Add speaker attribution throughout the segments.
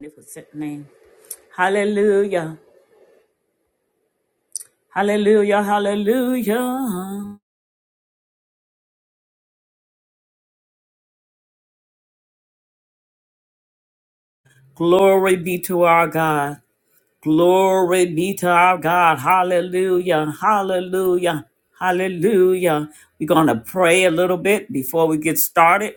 Speaker 1: magnificent name. Hallelujah. Hallelujah. Hallelujah. Glory be to our God. Glory be to our God. Hallelujah. Hallelujah. Hallelujah. We're going to pray a little bit before we get started.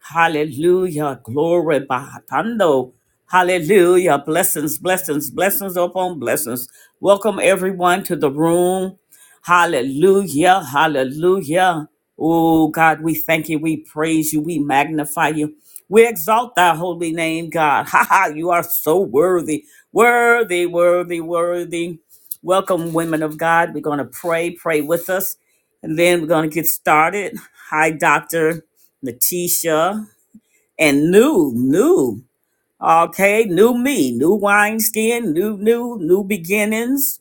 Speaker 1: Hallelujah. Glory Bahatando. Hallelujah. Blessings, blessings, blessings upon blessings. Welcome everyone to the room. Hallelujah. Hallelujah. Oh God, we thank you. We praise you. We magnify you. We exalt thy holy name, God. Ha ha, you are so worthy. Worthy, worthy, worthy. Welcome, women of God. We're going to pray. Pray with us. And then we're going to get started. Hi, Doctor. Letitia, and new, new. Okay, new me, new wineskin, new, new, new beginnings.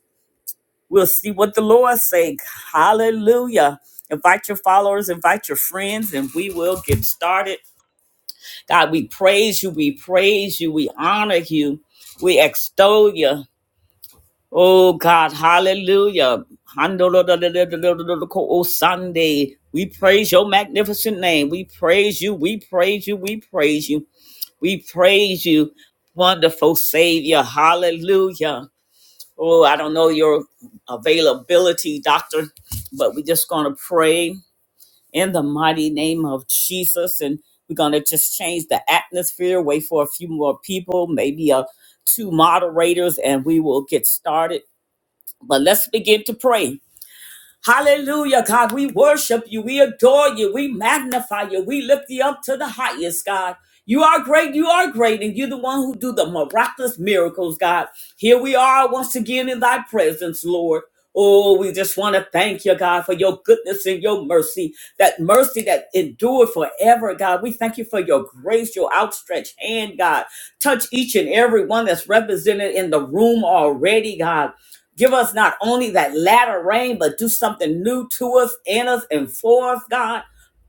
Speaker 1: We'll see what the Lord say. Hallelujah. Invite your followers, invite your friends, and we will get started. God, we praise you, we praise you, we honor you, we extol you. Oh God, hallelujah. Oh Sunday, we praise your magnificent name. We praise you, we praise you, we praise you. We praise you, wonderful Savior. Hallelujah. Oh, I don't know your availability, Doctor, but we're just going to pray in the mighty name of Jesus. And we're going to just change the atmosphere, wait for a few more people, maybe uh, two moderators, and we will get started. But let's begin to pray. Hallelujah, God. We worship you. We adore you. We magnify you. We lift you up to the highest, God. You are great. You are great. And you're the one who do the miraculous miracles, God. Here we are once again in thy presence, Lord. Oh, we just want to thank you, God, for your goodness and your mercy, that mercy that endured forever, God. We thank you for your grace, your outstretched hand, God. Touch each and every one that's represented in the room already, God. Give us not only that latter rain, but do something new to us, in us, and for us, God.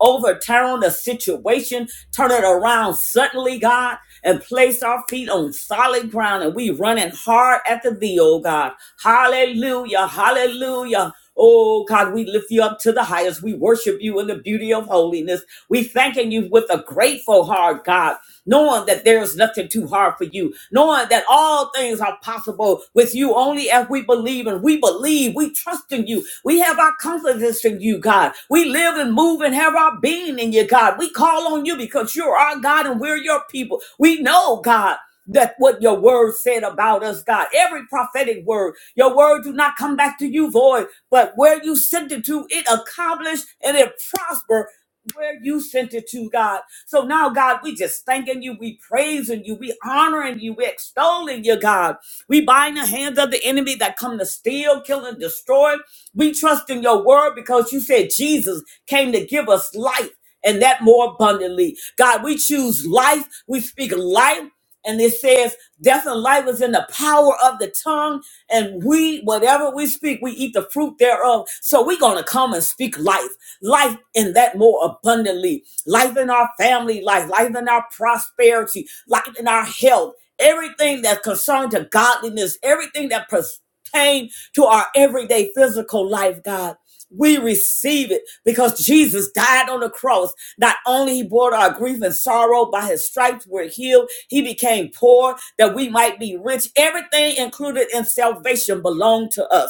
Speaker 1: Overturn the situation, turn it around suddenly, God, and place our feet on solid ground. And we running hard after thee, oh God. Hallelujah, hallelujah. Oh God, we lift you up to the highest. We worship you in the beauty of holiness. We thanking you with a grateful heart, God knowing that there is nothing too hard for you, knowing that all things are possible with you only if we believe and we believe, we trust in you. We have our confidence in you, God. We live and move and have our being in you, God. We call on you because you're our God and we're your people. We know, God. That what your word said about us, God. Every prophetic word, your word do not come back to you void, but where you sent it to, it accomplished and it prospered where you sent it to, God. So now, God, we just thanking you. We praising you. We honoring you. We extolling you, God. We bind the hands of the enemy that come to steal, kill, and destroy. We trust in your word because you said Jesus came to give us life and that more abundantly. God, we choose life. We speak life. And it says, death and life is in the power of the tongue. And we, whatever we speak, we eat the fruit thereof. So we're going to come and speak life, life in that more abundantly life in our family life, life in our prosperity, life in our health, everything that concerned to godliness, everything that pertains to our everyday physical life, God. We receive it because Jesus died on the cross. Not only he bore our grief and sorrow, by his stripes we're healed. He became poor that we might be rich. Everything included in salvation belonged to us.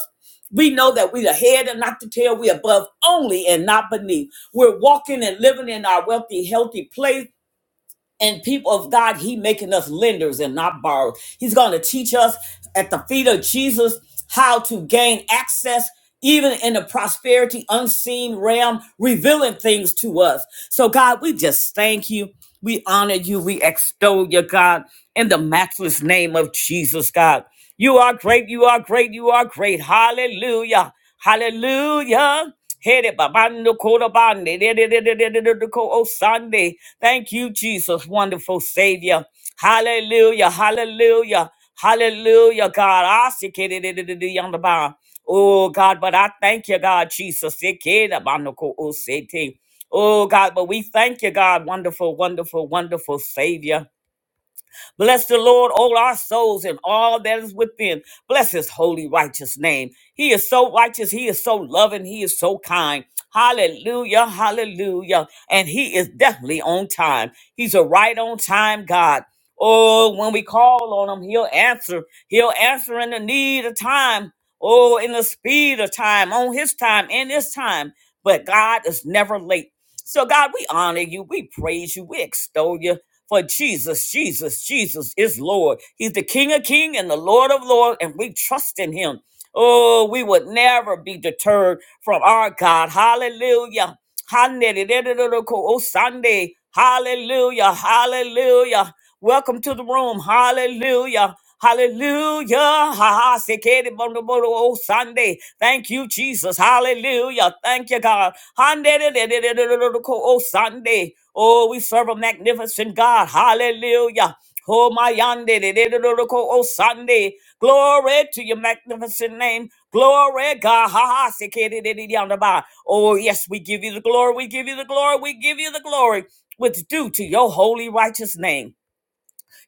Speaker 1: We know that we're the head and not the tail. We're above only and not beneath. We're walking and living in our wealthy, healthy place and people of God, He making us lenders and not borrowers. He's going to teach us at the feet of Jesus how to gain access, even in the prosperity unseen realm, revealing things to us. So, God, we just thank you. We honor you. We extol you, God, in the matchless name of Jesus, God. You are great. You are great. You are great. Hallelujah. Hallelujah. Headed by Bando Kodabande, O Sunday. Thank you, Jesus, wonderful Savior. Hallelujah, hallelujah, hallelujah, God. I see on the bar. Oh, God, but I thank you, God, Jesus. Oh, God, but we thank you, God, wonderful, wonderful, wonderful Savior. Bless the Lord, all our souls and all that is within. Bless his holy, righteous name. He is so righteous. He is so loving. He is so kind. Hallelujah. Hallelujah. And he is definitely on time. He's a right on time God. Oh, when we call on him, he'll answer. He'll answer in the need of time. Oh, in the speed of time, on his time, in his time. But God is never late. So, God, we honor you, we praise you, we extol you. For Jesus, Jesus, Jesus is Lord. He's the King of King and the Lord of Lord, and we trust in him. Oh, we would never be deterred from our God. Hallelujah. Hallelujah. Sunday. Hallelujah. Hallelujah. Welcome to the room. Hallelujah. Hallelujah. Ha ha. Sekere bono bono o Sunday. Thank you, Jesus. Hallelujah. Thank you, God. Handeleleleleleleleloko O Sunday. Oh, we serve a magnificent God. Hallelujah. Oh, my yande, de- de- de- de- de- ko- oh, Sunday. Glory to your magnificent name. Glory, God. Ha ha. Sikidididi on the bottom. Oh, yes, we give you the glory. We give you the glory. We give you the glory. What's due to your holy, righteous name.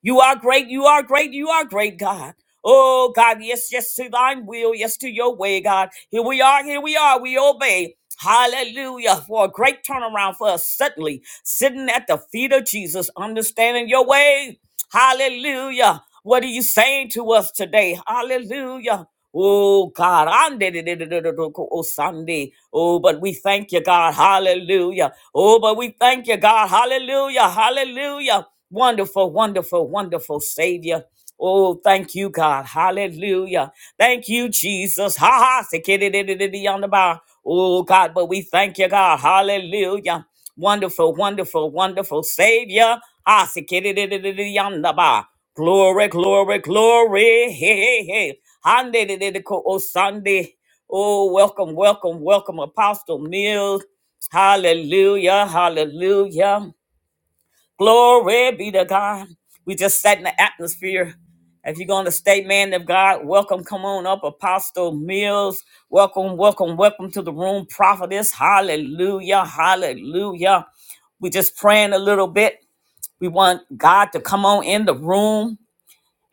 Speaker 1: You are great. You are great. You are great, God. Oh, God. Yes, yes, to thine will. Yes, to your way, God. Here we are. Here we are. We obey. Hallelujah. For a great turnaround for us suddenly, sitting at the feet of Jesus, understanding your way. Hallelujah. What are you saying to us today? Hallelujah. Oh God, oh Sunday. Oh, but we thank you, God. Hallelujah. Oh, but we thank you, God. Hallelujah. Hallelujah. Wonderful, wonderful, wonderful Savior. Oh, thank you, God. Hallelujah. Thank you, Jesus. Ha ha. Sikidididididi on the bar. Oh, God, but we thank you, God. Hallelujah. Wonderful, wonderful, wonderful Savior. Ah, sikidididididi on the bar. Glory, glory, glory. Hey, hey, hey. Handidididiko, Oh, Sunday. Oh, welcome, welcome, welcome, Apostle Mills. Hallelujah, hallelujah. Glory be to God. We just set in the atmosphere. If you're going to stay man of God, welcome. Come on up, Apostle Mills. Welcome, welcome, welcome to the room, prophetess. Hallelujah, hallelujah. We just praying a little bit. We want God to come on in the room.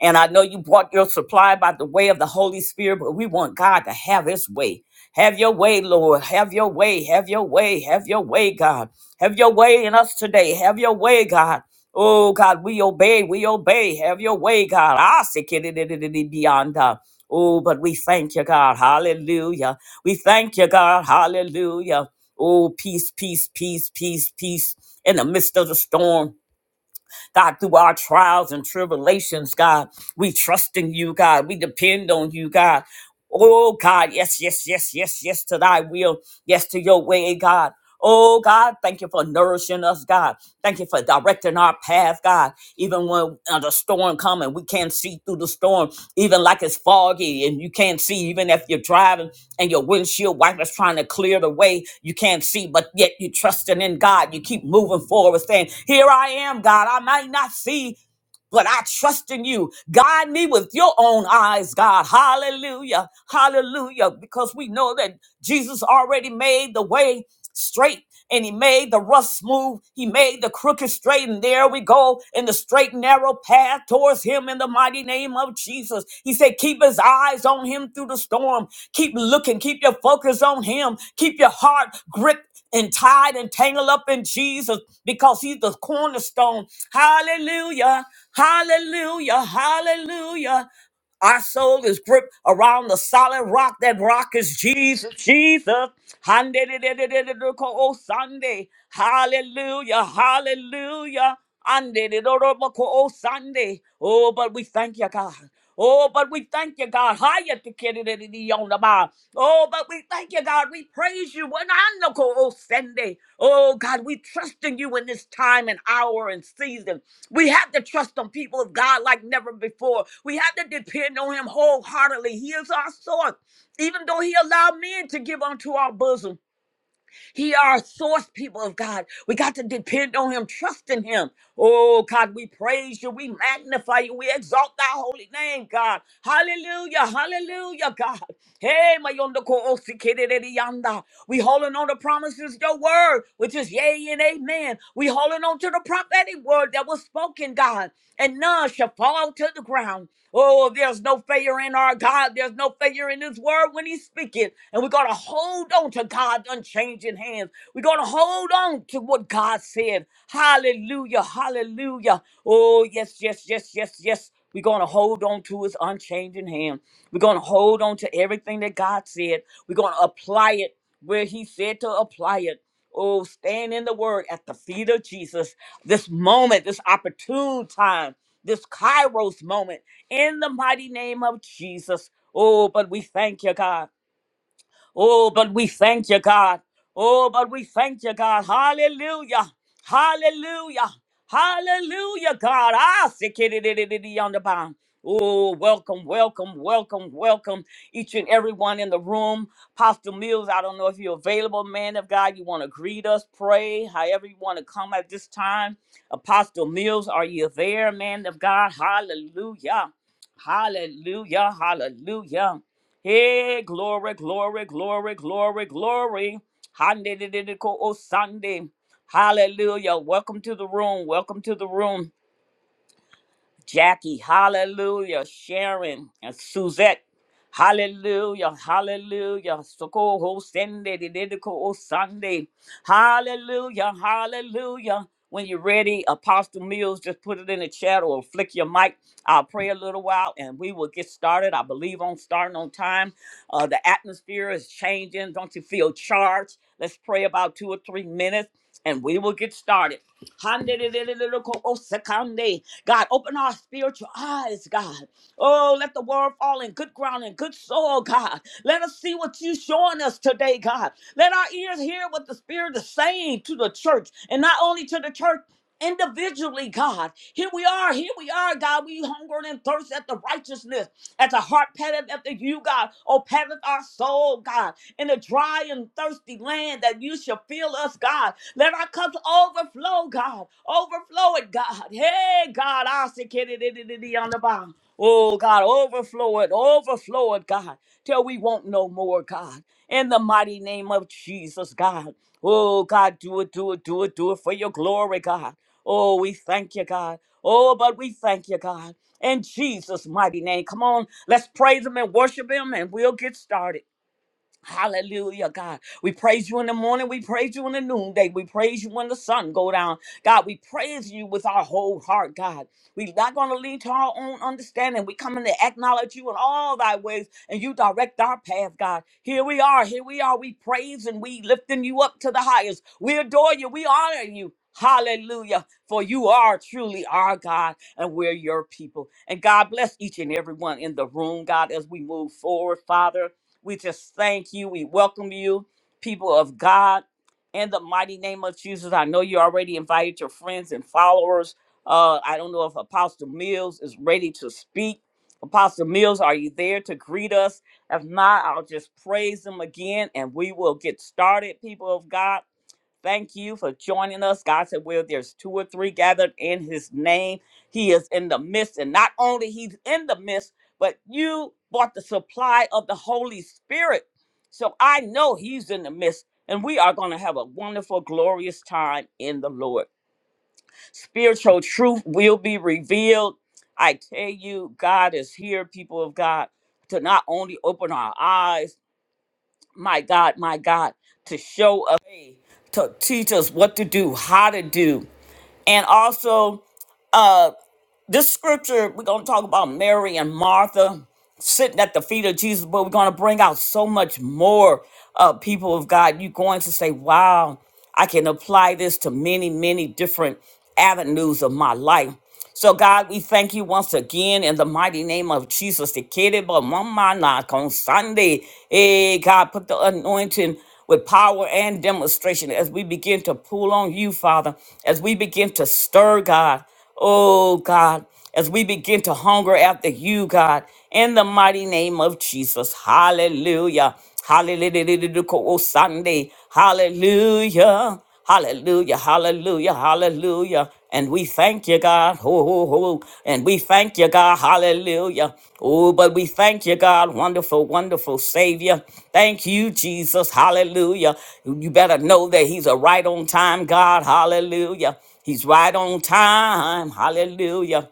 Speaker 1: And I know you brought your supply by the way of the Holy Spirit, but we want God to have his way. Have your way, Lord. Have your way. Have your way. Have your way, God. Have your way in us today. Have your way, God. Oh, God, we obey. We obey. Have your way, God. I say, beyond. uh, Oh, but we thank you, God. Hallelujah. We thank you, God. Hallelujah. Oh, peace, peace, peace, peace, peace in the midst of the storm. God, through our trials and tribulations, God, we trust in you, God. We depend on you, God. Oh, God, yes, yes, yes, yes, yes to thy will, yes to your way, God. Oh, God, thank you for nourishing us, God. Thank you for directing our path, God. Even when uh, the storm comes and we can't see through the storm, even like it's foggy and you can't see, even if you're driving and your windshield wipers trying to clear the way you can't see, but yet you trusting in God. You keep moving forward, saying, Here I am, God. I might not see, but I trust in you. Guide me with your own eyes, God. Hallelujah. Hallelujah. Because we know that. Jesus already made the way straight and he made the rough smooth. He made the crooked straight. And there we go in the straight, narrow path towards him in the mighty name of Jesus. He said, Keep his eyes on him through the storm. Keep looking. Keep your focus on him. Keep your heart gripped and tied and tangled up in Jesus because he's the cornerstone. Hallelujah. Hallelujah. Hallelujah. Our soul is gripped around the solid rock. That rock is Jesus. Jesus. Handedidididididoko Sunday. Hallelujah. Hallelujah. Andedidodoboko Sunday. Oh, but we thank you, God. Oh, but we thank you, God higher to get it in the on the bar. Oh, but we thank you, God. We praise you. When I know, oh, oh, Sunday. Oh, God, we trust in you in this time and hour and season. We have to trust on people of God like never before. We have to depend on him wholeheartedly. He is our source, even though he allowed men to give unto our bosom. He our source, people of God. We got to depend on him, trust in him. Oh God, we praise you, we magnify you, we exalt thy holy name, God. Hallelujah, hallelujah, God. Hey, my yonder ko osi kere de de yanda. We holding on to promises, your word, which is yea and amen. We holding on to the prophetic word that was spoken, God, and none shall fall to the ground. Oh, there's no failure in our God. There's no failure in His word when He's speaking. And we're going to hold on to God's unchanging hands. We're going to hold on to what God said. Hallelujah. Hallelujah. Oh, yes, yes, yes, yes, yes. We're going to hold on to His unchanging hand. We're going to hold on to everything that God said. We're going to apply it where he said to apply it. Oh, stand in the word at the feet of Jesus. This moment, this opportune time, this Kairos moment, in the mighty name of Jesus. Oh, but we thank you, God. Oh, but we thank you, God. Oh, but we thank you, God. Hallelujah. Hallelujah. Hallelujah, God. I say kiddy on the bound. Oh, welcome, welcome, welcome, welcome, each and everyone in the room. Pastor Mills, I don't know if you're available, man of God. You want to greet us, pray, however you want to come at this time. Apostle Mills, are you there, man of God? Hallelujah. Hallelujah. Hallelujah. Hey, glory, glory, glory, glory, glory. Hande-de-de-de-ko-o-sande. Hallelujah. Welcome to the room. Welcome to the room. Jackie, hallelujah. Sharon, and Suzette, hallelujah, hallelujah. Sokoho Sunday, Didiko Sunday, hallelujah, hallelujah. When you're ready, Apostle Mills, just put it in the chat or flick your mic. I'll pray a little while and we will get started. I believe on starting on time. Uh, the atmosphere is changing. Don't you feel charged? Let's pray about two or three minutes and we will get started. Handelelelelokoosekande. God, open our spiritual eyes, God. Oh, let the word fall in good ground and good soil, God. Let us see what you're showing us today, God. Let our ears hear what the Spirit is saying to the church, and not only to the church individually, God. Here we are, here we are, God. We hunger and thirst at the righteousness, as a heart patteth after you, God. Oh, patteth our soul, God, in a dry and thirsty land that you shall fill us, God. Let our cups overflow, God. Overflow it, God. Hey, God, I say, kitty, diddy, diddy, on the bottom. Oh God, overflow it, overflow it, God, till we won't no more, God. In the mighty name of Jesus, God. Oh God, do it, do it, do it, do it for your glory, God. Oh, we thank you, God. Oh, but we thank you, God. In Jesus' mighty name. Come on, let's praise Him and worship Him, and we'll get started. Hallelujah, God. We praise you in the morning. We praise you in the noonday. We praise you when the sun go down. God, we praise you with our whole heart, God. We're not going to lean to our own understanding. We come in to acknowledge you in all thy ways, and you direct our path, God. Here we are. Here we are. We praise and we lifting you up to the highest. We adore you. We honor you. Hallelujah. For you are truly our God, and we're your people. And God bless each and every one in the room, God, as we move forward, Father. We just thank you. We welcome you, people of God. In the mighty name of Jesus, I know you already invited your friends and followers. Uh, I don't know if Apostle Mills is ready to speak. Apostle Mills, are you there to greet us? If not, I'll just praise him again and we will get started, people of God. Thank you for joining us. God said, Well, there's two or three gathered in his name. He is in the midst. And not only he's in the midst, but you brought the supply of the Holy Spirit. So I know he's in the midst. And we are going to have a wonderful, glorious time in the Lord. Spiritual truth will be revealed. I tell you, God is here, people of God, to not only open our eyes my God, my God, to show us, to teach us what to do, how to do, and also uh, this scripture, we're going to talk about Mary and Martha sitting at the feet of Jesus, but we're going to bring out so much more uh, people of God. You're going to say, wow, I can apply this to many, many different avenues of my life. So, God, we thank you once again in the mighty name of Jesus. The kid, but mama knock on Sunday. Hey, God, put the anointing with power and demonstration as we begin to pull on you, Father, as we begin to stir, God. Oh God, as we begin to hunger after you, God, in the mighty name of Jesus. Hallelujah. Hallelujah. Oh, Sunday. Hallelujah. Hallelujah. Hallelujah. Hallelujah. And we thank you, God. Ho, ho, ho. And we thank you, God. Hallelujah. Oh, but we thank you, God. Wonderful, wonderful Savior. Thank you, Jesus. Hallelujah. You better know that He's a right on time God. Hallelujah. He's right on time. Hallelujah.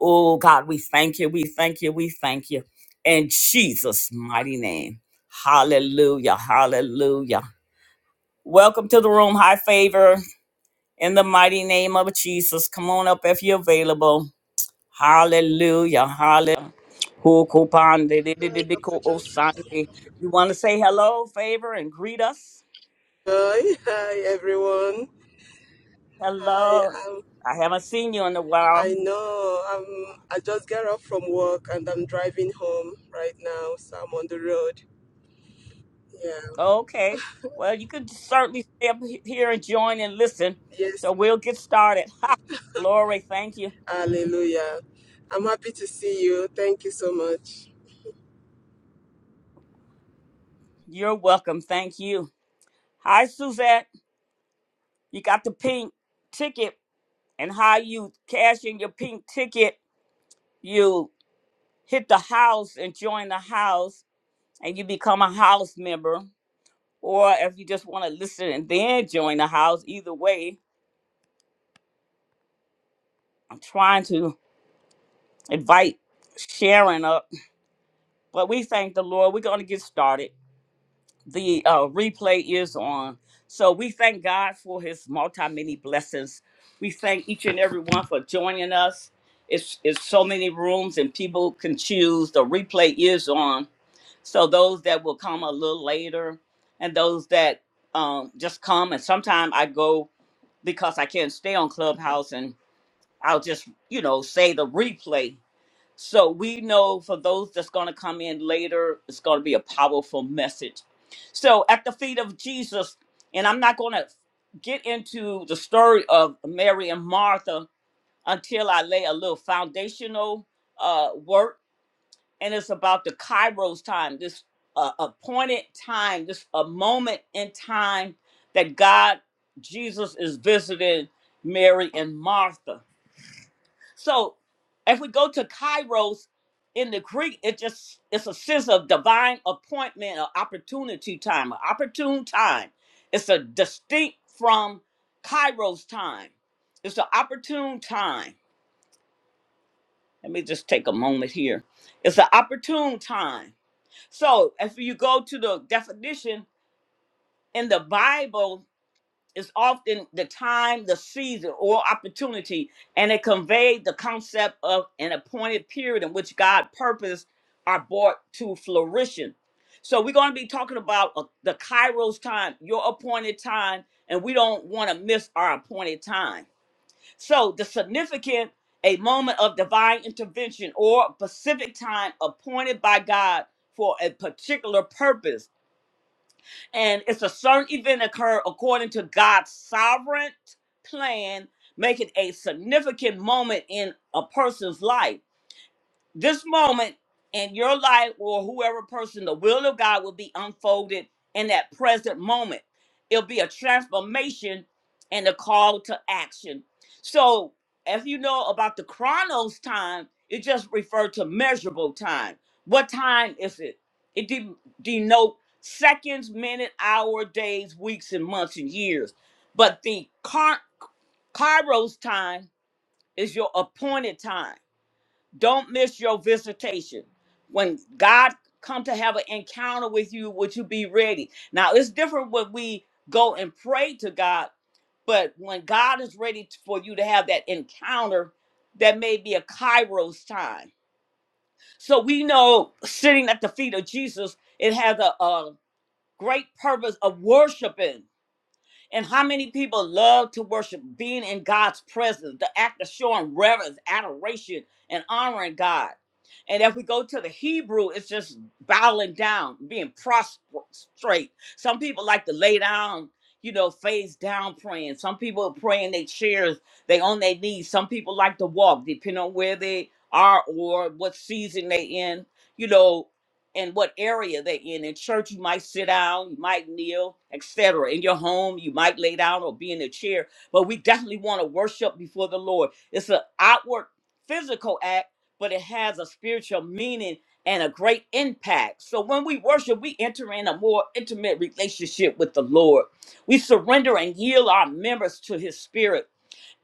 Speaker 1: Oh, God, we thank you. We thank you. We thank you. In Jesus' mighty name. Hallelujah. Hallelujah. Welcome to the room. High favor in the mighty name of Jesus. Come on up if you're available. Hallelujah. Hallelujah. Who kupande di- di-
Speaker 2: Hi,
Speaker 1: di- di-
Speaker 2: Dr.
Speaker 1: ko- oh,
Speaker 2: Joy.
Speaker 1: Sunday. You want to say hello, favor, and greet us?
Speaker 2: Hi, everyone. Hi,
Speaker 1: Hello.
Speaker 2: um,
Speaker 1: I haven't seen you in a while.
Speaker 2: I know um, I just got off from work and I'm driving home right now, so I'm on the road. Yeah,
Speaker 1: Oh, Okay. Well, you can certainly stay up he- here and join and listen. So
Speaker 2: yes,
Speaker 1: we'll get started. Ha! Glory, thank you.
Speaker 2: hallelujah. I'm happy to see you. Thank you so much.
Speaker 1: You're welcome. Thank you. Hi, Suzette. You got the pink ticket. And how you cash in your pink ticket, you hit the house and join the house and you become a house member. Or if you just want to listen and then join the house, either way, I'm trying to invite Sharon up. But we thank the Lord. We're going to get started. the uh, replay is on. So we thank God for his multi many blessings. We thank each and every one for joining us. It's, it's so many rooms and people can choose. The replay is on. So those that will come a little later and those that um, just come and sometimes I go because I can't stay on Clubhouse and I'll just, you know, say the replay. So we know for those that's going to come in later, it's going to be a powerful message. So at the feet of Jesus, and I'm not going to get into the story of Mary and Martha until I lay a little foundational uh, work, and it's about the Kairos time, this uh, appointed time, this a moment in time that God, Jesus, is visiting Mary and Martha. So if we go to kairos in the Greek, it just it's a sense of divine appointment or opportunity time, an opportune time. It's a distinct from kairos time. It's an opportune time. Let me just take a moment here. It's an opportune time. So if you go to the definition in the Bible, Is often the time, the season, or opportunity, and it conveyed the concept of an appointed period in which God purpose are brought to flourishing. So we're going to be talking about uh, the Kairos time, your appointed time, and we don't want to miss our appointed time. So the significant, a moment of divine intervention or specific time appointed by God for a particular purpose and it's a certain event occur according to God's sovereign plan, making a significant moment in a person's life this moment in your life or whoever person, the will of God will be unfolded in that present moment. It'll be a transformation and a call to action. So if you know about the chronos time, it just referred to measurable time. What time is it? It de- denote seconds, minute, hour, days, weeks, and months and years. But the car- kairos time is your appointed time don't miss your visitation. When God come to have an encounter with you, would you be ready? Now it's different when we go and pray to God, but when God is ready t- for you to have that encounter, that may be a Kairos time. So we know sitting at the feet of Jesus, it has a, a great purpose of worshiping. And how many people love to worship, being in God's presence, the act of showing reverence, adoration, and honoring God. And if we go to the Hebrew, it's just bowing down, being prostrate. Some people like to lay down, you know, face down praying. Some people pray in their chairs, they on their knees. Some people like to walk, depending on where they are or what season they in. You know, and what area they in. In church, you might sit down, you might kneel, etc. In your home, you might lay down or be in a chair. But we definitely want to worship before the Lord. It's an outward physical act, but it has a spiritual meaning and a great impact. So when we worship, we enter in a more intimate relationship with the Lord. We surrender and yield our members to his spirit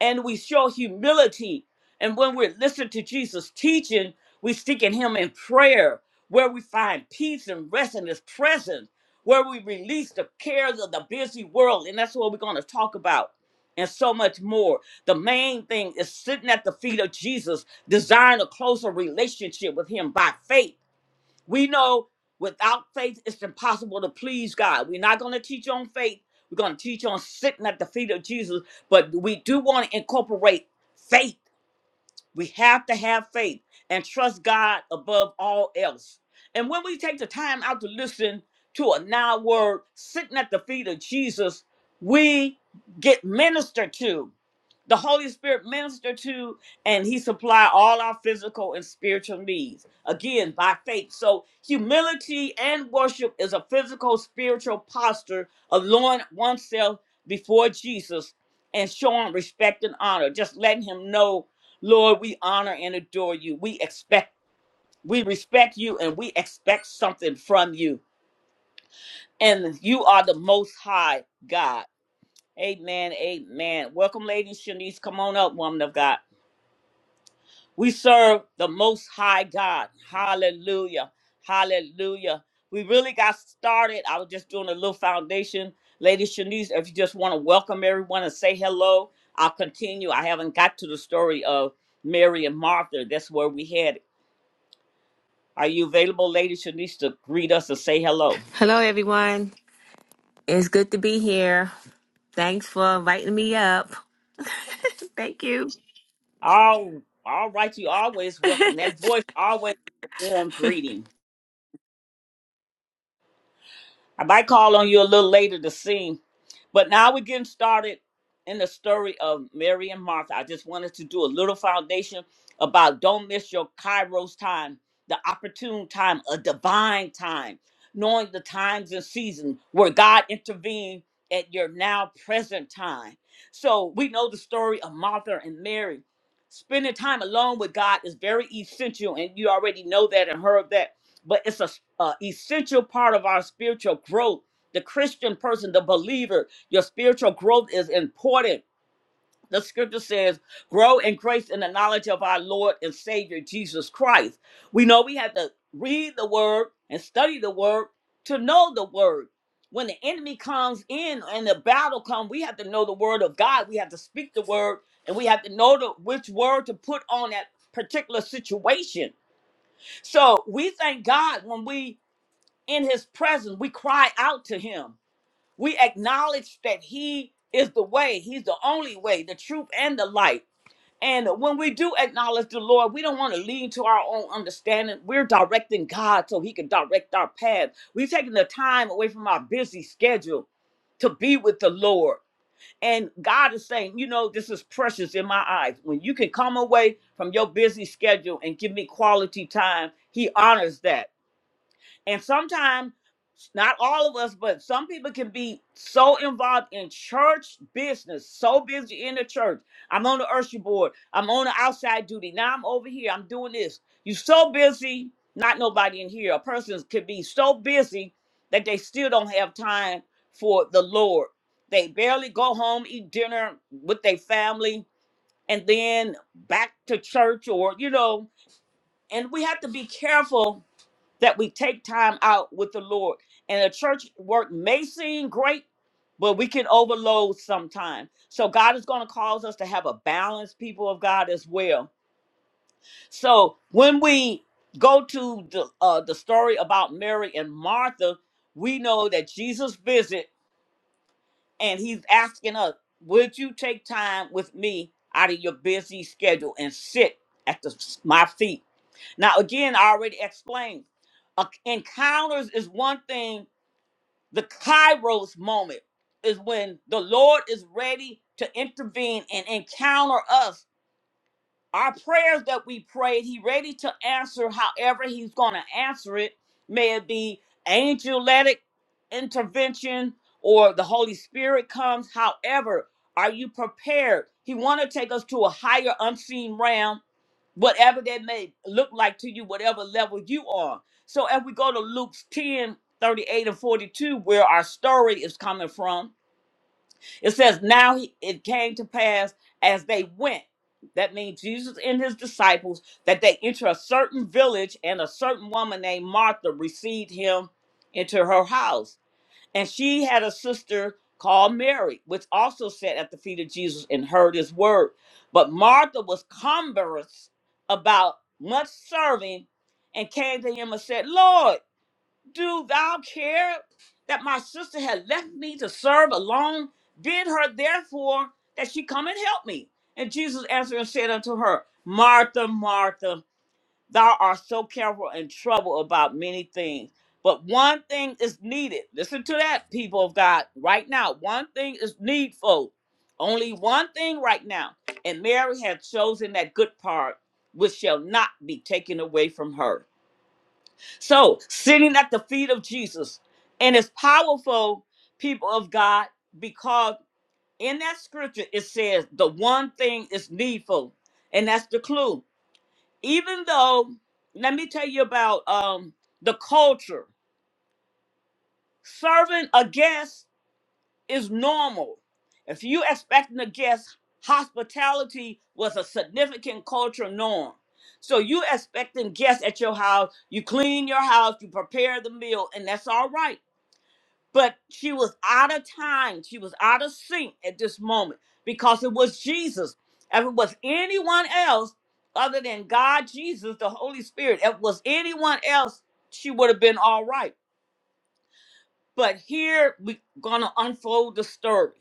Speaker 1: and we show humility. And when we're listening to Jesus' teaching, we seek in Him in prayer, where we find peace and rest in His presence, where we release the cares of the busy world. And that's what we're going to talk about, and so much more. The main thing is sitting at the feet of Jesus, desiring a closer relationship with Him by faith we know without faith, it's impossible to please God. We're not going to teach on faith. We're going to teach on sitting at the feet of Jesus, but we do want to incorporate faith. We have to have faith and trust God above all else. And when we take the time out to listen to a now word sitting at the feet of Jesus, we get ministered to. The Holy Spirit minister to, and He supply all our physical and spiritual needs. Again, by faith. So humility and worship is a physical, spiritual posture of lowering oneself before Jesus and showing respect and honor. Just letting Him know Lord, we honor and adore you. We expect, we respect you, and we expect something from you. And you are the most high God. Amen. Amen. Welcome, Lady Shanice. Come on up, woman of God. We serve the most high God. Hallelujah. Hallelujah. We really got started. I was just doing a little foundation. Lady Shanice, if you just want to welcome everyone and say hello, I'll continue. I haven't got to the story of Mary and Martha. That's where we had Are you available, Lady Shanice, to greet us or say hello?
Speaker 3: Hello, everyone. It's good to be here. Thanks for inviting me up. Thank you.
Speaker 1: All, all right, you always welcome. That voice always a warm greeting. I might call on you a little later to see. But now we're getting started in the story of Mary and Martha. I just wanted to do a little foundation about don't miss your Kairos time, the opportune time, a divine time, knowing the times and seasons where God intervened at your now present time. So we know the story of Martha and Mary. Spending time alone with God is very essential, and you already know that and heard that but it's a, s- a essential part of our spiritual growth. The Christian person, the believer, your spiritual growth is important. The scripture says, grow in grace in the knowledge of our Lord and Savior Jesus Christ. We know we have to read the word and study the word to know the word. When the enemy comes in and the battle comes, we have to know the word of God. We have to speak the word and we have to know the, which word to put on that particular situation. So we thank God when we in his presence we cry out to him we acknowledge that he is the way he's the only way the truth and the light and when we do acknowledge the lord we don't want to lean to our own understanding we're directing god so he can direct our path we're taking the time away from our busy schedule to be with the lord and god is saying you know this is precious in my eyes when you can come away from your busy schedule and give me quality time he honors that and sometimes, not all of us, but some people can be so involved in church business, so busy in the church. I'm on the usher board. I'm on the outside duty. Now I'm over here. I'm doing this. you are so busy, not nobody in here. A person could be so busy that they still don't have time for the Lord. They barely go home, eat dinner with their family, and then back to church or, you know, and we have to be careful that we take time out with the Lord. And the church work may seem great, but we can overload sometime. So God is going to cause us to have a balanced people of God as well. So when we go to the uh, the story about Mary and Martha, we know that Jesus visit and he's asking us, "Would you take time with me out of your busy schedule and sit at the, my feet?" Now, again, I already explained. Uh, encounters is one thing, the kairos moment is when the Lord is ready to intervene and encounter us our prayers that we prayed, he ready to answer however he's going to answer it. May it be angelic intervention or the Holy Spirit comes. However, are you prepared? He want to take us to a higher unseen realm, whatever that may look like to you, whatever level you are. So if we go to Luke's 10 38 and 42, where our story is coming from, it says, Now he- it came to pass as they went. That means Jesus and his disciples, that they enter a certain village, and a certain woman named Martha received him into her house. And she had a sister called Mary, which also sat at the feet of Jesus and heard his word. But Martha was cumbrous about much serving and came to him and said, Lord, do thou care that my sister had left me to serve alone? Bid her therefore that she come and help me. And Jesus answered and said unto her, Martha, Martha, thou art so careful and troubled about many things. But one thing is needed. Listen to that, people of God, right now. One thing is needful. Only one thing right now. And Mary had chosen that good part, which shall not be taken away from her. So, sitting at the feet of Jesus, and it's powerful, people of God, because in that scripture it says the one thing is needful, and that's the clue. Even though, let me tell you about um, the culture. Serving a guest is normal. If you expecting a guest, hospitality was a significant cultural norm. So you expecting guests at your house, you clean your house, you prepare the meal, and that's all right But she was out of time. She was out of sync at this moment because it was Jesus. If it was anyone else other than God, Jesus, the Holy Spirit, if it was anyone else, she would have been all right. But here we're going to unfold the story.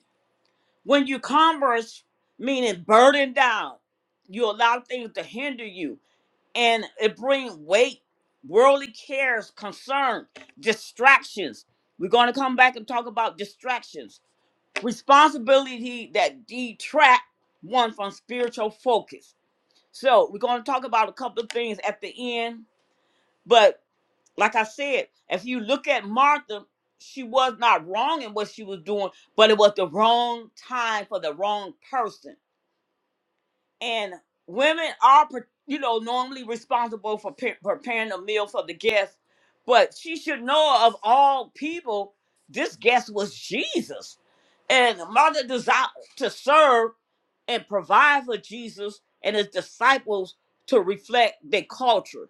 Speaker 1: When you converse, meaning burden down, you allow things to hinder you and it brings weight, worldly cares, concern, distractions. We're going to come back and talk about distractions responsibility that detract one from spiritual focus. So we're going to talk about a couple of things at the end, but like I said, if you look at Martha, she was not wrong in what she was doing, but it was the wrong time for the wrong person and women are pre- you know normally responsible for pre- preparing a meal for the guest but she should know of all people this guest was jesus and the mother desired to serve and provide for jesus and his disciples to reflect their culture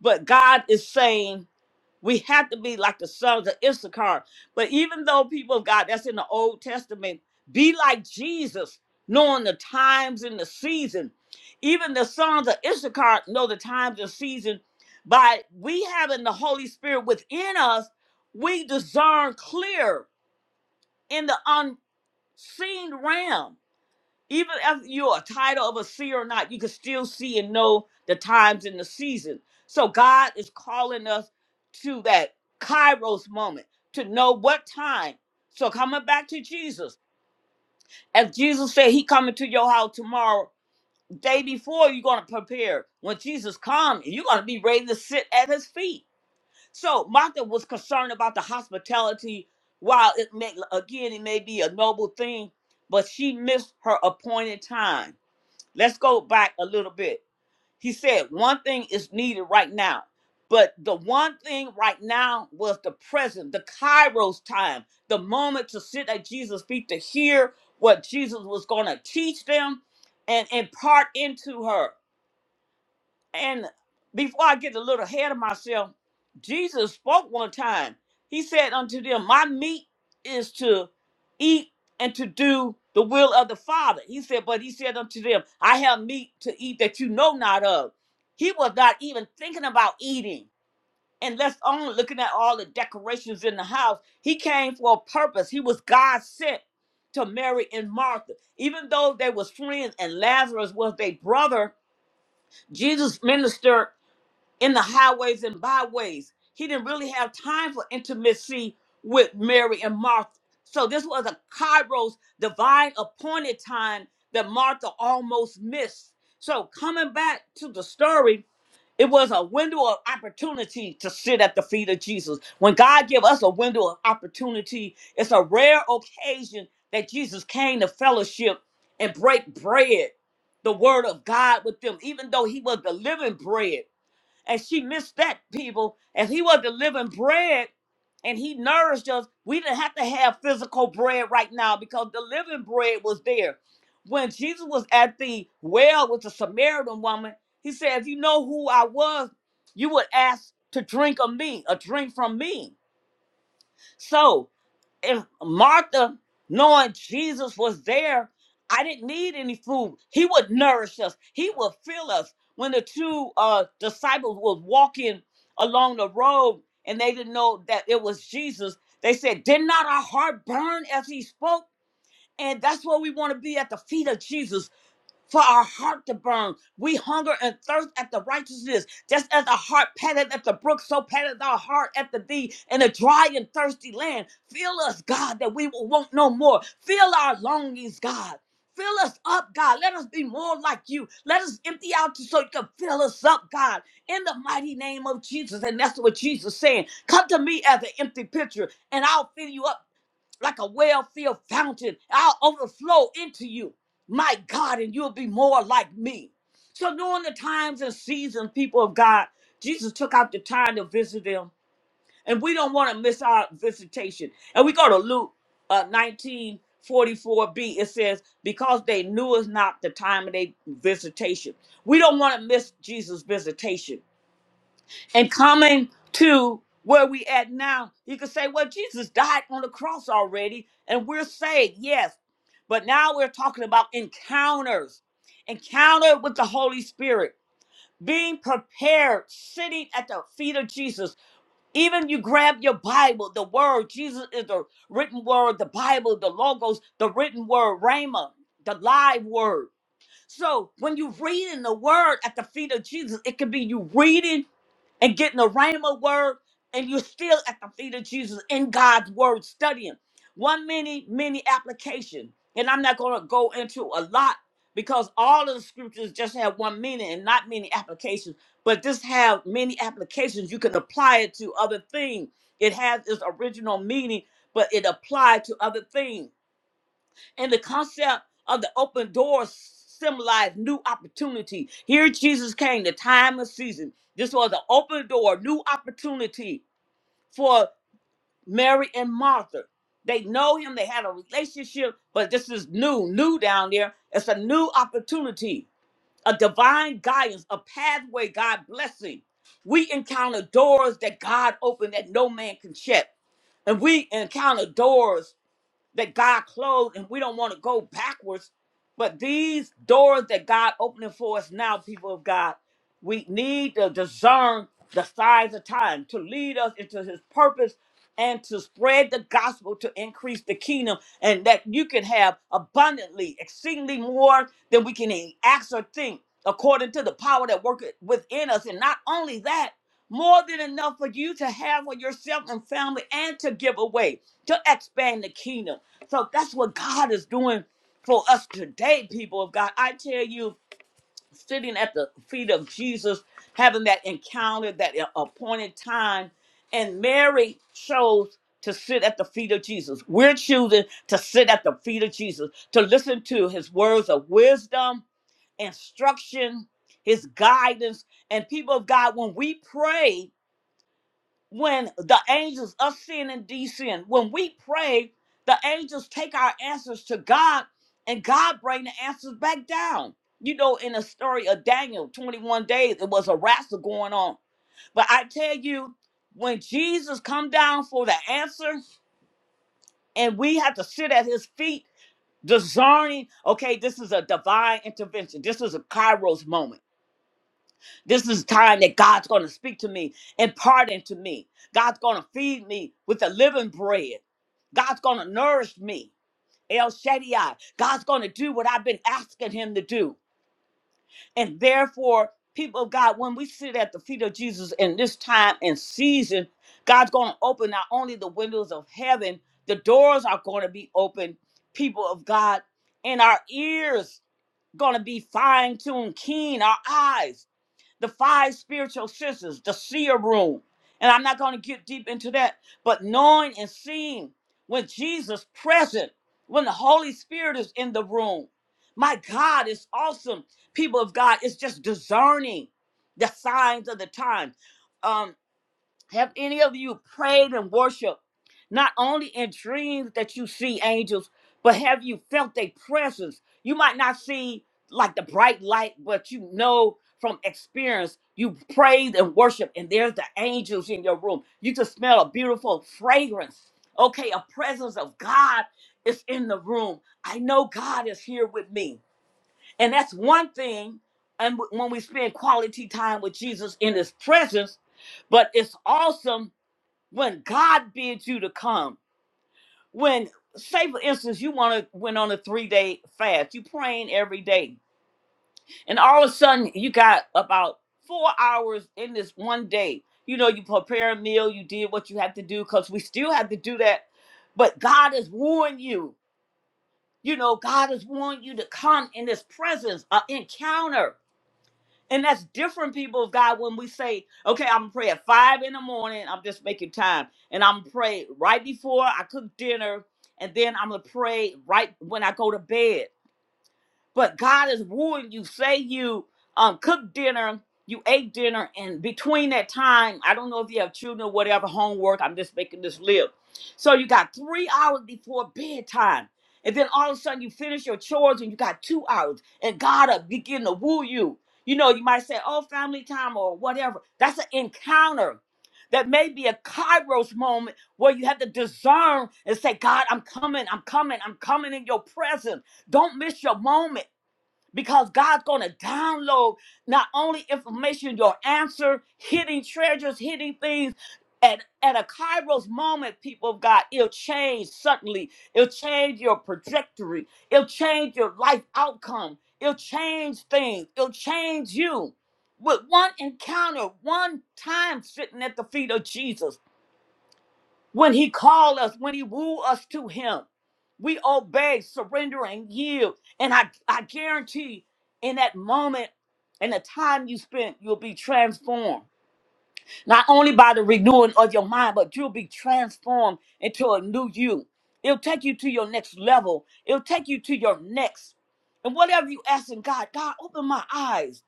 Speaker 1: but god is saying we have to be like the sons of Issachar. But even though people of God, that's in the Old Testament, be like Jesus, knowing the times and the season. Even the sons of Issachar know the times and season. By we having the Holy Spirit within us, we discern clear in the unseen realm even if you're a title of a seer or not, you can still see and know the times and the season. So God is calling us to that Kairos moment to know what time. So coming back to Jesus, as Jesus said, He coming to your house tomorrow. Day before you're gonna prepare. When Jesus comes, you're gonna be ready to sit at His feet. So Martha was concerned about the hospitality. While it may again, it may be a noble thing, but she missed her appointed time Let's go back a little bit. He said one thing is needed right now, but the one thing right now was the present, the Kairos time, the moment to sit at Jesus' feet to hear what Jesus was going to teach them and impart into her. And before I get a little ahead of myself, Jesus spoke one time. He said unto them, My meat is to eat and to do the will of the Father. He said, But he said unto them, I have meat to eat that you know not of. He was not even thinking about eating. And let's only looking at all the decorations in the house. He came for a purpose. He was God sent to Mary and Martha. Even though they was friends and Lazarus was their brother, Jesus ministered in the highways and byways. He didn't really have time for intimacy with Mary and Martha. So this was a Kairos divine appointed time that Martha almost missed. So coming back to the story, it was a window of opportunity to sit at the feet of Jesus. When God give us a window of opportunity, it's a rare occasion that Jesus came to fellowship and break bread, the word of God with them, even though he was the living bread. And she missed that, people. If he was the living bread and he nourished us, we didn't have to have physical bread right now because the living bread was there. When Jesus was at the well with the Samaritan woman, he said, If you know who I was, you would ask to drink of me, a drink from me. So if Martha, knowing Jesus was there, I didn't need any food. He would nourish us. He would fill us. When the two uh, disciples was walking along the road and they didn't know that it was Jesus, they said, "Did not our heart burn as He spoke?" And that's where we want to be at the feet of Jesus for our heart to burn. We hunger and thirst after righteousness, just as a heart patted at the brook, so patted our heart after thee in a dry and thirsty land. Fill us, God, that we will want no more. Fill our longings, God. Fill us up, God. Let us be more like you. Let us empty out so you can fill us up, God, in the mighty name of Jesus. And that's what Jesus is saying. Come to me as an empty pitcher, and I'll fill you up like a well-filled fountain. I'll overflow into you, my God, and you'll be more like me. So during the times and seasons, people of God, Jesus took out the time to visit them, and we don't want to miss our visitation. And we go to Luke uh, 19. forty-four b it says because they knew is not the time of their visitation we don't want to miss jesus visitation and coming to where we at now, you could say, well, Jesus died on the cross already, and we're saved, yes. But now we're talking about encounters, encounter with the Holy Spirit, being prepared, sitting at the feet of Jesus. Even you grab your Bible, the word, Jesus is the written word, the Bible, the logos, the written word, Rhema, the live word. So when you reading the word at the feet of Jesus, it could be you reading and getting the rhema word, and you're still at the feet of Jesus in God's word studying. One many, many application. And I'm not gonna go into a lot because all of the scriptures just have one meaning and not many applications. But this have many applications. You can apply it to other things. It has its original meaning, but it applied to other things. And the concept of the open door symbolized new opportunity. Here Jesus came, the time of season. This was an open door, new opportunity for Mary and Martha. They know him, they had a relationship, but this is new, new down there. It's a new opportunity, a divine guidance, a pathway, God blessing. We encounter doors that God opened that no man can shut. And we encounter doors that God closed and we don't want to go backwards. But these doors that God opening for us now, people of God, we need to discern the signs of time to lead us into his purpose and to spread the gospel to increase the kingdom and that you can have abundantly, exceedingly more than we can even ask or think according to the power that worketh within us. And not only that, more than enough for you to have for yourself and family and to give away to expand the kingdom. So that's what God is doing for us today, people of God. I tell you, sitting at the feet of Jesus, having that encounter, that appointed time, and Mary chose to sit at the feet of Jesus. We're choosing to sit at the feet of Jesus, to listen to his words of wisdom, instruction, his guidance. And people of God, when we pray, when the angels ascend and descend. When we pray, the angels take our answers to God and God bring the answers back down. You know, in the story of Daniel, 21 days, it was a wrestle going on. But I tell you, when Jesus come down for the answer and we have to sit at his feet discerning, okay, this is a divine intervention. This is a kairos moment this is time that God's going to speak to me, impart into me. God's going to feed me with the living bread. God's going to nourish me. El Shaddai. God's going to do what I've been asking him to do. And therefore, people of God, when we sit at the feet of Jesus in this time and season, God's going to open not only the windows of heaven, the doors are going to be open, people of God, and our ears going to be fine-tuned, keen, our eyes the five spiritual senses, the seer room. And I'm not going to get deep into that, but knowing and seeing when Jesus present, when the Holy Spirit is in the room. My God, it's awesome. People of God, it's just discerning the signs of the time. Um, have any of you prayed and worshiped, not only in dreams that you see angels, but have you felt their presence? You might not see like the bright light, but you know from experience, you prayed and worshiped, and there's the angels in your room. You can smell a beautiful fragrance. Okay, a presence of God is in the room. I know God is here with me. And that's one thing. And w- when we spend quality time with Jesus in his presence, but it's awesome when God bids you to come. When, say for instance, you want to went on a three day fast, you praying every day, and all of a sudden you got about four hours in this one day. You know, you prepare a meal, you did what you had to do, because we still have to do that. But God has warned you. You know, God has warned you to come in his presence, an encounter. And that's different, people of God, when we say, okay, I'm gonna pray at five in the morning, I'm just making time. And I'm gonna pray right before I cook dinner, and then I'm gonna pray right when I go to bed. But God is wooing you. Say you um cook dinner, you ate dinner, and between that time, I don't know if you have children or whatever, homework, I'm just making this live. So you got three hours before bedtime. And then all of a sudden you finish your chores and you got two hours. And God will begin to woo you. You know, you might say, oh, family time or whatever. That's an encounter. That may be a kairos moment where you have to discern and say, God, I'm coming, I'm coming, I'm coming in your presence. Don't miss your moment because God's going to download not only information, your answer, hidden treasures, hidden things. At, at a Kairos moment, people of God, it'll change suddenly. It'll change your trajectory. It'll change your life outcome. It'll change things. It'll change you. With one encounter, one time sitting at the feet of Jesus. When he called us, when he wooed us to him, we obey, surrender, and yield. And I, I guarantee in that moment and the time you spent, you'll be transformed. Not only by the renewing of your mind, but you'll be transformed into a new you. It'll take you to your next level. It'll take you to your next. And whatever you ask in God, God, open my eyes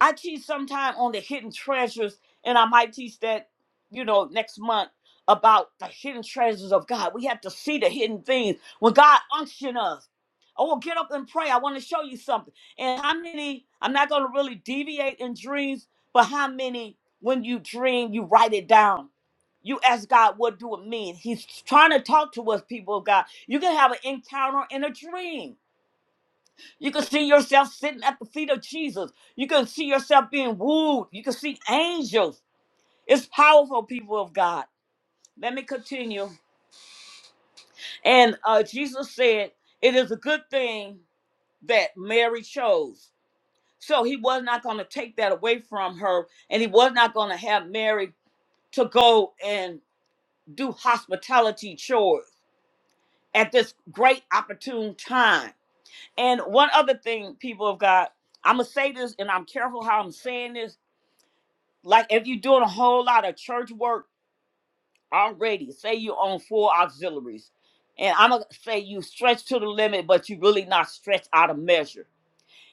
Speaker 1: I teach sometime on the hidden treasures, and I might teach that, you know, next month about the hidden treasures of God. We have to see the hidden things when God unction us. Oh, get up and pray. I want to show you something. And how many? I'm not going to really deviate in dreams, but how many? When you dream, you write it down. You ask God, what do it mean? He's trying to talk to us, people of God. You can have an encounter in a dream. You can see yourself sitting at the feet of Jesus. You can see yourself being wooed. You can see angels. It's powerful, people of God. Let me continue. And uh, Jesus said, It is a good thing that Mary chose. So he was not going to take that away from her, and he was not going to have Mary to go and do hospitality chores at this great opportune time. And one other thing, people of God, I'm going to say this, and I'm careful how I'm saying this like if you're doing a whole lot of church work already, say you own four auxiliaries, and I'm gonna say you stretch to the limit, but you really not stretched out of measure.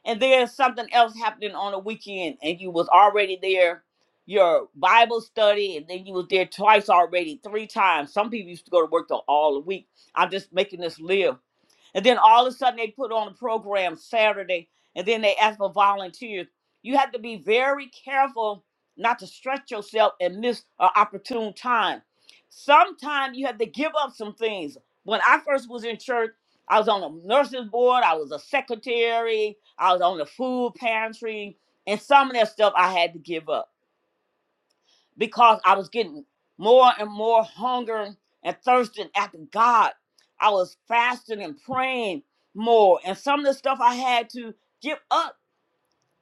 Speaker 1: And there's something else happening on the weekend, and you was already there, your Bible study, and then you was there twice already, three times. Some people used to go to work the all the week. I'm just making this live and then all of a sudden they put on a program Saturday and then they ask for volunteers. You have to be very careful not to stretch yourself and miss an opportune time. Sometimes you have to give up some things. When I first was in church, I was on a nurses board, I was a secretary, I was on the food pantry, and some of that stuff I had to give up because I was getting more and more hungering and thirsting after God. I was fasting and praying more, and some of the stuff I had to give up,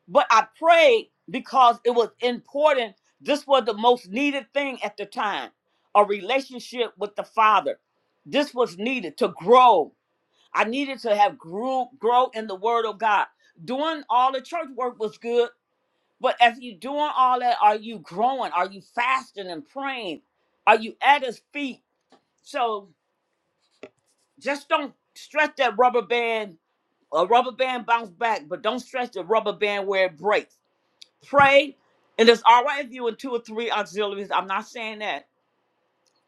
Speaker 1: but I prayed because it was important. This was the most needed thing at the time a relationship with the Father. This was needed to grow. I needed to have grew, grow in the Word of God. Doing all the church work was good, but as you doing all that, are you growing? Are you fasting and praying? Are you at his feet? So just don't stretch that rubber band. A rubber band bounce back, but don't stretch the rubber band where it breaks. Pray, and it's all right if you in two or three auxiliaries. I'm not saying that.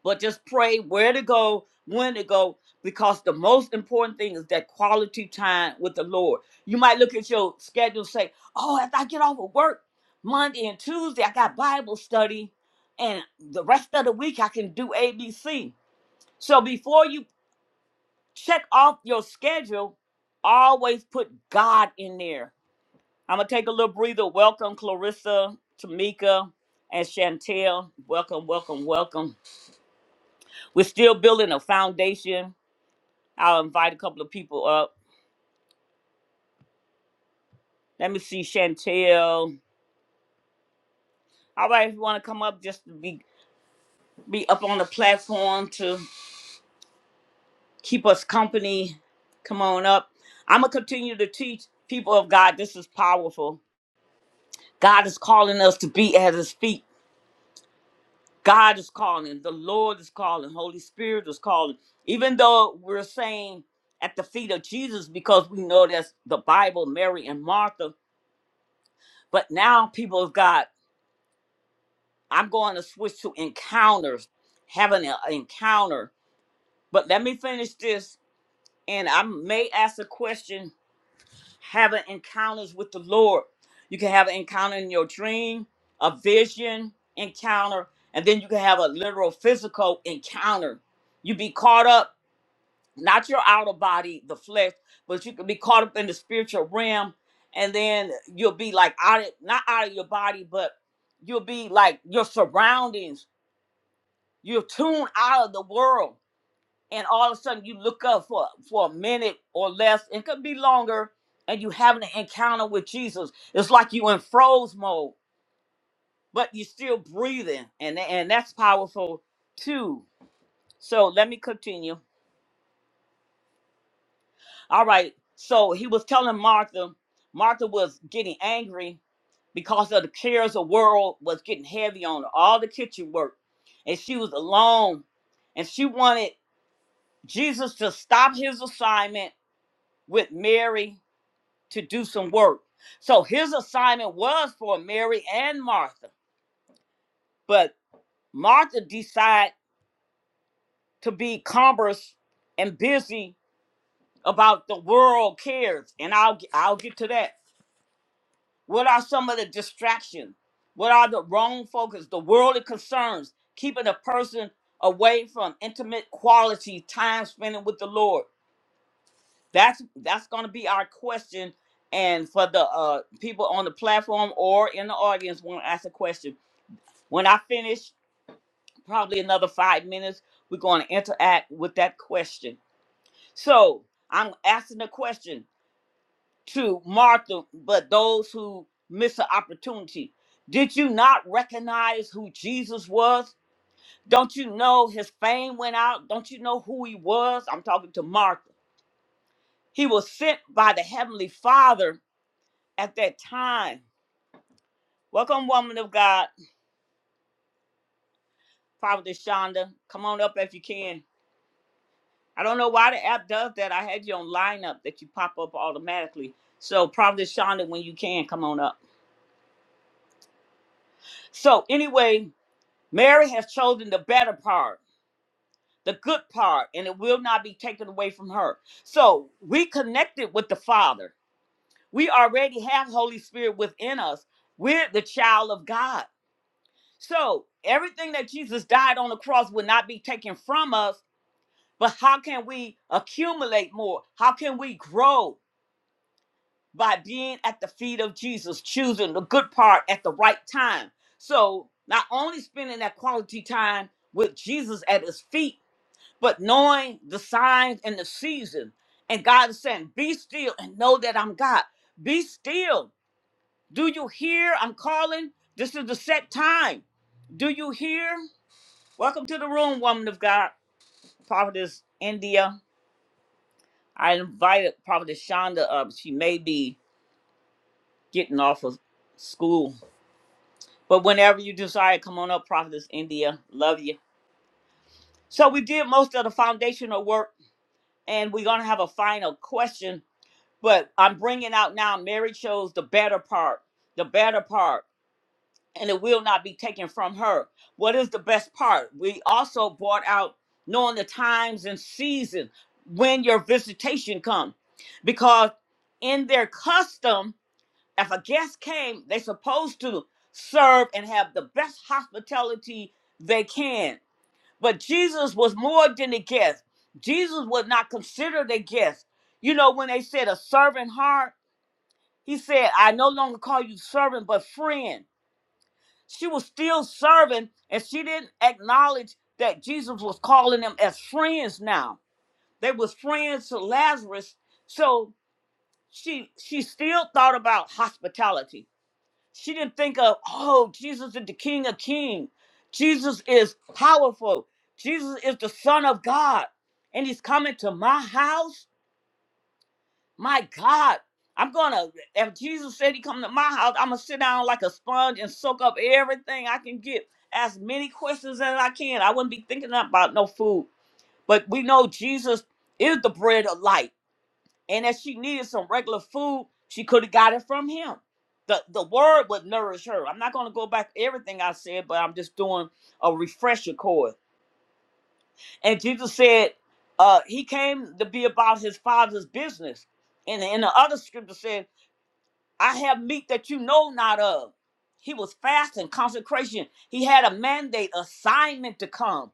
Speaker 1: but just pray where to go, when to go, because the most important thing is that quality time with the Lord. You might look at your schedule and say, Oh, after I get off of work Monday and Tuesday, I got Bible study, and the rest of the week I can do ABC. So before you check off your schedule, always put God in there. I'm gonna take a little breather. Welcome, Clarissa, Tamika, and Chantel. Welcome, welcome, welcome. We're still building a foundation I'll invite a couple of people up. Let me see, Chantel. All right, if you want to come up just to be be up on the platform to keep us company, come on up. I'm gonna continue to teach people of God. This is powerful. God is calling us to be at His feet. God is calling. The Lord is calling. Holy Spirit is calling. Even though we're saying at the feet of Jesus because we know that's the Bible, Mary and Martha. But now, people of God. I'm going to switch to encounters, having an encounter. But let me finish this, and I may ask a question having encounters with the Lord. You can have an encounter in your dream, a vision encounter, and then you can have a literal physical encounter. You be caught up, not your outer body, the flesh, but you can be caught up in the spiritual realm, and then you'll be like out of, not out of your body, but you'll be like your surroundings You're tuned out of the world, and all of a sudden you look up for for a minute or less. It could be longer, and you having an encounter with Jesus. It's like you in froze mode, but you're still breathing, and and that's powerful too. So let me continue. All right. So he was telling Martha. Martha was getting angry because of the cares of the world was getting heavy on her. All the kitchen work, and she was alone, and she wanted Jesus to stop his assignment with Mary to do some work. So his assignment was for Mary and Martha. But Martha decided to be cumbrous and busy about the world cares. And I'll I'll get to that. What are some of the distractions? What are the wrong focus, the worldly concerns, keeping a person away from intimate quality time spending with the Lord? That's that's gonna be our question. And for the uh people on the platform or in the audience want to ask a question. When I finish, probably another five minutes, we're gonna interact with that question. So I'm asking the question to Martha, but those who miss the opportunity. Did you not recognize who Jesus was? Don't you know his fame went out? Don't you know who he was? I'm talking to Martha. He was sent by the Heavenly Father at that time. Welcome, woman of God, Prophet Shonda. Come on up if you can. I don't know why the app does that. I had you on lineup that you pop up automatically. So, Prophet Shonda, when you can, come on up. So, anyway, Mary has chosen the better part, the good part, and it will not be taken away from her. So, we connected with the Father. We already have Holy Spirit within us. We're the child of God. So, everything that Jesus died on the cross will not be taken from us But how can we accumulate more? How can we grow by being at the feet of Jesus, choosing the good part at the right time? So, not only spending that quality time with Jesus at his feet, but knowing the signs and the season. And God is saying, Be still and know that I'm God. Be still. Do you hear? I'm calling. This is the set time. Do you hear? Welcome to the room, woman of God, prophetess India. I invited probably Shonda up. She may be getting off of school. But whenever you desire, come on up, Prophetess India. Love you. So we did most of the foundational work, and we're going to have a final question. But I'm bringing out now, Mary chose the better part, the better part, and it will not be taken from her. What is the best part? We also brought out knowing the times and seasons when your visitation comes. Because in their custom, if a guest came, they're supposed to serve and have the best hospitality they can. But Jesus was more than a guest. Jesus was not considered a guest. You know, when they said a servant heart, he said, I no longer call you servant, but friend. She was still serving, and she didn't acknowledge that Jesus was calling them as friends now. They was friends to Lazarus. So she she still thought about hospitality. She didn't think of, oh, Jesus is the King of Kings. Jesus is powerful. Jesus is the Son of God. And he's coming to my house. My God. I'm gonna if Jesus said he come to my house, I'm gonna sit down like a sponge and soak up everything I can get. Ask many questions as I can. I wouldn't be thinking about no food. But we know Jesus is the bread of life. And if she needed some regular food, she could have got it from him. The the word would nourish her. I'm not gonna go back to everything I said, but I'm just doing a refresher course. And Jesus said, uh, he came to be about his father's business. And in the other scripture said, I have meat that you know not of. He was fasting, consecration. He had a mandate, assignment to come.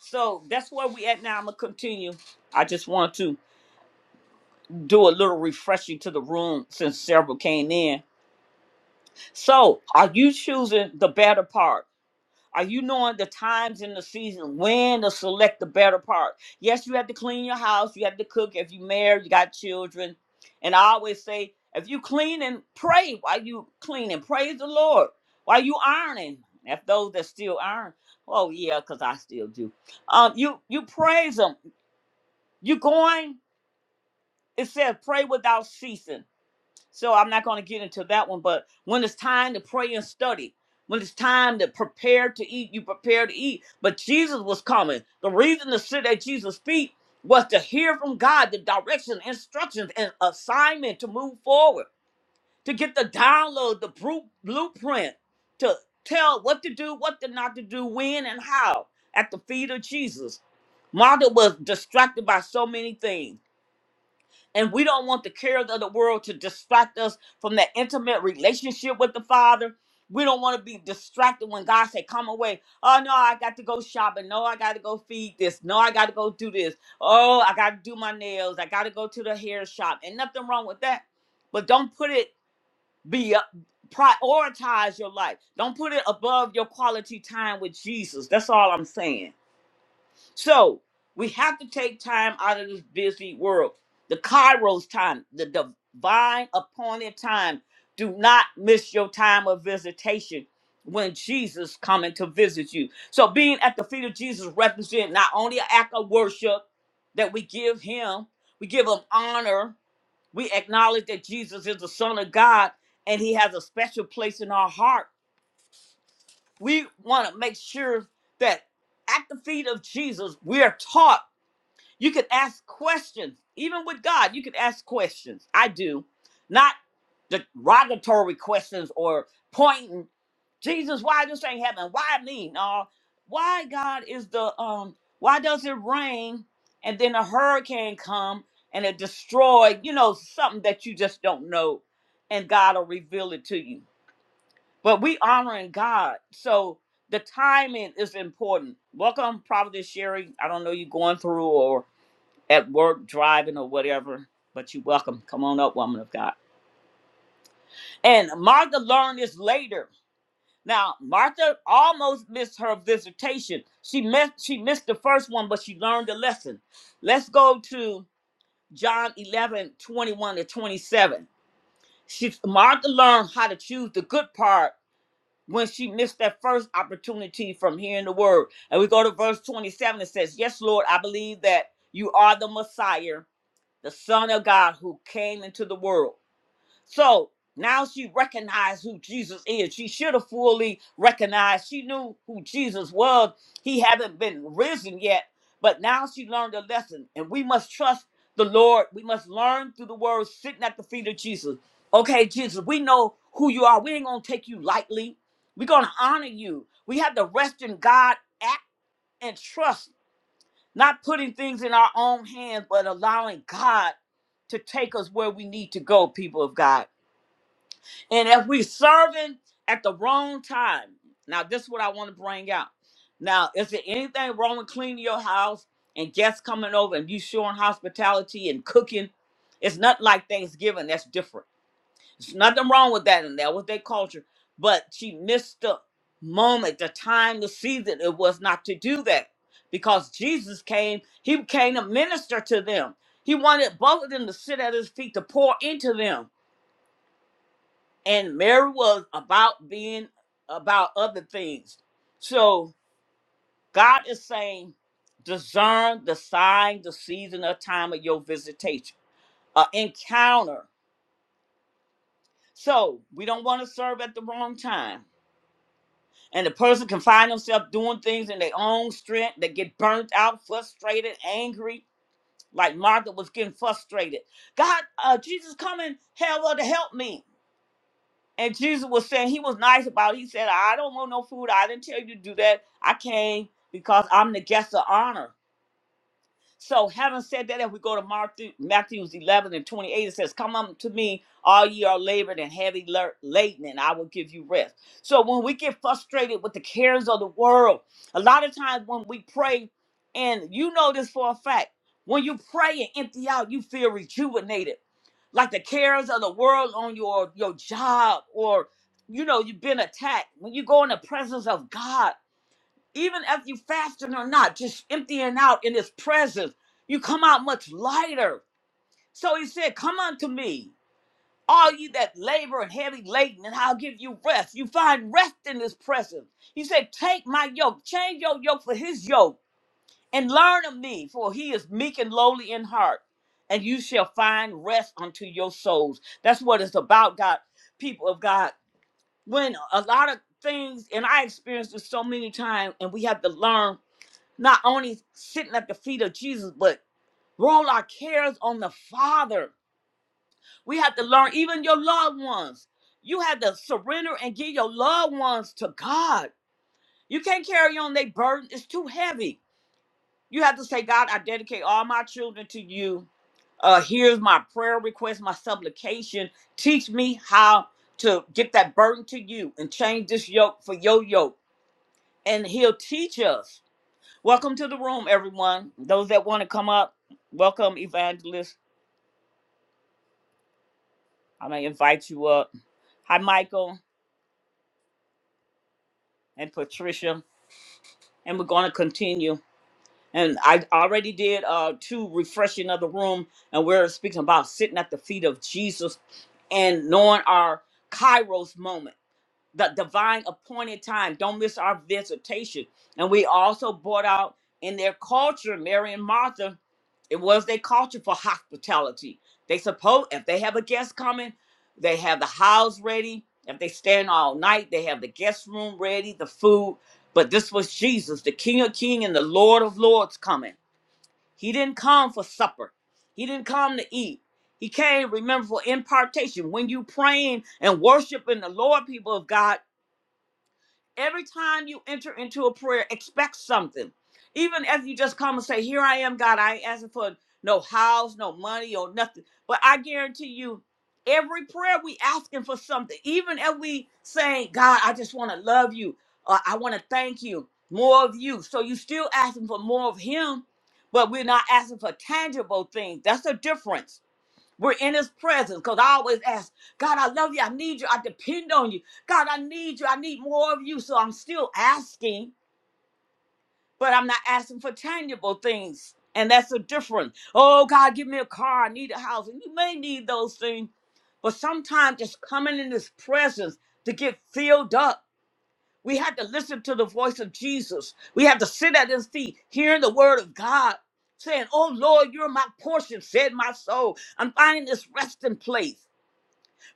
Speaker 1: So that's where we at now. I'm gonna continue. I just want to do a little refreshing to the room since several came in So, are you choosing the better part? Are you knowing the times in the season when to select the better part? Yes, you have to clean your house. You have to cook. If you married, you got children. And I always say, if you clean and pray, while you cleaning? praise the Lord? While you ironing? If those that still iron, oh yeah, because I still do. Um, you you praise them. You going? It says pray without ceasing. So I'm not going to get into that one, but when it's time to pray and study, when it's time to prepare to eat, you prepare to eat. But Jesus was coming. The reason to sit at Jesus' feet was to hear from God the direction, instructions, and assignment to move forward, to get the download, the bru- blueprint, to tell what to do, what to not to do, when and how at the feet of Jesus. Martha was distracted by so many things and we don't want the cares of the world to distract us from that intimate relationship with the Father. We don't want to be distracted when God say, "Come away." Oh no, I got to go shopping. No, I got to go feed this. No, I got to go do this. Oh, I got to do my nails. I got to go to the hair shop. And nothing wrong with that, but don't put it be up, prioritize your life. Don't put it above your quality time with Jesus. That's all I'm saying. So we have to take time out of this busy world. The Kairos time, the divine appointed time. Do not miss your time of visitation when Jesus coming to visit you. So being at the feet of Jesus represent not only an act of worship that we give him, we give him honor. We acknowledge that Jesus is the Son of God and he has a special place in our heart. We want to make sure that at the feet of Jesus, we are taught you could ask questions, even with God. You could ask questions. I do, not derogatory questions or pointing. Jesus, why this ain't happening? Why me? No, why God is the um? Why does it rain and then a hurricane come and it destroy? You know something that you just don't know, and God will reveal it to you. But we honoring God, so the timing is important. Welcome, Providence Sherry. I don't know you going through or at work, driving or whatever, but you're welcome. Come on up, woman of God. And Martha learned this later. Now, Martha almost missed her visitation. She missed, she missed the first one, but she learned the lesson. Let's go to John 11 21 to 27. She, Martha learned how to choose the good part when she missed that first opportunity from hearing the word. And we go to verse 27. It says, Yes, Lord, I believe that you are the Messiah the Son of God who came into the world. So now she recognized who Jesus is. She should have fully recognized. She knew who Jesus was. He hadn't been risen yet, but now she learned a lesson. And we must trust the Lord. We must learn through the word sitting at the feet of Jesus. Okay, Jesus, we know who you are. We ain't gonna take you lightly. We're gonna honor you. We have to rest in God, act and trust not putting things in our own hands, but allowing God to take us where we need to go, people of God. And if we're serving at the wrong time, now this is what I want to bring out. Now, is there anything wrong with cleaning your house and guests coming over and you showing hospitality and cooking? It's not like Thanksgiving, that's different. There's nothing wrong with that, and that was their culture. But she missed the moment, the time, the season. It was not to do that because Jesus came. He came to minister to them. He wanted both of them to sit at his feet to pour into them. And Mary was about being about other things. So God is saying, discern the sign, the season, or time of your visitation, uh, encounter. So we don't want to serve at the wrong time and the person can find themselves doing things in their own strength. They get burnt out, frustrated, angry, like Martha was getting frustrated. God, uh, Jesus, come and help her to help me. And Jesus was saying he was nice about. It. He said, "I don't want no food. I didn't tell you to do that. I came because I'm the guest of honor." So having said that, if we go to Matthew, Matthew's 11 and 28, it says, come unto me, all ye are labored and heavy lar- laden, and I will give you rest. So when we get frustrated with the cares of the world, a lot of times when we pray, and you know this for a fact, when you pray and empty out, you feel rejuvenated. Like the cares of the world on your, your job or, you know, you've been attacked. When you go in the presence of God, even if you fasting or not, just emptying out in his presence, you come out much lighter. So he said, Come unto me, all ye that labor and heavy laden, and I'll give you rest. You find rest in his presence. He said, Take my yoke, change your yoke for his yoke, and learn of me, for he is meek and lowly in heart, and you shall find rest unto your souls. That's what it's about, God, people of God. When a lot of things, and I experienced this so many times, and we have to learn not only sitting at the feet of Jesus, but roll our cares on the Father. We have to learn, even your loved ones. You have to surrender and give your loved ones to God. You can't carry on their burden, it's too heavy. You have to say, God, I dedicate all my children to you. Uh, here's my prayer request, my supplication. Teach me how to get that burden to you and change this yoke for your yoke. And He'll teach us. Welcome to the room, everyone. Those that want to come up, welcome, Evangelist. I'm going to invite you up. Hi, Michael and Patricia. And we're going to continue. And I already did uh, two refreshing of the room, and we're speaking about sitting at the feet of Jesus and knowing our Kairos moment. the divine appointed time. Don't miss our visitation. And we also brought out in their culture, Mary and Martha, it was their culture for hospitality. They suppose if they have a guest coming, they have the house ready. If they stand all night, they have the guest room ready, the food. But this was Jesus, the King of King and the Lord of Lords coming. He didn't come for supper. He didn't come to eat. He came, remember, for impartation. When you praying and worshiping the Lord, people of God, Every time you enter into a prayer, expect something. Even if you just come and say, Here I am, God, I ain't asking for no house, no money, or nothing. But I guarantee you, every prayer we asking for something. Even if we saying, God, I just want to love you, or I want to thank you, more of you. So you still asking for more of him, but we're not asking for tangible things. That's the difference we're in his presence because I always ask, God, I love you. I need you. I depend on you. God, I need you. I need more of you. So I'm still asking, but I'm not asking for tangible things. And that's the difference. Oh, God, give me a car. I need a house. And you may need those things. But sometimes just coming in his presence to get filled up. We have to listen to the voice of Jesus. We have to sit at his feet, hearing the word of God, saying, Oh, Lord, you're my portion, said my soul. I'm finding this resting place.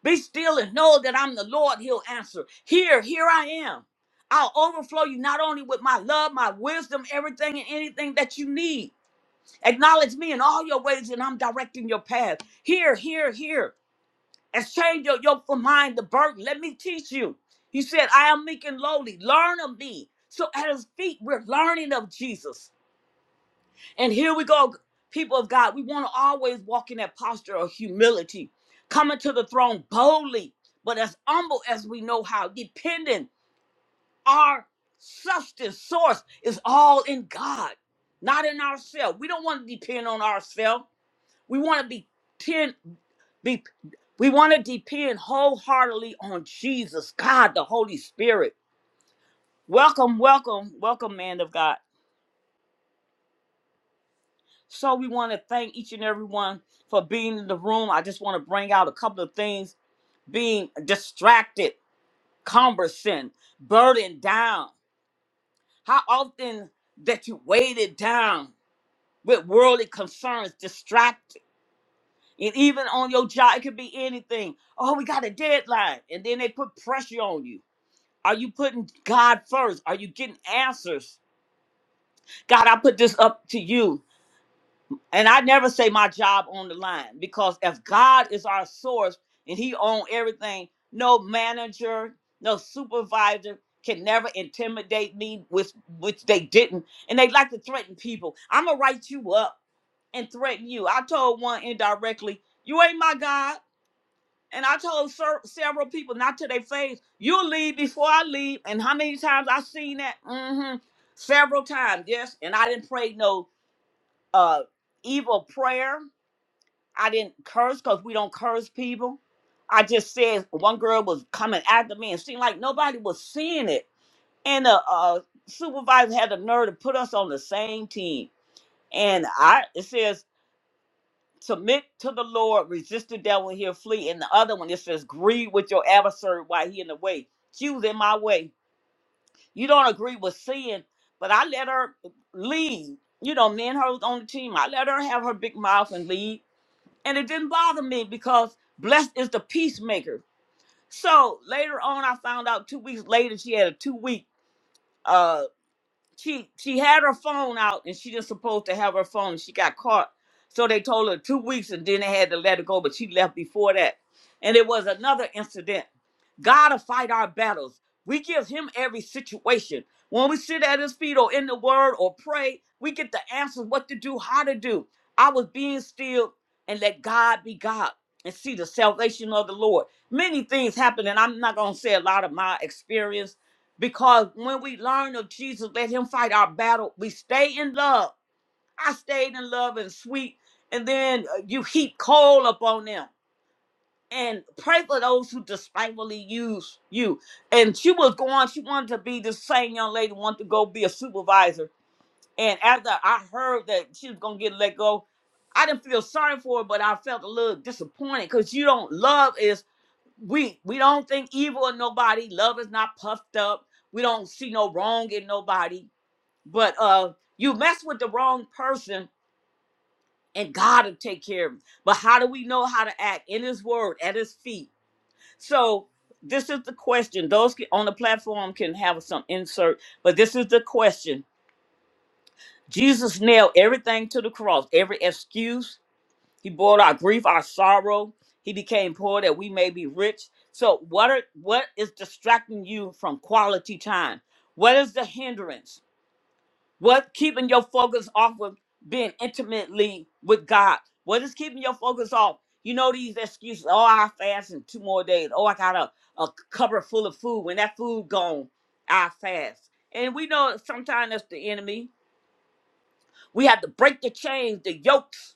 Speaker 1: Be still and know that I'm the Lord. He'll answer. Here, here I am. I'll overflow you not only with my love, my wisdom, everything and anything that you need. Acknowledge me in all your ways, and I'm directing your path. Here, here, here. Exchange your yoke for mine, the burden. Let me teach you. He said, I am meek and lowly. Learn of me. So at his feet, we're learning of Jesus. And here we go, people of God. We want to always walk in that posture of humility, coming to the throne boldly, but as humble as we know how, dependent. Our substance source is all in God, not in ourselves. We don't want to depend on ourselves. We want to be, ten, be we want to depend wholeheartedly on Jesus, God, the Holy Spirit. Welcome, welcome, welcome, man of God. So we want to thank each and every one for being in the room. I just want to bring out a couple of things: being distracted, cumbersome, burdened down. How often that you weighted down with worldly concerns, distracted, and even on your job, it could be anything. Oh, we got a deadline, and then they put pressure on you. Are you putting God first? Are you getting answers? God, I put this up to you. And I never say my job on the line because if God is our source and He own everything, no manager, no supervisor can never intimidate me, which which they didn't. And they like to threaten people. I'm gonna write you up and threaten you. I told one indirectly, "You ain't my God." And I told ser- several people, not to their face, "You'll leave before I leave." And how many times I seen that? Mm-hmm. Several times, yes. And I didn't pray no uh, evil prayer. I didn't curse because we don't curse people. I just said one girl was coming after me and seemed like nobody was seeing it. And the uh, supervisor had the nerve to put us on the same team. And I it says submit to the Lord, resist the devil, and he'll flee. And the other one it says grieve with your adversary while he in the way. She was in my way. You don't agree with sin, but I let her lead. You know, me and her was on the team. I let her have her big mouth and lead and it didn't bother me because blessed is the peacemaker. So later on, I found out two weeks later she had a two week uh, she she had her phone out and she just supposed to have her phone. She got caught. So they told her two weeks and then they had to let her go, but she left before that. And it was another incident. God will fight our battles. We give him every situation. When we sit at his feet or in the word or pray, we get the answers what to do, how to do. I was being still and let God be God and see the salvation of the Lord. Many things happen, and I'm not gonna say a lot of my experience because when we learn of Jesus, let him fight our battle. We stay in love. I stayed in love and sweet. And then uh, you heap coal upon them. And pray for those who despitefully use you. And she was going, she wanted to be the same young lady, wanted to go be a supervisor. And after I heard that she was going to get let go, I didn't feel sorry for her, but I felt a little disappointed because you don't love is we we don't think evil of nobody love is not puffed up we don't see no wrong in nobody but uh you mess with the wrong person and god will take care of him but how do we know how to act in his word at his feet so this is the question those ca- on the platform can have some insert but this is the question jesus nailed everything to the cross every excuse He bore our grief, our sorrow. He became poor that we may be rich. So what are what is distracting you from quality time? What is the hindrance? What keeping your focus off of being intimately with God? What is keeping your focus off? You know these excuses. Oh, I fast in two more days. Oh, I got a, a cupboard full of food. When that food gone, I fast. And we know sometimes that's the enemy. We have to break the chains, the yokes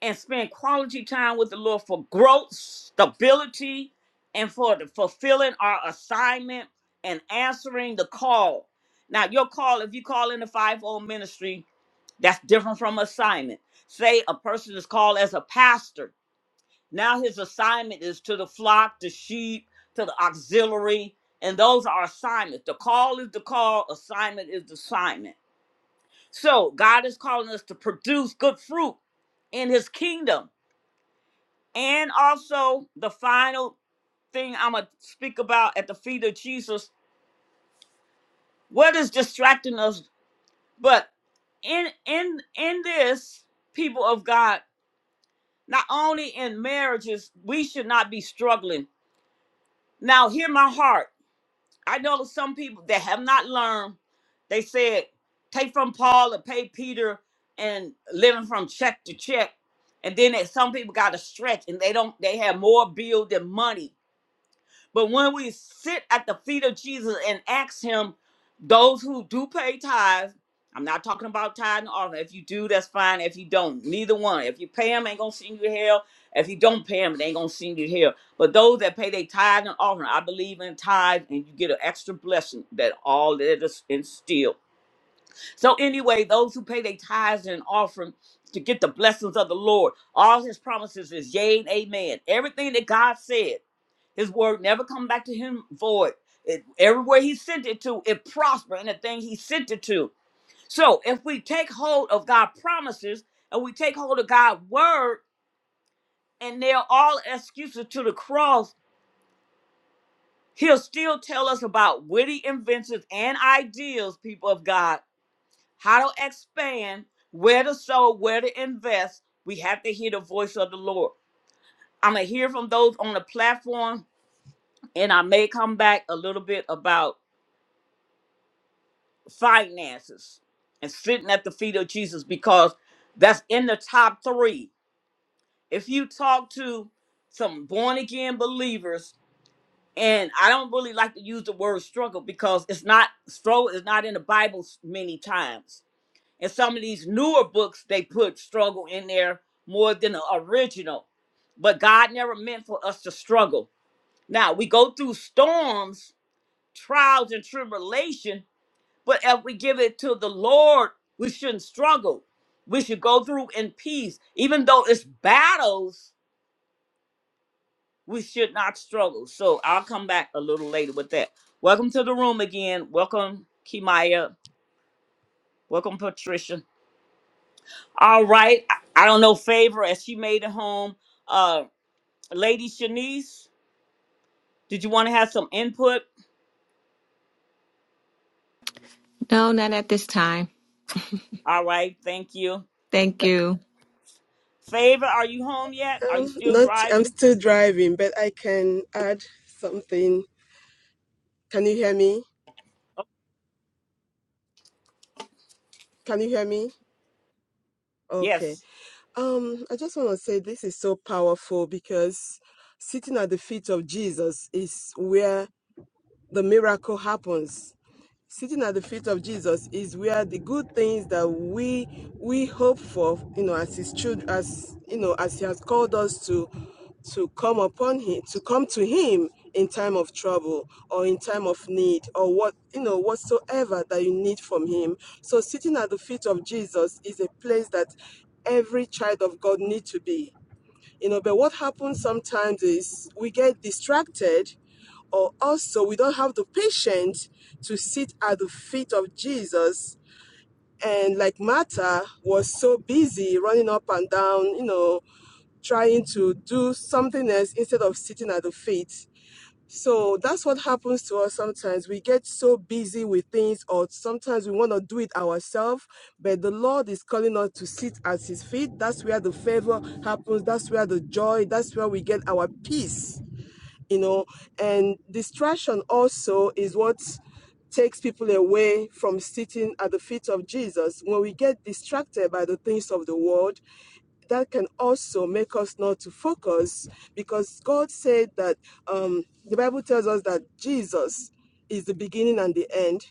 Speaker 1: and spend quality time with the Lord for growth, stability, and for the fulfilling our assignment and answering the call. Now, your call, if you call in the five-fold ministry, that's different from assignment. Say a person is called as a pastor. Now his assignment is to the flock, the sheep, to the auxiliary, and those are assignments. The call is the call, assignment is the assignment. So God is calling us to produce good fruit in his kingdom and also, the final thing I'm going to speak about at the feet of Jesus, what is distracting us? But in in in this people of God, not only in marriages, we should not be struggling. Now, hear my heart. I know some people that have not learned. They said, take from Paul and pay Peter and living from check to check. And then that some people got to stretch and they don't, they have more bill than money But when we sit at the feet of Jesus and ask him, those who do pay tithes, I'm not talking about tithe and offering. If you do, that's fine. If you don't, neither one. If you pay them, ain't gonna send you to hell. If you don't pay them, they ain't gonna send you to hell. But those that pay their tithe and offering, I believe in tithe, and you get an extra blessing that all that is instilled. So anyway, those who pay their tithes and offering to get the blessings of the Lord, all his promises is yea and amen. Everything that God said, his word never come back to him void. It, everywhere he sent it to, it prosper in the thing he sent it to. So if we take hold of God's promises and we take hold of God's word and nail all excuses to the cross, he'll still tell us about witty inventions and ideas, people of God how to expand, where to sow, where to invest. We have to hear the voice of the Lord. I'm going to hear from those on the platform, and I may come back a little bit about finances and sitting at the feet of Jesus because that's in the top three. If you talk to some born again believers, and I don't really like to use the word struggle because it's not struggle is not in the Bible many times And some of these newer books, they put struggle in there more than the original. But God never meant for us to struggle. Now, we go through storms, trials, and tribulation, but if we give it to the Lord, we shouldn't struggle. We should go through in peace. Even though it's battles, we should not struggle. So I'll come back a little later with that. Welcome to the room again. Welcome, Kimaya. Welcome, Patricia. All right. I I don't know favor as she made it home. Uh Lady Shanice, did you want to have some input?
Speaker 3: No, not at this time.
Speaker 1: All right, thank you.
Speaker 3: Thank you.
Speaker 1: Favor, are you home yet? Are you
Speaker 2: Um,
Speaker 1: still
Speaker 2: not, I'm
Speaker 1: driving?
Speaker 2: still driving, but I can add something. Can you hear me? Can you hear me? Okay.
Speaker 1: Yes.
Speaker 2: Um, I just want to say this is so powerful because sitting at the feet of Jesus is where the miracle happens. Sitting at the feet of Jesus is where the good things that we we hope for, you know, as his children, as you know, as he has called us to to come upon him, to come to him in time of trouble or in time of need or what you know whatsoever that you need from him. So sitting at the feet of Jesus is a place that every child of God needs to be you know but what happens sometimes is we get distracted or also we don't have the patience to sit at the feet of jesus and like martha was so busy running up and down you know trying to do something else instead of sitting at the feet so that's what happens to us sometimes. We get so busy with things, or sometimes we want to do it ourselves, but the Lord is calling us to sit at His feet. That's where the favor happens. That's where the joy, that's where we get our peace you know and distraction also is what takes people away from sitting at the feet of jesus when we get distracted by the things of the world that can also make us not to focus because god said that um, the bible tells us that jesus is the beginning and the end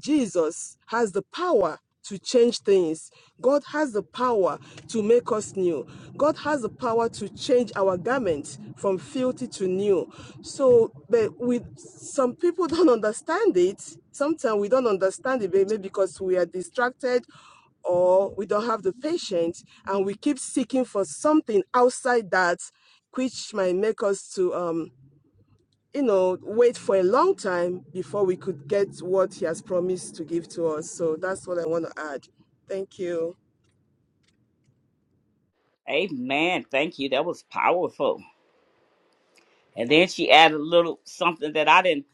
Speaker 2: Jesus has the power to change things. God has the power to make us new. God has the power to change our garment from filthy to new. So, but we some people don't understand it. Sometimes we don't understand it, maybe because we are distracted or we don't have the patience and we keep seeking for something outside that which might make us to um you know, wait for a long time before we could get what he has promised to give to us. So that's what I want to add. Thank you.
Speaker 1: Amen. Thank you. That was powerful. And then she added a little something that I didn't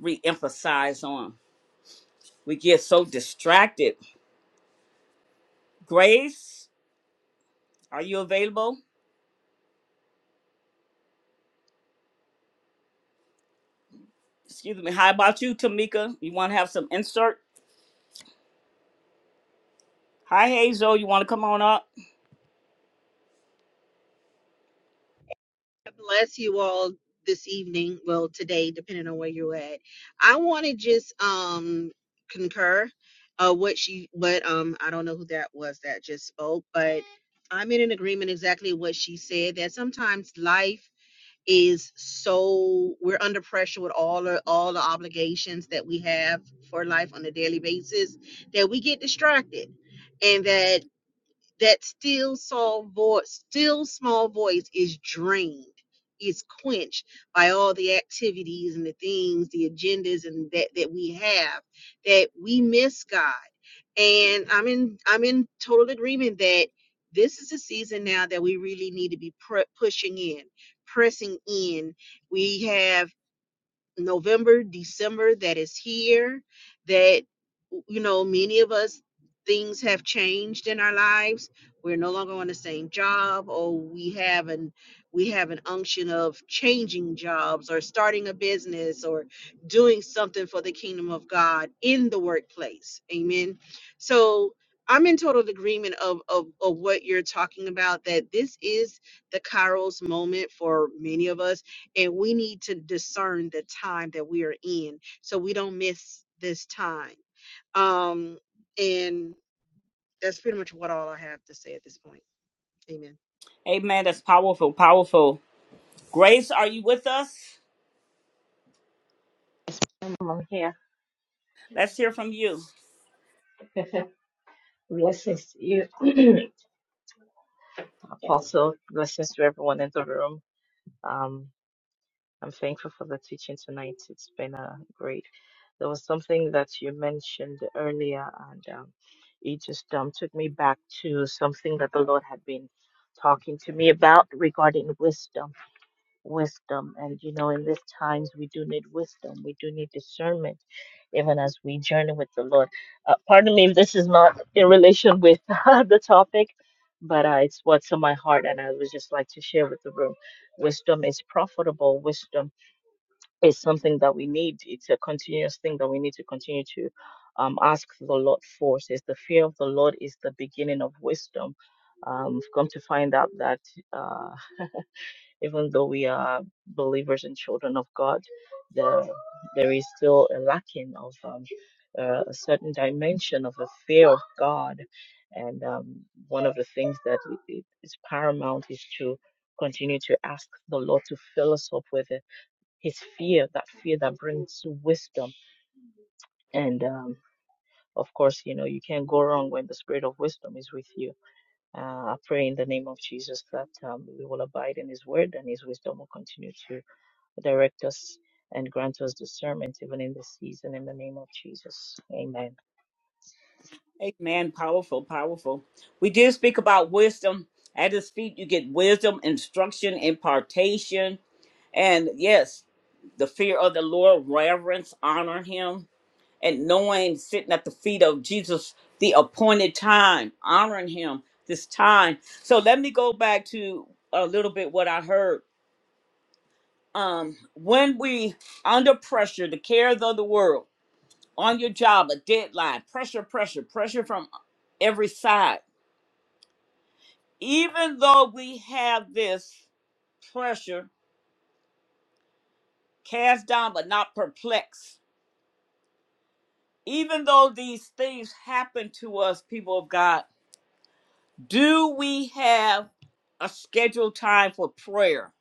Speaker 1: re-emphasize on. We get so distracted. Grace, are you available? Excuse me. How about you, Tamika? You want to have some insert? Hi, Hazel. You want to come on up?
Speaker 4: God bless you all this evening. Well, today, depending on where you're at. I want to just um concur uh what she what um I don't know who that was that just spoke, but I'm in an agreement exactly what she said that sometimes life is so we're under pressure with all the all the obligations that we have for life on a daily basis that we get distracted. And that that still small voice, still small voice is drained, is quenched by all the activities and the things, the agendas and that that we have, that we miss God. And I'm in I'm in total agreement that this is a season now that we really need to be pre- pushing in, pressing in. We have November, December that is here, that, you know, many of us, things have changed in our lives. We're no longer on the same job, or we have an we have an unction of changing jobs or starting a business or doing something for the kingdom of God in the workplace. Amen. So I'm in total agreement of, of, of what you're talking about, that this is the Kairos moment for many of us and we need to discern the time that we are in so we don't miss this time um and that's pretty much what all i have to say at this point amen
Speaker 1: Amen. That's powerful, powerful. Grace, are you with us?
Speaker 5: I'm here.
Speaker 1: Let's hear from you.
Speaker 5: blessings to you, Apostle. Blessings to everyone in the room. Um, I'm thankful for the teaching tonight. It's been uh, great. There was something that you mentioned earlier, and um, it just um, took me back to something that the Lord had been talking to me about regarding wisdom. wisdom. And you know, in these times, we do need wisdom. We do need discernment, even as we journey with the Lord. Uh, pardon me if this is not in relation with the topic, but uh, it's what's on my heart, and I would just like to share with the room. Wisdom is profitable. Wisdom is something that we need. It's a continuous thing that we need to continue to um, ask the Lord for. It Says the fear of the Lord is the beginning of wisdom. Um, I've come to find out that. Uh, even though we are believers and children of God, the, there is still a lacking of um, uh, a certain dimension of a fear of God. And um, one of the things that i- i- is paramount is to continue to ask the Lord to fill us up with it. His fear, that fear that brings wisdom. And um, of course, you know, you can't go wrong when the spirit of wisdom is with you. Uh, I pray in the name of Jesus that um, we will abide in His word and His wisdom will continue to Direct us and grant us discernment even in this season in the name of Jesus. Amen.
Speaker 1: Amen. Powerful, powerful. We did speak about wisdom. At his feet, you get wisdom, instruction, impartation. And yes, the fear of the Lord, reverence, honor him, and knowing sitting at the feet of Jesus, the appointed time, honoring him this time. So let me go back to a little bit what I heard. um, when we under pressure, the cares of the world, on your job, a deadline, pressure, pressure, pressure from every side. Even though we have this pressure, cast down but not perplexed. Even though these things happen to us, people of God, do we have a scheduled time for prayer?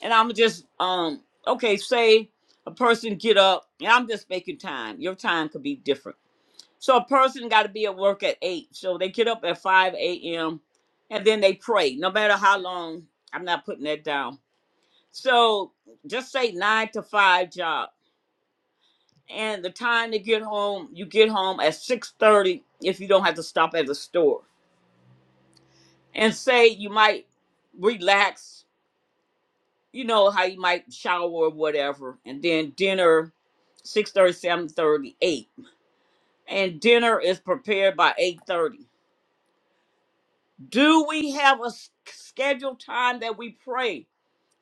Speaker 1: And I'm just um okay, say a person get up, and I'm just making time. Your time could be different So a person got to be at work at eight. So they get up at five a.m. and then they pray. No matter how long, I'm not putting that down. So just say nine to five job, and the time to get home, you get home at six thirty if you don't have to stop at the store. And say you might relax. You know how you might shower or whatever, and then dinner, six thirty-seven thirty-eight, And dinner is prepared by 8.30 Do we have a s- scheduled time that we pray?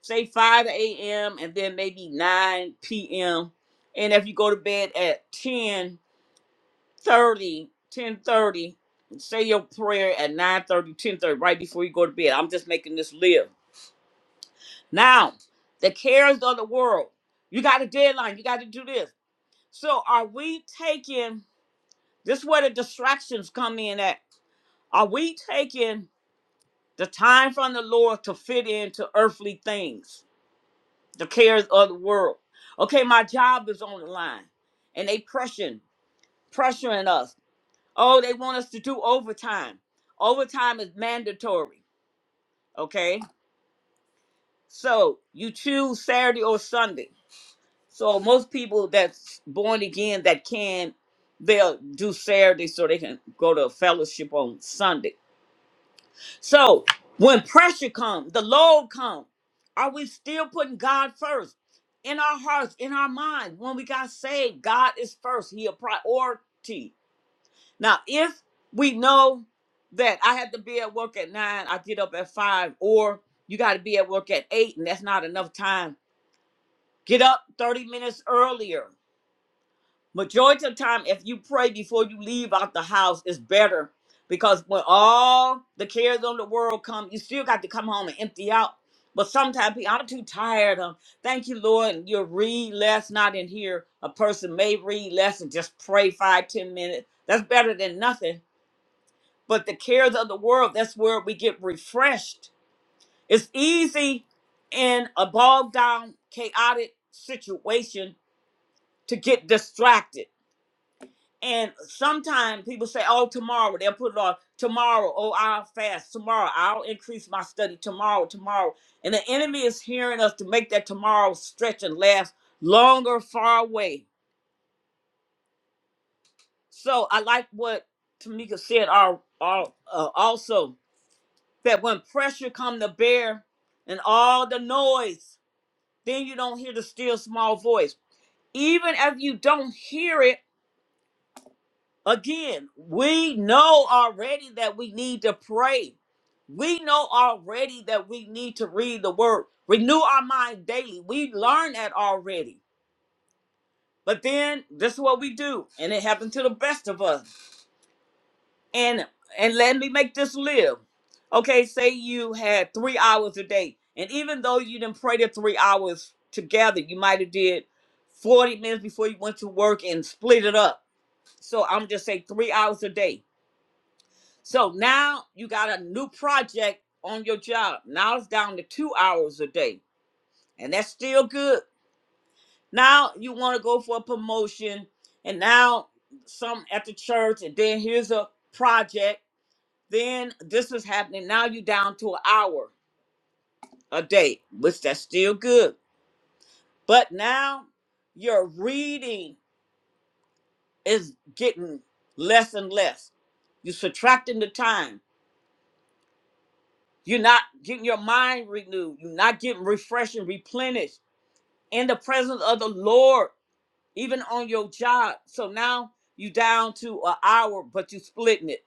Speaker 1: Say 5 a.m. and then maybe 9 p.m. And if you go to bed at 10 30, 10 30, say your prayer at nine thirty, ten thirty, right before you go to bed. I'm just making this live. Now, the cares of the world. You got a deadline. You got to do this. So, are we taking this is where the distractions come in at? Are we taking The time from the Lord to fit into earthly things, the cares of the world. Okay, my job is on the line, and they pressuring, pressuring us. Oh, they want us to do overtime. Overtime is mandatory. Okay, so you choose Saturday or Sunday. So most people that's born again that can, they'll do Saturday so they can go to a fellowship on Sunday So when pressure comes, the load comes, are we still putting God first? In our hearts, in our mind, when we got saved, God is first. He a priority. Now, if we know that I had to be at work at nine, I get up at five, or you got to be at work at eight, and that's not enough time. Get up 30 minutes earlier Majority of the time, if you pray before you leave out the house, it's better because when all the cares of the world come, you still got to come home and empty out. But sometimes people, I'm too tired of. Thank you, Lord. And you read less, not in here. A person may read less and just pray five, ten minutes. That's better than nothing. But the cares of the world, that's where we get refreshed. It's easy in a bogged down, chaotic situation to get distracted and sometimes people say, oh, tomorrow, they'll put it off. Tomorrow, oh, I'll fast. Tomorrow, I'll increase my study. Tomorrow, tomorrow. And the enemy is hearing us to make that tomorrow stretch and last longer, far away. So I like what Tamika said al- al- uh, also that when pressure come to bear and all the noise, then you don't hear the still small voice. Even if you don't hear it, Again, we know already that we need to pray. We know already that we need to read the word, renew our mind daily. We learn that already. But then this is what we do, and it happened to the best of us. And and let me make this live. Okay, say you had three hours a day, and even though you didn't pray the three hours together, you might have did 40 minutes before you went to work and split it up. So I'm just saying three hours a day So now you got a new project on your job. Now it's down to two hours a day, and that's still good. Now you want to go for a promotion, and now some at the church, and then here's a project. Then this is happening. Now you down to an hour a day, which that's still good. But now your reading is getting less and less. You're subtracting the time You're not getting your mind renewed. You're not getting refreshed and replenished in the presence of the Lord, even on your job. So now you down to an hour, but you splitting it.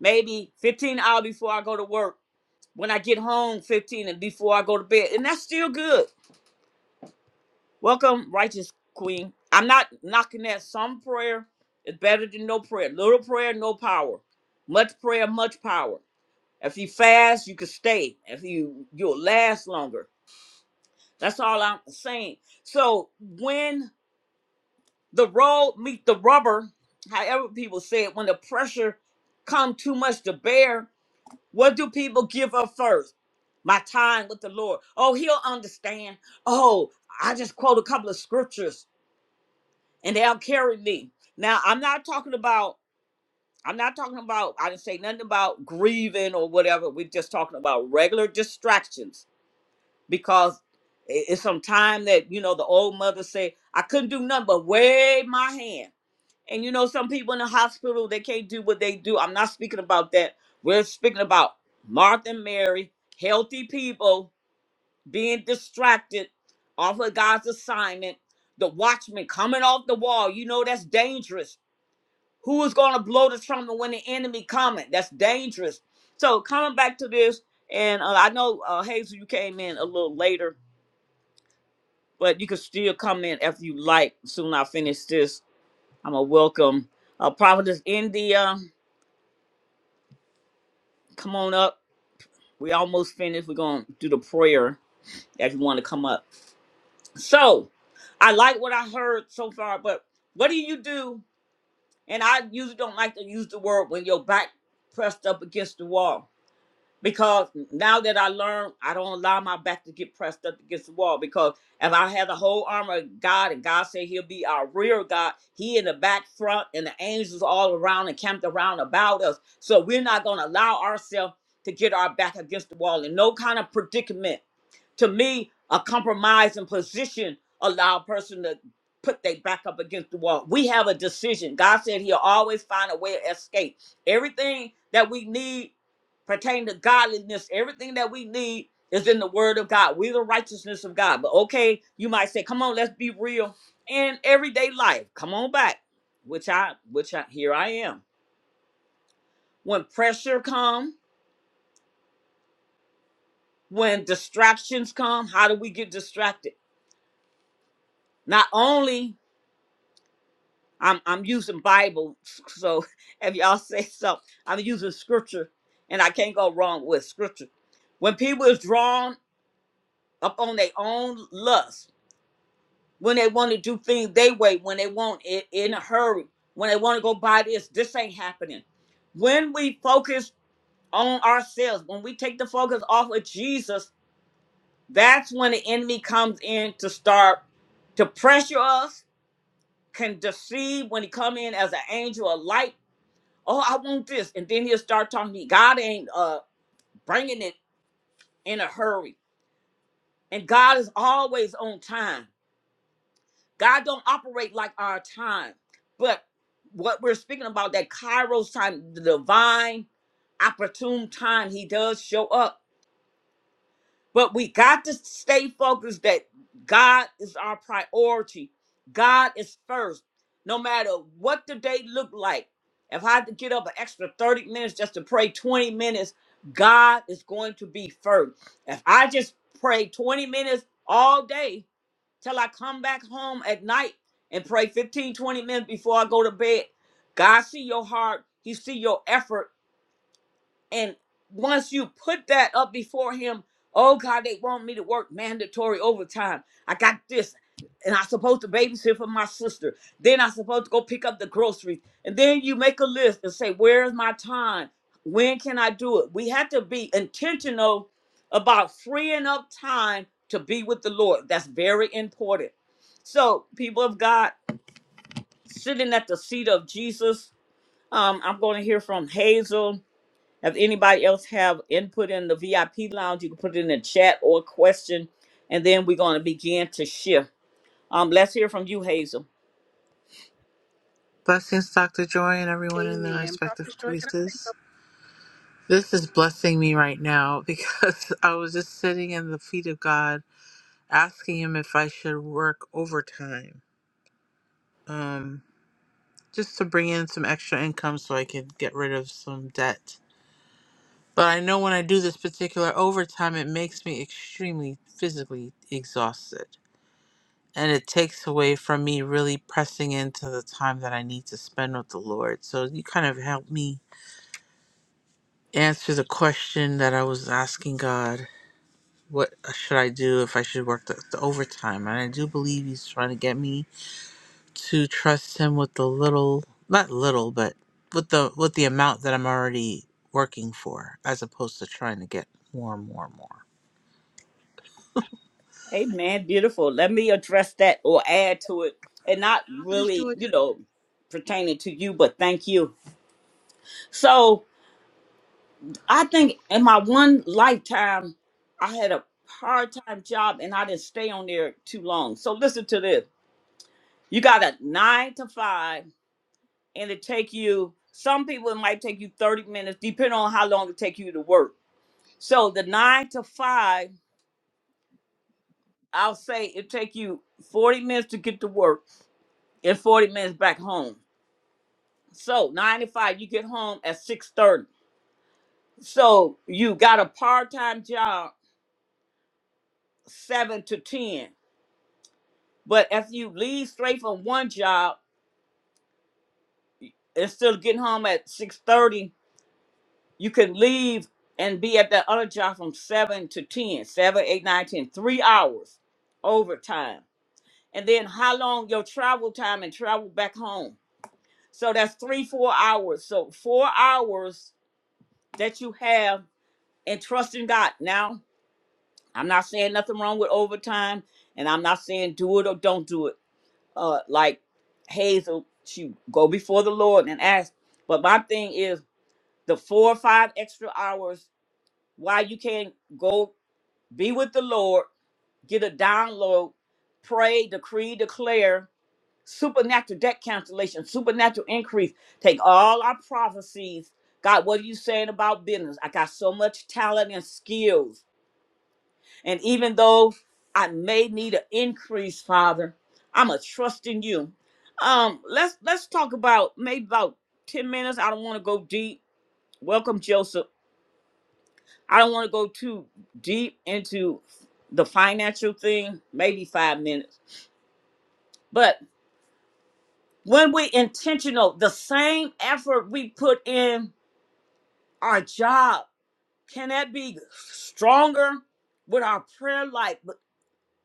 Speaker 1: Maybe 15 hours before I go to work. When I get home, 15 and before I go to bed. And that's still good. Welcome, righteous queen. I'm not knocking that. Some prayer is better than no prayer. Little prayer, no power. Much prayer, much power. If you fast, you can stay. If you you'll last longer That's all I'm saying. So when the road meet the rubber, however people say it, when the pressure come too much to bear, what do people give up first? My time with the Lord. Oh, he'll understand. Oh, I just quote a couple of scriptures and they'll carry me. Now I'm not talking about I'm not talking about I didn't say nothing about grieving or whatever. We're just talking about regular distractions because i- it's some time that you know the old mother said I couldn't do nothing but wave my hand. And you know some people in the hospital they can't do what they do. I'm not speaking about that. We're speaking about Martha and Mary, healthy people being distracted off of God's assignment. The watchman coming off the wall. You know that's dangerous. Who is going to blow the trumpet when the enemy coming? That's dangerous. So coming back to this, and uh, I know uh, Hazel, you came in a little later but you can still come in if you like. Soon I finish this. I'm a welcome. Uh, Prophetess India, come on up. We almost finished. We're going to do the prayer if you want to come up. So I like what I heard so far, but what do you do? And I usually don't like to use the word when your back pressed up against the wall. because now that I learned, I don't allow my back to get pressed up against the wall. Because if I had the whole armor of God, and God said He'll be our rear guard, He in the back front, and the angels all around and camped around about us. So we're not going to allow ourselves to get our back against the wall in no kind of predicament to me, a compromising position allow a person to put their back up against the wall. We have a decision. God said he'll always find a way to escape. Everything that we need pertaining to godliness, everything that we need is in the word of God. We're the righteousness of God. But okay, you might say, come on, let's be real. In everyday life, come on back. Which I which I here I am. When pressure come, when distractions come, how do we get distracted? Not only I'm I'm using Bible, so if y'all say so, I'm using scripture, and I can't go wrong with scripture. When people is drawn up on their own lust, when they want to do things they way, when they want it in a hurry, when they want to go buy this, this ain't happening. When we focus on ourselves, when we take the focus off of Jesus, that's when the enemy comes in to start to pressure us, can deceive when he come in as an angel of light oh, I want this. And then he'll start talking to me. God ain't uh, bringing it in a hurry. And God is always on time. God don't operate like our time. But what we're speaking about, that Kairos time, the divine opportune time, he does show up But we got to stay focused that God is our priority. God is first. No matter what the day look like, if I had to get up an extra 30 minutes just to pray 20 minutes, God is going to be first. If I just pray 20 minutes all day till I come back home at night and pray 15 20 minutes before I go to bed, God see your heart. He see your effort and once you put that up before him, oh God, they want me to work mandatory overtime. I got this. And I'm supposed to babysit for my sister. Then I'm supposed to go pick up the groceries. And then you make a list and say, where's my time? When can I do it? We have to be intentional about freeing up time to be with the Lord. That's very important. So, people of God, sitting at the seat of Jesus, um, I'm going to hear from Hazel if anybody else have input in the VIP lounge, you can put it in the chat or question, and then we're going to begin to shift. Um, let's hear from you, Hazel.
Speaker 6: Blessings, Dr. Joy, and everyone in their
Speaker 4: amen
Speaker 6: respective
Speaker 4: prophetess joy can i
Speaker 6: places. This is blessing me right now because I was just sitting in the feet of God, asking Him if I should work overtime, um, just to bring in some extra income so I could get rid of some debt. But I know when I do this particular overtime, it makes me extremely physically exhausted. And it takes away from me really pressing into the time that I need to spend with the Lord. So you kind of helped me answer the question that I was asking God. What uh, should I do if I should work the, the overtime? And I do believe He's trying to get me to trust Him with the little, not little, but with the with the amount that I'm already working for, as opposed to trying to get more and more and more.
Speaker 1: Amen. beautiful. Let me address that or add to it, and not
Speaker 4: prophetess
Speaker 1: really,
Speaker 4: joy can
Speaker 1: you know, pertaining to you, but thank you. So I think in my one lifetime, I had a part-time job, and I didn't stay on there too long. So listen to this: you got a nine to five and it take you some people it might take you 30 minutes depending on how long it take you to work so the nine to five i'll say it take you 40 minutes to get to work and 40 minutes back home so nine to five you get home at 6.30 so you got a part-time job seven to ten but if you leave straight from one job and still getting home at 6.30 You can leave and be at that other job from 7 to ten, seven, eight, nine, ten, three hours overtime. And then how long your travel time and travel back home. So that's three, four hours. So four hours that you have and trust in God. Now, I'm not saying nothing wrong with overtime, and I'm not saying do it or don't do it. Uh, like Hazel, she go before the Lord and ask. But my thing is the four or five extra hours why you can't go be with the Lord, get a download, pray, decree, declare, supernatural debt cancellation, supernatural increase. Take all our prophecies. God, what are you saying about business? I got so much talent and skills. And even though I may need an increase, Father, I'm a trust in you. Um, let's let's talk about maybe about 10 minutes. I don't want to go deep. Welcome, Joseph. I don't want to go too deep into the financial thing, maybe five minutes. But when we intentional, the same effort we put in our job, can that be stronger with our prayer life? But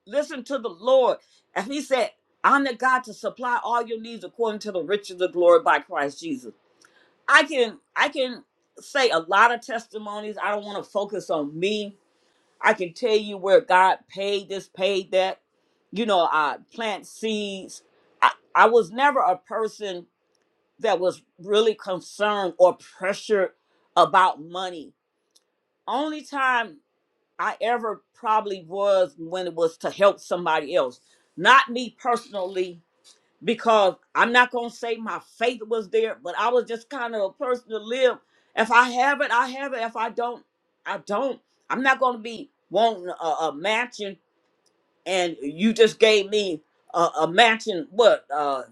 Speaker 1: listen to the Lord. And he said, I'm the God to supply all your needs according to the riches of glory by Christ Jesus. I can I can say a lot of testimonies. I don't want to focus on me I can tell you where God paid this, paid that. You know, I plant seeds. I, I was never a person that was really concerned or pressured about money. Only time I ever probably was when it was to help somebody else. Not me personally, because I'm not going to say my faith was there, but I was just kind of a person to live. If I have it, I have it. If I don't, I don't. I'm not going to be wanting a, a mansion and you just gave me a, a matching what uh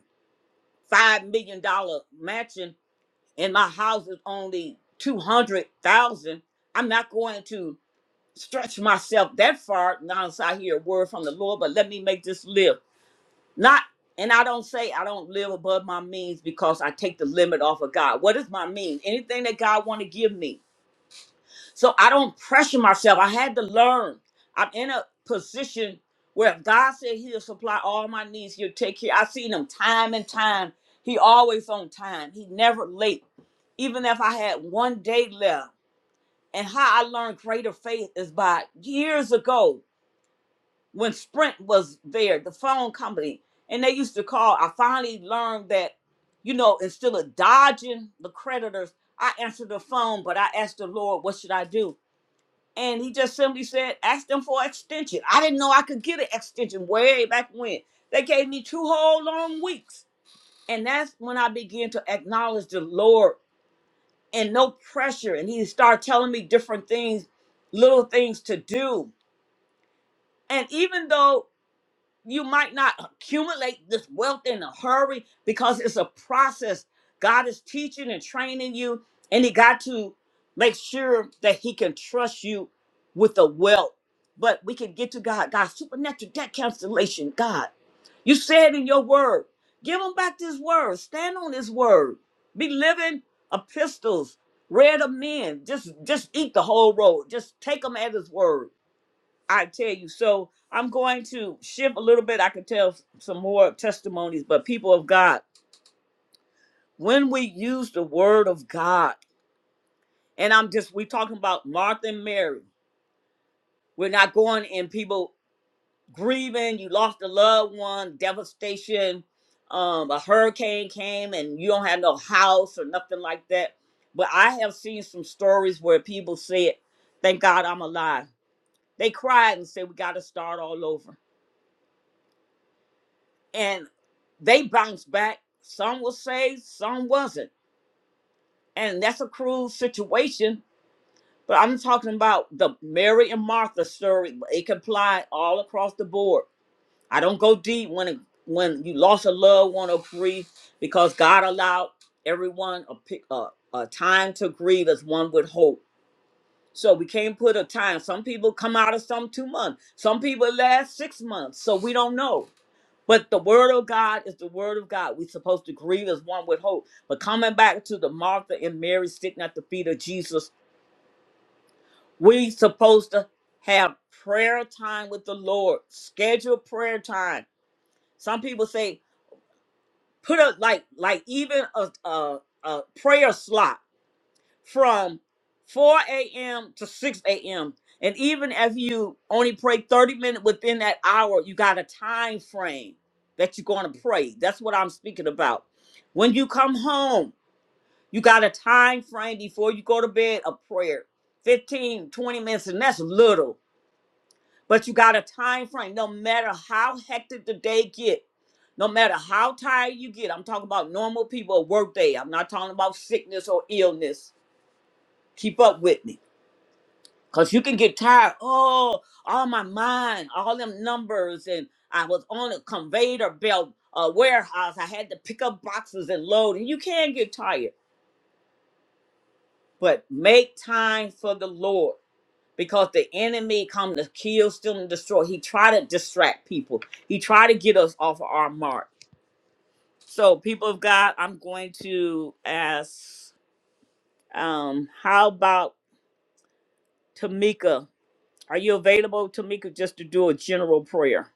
Speaker 1: five million dollar matching and my house is only two hundred thousand i'm not going to stretch myself that far now as i hear a word from the lord but let me make this live not and i don't say i don't live above my means because i take the limit off of god what is my means anything that god want to give me so I don't pressure myself. I had to learn. I'm in a position where if God said He'll supply all my needs. He'll take care. I've seen Him time and time. He always on time. He never late. Even if I had one day left. And how I learned greater faith is by years ago when Sprint was there, the phone company, and they used to call. I finally learned that, you know, instead of dodging the creditors, I answered the phone, but I asked the Lord, what should I do? and he just simply said, ask them for extension. I didn't know I could get an extension way back when. They gave me two whole long weeks. And that's when I began to acknowledge the Lord and no pressure. And he started telling me different things, little things to do. And even though you might not accumulate this wealth in a hurry because it's a process. God is teaching and training you, and He got to make sure that He can trust you with the wealth. But we can get to God, God, supernatural debt cancellation. God, you said in your word, give them back this word, stand on this word, be living epistles, read of men. Just, just eat the whole road. Just take them at His word I tell you. So I'm going to shift a little bit. I could tell s- some more testimonies, but people of God, when we use the word of God, and I'm just, we're talking about Martha and Mary. We're not going in people grieving, you lost a loved one, devastation, um, a hurricane came and you don't have no house or nothing like that. But I have seen some stories where people said, Thank God I'm alive. They cried and said, We got to start all over and They bounced back. Some was saved, some wasn't. And that's a cruel situation. But I'm talking about the Mary and Martha story. It can apply all across the board. I don't go deep when it, when you lost a loved one or grief because God allowed everyone a, pic- a, a time to grieve as one would hope. So we can't put a time. Some people come out of some two months. Some people last six months. So we don't know. But the word of God is the word of God. We're supposed to grieve as one with hope. But coming back to the Martha and Mary sitting at the feet of Jesus, we supposed to have prayer time with the Lord. Schedule prayer time. Some people say put a like like even a a, a prayer slot from 4 a.m. to 6 a.m. And even if you only pray 30 minutes within that hour, you got a time frame that you're going to pray. That's what I'm speaking about. When you come home, you got a time frame before you go to bed of prayer 1520 minutes, and that's little. But you got a time frame. No matter how hectic the day get, no matter how tired you get, I'm talking about normal people, a work day. I'm not talking about sickness or illness. Keep up with me Cause you can get tired. Oh, all my mind, all them numbers, and I was on a conveyor belt, a warehouse. I had to pick up boxes and load, and you can get tired. But make time for the Lord, because the enemy come to kill, steal, and destroy. He try to distract people. He try to get us off of our mark. So, people of God, I'm going to ask, um, how about Tamika? Are you available, Tamika, just to do a general prayer?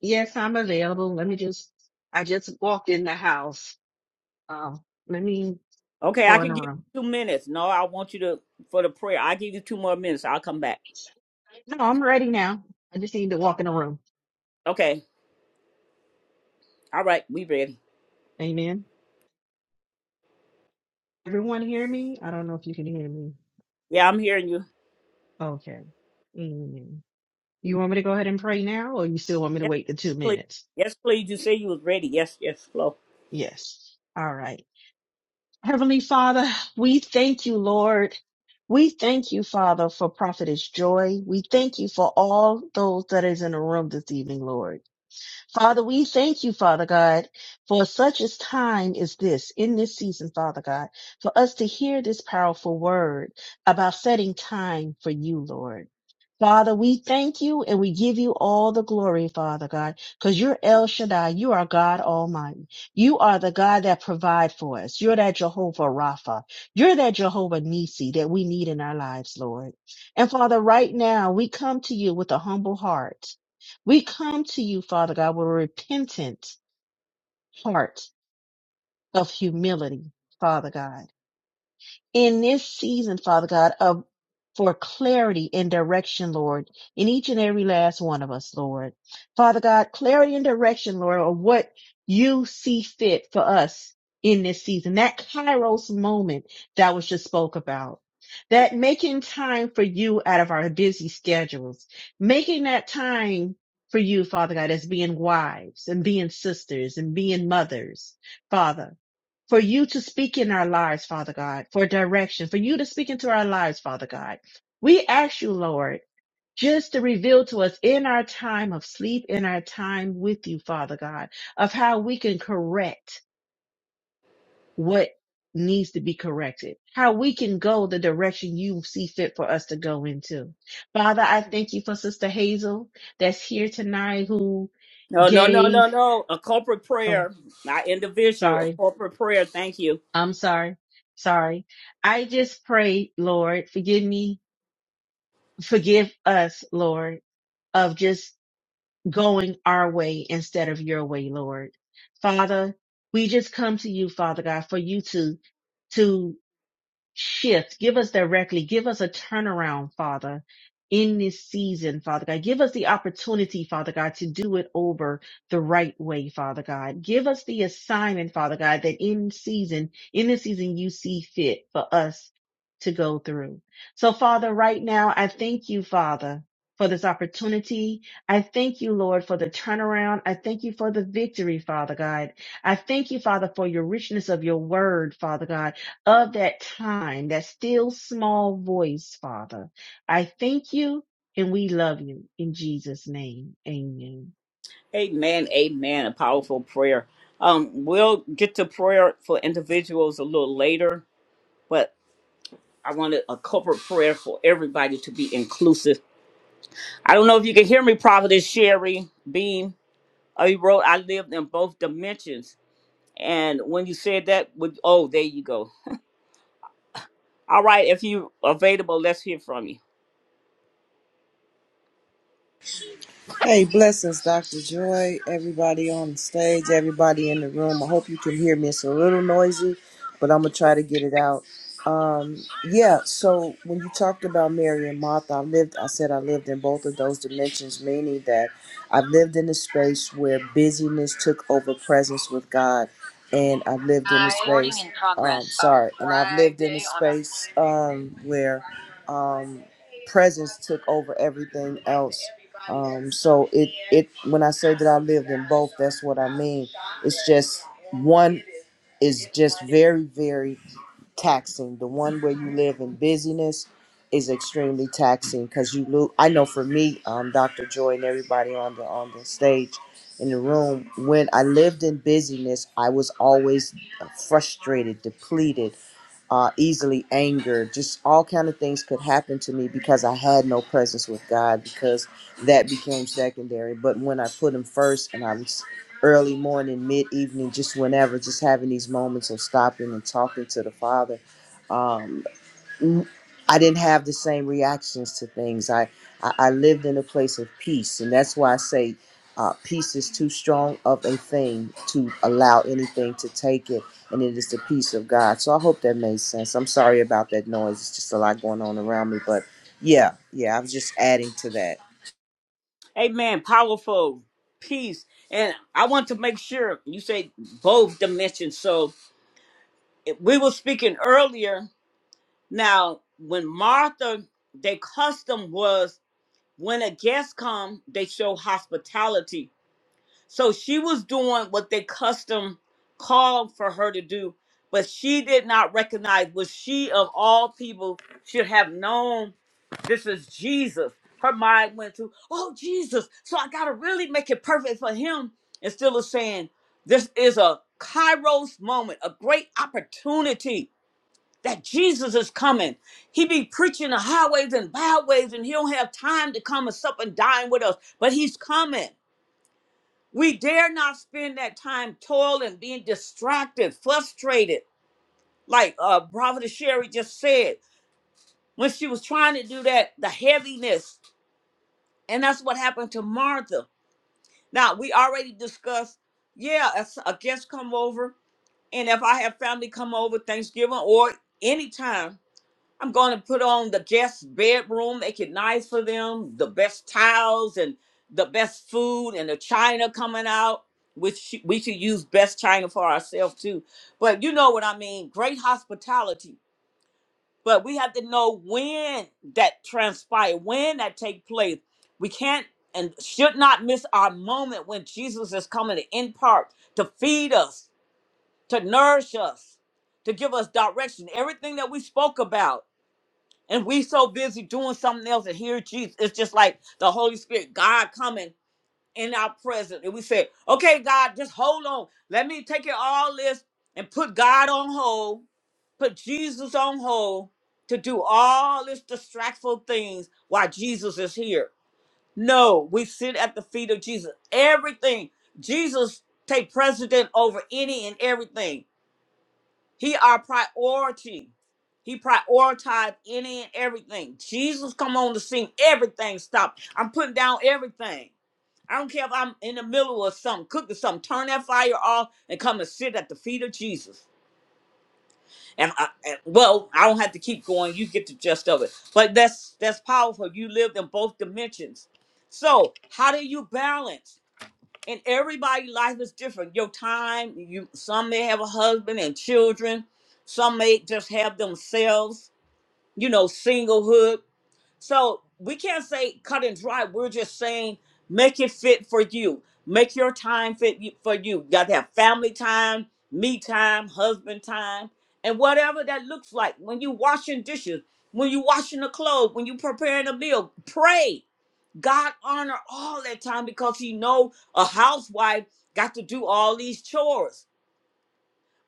Speaker 4: Yes, I'm available. Let me just, I just walked in the house. Um, let me
Speaker 1: Okay, I
Speaker 4: go in
Speaker 1: can
Speaker 4: the
Speaker 1: give
Speaker 4: room.
Speaker 1: you two minutes. No, I want you to for the prayer. I give you two more minutes. I'll come back.
Speaker 4: No, I'm ready now. I just need to walk in the room.
Speaker 1: Okay. All right, we ready.
Speaker 4: Amen. Everyone hear me? I don't know if you can hear me.
Speaker 1: Yeah, I'm hearing you.
Speaker 4: Okay. You want me to go ahead and pray now, or you still want me to
Speaker 1: Yes,
Speaker 4: wait the two
Speaker 1: please.
Speaker 4: minutes?
Speaker 1: Yes, please. You say you was ready. Yes, yes, flow.
Speaker 4: Yes. All right. Heavenly Father, we thank you, Lord. We thank you, Father, for Prophetess Joy. We thank you for all those that is in the room this evening, Lord. Father, we thank you, Father God, for such a time as this, in this season, Father God, for us to hear this powerful word about setting time for you, Lord. Father, we thank you and we give you all the glory, Father God, because you're El Shaddai. You are God Almighty. You are the God that provides for us. You're that Jehovah Rapha. You're that Jehovah Nisi that we need in our lives, Lord. And Father, right now we come to you with a humble heart we come to you, Father God, with a repentant heart of humility, Father God in this season, Father God, of for clarity and direction, Lord, in each and every last one of us, Lord. Father God, clarity and direction, Lord, of what you see fit for us in this season. That Kairos moment that was just spoke about. That making time for you out of our busy schedules. Making that time for you, Father God, as being wives and being sisters and being mothers, Father for you to speak in our lives, Father God, for direction, for you to speak into our lives, Father God. We ask you, Lord, just to reveal to us in our time of sleep, in our time with you, Father God, of how we can correct what needs to be corrected, how we can go the direction you see fit for us to go into. Father, I thank you for Sister Hazel that's here tonight who
Speaker 1: No, no, no,
Speaker 4: gave,
Speaker 1: no, no. A corporate
Speaker 4: oh,
Speaker 1: prayer, not individual. A
Speaker 4: sorry
Speaker 1: corporate prayer. Thank you.
Speaker 4: I'm sorry. Sorry. I just pray, Lord, forgive me, forgive us, Lord, of just going our way instead of your way, Lord. Father, we just come to you, Father God, for you to, to shift. Give us directly. Give us a turnaround, Father, in this season, Father God. Give us the opportunity, Father God, to do it over the right way, Father God. Give us the assignment, Father God, that in season, in this season, you see fit for us to go through. So, Father, right now, I thank you, Father. For this opportunity. I thank you, Lord, for the turnaround. I thank you for the victory, Father God. I thank you, Father, for your richness of your word, Father God of that time, that still small voice, Father. I thank you and we love you in Jesus' name. Amen.
Speaker 1: Amen. Amen. A powerful prayer. Um, we'll get to prayer for individuals a little later, but I wanted a corporate prayer for everybody to be inclusive. I don't know if you can hear me, Prophetess Sherry Beam. Oh, you wrote, I lived in both dimensions. And when you said that, would oh, there you go. All right, if you available, let's hear from you.
Speaker 7: Hey, blessings, Dr. Joy, everybody on the stage, everybody in the room. I hope you can hear me. It's a little noisy, but I'm going to try to get it out. Um, yeah, so when you talked about Mary and Martha, I lived, I said I lived in both of those dimensions, meaning that I've lived in a space where busyness took over presence with God. And I've lived in a space, um, sorry, and I've lived in a space um, where Um, presence took over everything else. Um, so it it when I say that I lived in both, that's what I mean. It's just one is just very very taxing. The one where you live in busyness is extremely taxing because you lose. I know for me, um, Dr. Joy and everybody on the on the stage in the room, when I lived in busyness, I was always frustrated, depleted uh, easily angered just all kind of things could happen to me because i had no presence with god because that became secondary but when i put him first and i was early morning mid-evening just whenever just having these moments of stopping and talking to the father um, I I didn't have the same reactions to things. I, I, I lived in a place of peace, and that's why I say uh, peace is too strong of a thing to allow anything to take it, and it is the peace of God. So I hope that made sense. I'm sorry about that noise. It's just a lot going on around me, but yeah, yeah, I was just adding to that.
Speaker 1: Amen. Powerful peace. And I want to make sure you say both dimensions. So if we were speaking earlier. Now, when Martha, their custom was when a guest come, they show hospitality So she was doing what they custom called for her to do, but she did not recognize what she of all people should have known. This is Jesus. Her mind went to, oh Jesus. So I gotta really make it perfect for him. Instead of saying, this is a Kairos moment, a great opportunity that Jesus is coming. He be preaching the highways and byways, and he don't have time to come and sup and dine with us, but he's coming. We dare not spend that time toiling, being distracted, frustrated, like uh Brother Sherry just said. When she was trying to do that, the heaviness. And that's what happened to Martha. Now we already discussed, yeah, if a guest come over, and if I have family come over Thanksgiving or anytime, I'm going to put on the guest bedroom, make it nice for them, the best towels and the best food and the china coming out, which sh- we should use best china for ourselves too. But you know what I mean? Great hospitality. But we have to know when that transpire, when that take place. We can't and should not miss our moment when Jesus is coming to impart, to feed us, to nourish us, to give us direction. Everything that we spoke about and we so busy doing something else and here Jesus. It's just like the Holy Spirit, God coming in our presence. And we say, okay, God, just hold on. Let me take it all this and put God on hold, put Jesus on hold to do all these distractful things while Jesus is here. No, we sit at the feet of Jesus. Everything. Jesus take precedent over any and everything. He our priority. He prioritized any and everything. Jesus come on the scene. Everything stopped. I'm putting down everything. I don't care if I'm in the middle of something, cooking something. Turn that fire off and come and sit at the feet of Jesus. And, I, and well, I don't have to keep going. You get the gist of it. But that's that's powerful. You lived in both dimensions. So how do you balance? and everybody' life is different. Your time, you some may have a husband and children, some may just have themselves, you know, singlehood. So we can't say cut and dry. We're just saying make it fit for you. Make your time fit you- for you. You got to have family time, me time, husband time, and whatever that looks like. When you washing dishes, when you washing the clothes, when you preparing a meal, pray. God honor all that time because he know a housewife got to do all these chores.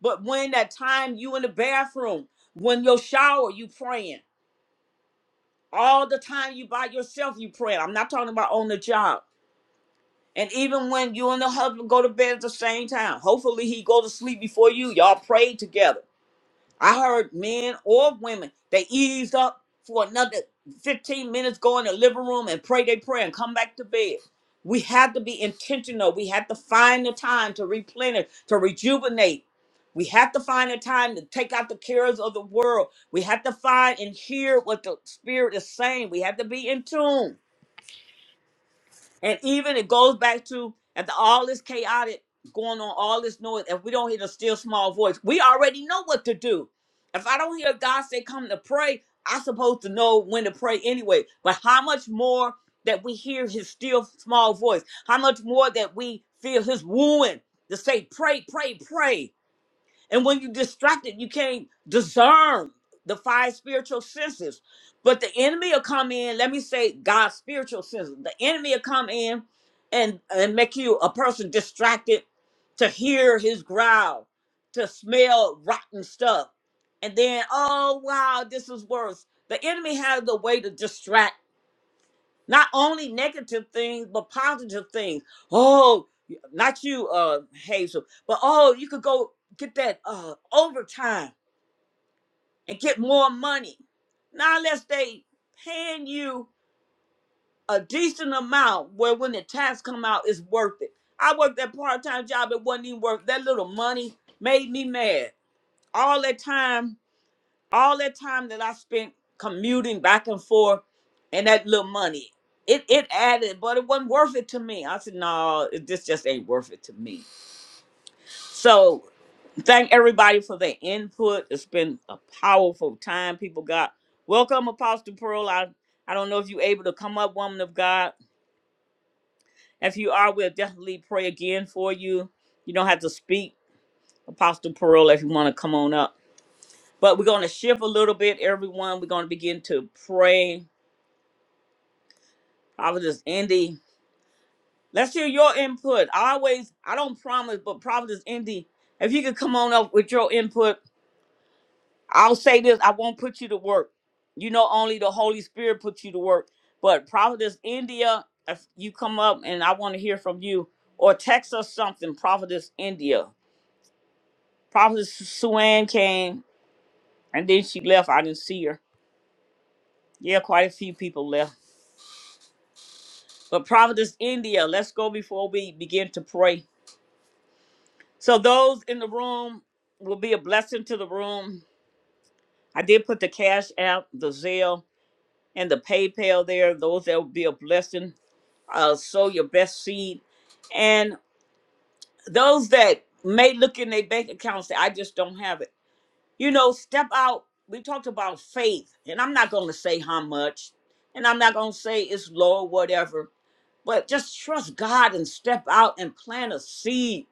Speaker 1: But when that time you in the bathroom, when your shower, you praying. All the time you by yourself, you praying. I'm not talking about on the job. And even when you and the husband go to bed at the same time, hopefully he go to sleep before you. Y'all pray together. I heard men or women, they eased up for another 15 minutes, go in the living room and pray their prayer and come back to bed. We had to be intentional. We had to find the time to replenish, to rejuvenate. We have to find the time to take out the cares of the world. We have to find and hear what the Spirit is saying. We have to be in tune. And even it goes back to after all this chaotic going on, all this noise, if we don't hear the still small voice, we already know what to do. If I don't hear God say come to pray, I'm supposed to know when to pray anyway. But how much more that we hear his still small voice, how much more that we feel his wooing to say, pray, pray, pray. And when you're distracted, you can't discern the five spiritual senses. But the enemy will come in, let me say God's spiritual senses. The enemy will come in and, and make you a person distracted to hear his growl, to smell rotten stuff. And then, oh wow, this is worse. The enemy has the way to distract not only negative things, but positive things. Oh, not you, uh, Hazel, but oh, you could go get that uh overtime and get more money. Now, unless they paying you a decent amount, where when the tax come out, it's worth it. I worked that part time job; it wasn't even worth that little money. Made me mad all that time all that time that I spent commuting back and forth and that little money, it, it added, but it wasn't worth it to me. I said, no, it- this just ain't worth it to me. So thank everybody for their input. It's been a powerful time people got. Welcome, Apostle Pearl. I, I don't know if you're able to come up, woman of God. If you are, we'll definitely pray again for you. You don't have to speak, Apostle Pearl, if you want to come on up. But we're going to shift a little bit, everyone. We're going to begin to pray Providence Indy. Let's hear your input. I always, I don't promise, but Providence Indy, if you could come on up with your input, I'll say this, I won't put you to work. You know, only the Holy Spirit puts you to work. But Providence India, if you come up and I want to hear from you, or text us something, Providence India. Providence Suan came and then she left. I didn't see her. Yeah, quite a few people left. But Providence India, let's go before we begin to pray. So those in the room will be a blessing to the room. I did put the Cash App, the Zelle, and the PayPal there. Those that will be a blessing. Uh, sow your best seed, and those that may look in their bank account and say, "I just don't have it." You know, step out. We talked about faith, and I'm not going to say how much, and I'm not going to say it's low or whatever. But just trust God and step out and plant a seed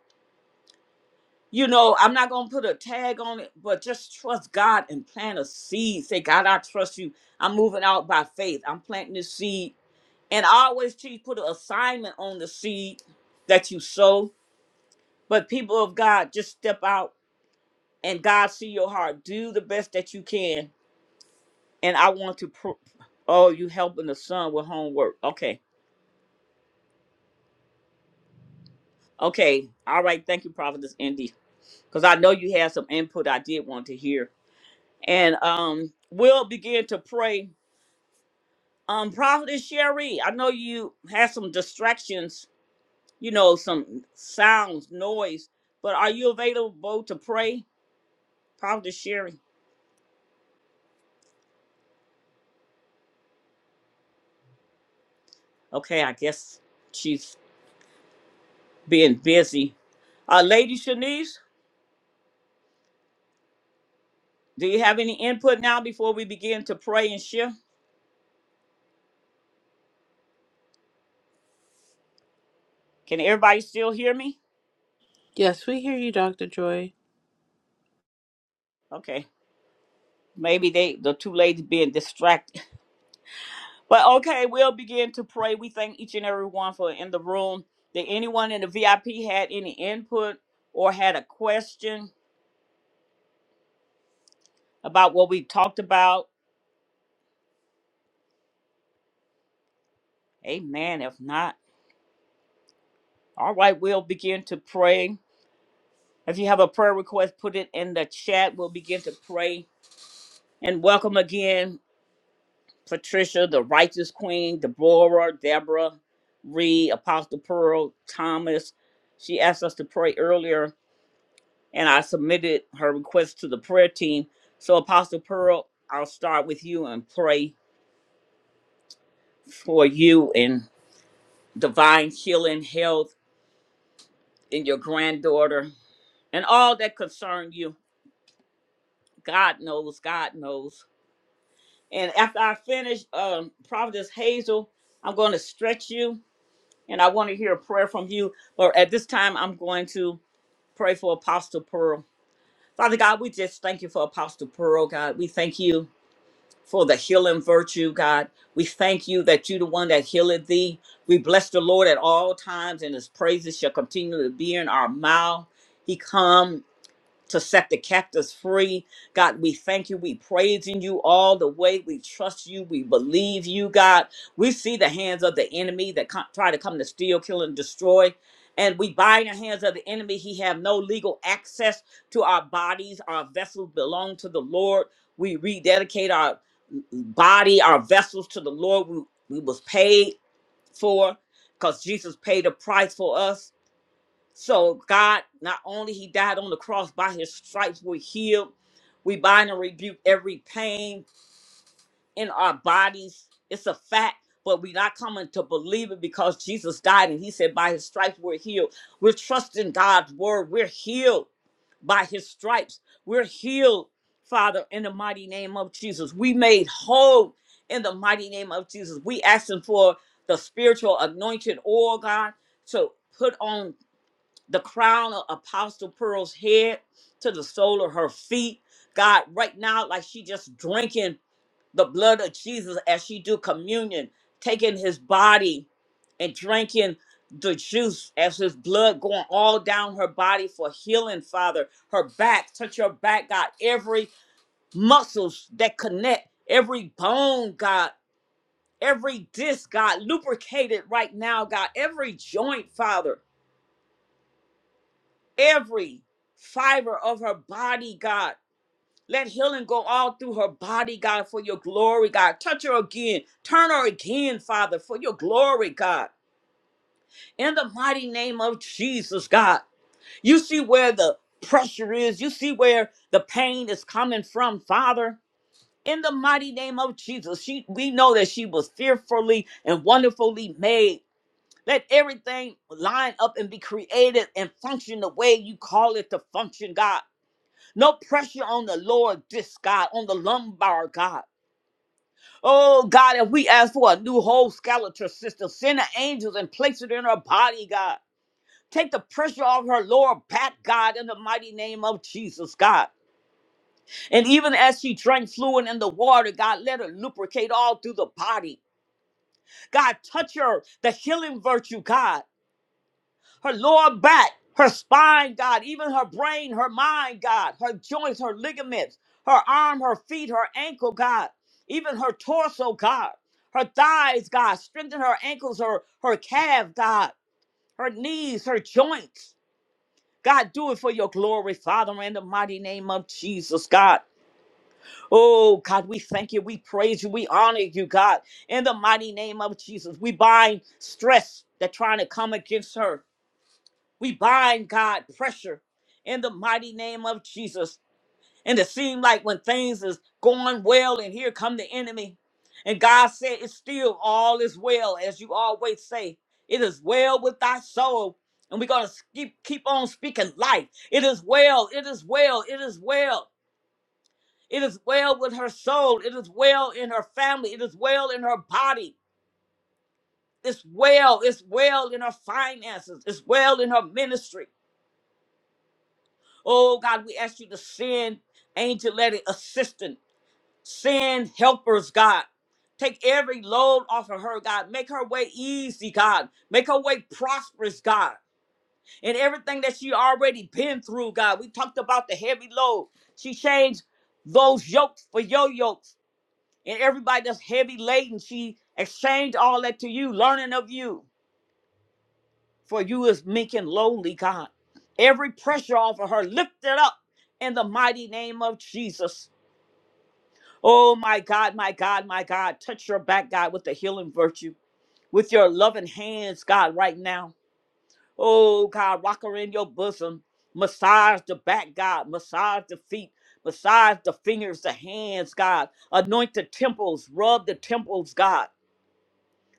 Speaker 1: you know, I'm not gonna put a tag on it, but just trust God and plant a seed. Say, God, I trust you. I'm moving out by faith. I'm planting this seed. And I always teach put an assignment on the seed that you sow. But people of God, just step out and God see your heart. Do the best that you can. And I want to pro- oh, you helping the son with homework. Okay. Okay. All right. Thank you, Prophetess Indy. Because I know you had some input I did want to hear. And um, we'll begin to pray Um, Prophet Sherry, I know you had some distractions, you know, some sounds, noise, but are you available to pray? Prophet Sherry. Okay, I guess she's being busy. Uh, Lady Shanice, do you have any input now before we begin to pray and share? Can everybody still hear me?
Speaker 6: Yes, we hear you, Doctor Joy.
Speaker 1: Okay, maybe they the two ladies being distracted. But okay, we'll begin to pray. We thank each and every one for in the room. Did anyone in the VIP had any input or had a question about what we talked about? Amen. If not, all right, we'll begin to pray. If you have a prayer request, put it in the chat. We'll begin to pray. And welcome again, Patricia, the righteous queen, Deborah, Deborah, Reed, Apostle Pearl, Thomas. She asked us to pray earlier and I submitted her request to the prayer team. So, Apostle Pearl, I'll start with you and pray for you in divine healing, health, and your granddaughter, and all that concern you. God knows, God knows. And after I finish, um, Providence Hazel, I'm going to stretch you, and I want to hear a prayer from you. But at this time, I'm going to pray for Apostle Pearl. Father God, we just thank you for Apostle Pearl, God. We thank you for the healing virtue, God. We thank you that you the one that healeth thee. We bless the Lord at all times, and his praises shall continue to be in our mouth. He come to set the captives free. God, we thank you. We praise in you all the way. We trust you. We believe you, God. We see the hands of the enemy that co- try to come to steal, kill, and destroy. And we bind the hands of the enemy. He have no legal access to our bodies. Our vessels belong to the Lord. We rededicate our body, our vessels to the Lord. We, we was paid for because Jesus paid a price for us so God, not only He died on the cross, by His stripes we're healed. We bind and rebuke every pain in our bodies. It's a fact, but we're not coming to believe it because Jesus died and He said, by His stripes we're healed. We're trusting God's word. We're healed by His stripes. We're healed, Father, in the mighty name of Jesus. We made whole in the mighty name of Jesus. We asking for the spiritual anointed oil, God, to put on the crown of Apostle Pearl's head to the sole of her feet. God, right now, like she just drinking the blood of Jesus as she do communion, taking his body and drinking the juice as his blood going all down her body for healing, Father. Her back, touch her back, God. Every muscles that connect, every bone, God. Every disc, God, lubricated right now, God. Every joint, Father. every fiber of her body, God. Let healing go all through her body, God, for your glory, God. Touch her again. Turn her again, Father, for your glory, God. In the mighty name of Jesus, God. You see where the pressure is. You see where the pain is coming from, Father. In the mighty name of Jesus, she, we know that she was fearfully and wonderfully made. Let everything line up and be created and function the way you call it to function, God. No pressure on the lower disc, God, on the lumbar, God. Oh, God, if we ask for a new whole skeletal system, send the angels and place it in her body, God. Take the pressure off her lower back, God, in the mighty name of Jesus, God. And even as she drank fluid in the water, God, let her lubricate all through the body. God, touch her, the healing virtue, God. her lower back, her spine, God, even her brain, her mind, God, her joints, her ligaments, her arm, her feet, her ankle, God, even her torso, God, her thighs, God, strengthen her ankles, her, her calf, God, her knees, her joints. God, do it for your glory, Father, in the mighty name of Jesus, God. Oh, God, we thank you. We praise you. We honor you, God, in the mighty name of Jesus. We bind stress that's trying to come against her. We bind God pressure in the mighty name of Jesus. And it seemed like when things is going well and here come the enemy. And God said, It's still all is well, as you always say. It is well with thy soul. And we're gonna keep keep on speaking life. It is well, it is well, it is well. It is well with her soul. It is well in her family. It is well in her body. It's well. It's well in her finances. It's well in her ministry. Oh God, we ask you to send angelic assistant, send helpers, God. Take every load off of her, God. Make her way easy, God. Make her way prosperous, God. And everything that she already been through, God. We talked about the heavy load. She changed those yokes for your yokes. And everybody that's heavy laden, she exchanged all that to you, learning of you for you is meek and lowly, God. Every pressure off of her, lift it up in the mighty name of Jesus. Oh, my God, my God, my God. Touch your back, God, with the healing virtue, with your loving hands, God, right now. Oh, God, rock her in your bosom. Massage the back, God. Massage the feet. Massage the fingers, the hands, God. Anoint the temples. Rub the temples, God.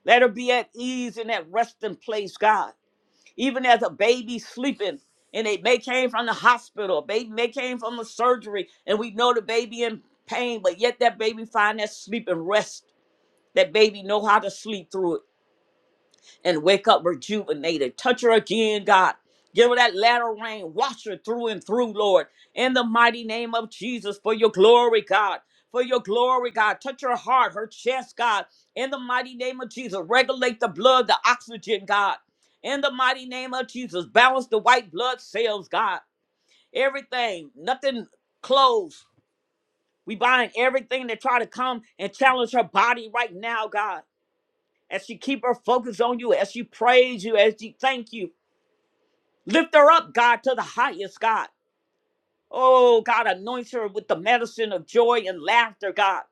Speaker 1: Let her be at ease in that resting place, God. even as a baby sleeping and they may came from the hospital baby may came from the surgery and we know the baby in pain but yet that baby find that sleep and rest that baby know how to sleep through it and wake up rejuvenated. Touch her again, God. Give her that latter rain. Wash her through and through, Lord. In the mighty name of Jesus, for your glory, God. For your glory, God. Touch her heart, her chest, God. In the mighty name of Jesus, regulate the blood, the oxygen, God. In the mighty name of Jesus, balance the white blood cells, God. Everything, nothing closed. We bind everything that try to come and challenge her body right now, God as she keep her focus on you, as she praise you, as she thank you. Lift her up, God, to the highest, God. Oh, God, anoint her with the medicine of joy and laughter, God.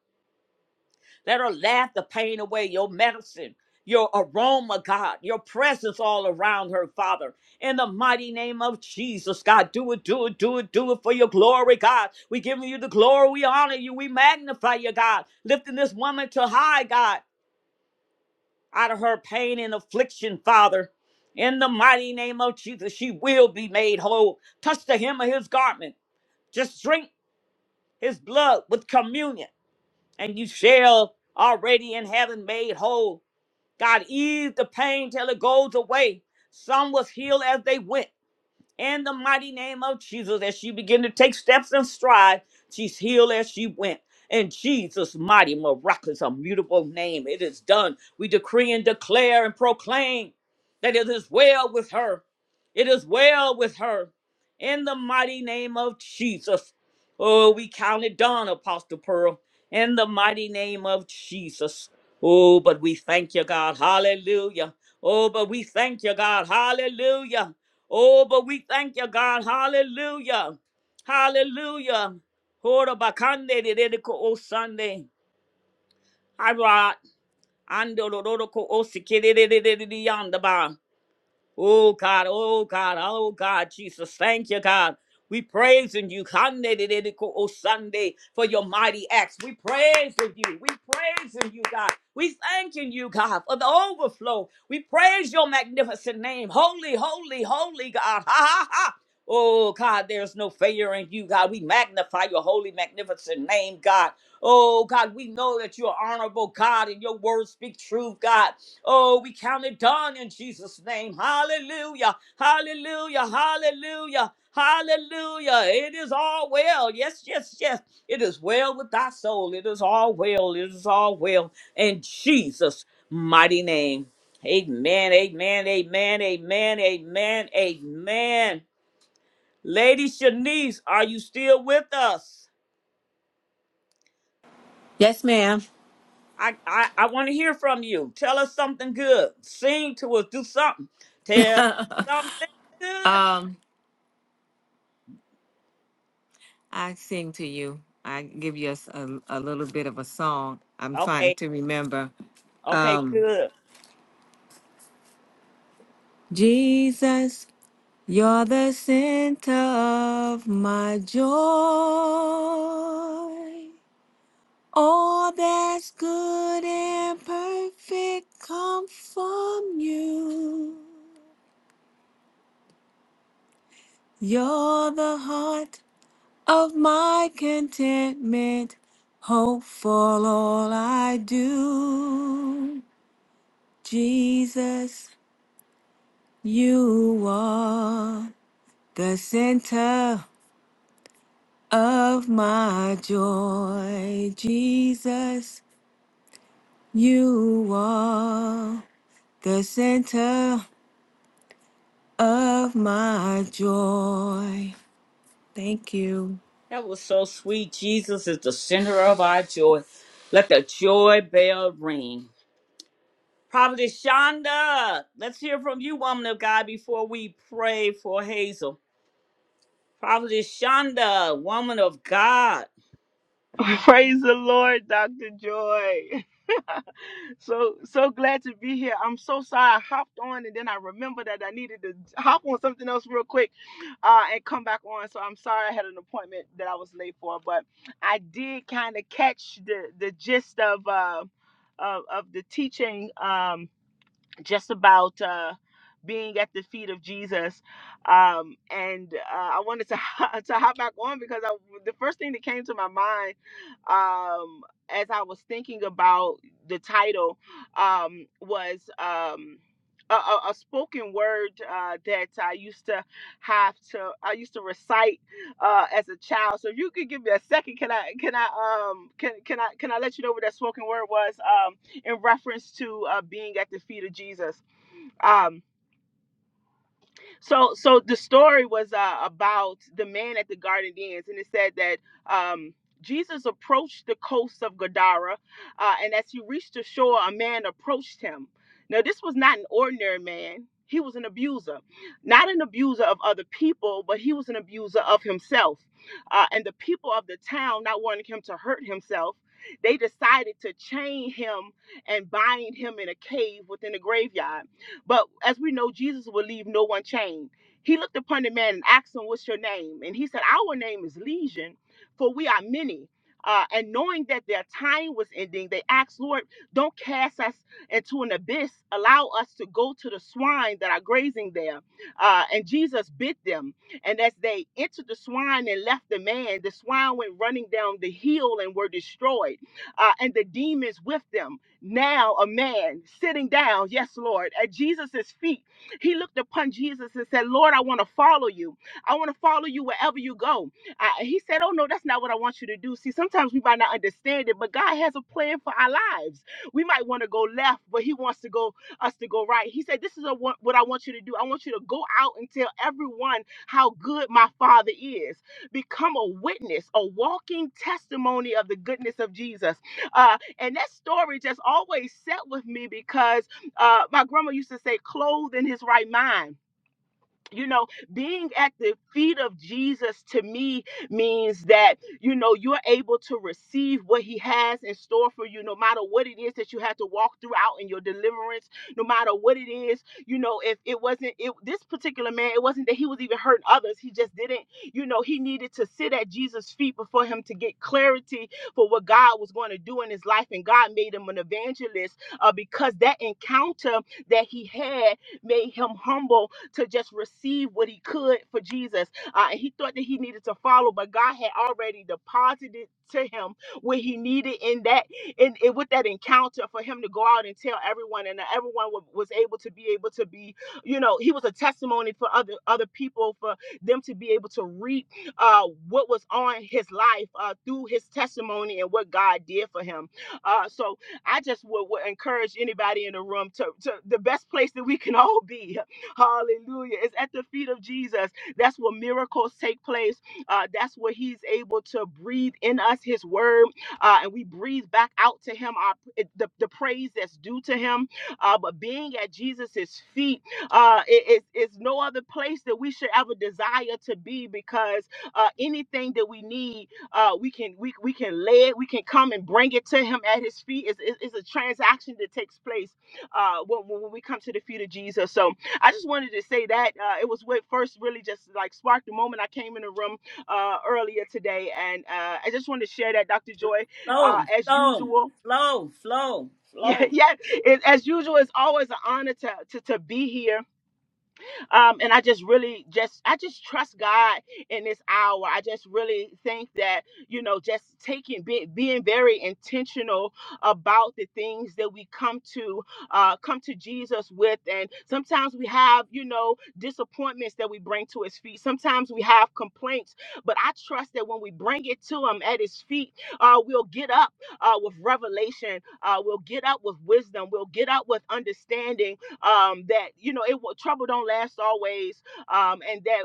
Speaker 1: Let her laugh the pain away, your medicine, your aroma, God, your presence all around her, Father. In the mighty name of Jesus, God, do it, do it, do it, do it for your glory, God. We giving you the glory, we honor you, we magnify you, God. Lifting this woman to high, God. out of her pain and affliction, Father. In the mighty name of Jesus, she will be made whole. Touch the hem of his garment. Just drink his blood with communion, and you shall already in heaven made whole. God, ease the pain till it goes away. Some was healed as they went in the mighty name of Jesus as she began to take steps and stride. She's healed as she went. In Jesus' mighty, miraculous, immutable name, it is done. We decree and declare and proclaim that it is well with her. It is well with her. In the mighty name of Jesus. Oh, we count it done, Apostle Pearl. In the mighty name of Jesus. Oh, but we thank you, God. Hallelujah. Oh, but we thank you, God. Hallelujah. Oh, but we thank you, God. Hallelujah. Hallelujah. Hora bakande de de de ko o Sunday. Hi, Rod. Ando do do do ko o sikiri de de de de de yonder ba. Oh God, oh God, oh God, Jesus, thank you, God. We praising you, Kanedededeko O Sunday, for your mighty acts. We praising you. We praising you, God. We thanking you, God, for the overflow. We praise your magnificent name. Holy, holy, holy God. Ha ha ha. Oh God, there's no failure in you, God. We magnify your holy, magnificent name, God. Oh God, we know that you're honorable, God, and your words speak truth, God. Oh, we count it done in Jesus' name. Hallelujah. Hallelujah. Hallelujah. Hallelujah. It is all well. Yes, yes, yes. It is well with thy soul. It is all well. It is all well in Jesus' mighty name. Amen. Amen. Amen. Amen. Amen. Amen. Lady Shanice, are you still with us?
Speaker 3: Yes, ma'am.
Speaker 1: I, I, I want to hear from you. Tell us something good. Sing to us. Do something. Tell something good.
Speaker 3: Um, I sing to you. I give you a, s- a- a little bit of a song. I'm trying
Speaker 1: Okay.
Speaker 3: to remember.
Speaker 1: Okay,
Speaker 3: Um,
Speaker 1: good.
Speaker 3: Jesus, you're the center of my joy. All that's good and perfect come from you. You're the heart of my contentment, hope for all I do. Jesus, you are the center of my joy. Jesus, you are the center of my joy. Thank you.
Speaker 1: That was so sweet. Jesus is the center of our joy. Let the joy bell ring. Prophetess Shonda, let's hear from you, woman of God, before we pray for Hazel. Prophetess Shonda, woman of God.
Speaker 8: Praise the Lord, Dr. Joy. so so glad to be here. I'm so sorry I hopped on and then I remembered that I needed to hop on something else real quick uh, and come back on. So I'm sorry I had an appointment that I was late for, but I did kind of catch the the gist of uh of, of the teaching. Um just about uh, being at the feet of Jesus. Um, and uh, I wanted to to hop back on because I, the first thing that came to my mind um, as I was thinking about the title um, was. Um, a, a a spoken word uh, that I used to have to I used to recite uh, as a child. So if you could give me a second, can I can I um can can I can I let you know what that spoken word was? Um, in reference to uh, being at the feet of Jesus. Um, so so the story was uh, about the man at the garden ends and it said that um jesus approached the coast of gadara uh, and as he reached the shore a man approached him now this was not an ordinary man he was an abuser not an abuser of other people but he was an abuser of himself uh, and the people of the town not wanting him to hurt himself they decided to chain him and bind him in a cave within a graveyard but as we know, Jesus will leave no one chained. He looked upon the man and asked him, What's your name? And he said, Our name is Legion, for we are many. Uh, and knowing that their time was ending, they asked, Lord, don't cast us into an abyss. Allow us to go to the swine that are grazing there. Uh, and Jesus bid them. And as they entered the swine and left the man, the swine went running down the hill and were destroyed, uh, and the demons with them. Now, a man sitting down, yes, Lord, at Jesus's feet, he looked upon Jesus and said, Lord, I want to follow you. I want to follow you wherever you go. I, he said, Oh, no, that's not what I want you to do. See, sometimes we might not understand it, but God has a plan for our lives. We might want to go left, but He wants to go us to go right. He said, This is a, what what I want you to do. I want you to go out and tell everyone how good my Father is. Become a witness, a walking testimony of the goodness of Jesus. Uh, and that story just always set with me because uh, my grandma used to say, clothed in his right mind you know, being at the feet of Jesus to me means that, you know, you're able to receive what he has in store for you, no matter what it is that you had to walk throughout in your deliverance, no matter what it is, you know, if it wasn't it, this particular man, it wasn't that he was even hurting others. He just didn't, you know, he needed to sit at Jesus' feet before him to get clarity for what God was going to do in his life. And God made him an evangelist uh, because that encounter that he had made him humble to just receive what he could for Jesus. Uh, and he thought that he needed to follow, but God had already deposited to him what he needed in that in, in with that encounter for him to go out and tell everyone, and everyone wa- was able to be able to be, you know, he was a testimony for other other people for them to be able to reap uh, what was on his life uh, through his testimony and what God did for him. Uh, so I just would, would encourage anybody in the room to, to the best place that we can all be. Hallelujah. It's at the feet of Jesus. That's where miracles take place. Uh, that's where He's able to breathe in us His word, uh, and we breathe back out to Him our, the, the praise that's due to Him. Uh, but being at Jesus' feet uh, is it's no other place that we should ever desire to be because uh, anything that we need, uh, we can we, we can lay it, we can come and bring it to Him at His feet. It's, it's it's a transaction that takes place uh, when, when we come to the feet of Jesus. So I just wanted to say that uh, it was what first really just like sparked the moment I came in the room uh, earlier today, and uh, I just wanted to share that, Dr. Joy, uh,
Speaker 1: Flow,
Speaker 8: as
Speaker 1: flow,
Speaker 8: usual.
Speaker 1: flow, flow,
Speaker 8: Yeah,
Speaker 1: flow.
Speaker 8: yeah. It, as usual, it's always an honor to, to to be here um, and I just really just I just trust God in this hour. I just really think that you know just taking be, being very intentional about the things that we come to uh, come to Jesus with, and sometimes we have you know disappointments that we bring to His feet. Sometimes we have complaints, but I trust that when we bring it to Him at His feet, uh, we'll get up uh, with revelation. Uh, we'll get up with wisdom. We'll get up with understanding um, that you know it trouble don't last always um, and that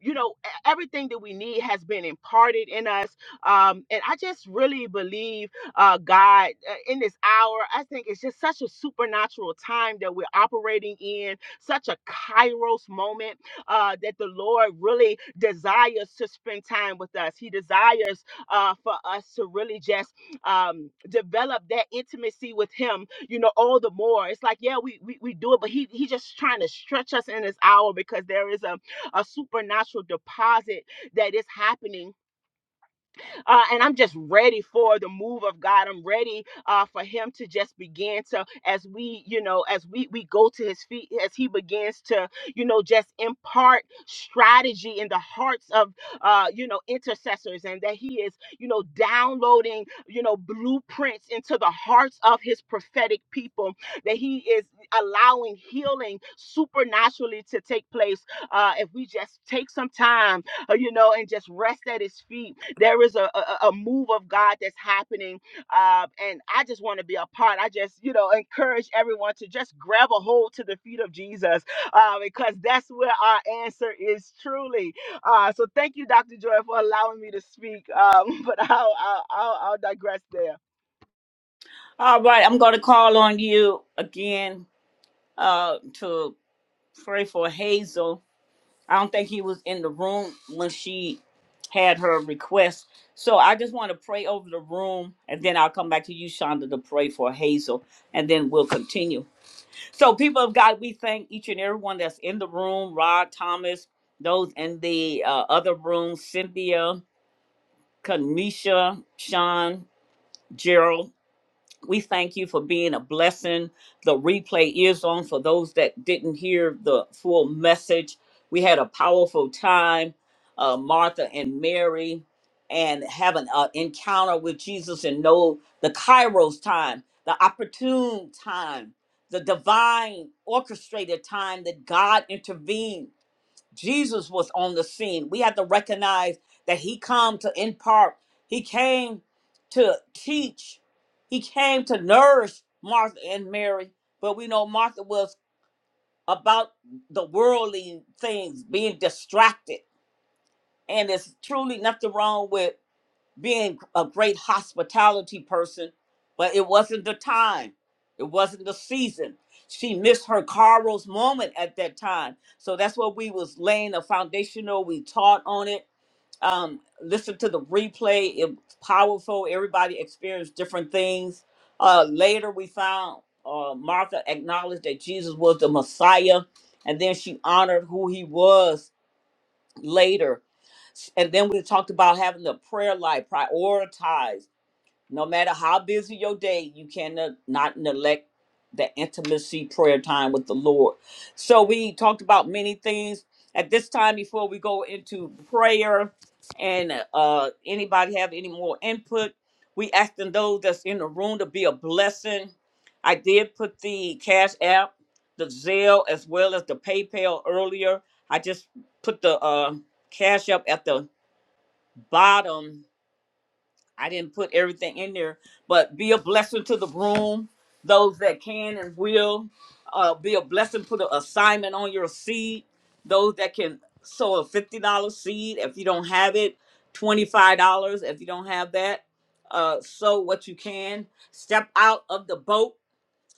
Speaker 8: you know e- everything that we need has been imparted in us um, and i just really believe uh, god uh, in this hour i think it's just such a supernatural time that we're operating in such a kairos moment uh, that the lord really desires to spend time with us he desires uh, for us to really just um, develop that intimacy with him you know, all the more. It's like, yeah, we we, we do it, but he he's just trying to stretch us in this hour because there is a, a supernatural deposit that is happening uh, and I'm just ready for the move of God. I'm ready uh, for Him to just begin to, as we, you know, as we we go to His feet, as He begins to, you know, just impart strategy in the hearts of, uh, you know, intercessors, and that He is, you know, downloading, you know, blueprints into the hearts of His prophetic people. That He is allowing healing supernaturally to take place. Uh, if we just take some time uh, you know, and just rest at his feet. There is a, a, a move of God that's happening. Uh, and I just want to be a part. I just, you know, encourage everyone to just grab a hold to the feet of Jesus uh, because that's where our answer is truly. Uh, so thank you, Dr. Joy, for allowing me to speak. Um, but I'll, I'll, I'll, I'll digress there.
Speaker 1: All right, I'm going to call on you again. uh, to pray for Hazel. I don't think he was in the room when she had her request. So I just want to pray over the room, and then I'll come back to you, Shonda, to pray for Hazel, and then we'll continue. So, people of God, we thank each and everyone that's in the room Rod Thomas, those in the uh, other room, Cynthia, Kanisha, Sean, Gerald. We thank you for being a blessing. The replay is on for those that didn't hear the full message. We had a powerful time, uh, Martha and Mary, and having an encounter with Jesus and know the Kairos time, the opportune time, the divine orchestrated time that God intervened Jesus was on the scene. We have to recognize that he come to impart. He came to teach. He came to nourish Martha and Mary. But we know Martha was about the worldly things, being distracted. And there's truly nothing wrong with being a great hospitality person, but it wasn't the time. It wasn't the season. She missed her Carl's moment at that time. So that's what we was laying a foundational. We taught on it. Um, listen to the replay. It was powerful. Everybody experienced different things. Uh, later, we found uh, Martha acknowledged that Jesus was the Messiah, and then she honored who he was later. And then we talked about having the prayer life prioritized no matter how busy your day, you cannot not neglect the intimacy prayer time with the Lord. So we talked about many things at this time before we go into prayer and uh anybody have any more input we asking those that's in the room to be a blessing i did put the cash app the zelle as well as the paypal earlier i just put the uh cash app at the bottom I didn't put everything in there, but be a blessing to the room, those that can and will. Uh, be a blessing, put an assignment on your seed. Those that can sow a $50 seed if you don't have it, $25 if you don't have that. Uh, sow what you can. Step out of the boat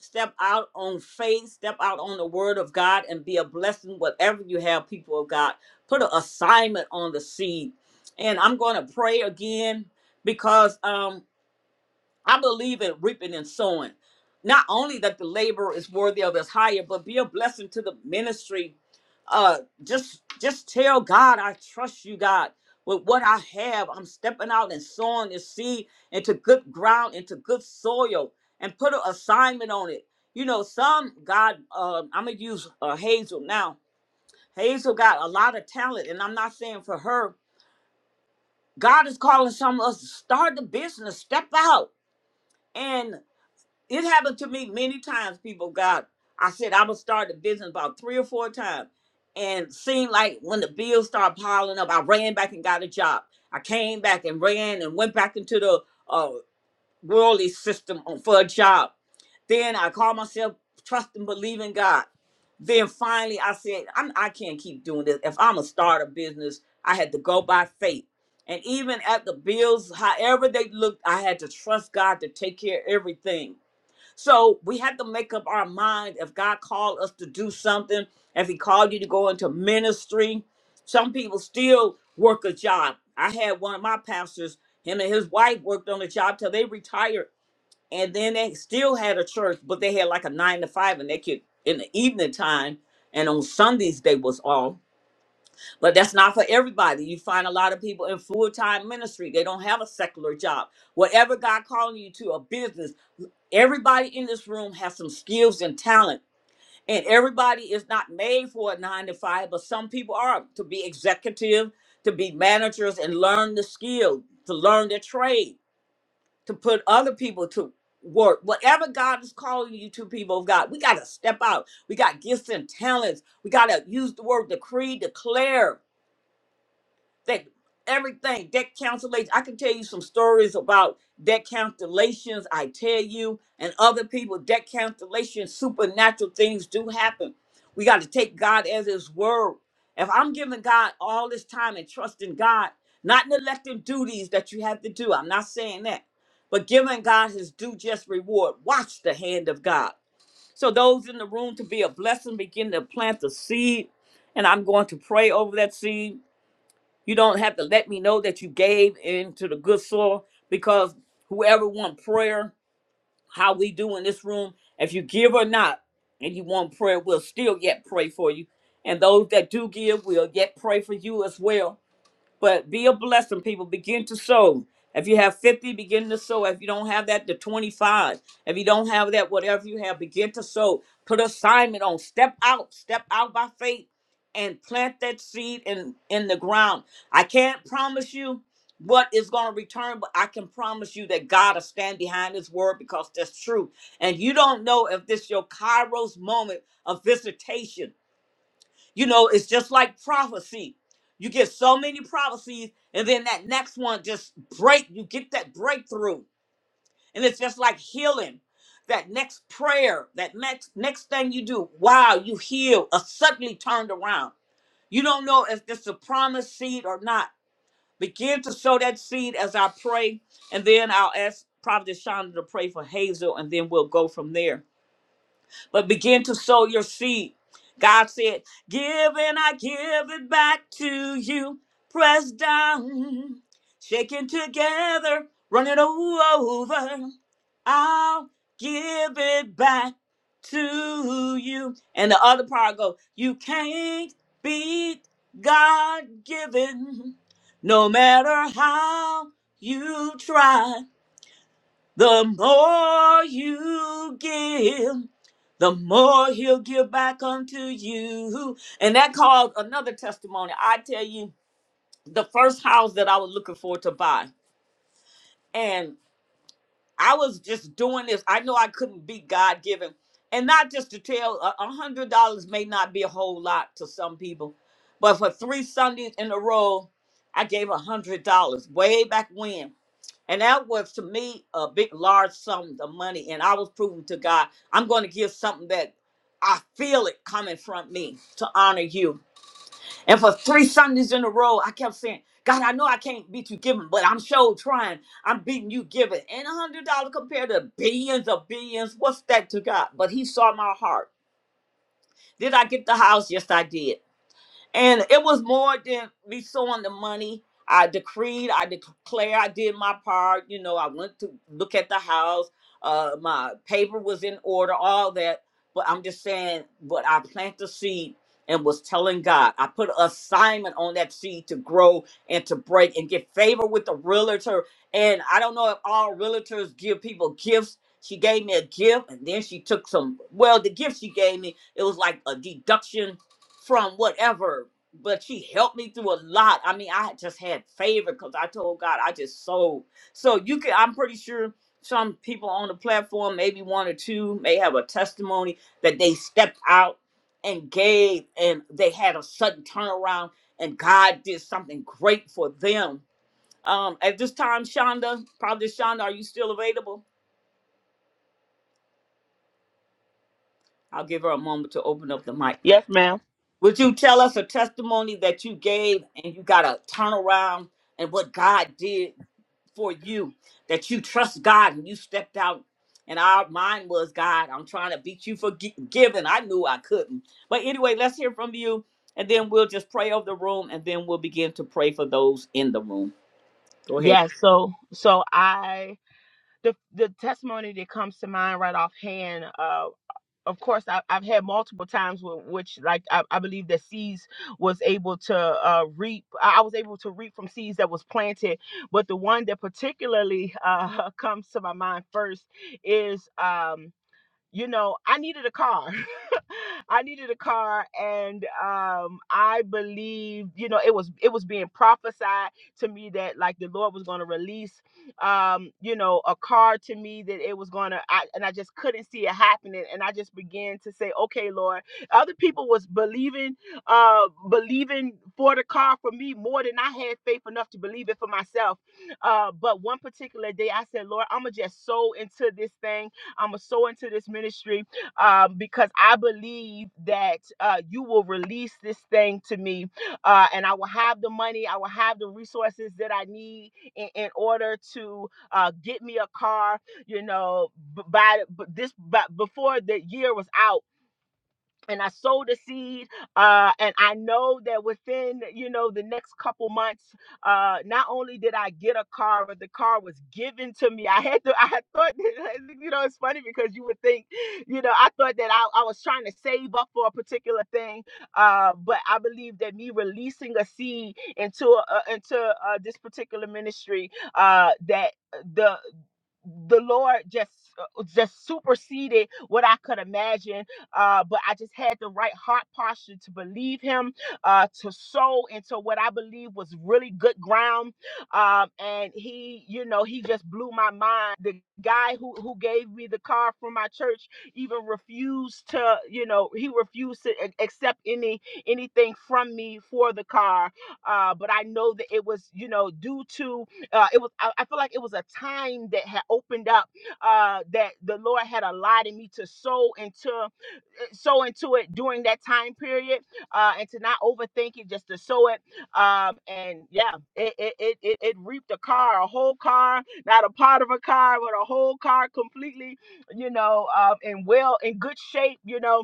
Speaker 1: Step out on faith, step out on the word of God, and be a blessing, whatever you have, people of God. Put an assignment on the seed. And I'm going to pray again because um, I believe in reaping and sowing. Not only that the labor is worthy of his hire, but be a blessing to the ministry. Uh, just just tell God, I trust you, God, with what I have. I'm stepping out and sowing this seed into good ground, into good soil, and put an assignment on it. You know, some God, uh, I'm gonna use uh, Hazel now. Hazel got a lot of talent, and I'm not saying for her. God is calling some of us to start the business, step out. and it happened to me many times, people of God. I said I would start a business about three or four times. And seemed like when the bills started piling up, I ran back and got a job. I came back and ran and went back into the uh, worldly system on- for a job. Then I called myself trust and believe in God. Then finally I said, I'm, I can't keep doing this. If I'm going to start a business, I had to go by faith. And even at the bills, however they looked, I had to trust God to take care of everything so we have to make up our mind if God called us to do something, if He called you to go into ministry. Some people still work a job. I had one of my pastors, him and his wife worked on a job till they retired. And then they still had a church, but they had like a nine to five and they could in the evening time and on Sundays they was off but that's not for everybody. You find a lot of people in full time ministry, they don't have a secular job. Whatever God calling you to, a business, everybody in this room has some skills and talent. And everybody is not made for a nine to five, but some people are to be executive, to be managers, and learn the skill, to learn the trade, to put other people to work. Whatever God is calling you to, people of God, we got to step out. We got gifts and talents. We got to use the word decree, declare that everything debt cancellation i can tell you some stories about debt cancellations i tell you and other people debt cancellation supernatural things do happen we got to take god as his word if i'm giving god all this time and trusting god not neglecting duties that you have to do i'm not saying that but giving god his due just reward watch the hand of god so those in the room to be a blessing begin to plant the seed and i'm going to pray over that seed you don't have to let me know that you gave into the good soil because whoever want prayer, how we do in this room, if you give or not, and you want prayer, we'll still yet pray for you. And those that do give, we'll yet pray for you as well. But be a blessing, people. Begin to sow. If you have 50, begin to sow. If you don't have that, to 25. If you don't have that, whatever you have, begin to sow. Put assignment on. Step out. Step out by faith and plant that seed in, in the ground. I can't promise you what is going to return, but I can promise you that God will stand behind his word because that's true. And you don't know if this is your Kairos moment of visitation. You know, it's just like prophecy. You get so many prophecies, and then that next one just break. You get that breakthrough, and it's just like healing. That next prayer, that next next thing you do, wow, you heal. A suddenly turned around. You don't know if it's a promised seed or not. Begin to sow that seed as I pray, and then I'll ask Prophet Shonda to pray for Hazel, and then we'll go from there but begin to sow your seed. God said, Give and I give it back to you. Press down, shaking together, running over. I'll give it back to you. And the other part go, You can't beat God given, no matter how you try. The more you give, the more he'll give back unto you. And that called another testimony. I tell you, the first house that I was looking for to buy. And I was just doing this. I know I couldn't be God given. And not just to tell, a a hundred dollars may not be a whole lot to some people, but for three Sundays in a row, I gave a hundred dollars way back when. And that was to me a big, large sum of money. And I was proving to God, I'm going to give something that I feel it coming from me to honor you. And for three Sundays in a row, I kept saying, God, I know I can't beat you giving, but I'm sure trying. I'm beating you giving. And a hundred dollars compared to billions of billions, what's that to God? But He saw my heart. Did I get the house? Yes, I did. And it was more than me sowing the money. I decreed, I declare, I did my part. You know, I went to look at the house. Uh, my paper was in order, all that. But I'm just saying, but I planted the seed and was telling God, I put an assignment on that seed to grow and to break and get favor with the realtor. And I don't know if all realtors give people gifts. She gave me a gift and then she took some, well, the gift she gave me, it was like a deduction from whatever, but she helped me through a lot. I mean, I just had favor because I told God I just sold. So you can, I'm pretty sure some people on the platform, maybe one or two, may have a testimony that they stepped out and gave and they had a sudden turnaround and God did something great for them. Um, at this time, Shonda, probably Shonda, are you still available? I'll give her a moment to open up the mic.
Speaker 8: Yes, ma'am.
Speaker 1: Would you tell us a testimony that you gave and you got a turnaround and what God did for you? That you trust God and you stepped out. And our mind was God. I'm trying to beat you for gi- giving. I knew I couldn't. But anyway, let's hear from you, and then we'll just pray over the room, and then we'll begin to pray for those in the room. Go ahead.
Speaker 8: Yes. so so I the the testimony that comes to mind right offhand. uh, of course I, i've had multiple times with which like I, I believe that seeds was able to uh, reap i was able to reap from seeds that was planted but the one that particularly uh, comes to my mind first is um, you know, I needed a car. I needed a car and um I believed, you know, it was it was being prophesied to me that like the Lord was going to release um, you know, a car to me that it was going to and I just couldn't see it happening and I just began to say, "Okay, Lord." Other people was believing uh believing for the car for me more than I had faith enough to believe it for myself. Uh but one particular day I said, "Lord, I'm going to just sow into this thing I'm going to sow into this ministry um, because I believe that uh, you will release this thing to me uh, and I will have the money, I will have the resources that I need in, in order to uh, get me a car. You know, b- by b- this, but before the year was out and I sowed a seed. Uh, and I know that within, you know, the next couple months, uh, not only did I get a car, but the car was given to me. I had to, I had thought, you know, it's funny because you would think, you know, I thought that I, I was trying to save up for a particular thing. Uh, but I believe that me releasing a seed into, a, into uh, this particular ministry, uh, that the, the Lord just uh, just superseded what I could imagine uh, but I just had the right heart posture to believe him, uh, to sow into what I believe was really good ground. Um, and he, you know, he just blew my mind. The guy who who gave me the car from my church even refused to, you know, he refused to a- accept any anything from me for the car. Uh, but I know that it was, you know, due to uh, it was. I, I feel like it was a time that had opened up uh, that the Lord had allotted me to sow into put sow into it during that time period uh, and to not overthink it, just to sow it. Um, and yeah, it, it, it, it, it reaped a car, a whole car, not a part of a car, but a whole car completely, you know, um, in well, in good shape, you know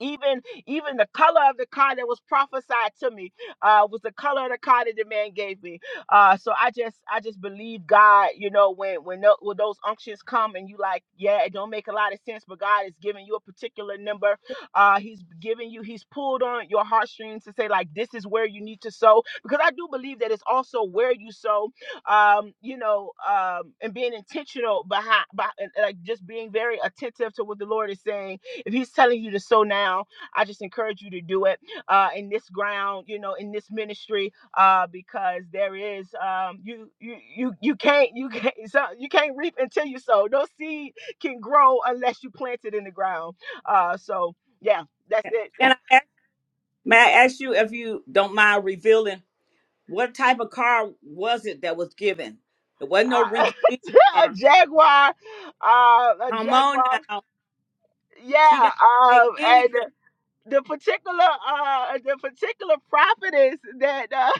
Speaker 8: even even the color of the car that was prophesied to me uh was the color of the car that the man gave me uh so i just i just believe god you know when when, tho- when those unctions come and you like yeah it don't make a lot of sense but god is giving you a particular number uh he's giving you he's pulled on your heartstrings to say like this is where you need to sow because i do believe that it's also where you sow um you know um and being intentional behind by, like just being very attentive to what the lord is saying if he's telling you to sow now, I just encourage you to do it uh, in this ground, you know, in this ministry, uh, because there is um, you you you you can't you can't so you can't reap until you sow. No seed can grow unless you plant it in the ground. Uh, so yeah, that's it.
Speaker 1: And I ask, may I ask you if you don't mind revealing what type of car was it that was given? It wasn't no
Speaker 8: Uh,
Speaker 1: rinky dink
Speaker 8: a
Speaker 1: car.
Speaker 8: jaguar, uh, a
Speaker 1: Come on
Speaker 8: jaguar.
Speaker 1: now. She
Speaker 8: Yeah,
Speaker 1: didn't have to pay
Speaker 8: um, and
Speaker 1: anything.
Speaker 8: the particular uh the particular prophetess that uh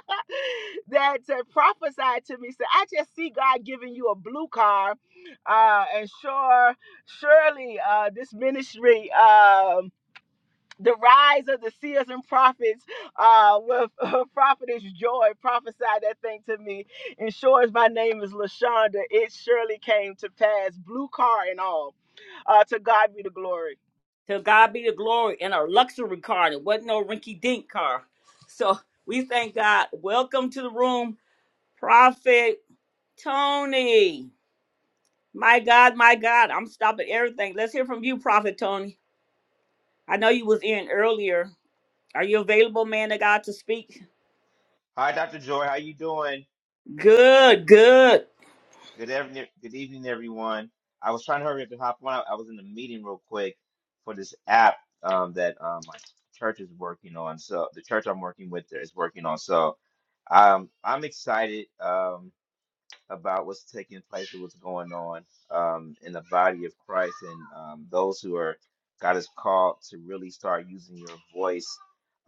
Speaker 8: that uh, prophesied to me said i just see god giving you a blue car uh and sure surely uh this ministry um the rise of the seers and prophets uh with uh, prophetess joy prophesied that thing to me and sure as my name is lashonda it surely came to pass blue car and all uh to god be the glory
Speaker 1: To God be the glory in a luxury car. It wasn't no rinky dink car. So we thank God. Welcome to the room, Prophet Tony. My God, my God. I'm stopping everything. Let's hear from you, Prophet Tony. I know you was in earlier. Are you available, man of God, to speak?
Speaker 9: Hi, Dr. Joy. How you doing?
Speaker 1: Good, good.
Speaker 9: Good evening, good evening, everyone. I was trying to hurry up and hop on. I, I was in a meeting real quick for this app um, that um, my church is working on. So the church I'm working with is working on. So um, I'm excited. Um, about what's taking place and what's going on um, in the body of Christ and um, those who are God is called to really start using your voice.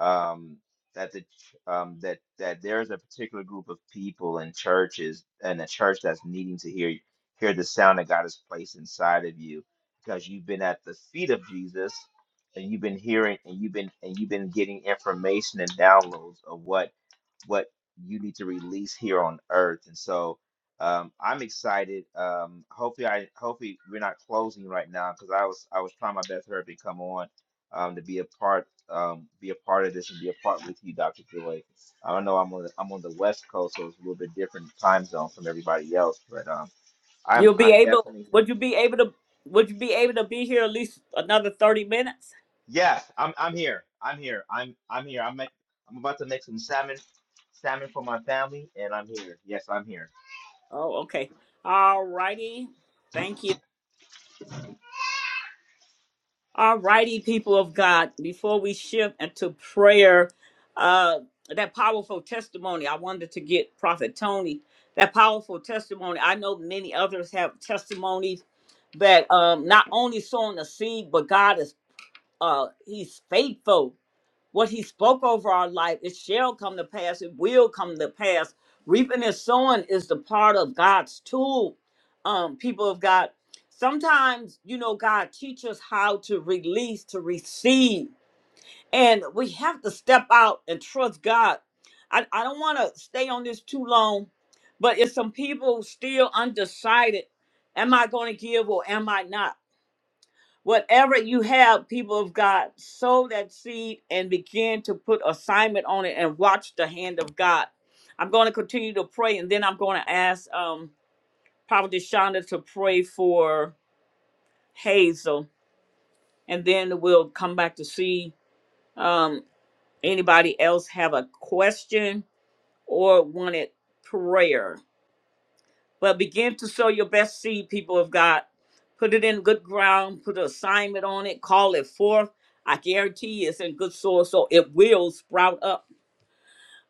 Speaker 9: Um, that the ch- um, that that there's a particular group of people and churches and a church that's needing to hear hear the sound that God has placed inside of you because you've been at the feet of Jesus and you've been hearing and you've been and you've been getting information and downloads of what what you need to release here on earth and so um, I'm excited. Um, hopefully, I hopefully we're not closing right now because I was I was trying my best for her to come on, um, to be a part, um, be a part of this and be a part with you, Dr. Joy. I don't know. I'm on the, I'm on the West Coast, so it's a little bit different time zone from everybody else. But um, I'm
Speaker 1: You'll be
Speaker 9: I'm
Speaker 1: able
Speaker 9: definitely here.
Speaker 1: would you be able to would you be able to be here at least another 30 minutes?
Speaker 9: Yes, I'm I'm here. I'm here. I'm I'm here. I'm make, I'm about to make some salmon, salmon for my family, and I'm here. Yes, I'm here.
Speaker 1: Oh, okay. All righty. Thank you. Alrighty, people of God, before we shift into prayer, uh, that powerful testimony, I wanted to get Prophet Tony. That powerful testimony, I know many others have testimonies that um, not only sowing the seed, but God is uh, He's faithful. What he spoke over our life, it shall come to pass, it will come to pass. Reaping and sowing is the part of God's tool. Um, people of God, sometimes, you know, God teaches how to release, to receive, and we have to step out and trust God. I, I don't want to stay on this too long, but if some people still undecided, am I going to give or am I not? Whatever you have, people of God, sow that seed and begin to put assignment on it and watch the hand of God. I'm going to continue to pray and then I'm going to ask um, Prophet Shonda to pray for Hazel and then we'll come back to see um, anybody else have a question or wanted prayer. But begin to sow your best seed, people of God. Put it in good ground, put an assignment on it, call it forth. I guarantee you it's in good soil, so it will sprout up.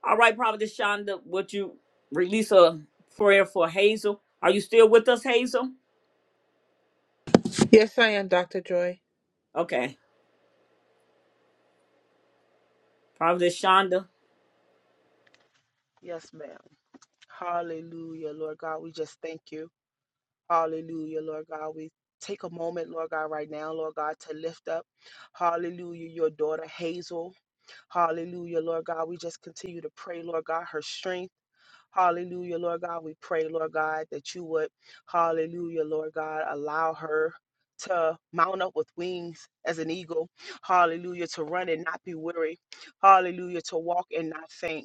Speaker 1: All right, Prophet Shonda, would you release a prayer for Hazel? Are you still with us, Hazel?
Speaker 6: Yes, I am, Doctor Joy.
Speaker 1: Okay, Prophet Shonda.
Speaker 8: yes ma'am. Hallelujah, Lord God. We just thank you. Hallelujah, Lord God. We take a moment, Lord God, right now, Lord God, to lift up. Hallelujah, your daughter Hazel. Hallelujah, Lord God. We just continue to pray, Lord God, her strength. Hallelujah, Lord God. We pray, Lord God, that you would, hallelujah, Lord God, allow her. To mount up with wings as an eagle, hallelujah, to run and not be weary, hallelujah, to walk and not faint.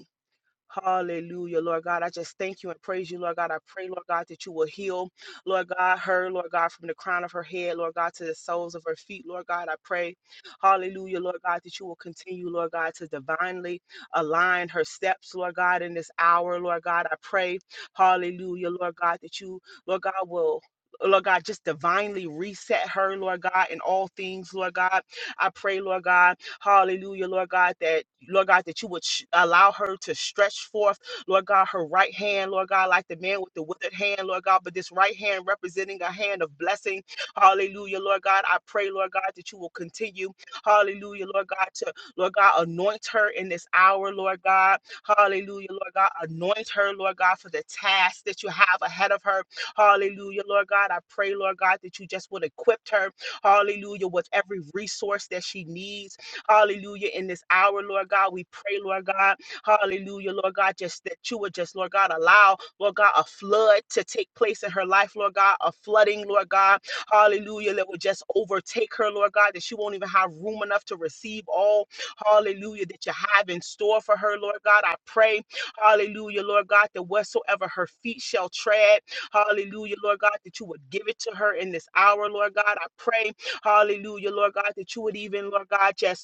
Speaker 8: Hallelujah, Lord God. I just thank you and praise you, Lord God. I pray, Lord God, that you will heal, Lord God, her, Lord God, from the crown of her head, Lord God, to the soles of her feet, Lord God. I pray, hallelujah, Lord God, that you will continue, Lord God, to divinely align her steps, Lord God, in this hour, Lord God. I pray, hallelujah, Lord God, that you, Lord God, will. Lord God, just divinely reset her, Lord God, in all things, Lord God. I pray, Lord God. Hallelujah, Lord God, that Lord God, that you would sh- allow her to stretch forth, Lord God, her right hand, Lord God, like the man with the withered hand, Lord God, but this right hand representing a hand of blessing. Hallelujah, Lord God. I pray, Lord God, that you will continue, hallelujah, Lord God, to Lord God, anoint her in this hour, Lord God. Hallelujah, Lord God. Anoint her, Lord God, for the task that you have ahead of her. Hallelujah, Lord God. I pray, Lord God, that you just would equip her, hallelujah, with every resource that she needs. Hallelujah. In this hour, Lord God, we pray, Lord God. Hallelujah, Lord God, just that you would just, Lord God, allow, Lord God, a flood to take place in her life, Lord God, a flooding, Lord God. Hallelujah, that would just overtake her, Lord God, that she won't even have room enough to receive all, hallelujah, that you have in store for her, Lord God. I pray, hallelujah, Lord God, that whatsoever her feet shall tread, hallelujah, Lord God, that you would give it to her in this hour, Lord God. I pray, hallelujah, Lord God, that you would even, Lord God, just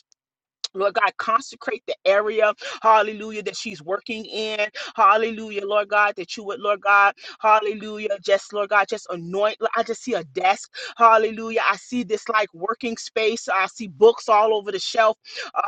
Speaker 8: Lord God, consecrate the area, hallelujah, that she's working in, hallelujah, Lord God, that you would, Lord God, hallelujah, just, Lord God, just anoint. I just see a desk, hallelujah. I see this like working space, I see books all over the shelf,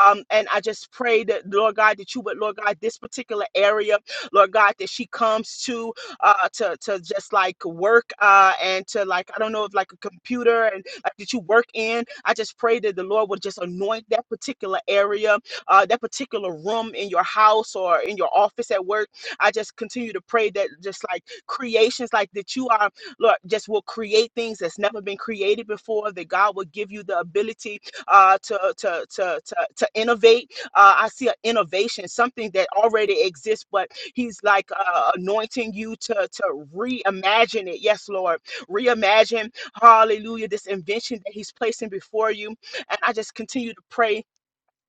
Speaker 8: um, and I just pray that, Lord God, that you would, Lord God, this particular area, Lord God, that she comes to, uh, to, to just like work, uh, and to like, I don't know if like a computer uh, that you work in. I just pray that the Lord would just anoint that particular area, uh, that particular room in your house or in your office at work. I just continue to pray that just like creations like that you are, Lord, just will create things that's never been created before, that God will give you the ability uh, to, to, to, to, to innovate. Uh, I see an innovation, something that already exists, but He's like uh, anointing you to, to reimagine it. Yes, Lord. Reimagine Hallelujah. This invention that He's placing before you. And I just continue to pray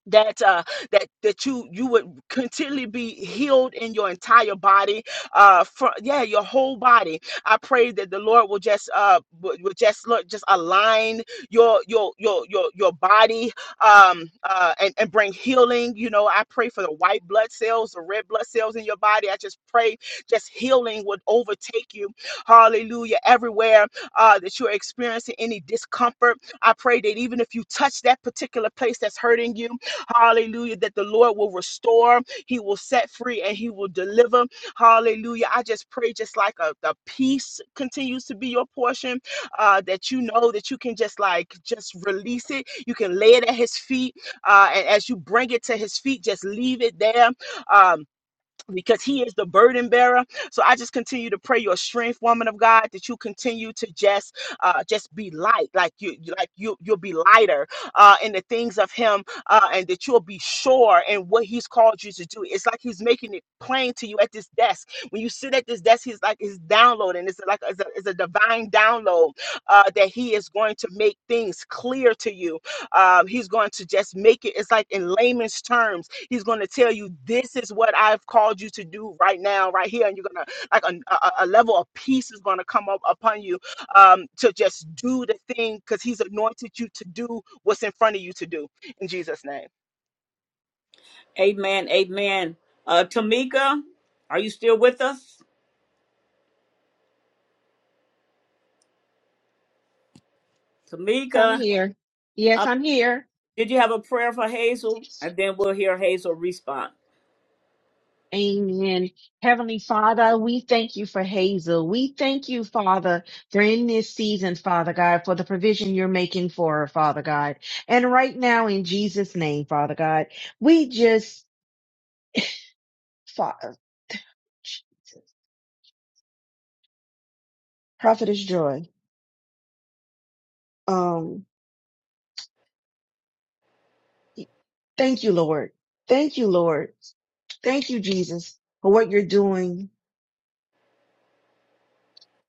Speaker 8: that uh that that you you would continually be healed in your entire body uh from yeah your whole body i pray that the lord will just uh will will just look just align your your your your your body um uh and, and bring healing you know i pray for the white blood cells the red blood cells in your body i just pray just healing would overtake you hallelujah everywhere uh that you're experiencing any discomfort i pray that even if you touch that particular place that's hurting you Hallelujah. That the Lord will restore, He will set free, and He will deliver. Hallelujah. I just pray, just like a, the peace continues to be your portion, uh, that you know that you can just like just release it. You can lay it at His feet. Uh, and as you bring it to His feet, just leave it there. Um, because he is the burden bearer. So I just continue to pray your strength, woman of God, that you continue to just uh just be light, like you you- like you you'll be lighter uh in the things of him uh and that you'll be sure in what he's called you to do. It's like he's making it plain to you at this desk. When you sit at this desk, he's like he's downloading. It's like it's a, it's a divine download uh that he is going to make things clear to you. Um he's going to just make it it's like in layman's terms He's going to tell you, this is what I've called you to do right now, right here. And you're going to, like, a, a, a level of peace is going to come up upon you um, to just do the thing because he's anointed you to do what's in front of you to do. In Jesus' name.
Speaker 1: Amen, amen. Uh, Tamika, are you still with us?
Speaker 4: So I'm
Speaker 1: Tamika,
Speaker 4: here. Yes,
Speaker 1: uh,
Speaker 4: I'm here.
Speaker 1: did you have a prayer for Hazel? And then we'll hear Hazel respond.
Speaker 4: Amen. Heavenly Father, we thank you for Hazel. We thank you, Father, for in this season, Father God, for the provision you're making for her, Father God. And right now, in Jesus' name, Father God, we just, Father, Jesus, Prophetess Joy. Um. Thank you, Lord. Thank you, Lord. Thank you, Jesus, for what you're doing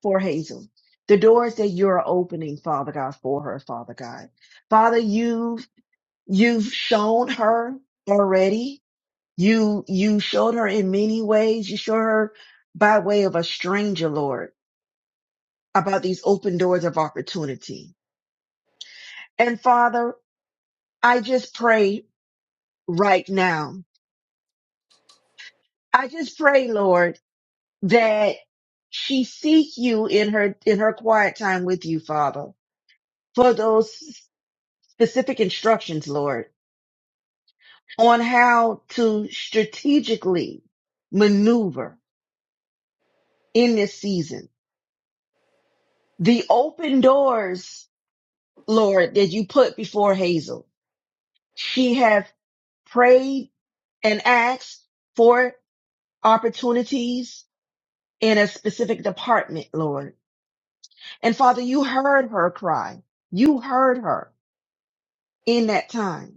Speaker 4: for Hazel. The doors that you're opening, Father God, for her, Father God. Father, you have you've shown her already. You you showed her in many ways. You showed her by way of a stranger, Lord, about these open doors of opportunity. And Father, I just pray right now. I just pray, Lord. that she seek you in her in her quiet time with you, Father, for those specific instructions, Lord, on how to strategically maneuver in this season. The open doors, Lord, that you put before Hazel. She have prayed and asked for opportunities in a specific department, Lord. And Father, you heard her cry. You heard her in that time.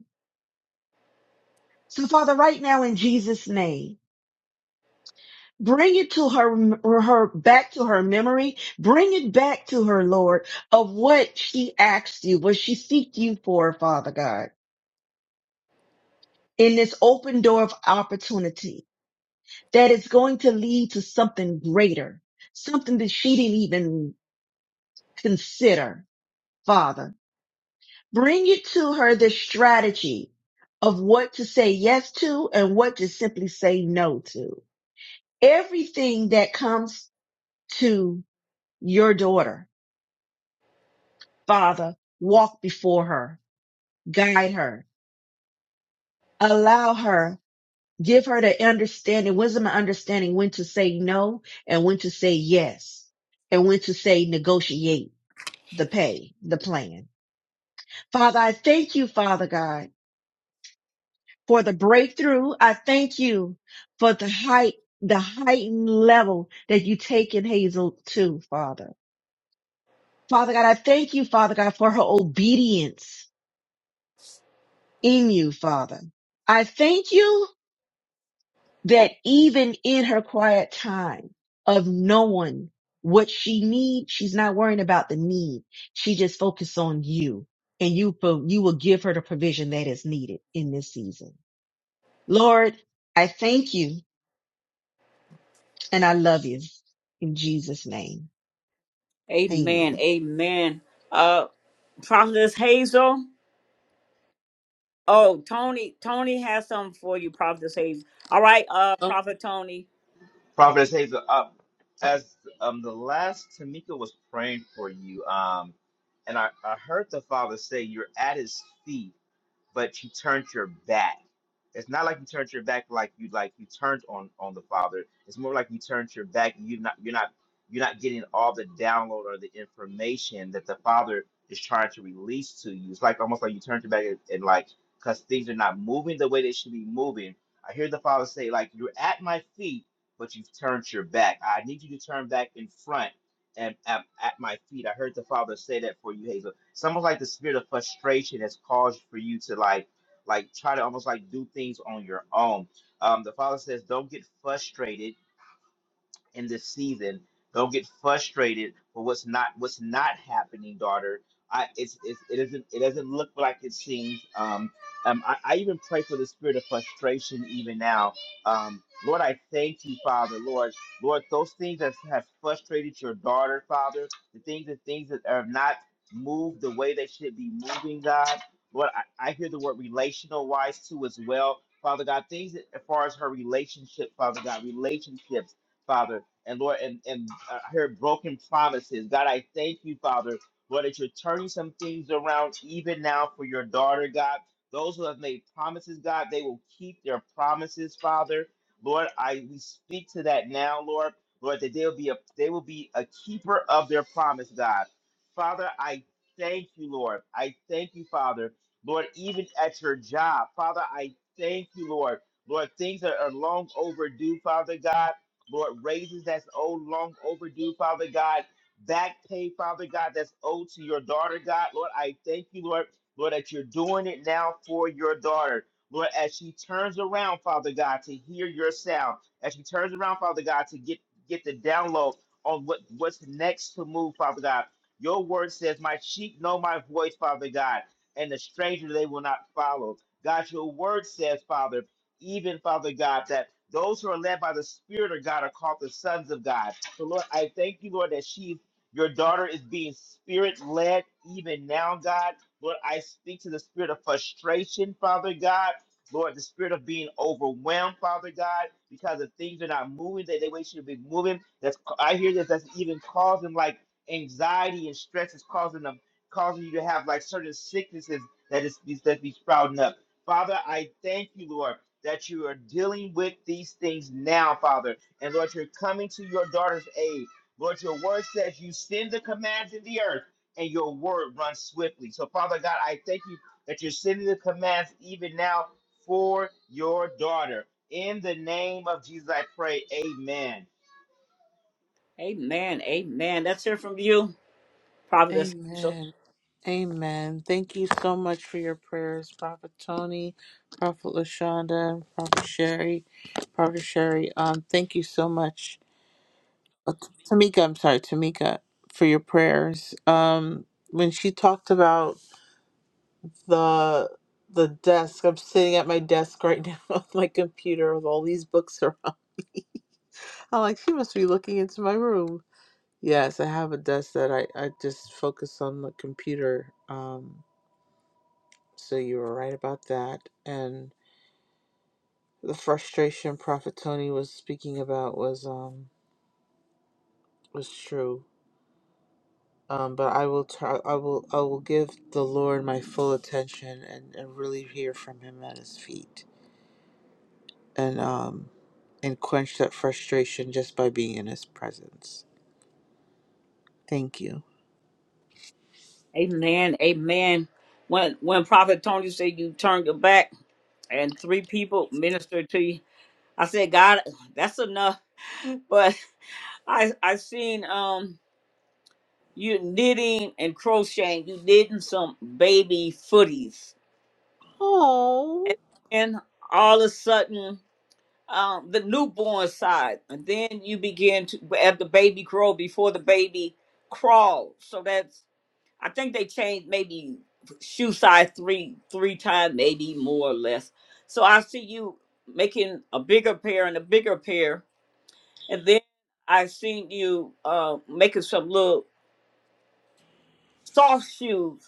Speaker 4: So Father, right now in Jesus' name, bring it to her, her back to her memory. Bring it back to her, Lord, of what she asked you, what she seeked you for, Father God, in this open door of opportunity that is going to lead to something greater, something that she didn't even consider, Father. Bring it to her the strategy of what to say yes to and what to simply say no to everything that comes to your daughter. Father, walk before her, guide her, allow her, give her the understanding, wisdom and understanding when to say no and when to say yes and when to say negotiate the pay, the plan. Father, I thank you, Father God, for the breakthrough. I thank you for the height, the heightened level that you take in Hazel too, Father. Father God, I thank you, Father God, for her obedience. in you, Father. I thank you that even in her quiet time of knowing what she needs, she's not worrying about the need. She just focuses on you and you, you will give her the provision that is needed in this season. Lord, I thank you and I love you in Jesus name.
Speaker 1: Amen,
Speaker 4: Amen.
Speaker 1: amen. Uh, Prophetess Hazel. Oh, Tony, Tony has something for you, Prophetess Hazel. All right, uh, Prophet Tony.
Speaker 9: Prophetess Hazel, uh, as um, the last Tamika was praying for you, um, and I, I heard the Father say, You're at his feet but you turned your back. It's not like you turned your back like you like you turned on on the father. It's more like you turned your back and you not you're not you're not getting all the download or the information that the father is trying to release to you. It's like almost like you turned your back and, and like because things are not moving the way they should be moving. I hear the father say like you're at my feet, but you've turned your back. I need you to turn back in front and at, at my feet. I heard the Father say that for you, Hazel. It's almost like the spirit of frustration has caused for you to like, like try to almost like do things on your own. Um, the Father says, don't get frustrated in this season. Don't get frustrated for what's not what's not happening, daughter. I it's, it's it doesn't it doesn't look like it seems. Um, um I, I even pray for the spirit of frustration even now. Um, Lord, I thank you, Father, Lord, Lord, those things that have frustrated your daughter, Father, the things the things that have not moved the way they should be moving, God. Lord, I, I hear the word relational wise too as well. Father God, things that, as far as her relationship, Father God, relationships Father. And Lord, and, and I heard broken promises. God, I thank you, Father, Lord, that you're turning some things around even now for your daughter, God. Those who have made promises, God, they will keep their promises, Father. Lord, I we speak to that now, Lord. Lord, that they'll be a they will be a keeper of their promise, God. Father, I thank you, Lord. I thank you, Father. Lord, even at your job, Father, I thank you, Lord. Lord, things that are long overdue, Father God. Lord, raises that's owed long overdue, Father God. Back pay, Father God, that's owed to your daughter, God. Lord, I thank you, Lord, Lord, that you're doing it now for your daughter. Lord, as she turns around, Father God, to hear your sound, as she turns around, Father God, to get get the download on what what's next to move, Father God. Your word says, "My sheep know my voice, Father God, and the stranger they will not follow." God, your word says, Father even Father God, that those who are led by the Spirit of God are called the sons of God. So, Lord, I thank you, Lord, that she, your daughter, is being spirit led even now, God. Lord, I speak to the spirit of frustration, Father God. Lord, the spirit of being overwhelmed, Father God, because the things are not moving that they way should be moving. That's I hear this. That's even causing like anxiety and stress is causing them, causing you to have like certain sicknesses that is that's be sprouting up. Father, I thank you, Lord that you are dealing with these things now, Father. And Lord, you're coming to your daughter's aid. Lord, your word says you send the commands in the earth and your word runs swiftly. So, Father God, I thank you that you're sending the commands even now for your daughter. In the name of Jesus, I pray. Amen.
Speaker 1: Amen. Amen. Let's hear from you, Prophetess Hazel.
Speaker 6: Amen. Amen. Thank you so much for your prayers, Prophet Tony, Prophet Lashonda, Prophet Sherry, Prophet Sherry. Um, thank you so much, Uh, Tamika. I'm sorry, Tamika, for your prayers. Um, when she talked about the the desk, I'm sitting at my desk right now with my computer with all these books around. I'm like, she must be looking into my room. Yes, I have a desk that I, I just focus on the computer. Um, So you were right about that. And the frustration Prophet Tony was speaking about was um was true. Um, but I will try, I will I will give the Lord my full attention and, and really hear from him at his feet and um and quench that frustration just by being in his presence. Thank you.
Speaker 1: Amen. Amen. When when Prophet Tony said you turned your back and three people ministered to you, I said, God, that's enough. But I I seen um you knitting and crocheting. You knitting some baby footies, and
Speaker 6: Oh.
Speaker 1: then all of a sudden um, the newborn side, and then you begin to as the baby grow before the baby crawl. So that's I think they changed maybe shoe size three three times, maybe more or less. So I see you making a bigger pair and a bigger pair, and then I seen you uh, making some little soft shoes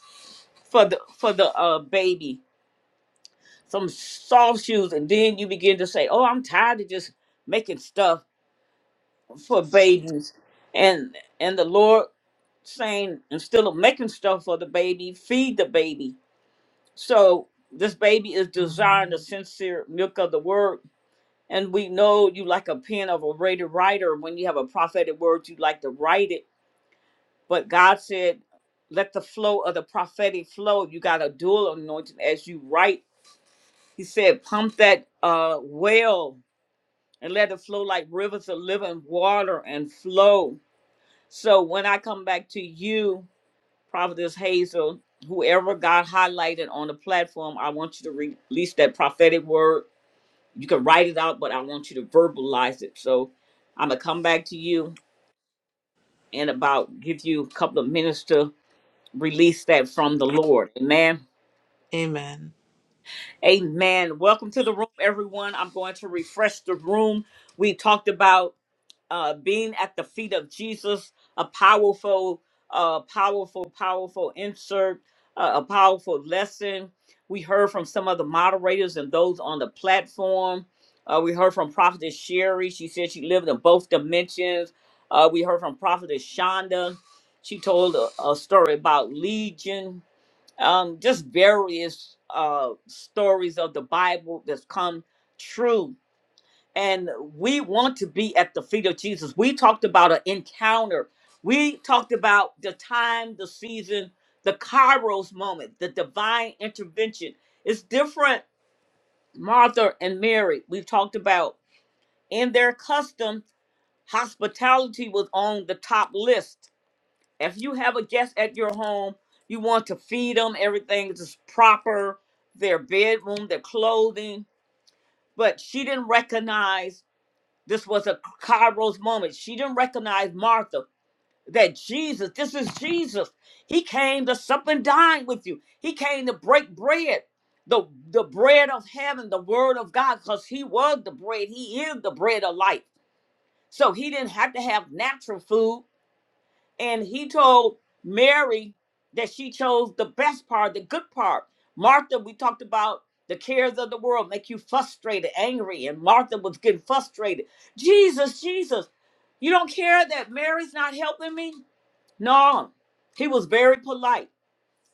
Speaker 1: for the for the uh baby some soft shoes and then you begin to say oh i'm tired of just making stuff for babies and and the lord saying instead of making stuff for the baby feed the baby so this baby is desiring the sincere milk of the word and we know you like a pen of a rated writer when you have a prophetic word you like to write it but god said let the flow of the prophetic flow you got a dual anointing as you write he said pump that uh well and let it flow like rivers of living water and flow So when I come back to you, Prophetess Hazel, whoever got highlighted on the platform, I want you to re- release that prophetic word. You can write it out, but I want you to verbalize it. So I'm gonna come back to you and about give you a couple of minutes to release that from the Lord. Amen.
Speaker 6: Amen.
Speaker 1: Amen. Welcome to the room, everyone. I'm going to refresh the room. We talked about. uh, being at the feet of Jesus, a powerful, uh, powerful, powerful insert, uh, a powerful lesson. We heard from some of the moderators and those on the platform. Uh, we heard from Prophetess Sherry. She said she lived in both dimensions. Uh, we heard from Prophetess Shonda. She told a, a story about Legion, um, just various uh, stories of the Bible that's come true and we want to be at the feet of Jesus. We talked about an encounter. We talked about the time, the season, the Kairos moment, the divine intervention. It's different, Martha and Mary. We talked about in their custom, hospitality was on the top list. If you have a guest at your home, you want to feed them, everything is proper, their bedroom, their clothing. But she didn't recognize. This was a Kairos moment. She didn't recognize Martha. That Jesus, this is Jesus. He came to sup and dine with you. He came to break bread, the, the bread of heaven, the word of God, because he was the bread. He is the bread of life. So he didn't have to have natural food. And he told Mary that she chose the best part, the good part. Martha, we talked about the cares of the world make you frustrated, angry, and Martha was getting frustrated. Jesus, Jesus, you don't care that Mary's not helping me? No. He was very polite.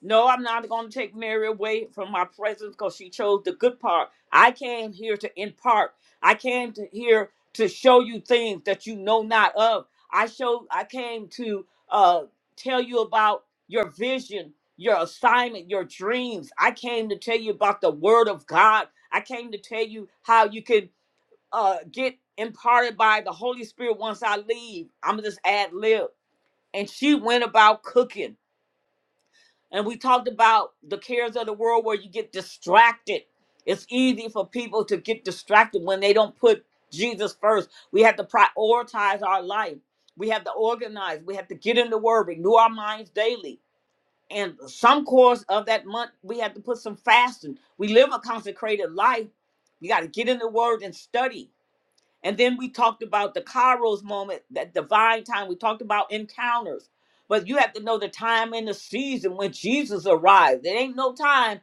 Speaker 1: No, I'm not going to take Mary away from my presence because she chose the good part. I came here to impart. I came to here to show you things that you know not of. I show. I came to uh, tell you about your vision, your assignment, your dreams. I came to tell you about the Word of God. I came to tell you how you can uh, get imparted by the Holy Spirit once I leave. I'm just ad lib. And she went about cooking. And we talked about the cares of the world where you get distracted. It's easy for people to get distracted when they don't put Jesus first. We have to prioritize our life. We have to organize. We have to get in the word, renew our minds daily. And some course of that month, we have to put some fasting. We live a consecrated life. We got to get in the word and study. And then we talked about the Kairos moment, that divine time. We talked about encounters. But you have to know the time and the season when Jesus arrived. There ain't no time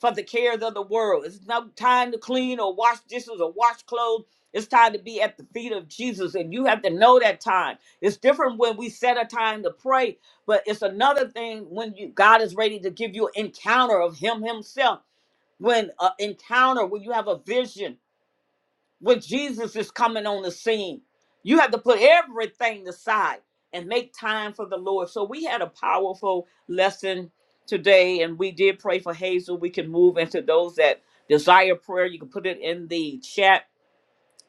Speaker 1: for the cares of the world. It's no time to clean or wash dishes or wash clothes. It's time to be at the feet of Jesus. And you have to know that time. It's different when we set a time to pray, but it's another thing when you God is ready to give you an encounter of Him Himself. When an encounter, when you have a vision, when Jesus is coming on the scene. You have to put everything aside and make time for the Lord. So we had a powerful lesson today, and we did pray for Hazel. We can move into those that desire prayer. You can put it in the chat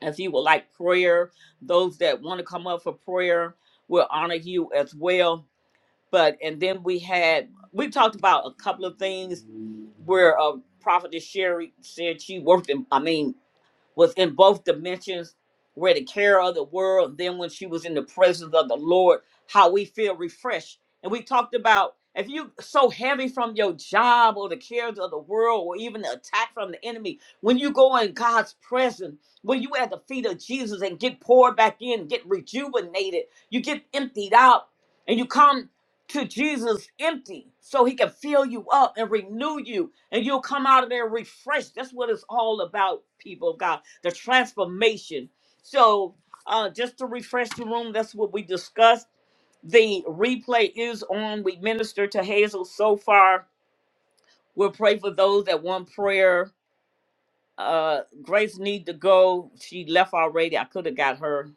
Speaker 1: if you would like prayer. Those that want to come up for prayer, we'll honor you as well. But and then we had we talked about a couple of things where uh, Prophetess Sherry said she worked in. I mean was in both dimensions. where the care of the world. Then when she was in the presence of the Lord, how we feel refreshed. And we talked about if you so heavy from your job or the cares of the world or even the attack from the enemy, when you go in God's presence, when you at the feet of Jesus and get poured back in, get rejuvenated, you get emptied out, and you come to Jesus empty so he can fill you up and renew you and you'll come out of there refreshed. That's what it's all about, people of God the transformation. So, uh, just to refresh the room, that's what we discussed. The replay is on. We minister to Hazel so far. We'll pray for those that want prayer. Uh, Grace need to go. She left already. I could have got her,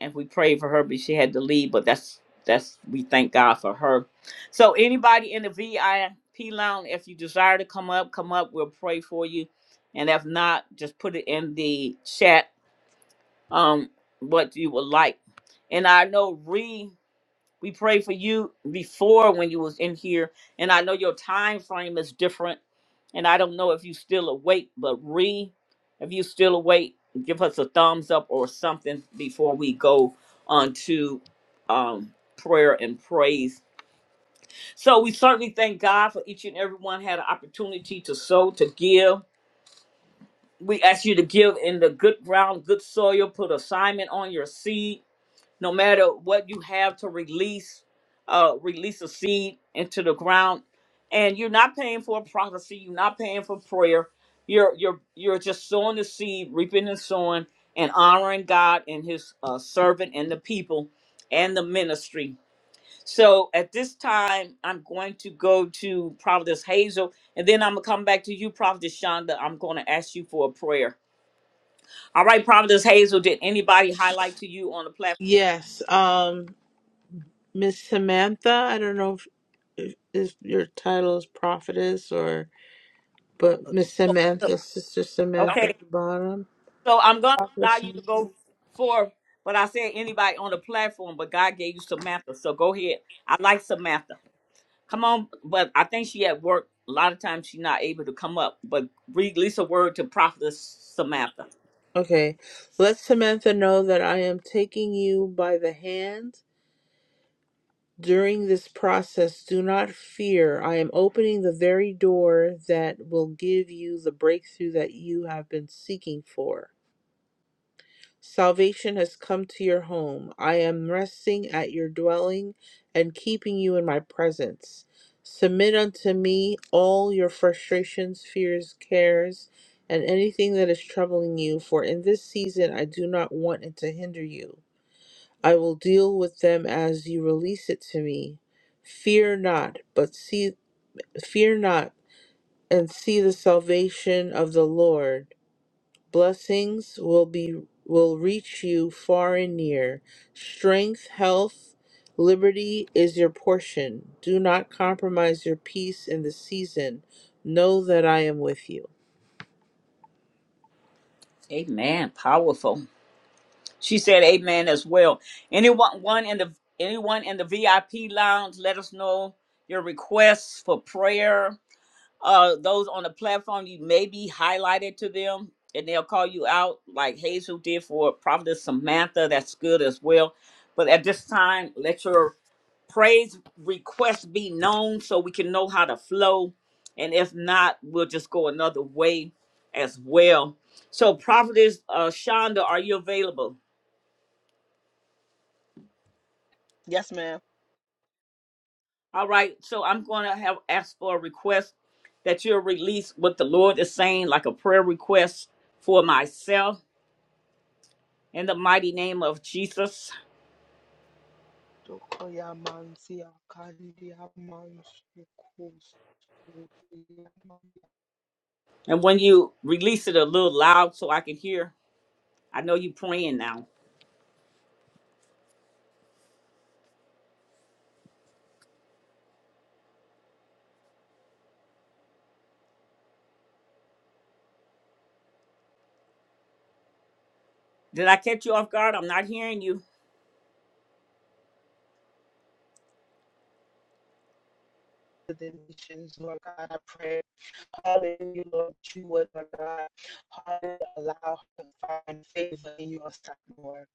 Speaker 1: and we prayed for her, but she had to leave. But that's that's we thank God for her. So anybody in the VIP lounge, if you desire to come up, come up. We'll pray for you, and if not, just put it in the chat um what you would like. And I know Ree, we prayed for you before when you was in here, and I know your time frame is different. And I don't know if you still awake, but re, if you still awake, give us a thumbs up or something before we go on to um prayer and praise. So we certainly thank God for each and everyone had an opportunity to sow, to give. We ask you to give in the good ground, good soil, put assignment on your seed no matter what you have to release uh release a seed into the ground and you're not paying for a prophecy you're not paying for prayer you're you're you're just sowing the seed reaping and sowing and honoring god and his uh, servant and the people and the ministry so at this time i'm going to go to prophetess hazel and then i'm gonna come back to you prophetess shonda i'm gonna ask you for a prayer all right prophetess hazel did anybody highlight to you on the platform
Speaker 6: Yes. Um Miss Samantha, I don't know if, if, if your title is prophetess or But Miss Samantha, Sister
Speaker 1: Okay.
Speaker 6: Samantha at the bottom.
Speaker 1: So I'm gonna
Speaker 6: Prophetess
Speaker 1: allow you to go
Speaker 6: Samantha.
Speaker 1: forth, but I said anybody on the platform, but God gave you Samantha. So go ahead. I like Samantha. Come on, but I think she at work. A lot of times she's not able to come up, but release a word to prophetess Samantha.
Speaker 6: Okay. Let Samantha know that I am taking you by the hand during this process. Do not fear. I am opening the very door that will give you the breakthrough that you have been seeking for. Salvation has come to your home. I am resting at your dwelling and keeping you in my presence. Submit unto me all your frustrations, fears, cares, and anything that is troubling you, for in this season I do not want it to hinder you. I will deal with them as you release it to me. Fear not, but see fear not and see the salvation of the Lord. Blessings will be will reach you far and near. Strength, health, liberty is your portion. Do not compromise your peace in the season. Know that I am with you.
Speaker 1: Amen. Powerful. She said amen as well. Anyone one in the anyone in the VIP lounge, let us know your requests for prayer uh those on the platform you may be highlighted to them and they'll call you out like hazel did for prophetess samantha that's good as well but at this time let your praise requests be known so we can know how to flow and if not we'll just go another way as well so prophetess uh shonda are you available
Speaker 8: Yes, ma'am.
Speaker 1: all right so i'm going to have asked for a request that you'll release what the lord is saying like a prayer request for myself in the mighty name of Jesus.
Speaker 8: To
Speaker 1: And when you release it a little loud so I can hear, I know you praying now. Did I catch you off guard? I'm not hearing you.
Speaker 8: The nations, Lord God, I pray Hallelujah, Lord, you would, Lord God, hallelujah, allow her to find favor in your sight, Lord.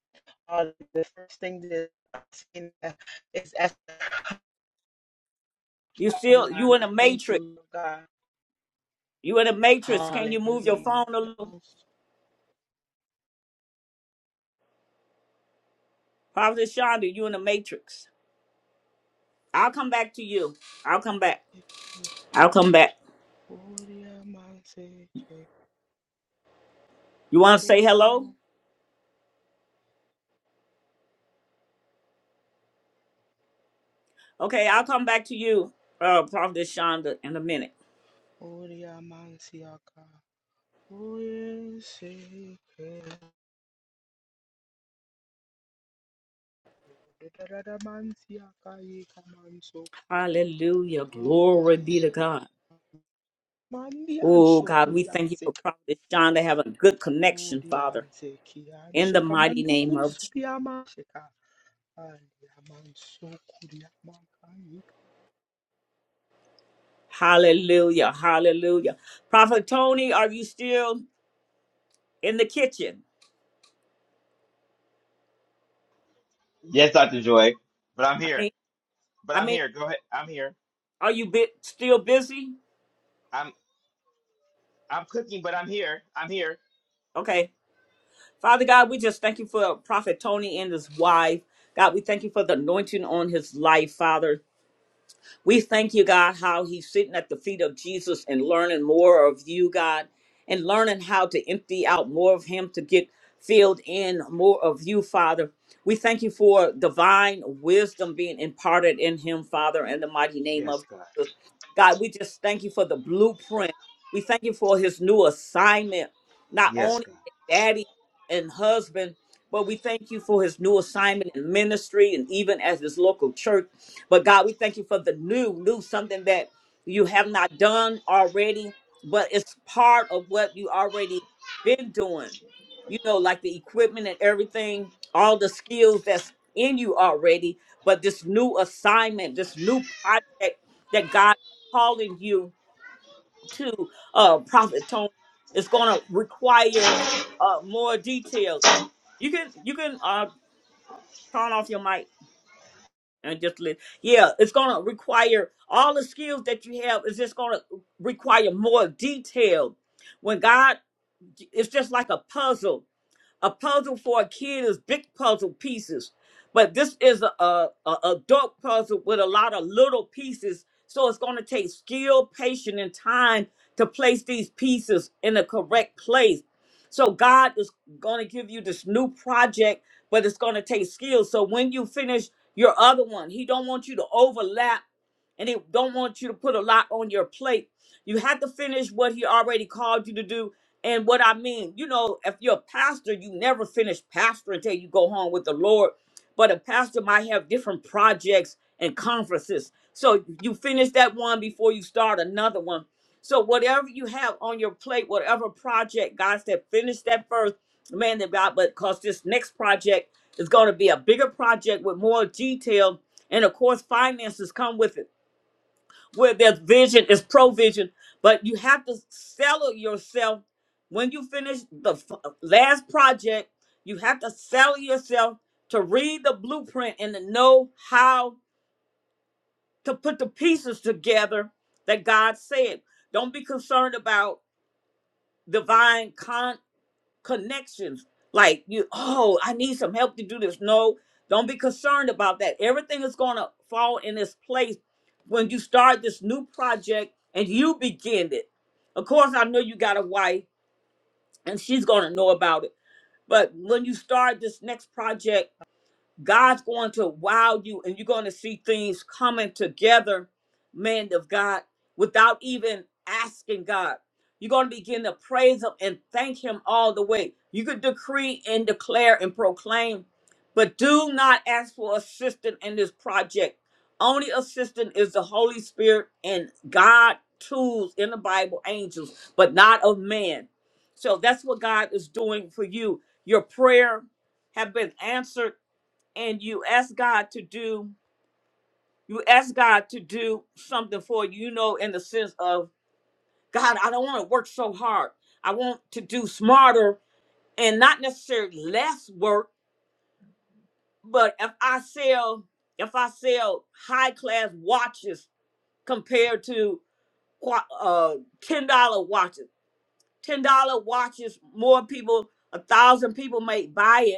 Speaker 8: Uh, the first thing that I've seen uh, is as
Speaker 1: You still
Speaker 8: and
Speaker 1: you in
Speaker 8: I
Speaker 1: the
Speaker 8: thank you,
Speaker 1: matrix.
Speaker 8: Lord God.
Speaker 1: You in the matrix. Can you move your phone
Speaker 8: Hallelujah.
Speaker 1: a
Speaker 8: The
Speaker 1: little?
Speaker 8: most-
Speaker 1: Prophet Shonda, you in the matrix. I'll come back to you. I'll come back.
Speaker 8: Eke,
Speaker 1: I'll come back.
Speaker 8: Oria Manse, Eke,
Speaker 1: You want to say hello?
Speaker 8: O,
Speaker 1: Okay, I'll come back to you, uh, Prophet Shonda, in a minute.
Speaker 8: Oria Mansiaka, Oye Seke, Dadada Mansiaka, Eka Mansoko,
Speaker 1: Hallelujah. Glory
Speaker 8: Oria
Speaker 1: be to God.
Speaker 8: Mandian
Speaker 1: Oh God, we
Speaker 8: Shokudian
Speaker 1: thank you for
Speaker 8: Seka,
Speaker 1: Prophet Shonda having a good connection,
Speaker 8: Odian
Speaker 1: Father.
Speaker 8: Sekian
Speaker 1: in the
Speaker 8: Sheka
Speaker 1: mighty name of
Speaker 8: Mandukus
Speaker 1: Jesus.
Speaker 8: Piama sheka.
Speaker 1: Hallelujah. Hallelujah. Prophet Tony, are you still in the kitchen?
Speaker 9: Yes, Dr. Joy, but I'm
Speaker 1: I
Speaker 9: here.
Speaker 1: mean,
Speaker 9: But
Speaker 1: I
Speaker 9: I'm
Speaker 1: mean,
Speaker 9: here. Go ahead. I'm here.
Speaker 1: are you bit still busy?
Speaker 9: I'm I'm cooking, but I'm here. I'm here.
Speaker 1: Okay. Father God, we just thank you for Prophet Tony and his wife. God, we thank you for the anointing on his life, Father. We thank you, God, how he's sitting at the feet of Jesus and learning more of you, God, and learning how to empty out more of him to get filled in more of you, Father. We thank you for divine wisdom being imparted in him, Father, in the mighty name of Jesus. God, we just thank you for the blueprint. We thank you for his new assignment, not
Speaker 9: Yes.
Speaker 1: only daddy and husband, but we thank you for his new assignment in ministry and even as his local church. But God, we thank you for the new, new something that you have not done already, but it's part of what you already been doing. You know, like the equipment and everything, all the skills that's in you already, but this new assignment, this new project that God is calling you to, uh, Prophet Tony, is going to require uh, more details. You can you can uh, turn off your mic and just let yeah it's gonna require all the skills that you have It's just gonna require more detail when god it's just like a puzzle a puzzle for a kid is big puzzle pieces, but this is a, a, a adult puzzle with a lot of little pieces. So it's going to take skill, patience, and time to place these pieces in the correct place. So God is going to give you this new project, but it's going to take skill. So when you finish your other one, He don't want you to overlap, and He don't want you to put a lot on your plate. You had to finish what he already called you to do. And what I mean, you know, if you're a pastor, you never finish pastor until you go home with the Lord. But a pastor might have different projects and conferences. So you finish that one before you start another one. So whatever you have on your plate, whatever project, God said, finish that first, man of God, but because this next project is going to be a bigger project with more detail. And of course, finances come with it where there's vision is provision but you have to sell yourself when you finish the f- last project you have to sell yourself to read the blueprint and to know how to put the pieces together that god said don't be concerned about divine connections. Like you, oh, I need some help to do this. No, don't be concerned about that. Everything is gonna fall in its place when you start this new project and you begin it. Of course, I know you got a wife and she's gonna know about it. But when you start this next project God's going to wow you and you're going to see things coming together, man of God, without even asking God. You're going to begin to praise Him and thank Him all the way. You could decree and declare and proclaim, but do not ask for assistance in this project. Only assistance is the Holy Spirit and God tools in the Bible, angels, but not of man. So that's what God is doing for you. Your prayer have been answered and you ask God to do you ask God to do something for you, you know, in the sense of God, I don't want to work so hard. I want to do smarter and not necessarily less work, but if I sell if I sell high class watches compared to qua- uh ten dollar watches, ten dollar watches, more people, a thousand people may buy it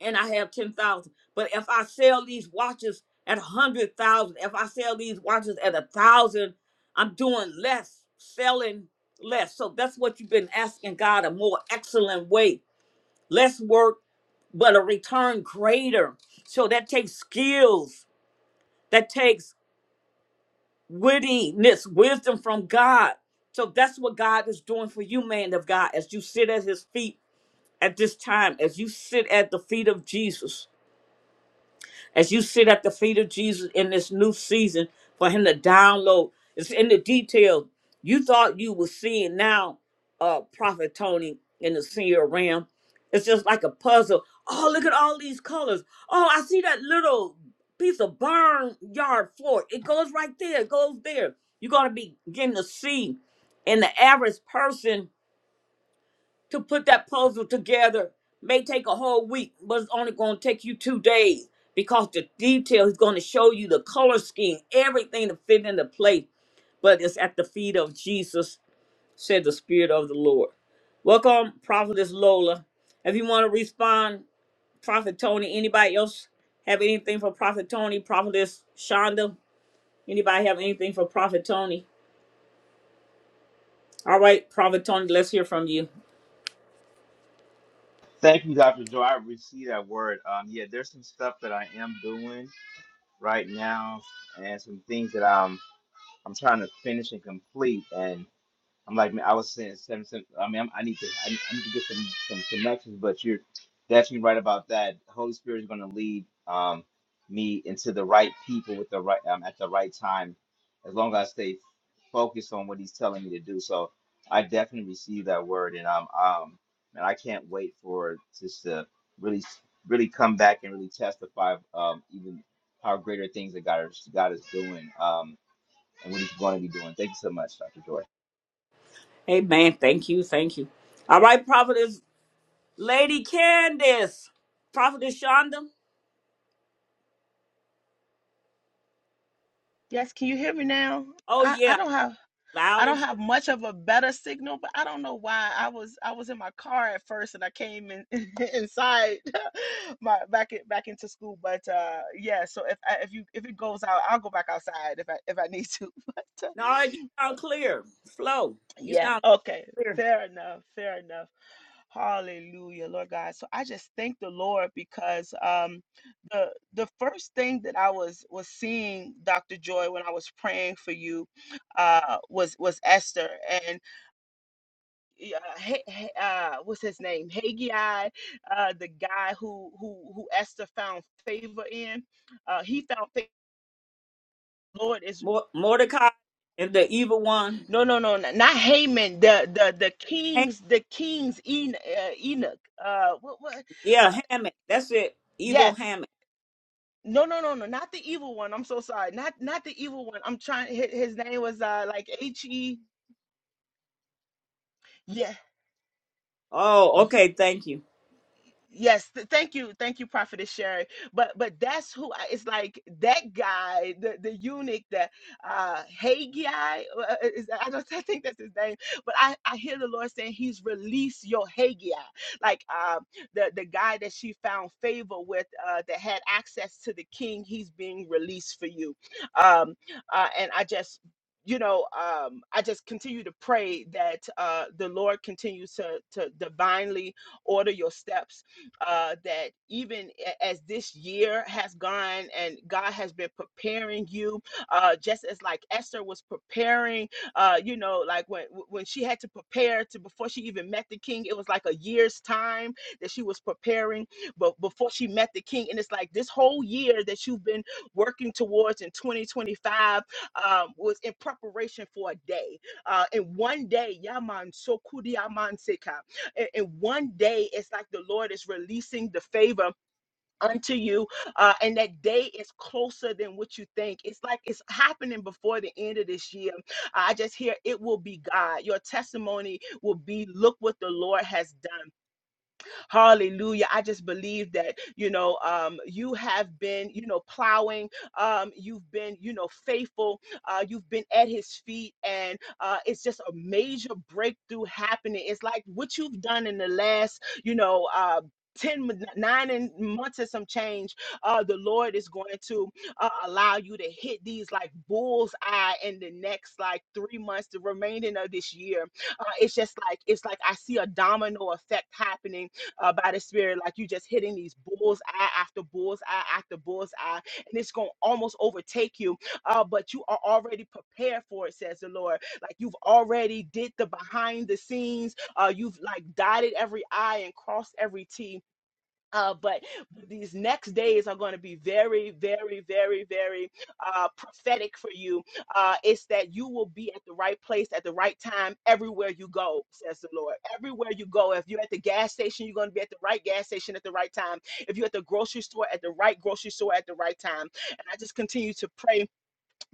Speaker 1: and I have 10,000. But if I sell these watches at 100,000, if I sell these watches at a 1,000, I'm doing less, selling less. So that's what you've been asking God a more excellent way. Less work, but a return greater. So that takes skills, that takes wittiness, wisdom from God. So that's what God is doing for you, man of God, as you sit at his feet at this time, as you sit at the feet of Jesus. As you sit at the feet of Jesus in this new season, for him to download, it's in the details. You thought you were seeing now, uh, Prophet Tony in the senior realm. It's just like a puzzle. Oh, look at all these colors. Oh, I see that little piece of barnyard floor. It goes right there. It goes there. You're gonna be getting to see. And the average person to put that puzzle together may take a whole week, but it's only going to take you two days because the detail is going to show you the color scheme, everything to fit into place. But it's at the feet of Jesus, said the Spirit of the Lord. Welcome, Prophetess Lola. If you want to respond, Prophet Tony, anybody else have anything for Prophet Tony? Prophetess Shonda, anybody have anything for Prophet Tony? All right, Prophet Tony, let's hear from you.
Speaker 9: Thank you, Dr. Joe. I received that word. Um, yeah, there's some stuff that I am doing right now, and some things that I'm I'm trying to finish and complete. and. I'm like, man, I was saying seven, seven, I mean, I'm, I need to, I need, I need to get some some connections. But you're definitely right about that. Holy Spirit is going to lead um, me into the right people with the right um, at the right time, as long as I stay focused on what He's telling me to do. So I definitely receive that word, and um, um, and I can't wait for just to really, really come back and really testify of um, even how greater things that God is God is doing um, and what He's going to be doing. Thank you so much, Dr. Joy.
Speaker 1: Amen. Thank you. Thank you. All right, Prophetess. Lady Candace, Prophetess Shonda.
Speaker 8: Yes, can you hear me now?
Speaker 1: Oh
Speaker 8: I, I
Speaker 1: yeah,
Speaker 8: don't have I
Speaker 1: loud
Speaker 8: don't
Speaker 1: and clear.
Speaker 8: have much of a better signal, but I don't know why I was I was in my car at first and I came in inside my back in, back into school. But uh yeah, so if I, if you if it goes out, I'll go back outside if I if I need to. But
Speaker 1: No, you
Speaker 8: uh,
Speaker 1: sound clear. Flow, You
Speaker 8: Yeah,
Speaker 1: sound
Speaker 8: okay.
Speaker 1: clear.
Speaker 8: Fair enough. Fair enough. Hallelujah, Lord God. So I just thank the Lord because um the the first thing that I was was seeing Dr. Joy when I was praying for you uh was was Esther and yeah, H- H- uh what's his name? Haggai, uh the guy who who who Esther found favor in. Uh he found favor
Speaker 1: Mor- Mordecai and the evil one.
Speaker 8: No, no, no, n- not Haman. The the the
Speaker 1: Ham-
Speaker 8: kings, the kings Enoch. Uh, Enoch. Uh, what what? Uh,
Speaker 1: yeah, Hammett. That's it. Evil
Speaker 8: yeah.
Speaker 1: Hammett.
Speaker 8: No, no, no, no. Not the evil one. I'm so sorry. Not not the evil one. I'm trying. His, his name was uh like H E. Yeah.
Speaker 1: Oh,
Speaker 8: yeah,
Speaker 1: okay. Thank you.
Speaker 8: Yes, th- thank you, thank you, Prophetess Sherry. But but that's who I, it's like that guy, the the eunuch, the uh Haggai. uh, uh, Is, I don't I think that's his name, but I I hear the Lord saying He's released your Haggai, like uh, the the guy that she found favor with, uh, that had access to the king. He's being released for you, um, uh, and I just. You know, um, I just continue to pray that uh, the Lord continues to to divinely order your steps uh, that even a- as this year has gone and God has been preparing you, uh, just as like Esther was preparing, uh, you know, like when when she had to prepare to before she even met the king, it was like a year's time that she was preparing, but before she met the king, and it's like this whole year that you've been working towards in 2025 um, was in preparation for a day. Uh, and one day, Yaman Sokudi and, and one day, it's like the Lord is releasing the favor unto you, uh, and that day is closer than what you think. It's like it's happening before the end of this year. I just hear it will be God. Your testimony will be, look what the Lord has done. Hallelujah. I just believe that, you know, um, you have been, you know, plowing. Um, you've been, you know, faithful. Uh, you've been at his feet. And uh, it's just a major breakthrough happening. It's like what you've done in the last, you know, uh, 10 nine and months and some change uh the lord is going to uh, allow you to hit these like bull's eye in the next like three months the remaining of this year uh, it's just like it's like i see a domino effect happening uh, by the Spirit, like you just hitting these bull's eye after bull's eye after bull's eye, and it's gonna almost overtake you. Uh, but you are already prepared for it, says the Lord. Like you've already did the behind the scenes. Uh, you've like dotted every I and crossed every T uh, but these next days are going to be very, very, very, very uh, prophetic for you. Uh, it's that you will be at the right place at the right time everywhere you go, says the Lord. Everywhere you go, if you're at the gas station, you're going to be at the right gas station at the right time. If you're at the grocery store, at the right grocery store at the right time. And I just continue to pray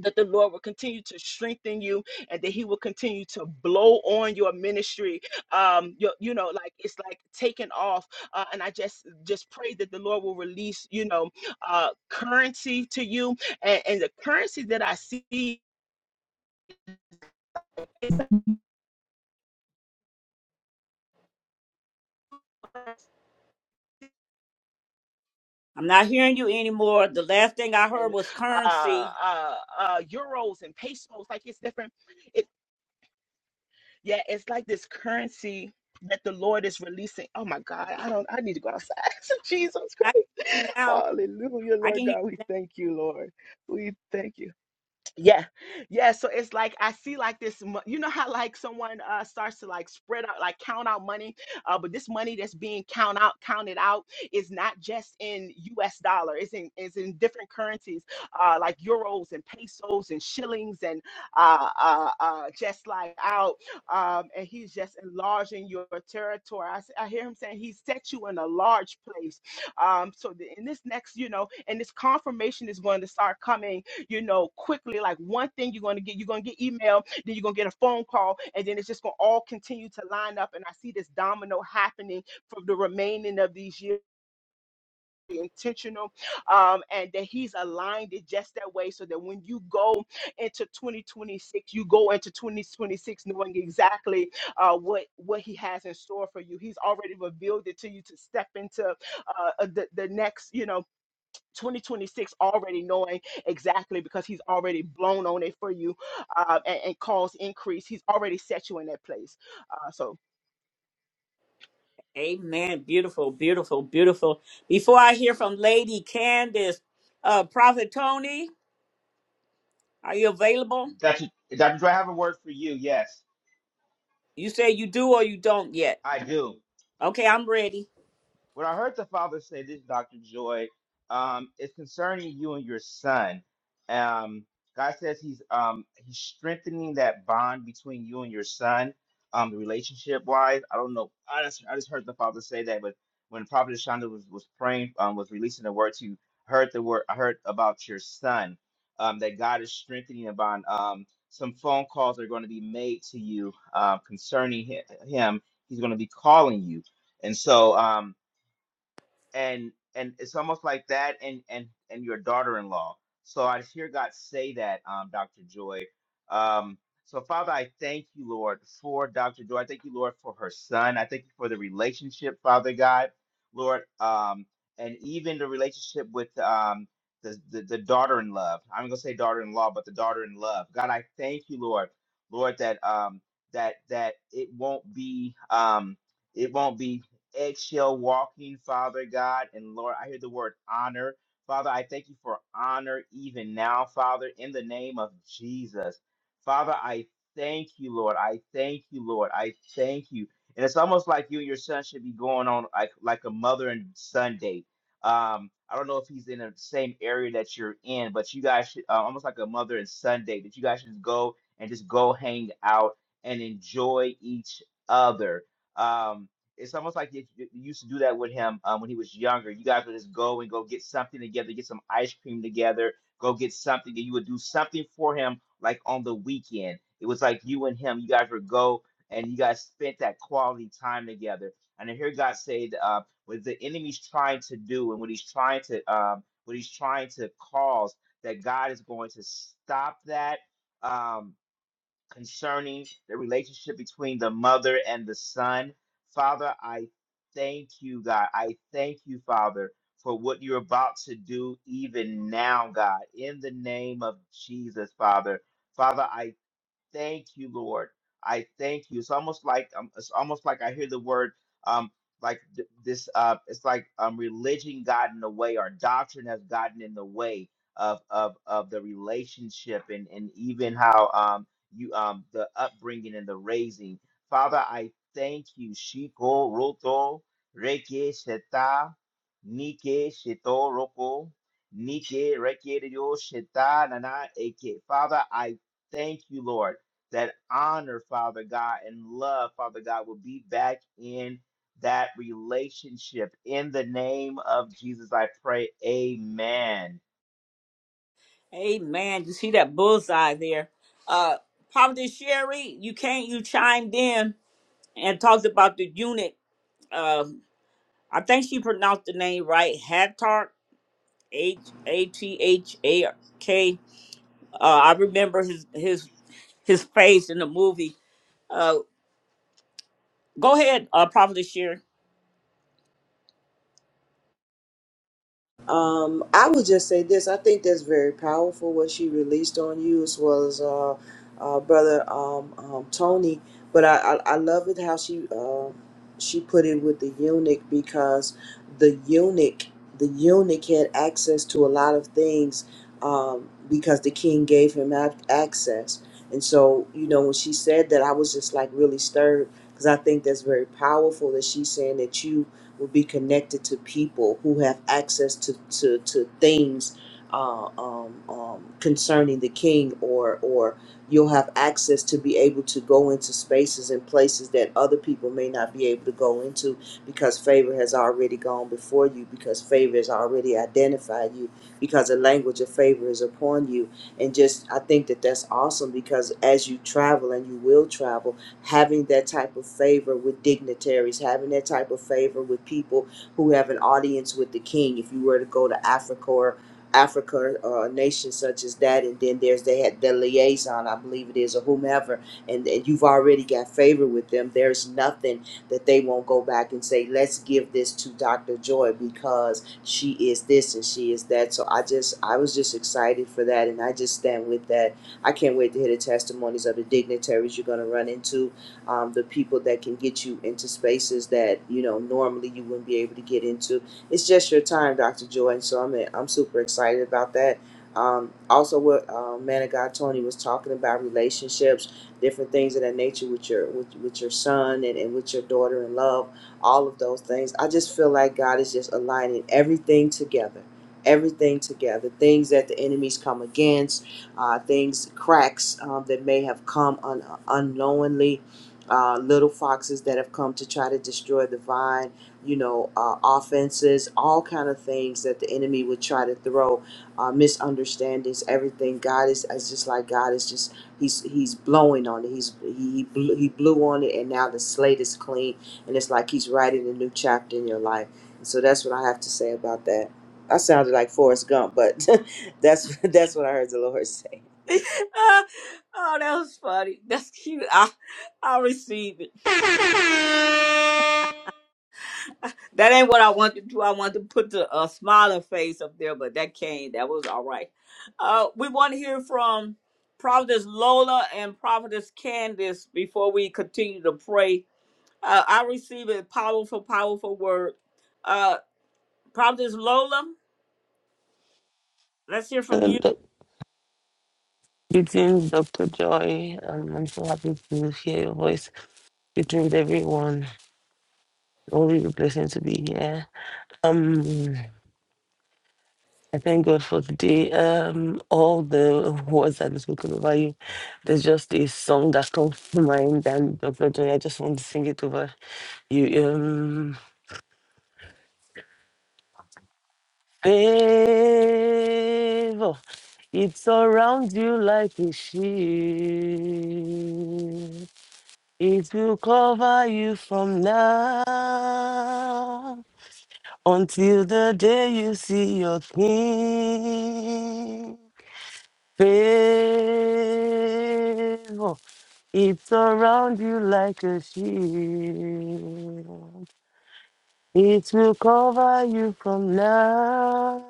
Speaker 8: that the Lord will continue to strengthen you and that He will continue to blow on your ministry. Um, your, you know, like it's like taking off. Uh, and I just just pray that the Lord will release, you know, uh, currency to you and, and the currency that I see
Speaker 1: I'm not hearing you anymore. The last thing I heard
Speaker 8: and
Speaker 1: was
Speaker 8: uh,
Speaker 1: currency.
Speaker 8: uh, uh, euros and pesos, like it's different. Yeah, it's like this currency that the Lord is releasing. Oh my God, I don't I need to go outside. Jesus
Speaker 1: I can hear
Speaker 8: Christ.
Speaker 1: you now.
Speaker 8: Hallelujah,
Speaker 1: I can
Speaker 8: Lord
Speaker 1: hear
Speaker 8: God. We
Speaker 1: you
Speaker 8: thank you, Lord. We thank you yeah yeah so it's like i see like this mo- you know how like someone uh starts to like spread out like count out money uh but this money that's being count out counted out is not just in us dollar it's in it's in different currencies uh like euros and pesos and shillings and uh uh, uh just like out um and he's just enlarging your territory I, s- I hear him saying he set you in a large place um so the, in this next you know and this confirmation is going to start coming you know, quickly. Like one thing you're going to get, you're going to get email, then you're going to get a phone call, and then it's just going to all continue to line up. And I see this domino happening for the remaining of these years. Intentional, um, and that he's aligned it just that way so that when you go into 2026, you go into 2026 knowing exactly uh, what what he has in store for you. He's already revealed it to you to step into uh, uh, the, the next, you know. 2026 already knowing exactly because he's already blown on it for you uh, and, and caused increase. He's already set you in that place. Uh, so,
Speaker 1: now. Amen. Beautiful, beautiful, beautiful. Before I hear from Lady Candace, uh, Prophet Tony, are you available?
Speaker 9: Dr. Dr. Dre, I have a word for you. Yes,
Speaker 1: You say you do or you don't yet.
Speaker 9: I do.
Speaker 1: Okay, I'm ready.
Speaker 9: When I heard the father say this, Dr. Joy, um, it's concerning you and your son. Um, God says he's um, he's strengthening that bond between you and your son, um, the relationship wise. I don't know. I just I just heard the father say that, but when Prophet Shonda was, was praying, um, was releasing the word to you, heard the word I heard about your son, um, that God is strengthening the bond. Um, some phone calls are going to be made to you uh, concerning hi- him. He's going to be calling you. And so um, and and it's almost like that and and and your daughter-in-law so i hear god say that um dr joy um so father i thank you lord for dr joy i thank you lord for her son i thank you for the relationship father god lord um and even the relationship with um the, the, the daughter in love i'm gonna say daughter-in-law but the daughter in love god i thank you lord lord that um that that it won't be um it won't be eggshell walking, Father God. And Lord, I hear the word honor. Father, I thank you for honor even now, Father, in the name of Jesus. Father, I thank you, Lord. I thank you, Lord. I thank you. And it's almost like you and your son should be going on like like a mother and son date. Um, I don't know if he's in the same area that you're in, but you guys should uh, almost like a mother and son date that you guys should just go and just go hang out and enjoy each other. Um, it's almost like you, you used to do that with him um, when he was younger. You guys would just go and go get something together, get some ice cream together, go get something, and you would do something for him like on the weekend. It was like you and him, you guys would go and you guys spent that quality time together. And I hear God say uh, what the enemy's trying to do and what he's trying to um, what he's trying to cause, that God is going to stop that. Um, concerning the relationship between the mother and the son. Father, I thank you, God. I thank you, Father, for what you're about to do even now, God, in the name of Jesus, Father. Father, I Thank you, Lord. I thank you. It's almost like um, it's almost like I hear the word um like th- this uh it's like um religion got in the way or doctrine has gotten in the way of of of the relationship and and even how um you um the upbringing and the raising. Father, I thank you. Shiko roto reke sheta nike sheto roko nike reke ryo sheta nana eke. Father, I thank you, Lord that honor, Father God, and love, Father God, will be back in that relationship. In the name of Jesus, I pray. Amen.
Speaker 1: Hey man, you see that bullseye there. Uh Prophet Sherry, you can't you chimed in and talked about the unit. Um I think she pronounced the name right, Hattark, H A T H A K. Uh I remember his his his face in the movie. Uh go ahead, uh Prophet Sherry.
Speaker 7: Um, I would just say this. I think that's very powerful what she released on you, as well as uh, uh, brother um, um, Tony. But I, I, I love it how she uh, she put it with the eunuch because the eunuch the eunuch had access to a lot of things um, because the king gave him ac- access. And so you know when she said that, I was just like really stirred because I think that's very powerful that she's saying that you will be connected to people who have access to, to, to things uh, um, um, concerning the king or or you'll have access to be able to go into spaces and places that other people may not be able to go into because favor has already gone before you because favor has already identified you because the language of favor is upon you and just i think that that's awesome because as you travel and you will travel having that type of favor with dignitaries, having that type of favor with people who have an audience with the king. If you were to go to Africa or Africa or a nation such as that, and then there's they had the liaison, I believe it is, or whomever, and, and you've already got favor with them. There's nothing that they won't go back and say, let's give this to Dr. Joy because she is this and she is that. So I just, I was just excited for that, and I just stand with that. I can't wait to hear the testimonies of the dignitaries you're going to run into um, the people that can get you into spaces that you know normally you wouldn't be able to get into. It's just your time, Dr. Joy, and so I'm I'm super excited about that. Um, also, what uh, man of God Tony was talking about relationships, different things of that nature with your with, with your son and, and with your daughter in love, all of those things. I just feel like God is just aligning everything together, everything together. Things that the enemies come against, uh, things cracks um, that may have come un- unknowingly uh, little foxes that have come to try to destroy the vine, you know, uh, offenses, all kind of things that the enemy would try to throw, uh, misunderstandings, everything. God is, is just like God is just he's he's blowing on it. He's he he blew, he blew on it, and now the slate is clean, and it's like he's writing a new chapter in your life. And so that's what I have to say about that. I sounded like Forrest Gump, but that's that's what I heard the Lord
Speaker 1: Uh, oh, that was funny. That's cute. I I receive it. That ain't what I wanted to do. I wanted to put the uh, smiling face up there, but that came. That was all right. Uh, we want to hear from Prophetess Lola and Prophetess Candace before we continue to pray. Uh, I received a powerful, powerful word. Uh, Prophetess Lola, let's hear from you.
Speaker 10: And uh, greetings, Dr. Joy. Um, I'm so happy to hear your voice. Greetings, everyone. Always a blessing to be here. Um, I thank God for today. Um, all the words that have spoken over you, there's just a song that comes to mind, and Dr. Joy, I just want to sing it over you. Um, favor, it surrounds you like a shield. It will cover you from now until the day you see your king. Favor, it's around you like a shield. It will cover you from now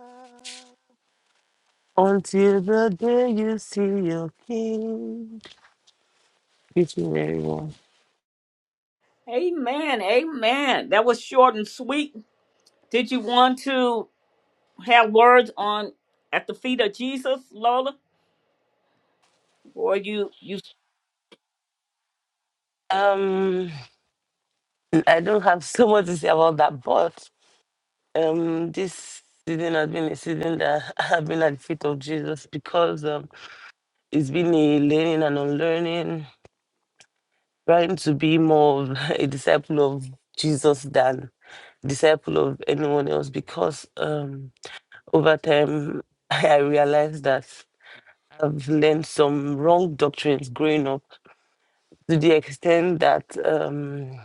Speaker 10: until the day you see your king. It's very well.
Speaker 1: Amen. Amen. That was short and sweet. Did you want to have words on at the feet of Jesus, Lola, or you you
Speaker 10: Um, I don't have so much to say about that, but um this season has been a season that I have been at the feet of Jesus because um it's been a learning and unlearning, trying to be more of a disciple of Jesus than disciple of anyone else because um over time I realized that I've learned some wrong doctrines growing up to the extent that um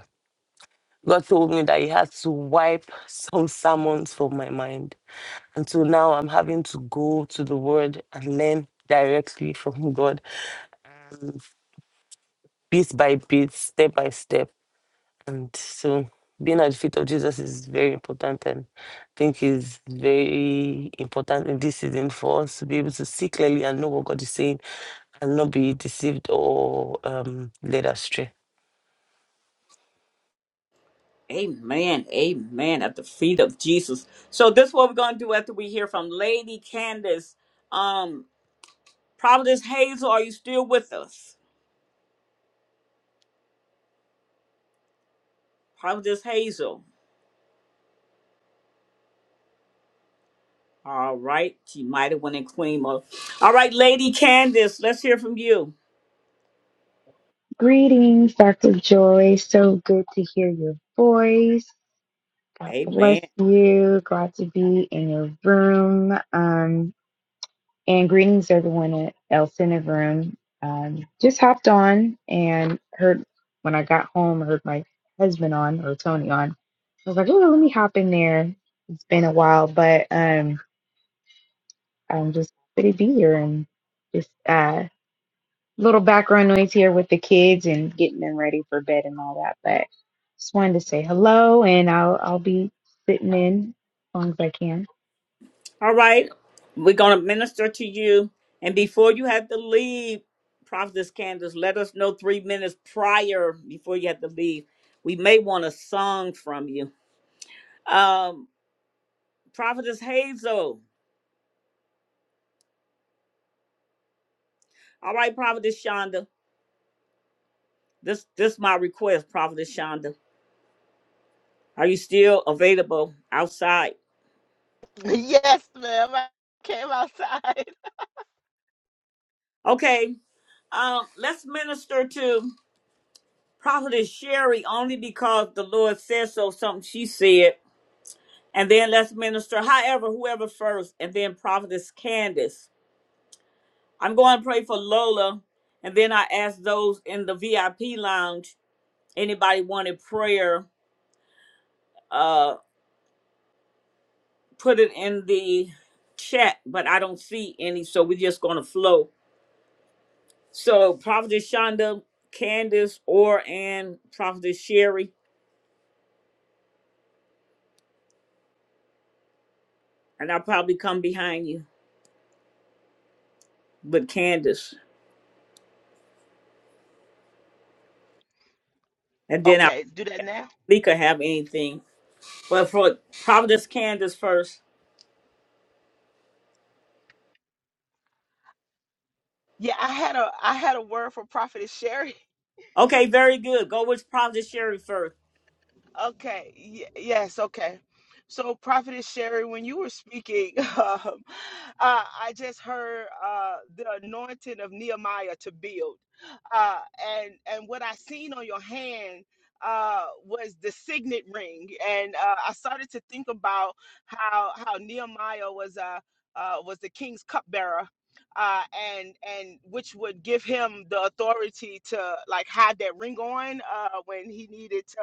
Speaker 10: God told me that he had to wipe some sermons from my mind Until now, I'm having to go to the word and learn directly from God, bit by bit, step by step. And so being at the feet of Jesus is very important and I think is very important in this season for us to be able to see clearly and know what God is saying and not be deceived or um, led astray.
Speaker 1: Amen. Amen. At the feet of Jesus. So this is what we're gonna do after we hear from Lady Candace. Um, Providence Hazel, are you still with us? Providence Hazel. All right. She might have went in Queen mode. All right, Lady Candace, let's hear from you.
Speaker 11: Greetings, Dr. Joy. So good to hear your voice. God bless
Speaker 1: Amen.
Speaker 11: you. Glad to be in your room. Um, and greetings, everyone else in the room. Um, just hopped on and heard when I got home, I heard my husband on or Tony on. I was like, oh, let me hop in there. It's been a while, but um, I'm just happy to be here and just uh, little background noise here with the kids and getting them ready for bed and all that. But just wanted to say hello, and I'll I'll be sitting in as long as I can.
Speaker 1: All right. We're gonna minister to you. And before you have to leave, Providence Candace, let us know three minutes prior before you have to leave. We may want a song from you. Um Prophetess Hazel. All right, Prophetess Shonda. This this my request, Prophetess Shonda. Are you still available outside?
Speaker 8: yes, ma'am. I came outside.
Speaker 1: Okay. Um, let's minister to Prophetess Sherry only because the Lord said so, something she said. And then let's minister, however, whoever first, and then Prophetess Candace. I'm going to pray for Lola, and then I ask those in the VIP lounge, anybody wanted prayer, Uh. put it in the chat, but I don't see any, so we're just gonna flow. So Prophetess Shonda, Candace, or and Prophetess Sherry, and I'll probably come behind you, but Candace, and then I'll
Speaker 8: Okay, do that now.
Speaker 1: Lika have anything. But for Prophetess Candace first.
Speaker 8: Yeah, I had a I had a word for Prophetess Sherry
Speaker 1: Okay, very good. Go with Prophetess Sherry first.
Speaker 8: Okay. Y- yes. Okay. So, Prophetess Sherry, when you were speaking, um, uh, I just heard uh, the anointing of Nehemiah to build, uh, and and what I seen on your hand uh, was the signet ring, and uh, I started to think about how how Nehemiah was uh, uh, was the king's cupbearer. Uh, and and which would give him the authority to like have that ring on uh, when he needed to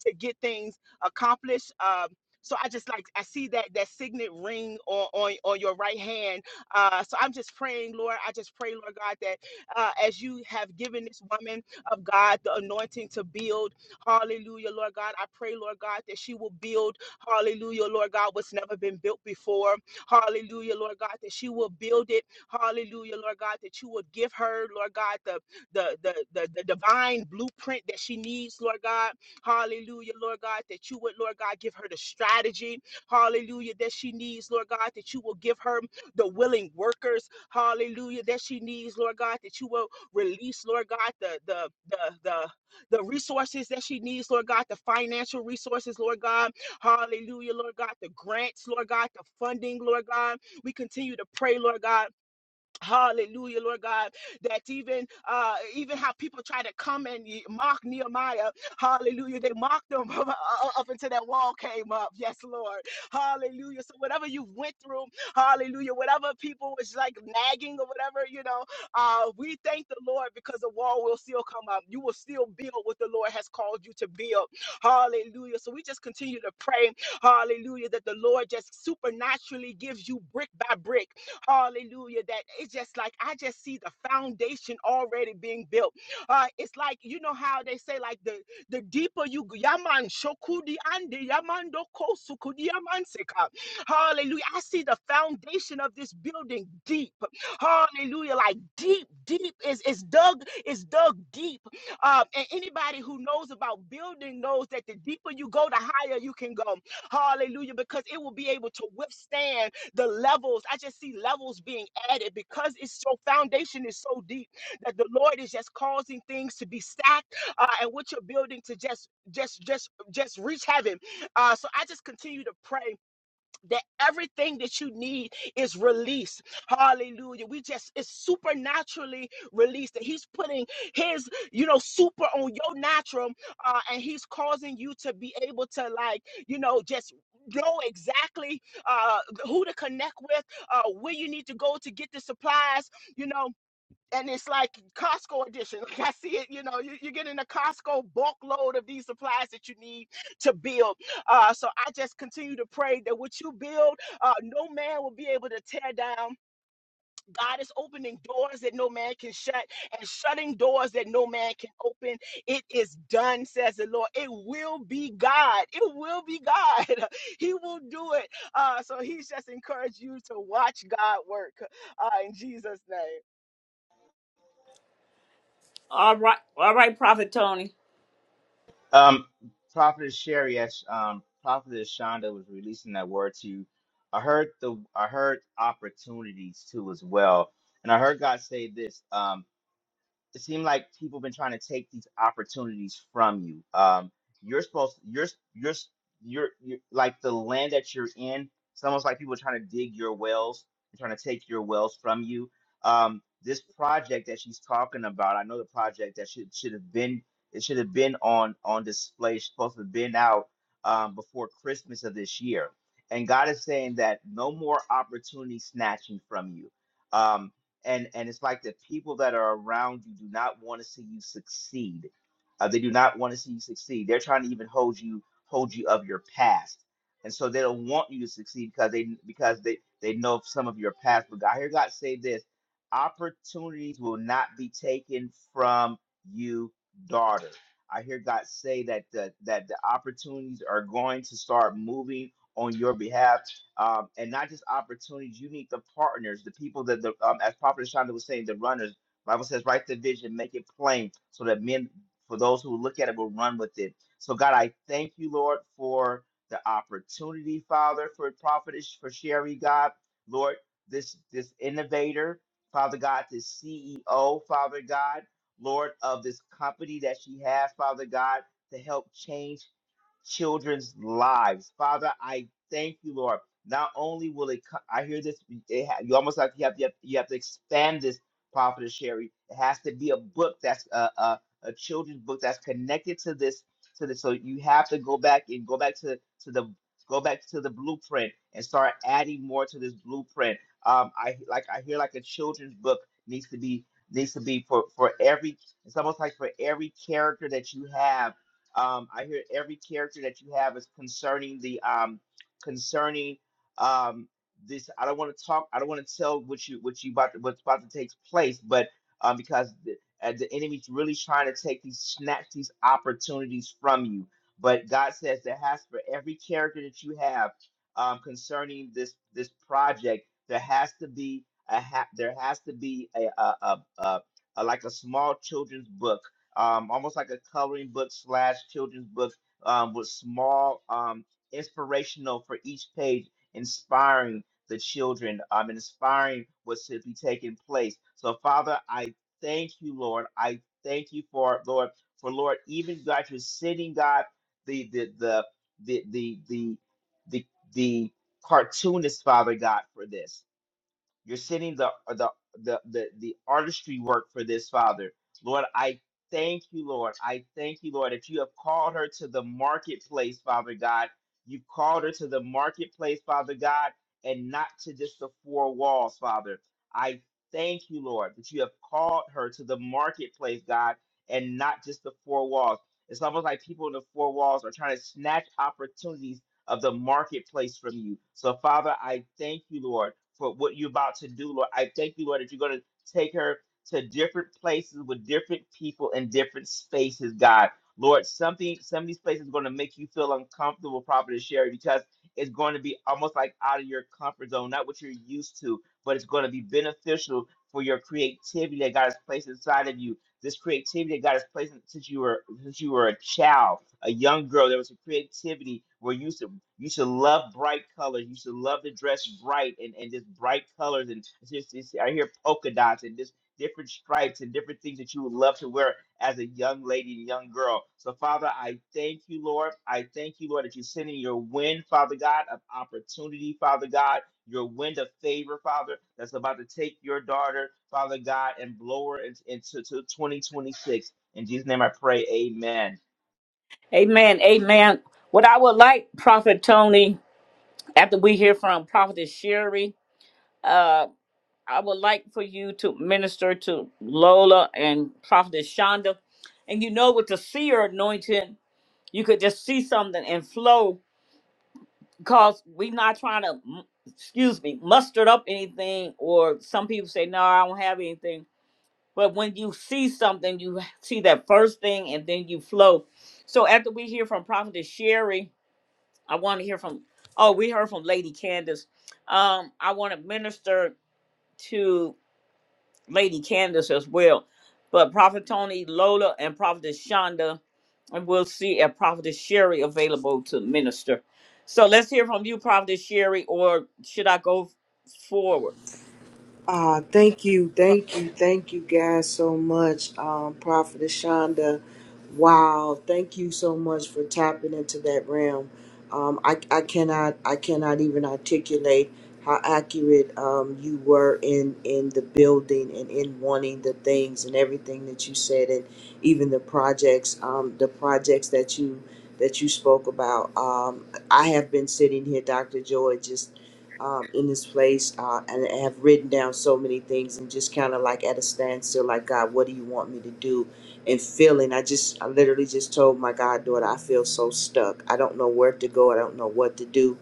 Speaker 8: to get things accomplished. Um, so I just like I see that that signet ring on on, on your right hand. Uh, so I'm just praying, Lord. I just pray, Lord God, that uh, as you have given this woman of God the anointing to build, Hallelujah, Lord God. I pray, Lord God, that she will build, Hallelujah, Lord God, what's never been built before, Hallelujah, Lord God, that she will build it, Hallelujah, Lord God, that you would give her, Lord God, the the the the, the divine blueprint that she needs, Lord God Hallelujah, Lord God, that you would, Lord God, give her the strategy. Hallelujah, that she needs, Lord God, that you will give her the willing workers. Hallelujah, that she needs, Lord God, that you will release, Lord God, the the the the the resources that she needs, Lord God, the financial resources, Lord God. Hallelujah, Lord God, the grants, Lord God, the funding, Lord God. We continue to pray, Lord God Hallelujah, Lord God, that even uh, even how people try to come and ye- mock Nehemiah, hallelujah, they mocked them up until that wall came up. Yes, Lord, hallelujah. So whatever you went through, hallelujah, whatever people was like nagging or whatever, you know, uh, we thank the Lord because the wall will still come up. You will still build what the Lord has called you to build. Hallelujah. So we just continue to pray, hallelujah, that the Lord just supernaturally gives you brick by brick. Hallelujah. That it's just like I just see the foundation already being built. Uh, it's like you know how they say like the the deeper you go- yaman shokudi ande yamando kosukudi yamanseka. Hallelujah. I see the foundation of this building deep. Hallelujah. Like deep, deep is is dug is dug deep. Um, and anybody who knows about building knows that the deeper you go, the higher you can go. Hallelujah. Because it will be able to withstand the levels. I just see levels being added because it's your foundation is so deep that the Lord is just causing things to be stacked uh, and what you're building to just just just just reach heaven. Uh, so I just continue to pray that everything that you need is released. Hallelujah. We just, it's supernaturally released that he's putting his, you know, super on your natural uh, and he's causing you to be able to like, you know, just know exactly uh, who to connect with, uh, where you need to go to get the supplies, you know, and it's like Costco edition. Like I see it, you know, you, you're getting a Costco bulk load of these supplies that you need to build. Uh, so I just continue to pray that what you build, uh, no man will be able to tear down. God is opening doors that no man can shut and shutting doors that no man can open. It is done, says the Lord. It will be God. It will be God. he will do it. Uh, so he's just encouraged you to watch God work uh, in Jesus' name.
Speaker 1: All right, all right, Prophet Tony.
Speaker 9: Um, Prophet Sherry, yes, um, Prophet Shonda was releasing that word to you. I heard the I heard opportunities too as well, and I heard God say this. Um, it seemed like people been trying to take these opportunities from you. Um, you're supposed you're you're you're, you're like the land that you're in. It's almost like people are trying to dig your wells and trying to take your wells from you. Um, this project that she's talking about, I know the project that should should have been it should have been on on display. It's supposed to have been out um, before Christmas of this year. And God is saying that no more opportunity snatching from you. Um, and and it's like the people that are around you do not want to see you succeed. Uh, they do not want to see you succeed. They're trying to even hold you hold you of your past, and so they don't want you to succeed because they because they they know some of your past. But God, I hear God say this: opportunities will not be taken from you, daughter. I hear God say that the, that the opportunities are going to start moving on your behalf um, and not just opportunities. You need the partners, the people that the um, as Prophet Shonda was saying, the runners. Bible says, write the vision, make it plain, so that men, for those who look at it, will run with it. So God, I thank you, Lord, for the opportunity, Father, for prophetess, for Sherry, God, Lord, this this innovator, Father God, this CEO, Father God, Lord of this company that she has, Father God, to help change children's lives. Father, I thank you, Lord. Not only will it, co- I hear this. It ha, you almost like you have, you have you have to expand this prophet Sherry. It has to be a book that's a, a a children's book that's connected to this to this. So you have to go back and go back to to the go back to the blueprint and start adding more to this blueprint. Um, I like I hear like a children's book needs to be needs to be for for every. It's almost like for every character that you have um, I hear every character that you have is concerning the um, concerning um, this I don't want to talk. I don't want to tell what you what you about to, what's about to take place, but um, because the, uh, the enemy's really trying to take these snatch these opportunities from you. But God says there has for every character that you have um, concerning this this project, there has to be a ha- there has to be a a, a, a, a like a small children's book, um, almost like a coloring book slash children's book um, with small um, inspirational for each page inspiring the children, um, and inspiring what should be taking place. So, Father, I thank you, Lord. I thank you for Lord, for Lord, even God, you're sending God the the the the the the the, the cartoonist, Father God, for this. You're sending the uh, the the the, the artistry work for this, Father. Lord, I thank you, Lord. I thank you, Lord, that you have called her to the marketplace, Father God. You've called her to the marketplace, Father God, and not to just the four walls, Father. I thank you, Lord, that you have called her to the marketplace, God, and not just the four walls. It's almost like people in the four walls are trying to snatch opportunities of the marketplace from you. So, Father, I thank you, Lord for what you're about to do, Lord. I thank you, Lord, that you're going to take her to different places with different people in different spaces, God. Lord, something some of these places are going to make you feel uncomfortable, Prophet Sherry, because it's going to be almost like out of your comfort zone, not what you're used to, but it's going to be beneficial for your creativity that God has placed inside of you. This creativity that God has placed since you were since you were a child a young girl. There was a creativity where you should you should love bright colors. You should love to dress bright and, and just bright colors and it's just it's, I hear polka dots and just different stripes and different things that you would love to wear as a young lady and young girl. So Father, I thank you, Lord. I thank you, Lord, that you're sending your wind, Father God, of opportunity, Father God, your wind of favor, Father, that's about to take your daughter, Father God, and blow her in- into to 2026. In Jesus' name I pray, amen.
Speaker 1: Amen, amen. What I would like, Prophet Tony, after we hear from Prophetess Sherry, uh. I would like for you to minister to Lola and Prophetess Shonda. And you know, with the seer anointing, you could just see something and flow because we're not trying to, mm, excuse me, muster up anything. Or some people say, no, I don't have anything. But when you see something, you see that first thing and then you flow. So after we hear from Prophetess Sherry, I want to hear from, oh, we heard from Lady Candace. Um, I want to minister to Lady Candace as well. But Prophet Tony, Lola, and Prophetess Shonda, and we'll see if Prophetess Sherry available to minister. So let's hear from you, Prophetess Sherry, or should I go forward?
Speaker 7: Uh, thank you, thank you, thank you guys so much, um, Prophet Shonda. Wow, thank you so much for tapping into that realm. Um, I, I cannot I cannot even articulate how accurate um, you were in, in the building and in wanting the things and everything that you said and even the projects um, the projects that you that you spoke about. Um, I have been sitting here, Dr. Joy, just um, in this place uh, and I have written down so many things and just kind of like at a standstill, like, God, what do you want me to do? And feeling, I just, I literally just told my goddaughter, I feel so stuck. I don't know where to go. I don't know what to do.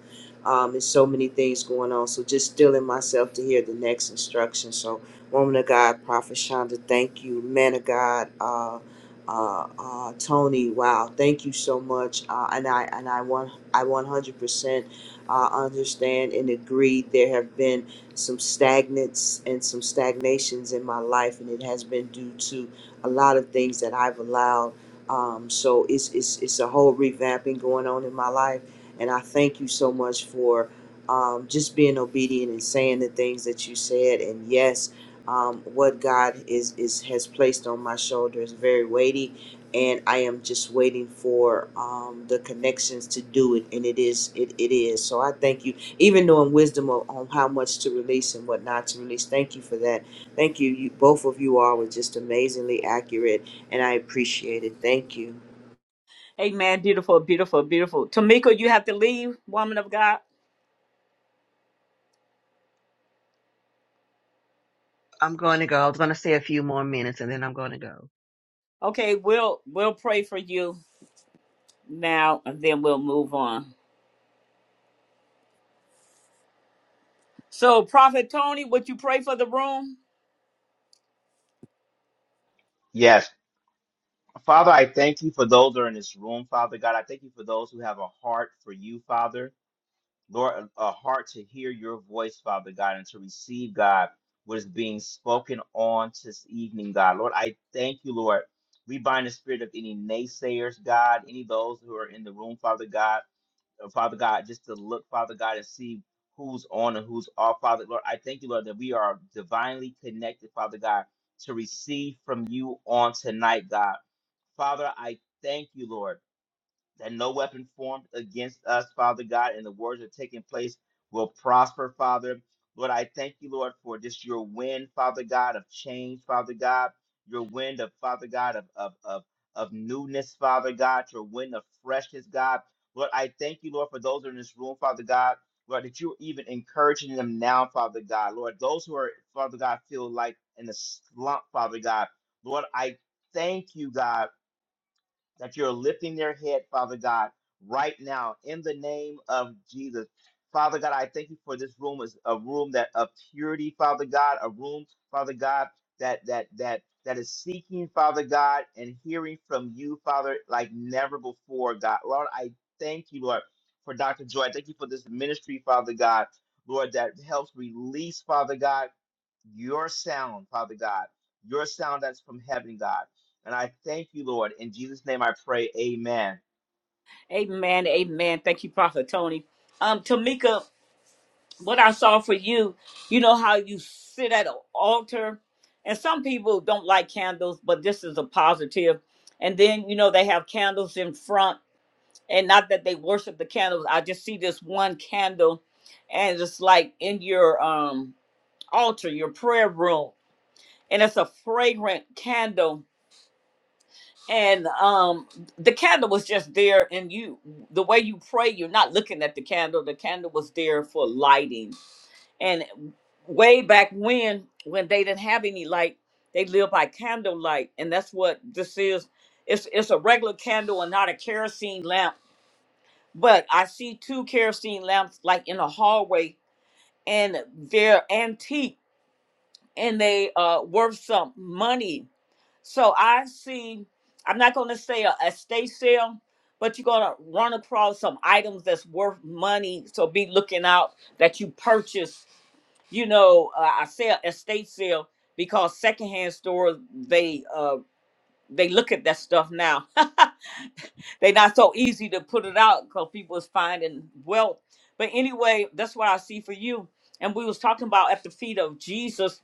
Speaker 7: Um, there's so many things going on. So just stilling myself to hear the next instruction. So, woman of God, Prophet Shonda, thank you. Man of God, uh, uh, uh, Tony, wow, thank you so much. Uh, and I, and I want, I 100% I understand and agree there have been some stagnants and some stagnations in my life, and it has been due to a lot of things that I've allowed. Um, so it's, it's, it's a whole revamping going on in my life. And I thank you so much for um, just being obedient and saying the things that you said. And yes, um, what God is, is has placed on my shoulder is very weighty and I am just waiting for um, the connections to do it, and it is it, it is. So I thank you, even knowing wisdom on, on how much to release and what not to release. Thank you for that. Thank you, you both of you all were just amazingly accurate, and I appreciate it. Thank you.
Speaker 1: Amen. Beautiful, beautiful, beautiful. Tamika, you have to leave, woman of God.
Speaker 4: I'm going to go. I was going to say a few more minutes and then I'm going to go.
Speaker 1: Okay, we'll we'll pray for you now, and then we'll move on. So, Prophet Tony, would you pray for the room?
Speaker 9: Yes. Father, I thank you for those that are in this room, Father God. I thank you for those who have a heart for you, Father. Lord, a, a heart to hear your voice, Father God, and to receive, God, what is being spoken on this evening, God. Lord, I thank you, Lord. We bind the spirit of any naysayers, God, any of those who are in the room, Father God, uh, Father God, just to look, Father God, and see who's on and who's off, Father. Lord, I thank you, Lord, that we are divinely connected, Father God, to receive from you on tonight, God. Father, I thank you, Lord, that no weapon formed against us, Father God, and the wars that are taking place will prosper, Father. Lord, I thank you, Lord, for just your wind, Father God, of change, Father God, your wind of Father God of of of, of newness, Father God, your wind of freshness, God. Lord, I thank you, Lord, for those in this room, Father God. Lord, that you're even encouraging them now, Father God. Lord, those who are, Father God, feel like in the slump, Father God. Lord, I thank you, God that you're lifting their head, Father God, right now in the name of Jesus. Father God, I thank you for this room is a room that of purity, Father God, a room, Father God, that that that that is seeking, Father God, and hearing from you, Father, like never before, God. Lord, I thank you, Lord, for Dr. Joy. I thank you for this ministry, Father God, Lord, that helps release, Father God your sound, Father God, your sound that's from heaven, God. And I thank you, Lord. In Jesus' name I pray, amen.
Speaker 1: Amen. Amen. Thank you, Prophet Tony. Um, Tamika, what I saw for you, you know how you sit at an altar, and some people don't like candles, but this is a positive. And then you know they have candles in front, and not that they worship the candles. I just see this one candle, and it's like in your um altar, your prayer room, and it's a fragrant candle. And um the candle was just there, and you the way you pray, you're not looking at the candle. The candle was there for lighting and way back when, when they didn't have any light, they lived by candlelight, and that's what this is. It's it's a regular candle and not a kerosene lamp. But I see two kerosene lamps like in a hallway, and they're antique and they uh worth some money. So I see. I'm not going to say a estate sale, but you're going to run across some items that's worth money. So be looking out that you purchase you know, uh, I sell estate sale because secondhand stores they uh they look at that stuff now. they not so easy to put it out because people is finding wealth. But anyway, that's what I see for you. And we was talking about at the feet of Jesus.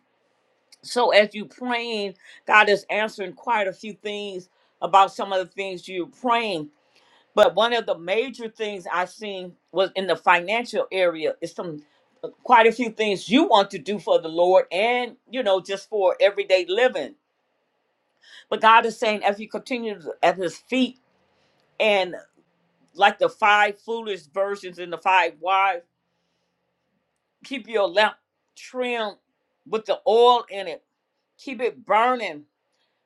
Speaker 1: So as you praying, God is answering quite a few things about some of the things you're praying but one of the major things I seen was in the financial area is some uh, quite a few things you want to do for the Lord and you know just for everyday living. But God is saying as you continue at his feet and like the five foolish versions and the five wise, keep your lamp trimmed with the oil in it. Keep it burning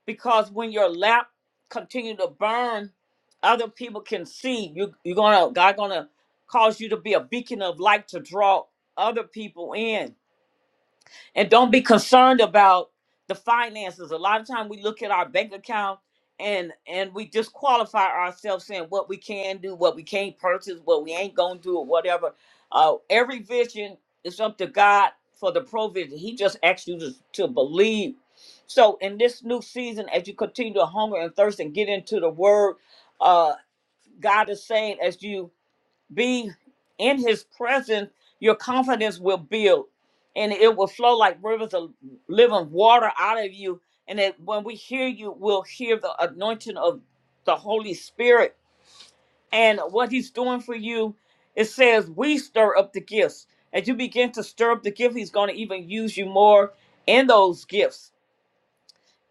Speaker 1: because when your lamp continue to burn, other people can see you. You're gonna God gonna cause you to be a beacon of light to draw other people in and don't be concerned about the finances. A lot of time we look at our bank account and and we disqualify ourselves saying what we can do, what we can't purchase, what we ain't gonna do, or whatever. Uh, every vision is up to God for the provision. He just asks you to, to believe. So in this new season, as you continue to hunger and thirst and get into the Word, uh, God is saying as you be in his presence, your confidence will build and it will flow like rivers of living water out of you. And that when we hear you, we'll hear the anointing of the Holy Spirit and what he's doing for you. It says, We stir up the gifts. As you begin to stir up the gift, he's going to even use you more in those gifts.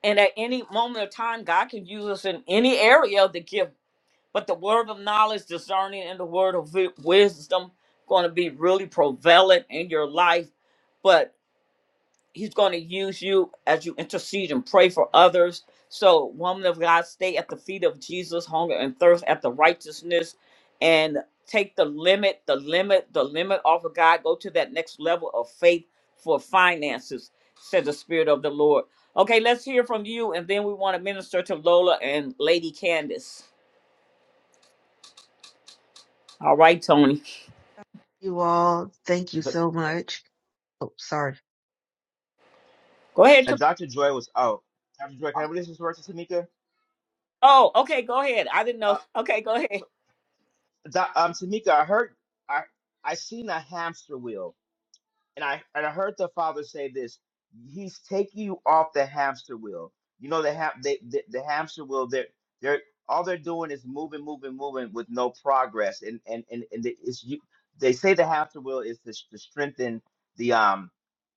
Speaker 1: And at any moment of time, God can use us in any area of the gift but the word of knowledge, discerning, and the word of vi- wisdom going to be really prevalent in your life. But He's going to use you as you intercede and pray for others. So, woman of God, stay at the feet of Jesus, hunger and thirst at the righteousness, and take the limit, the limit, the limit off of God. Go to that next level of faith for finances, said the Spirit of the Lord. Okay, let's hear from you, and then we want to minister to Lola and Lady Candace. All right, Tony.
Speaker 4: You all, thank you so much. Oh, sorry.
Speaker 1: Go ahead. Tam-
Speaker 9: And Dr. Joy was, out. Dr. Joy, can I release this word to Tamika?
Speaker 1: Oh, okay. Go ahead. I didn't know.
Speaker 9: Uh,
Speaker 1: Okay, go ahead.
Speaker 9: so, doc, um, Tamika, I heard, I, I seen a hamster wheel and I and I heard the father say this. He's taking you off the hamster wheel. You know the ham they, the, the hamster wheel. They're they're all they're doing is moving, moving, moving with no progress. And and and and the, it's you. They say the hamster wheel is to, s- to strengthen the um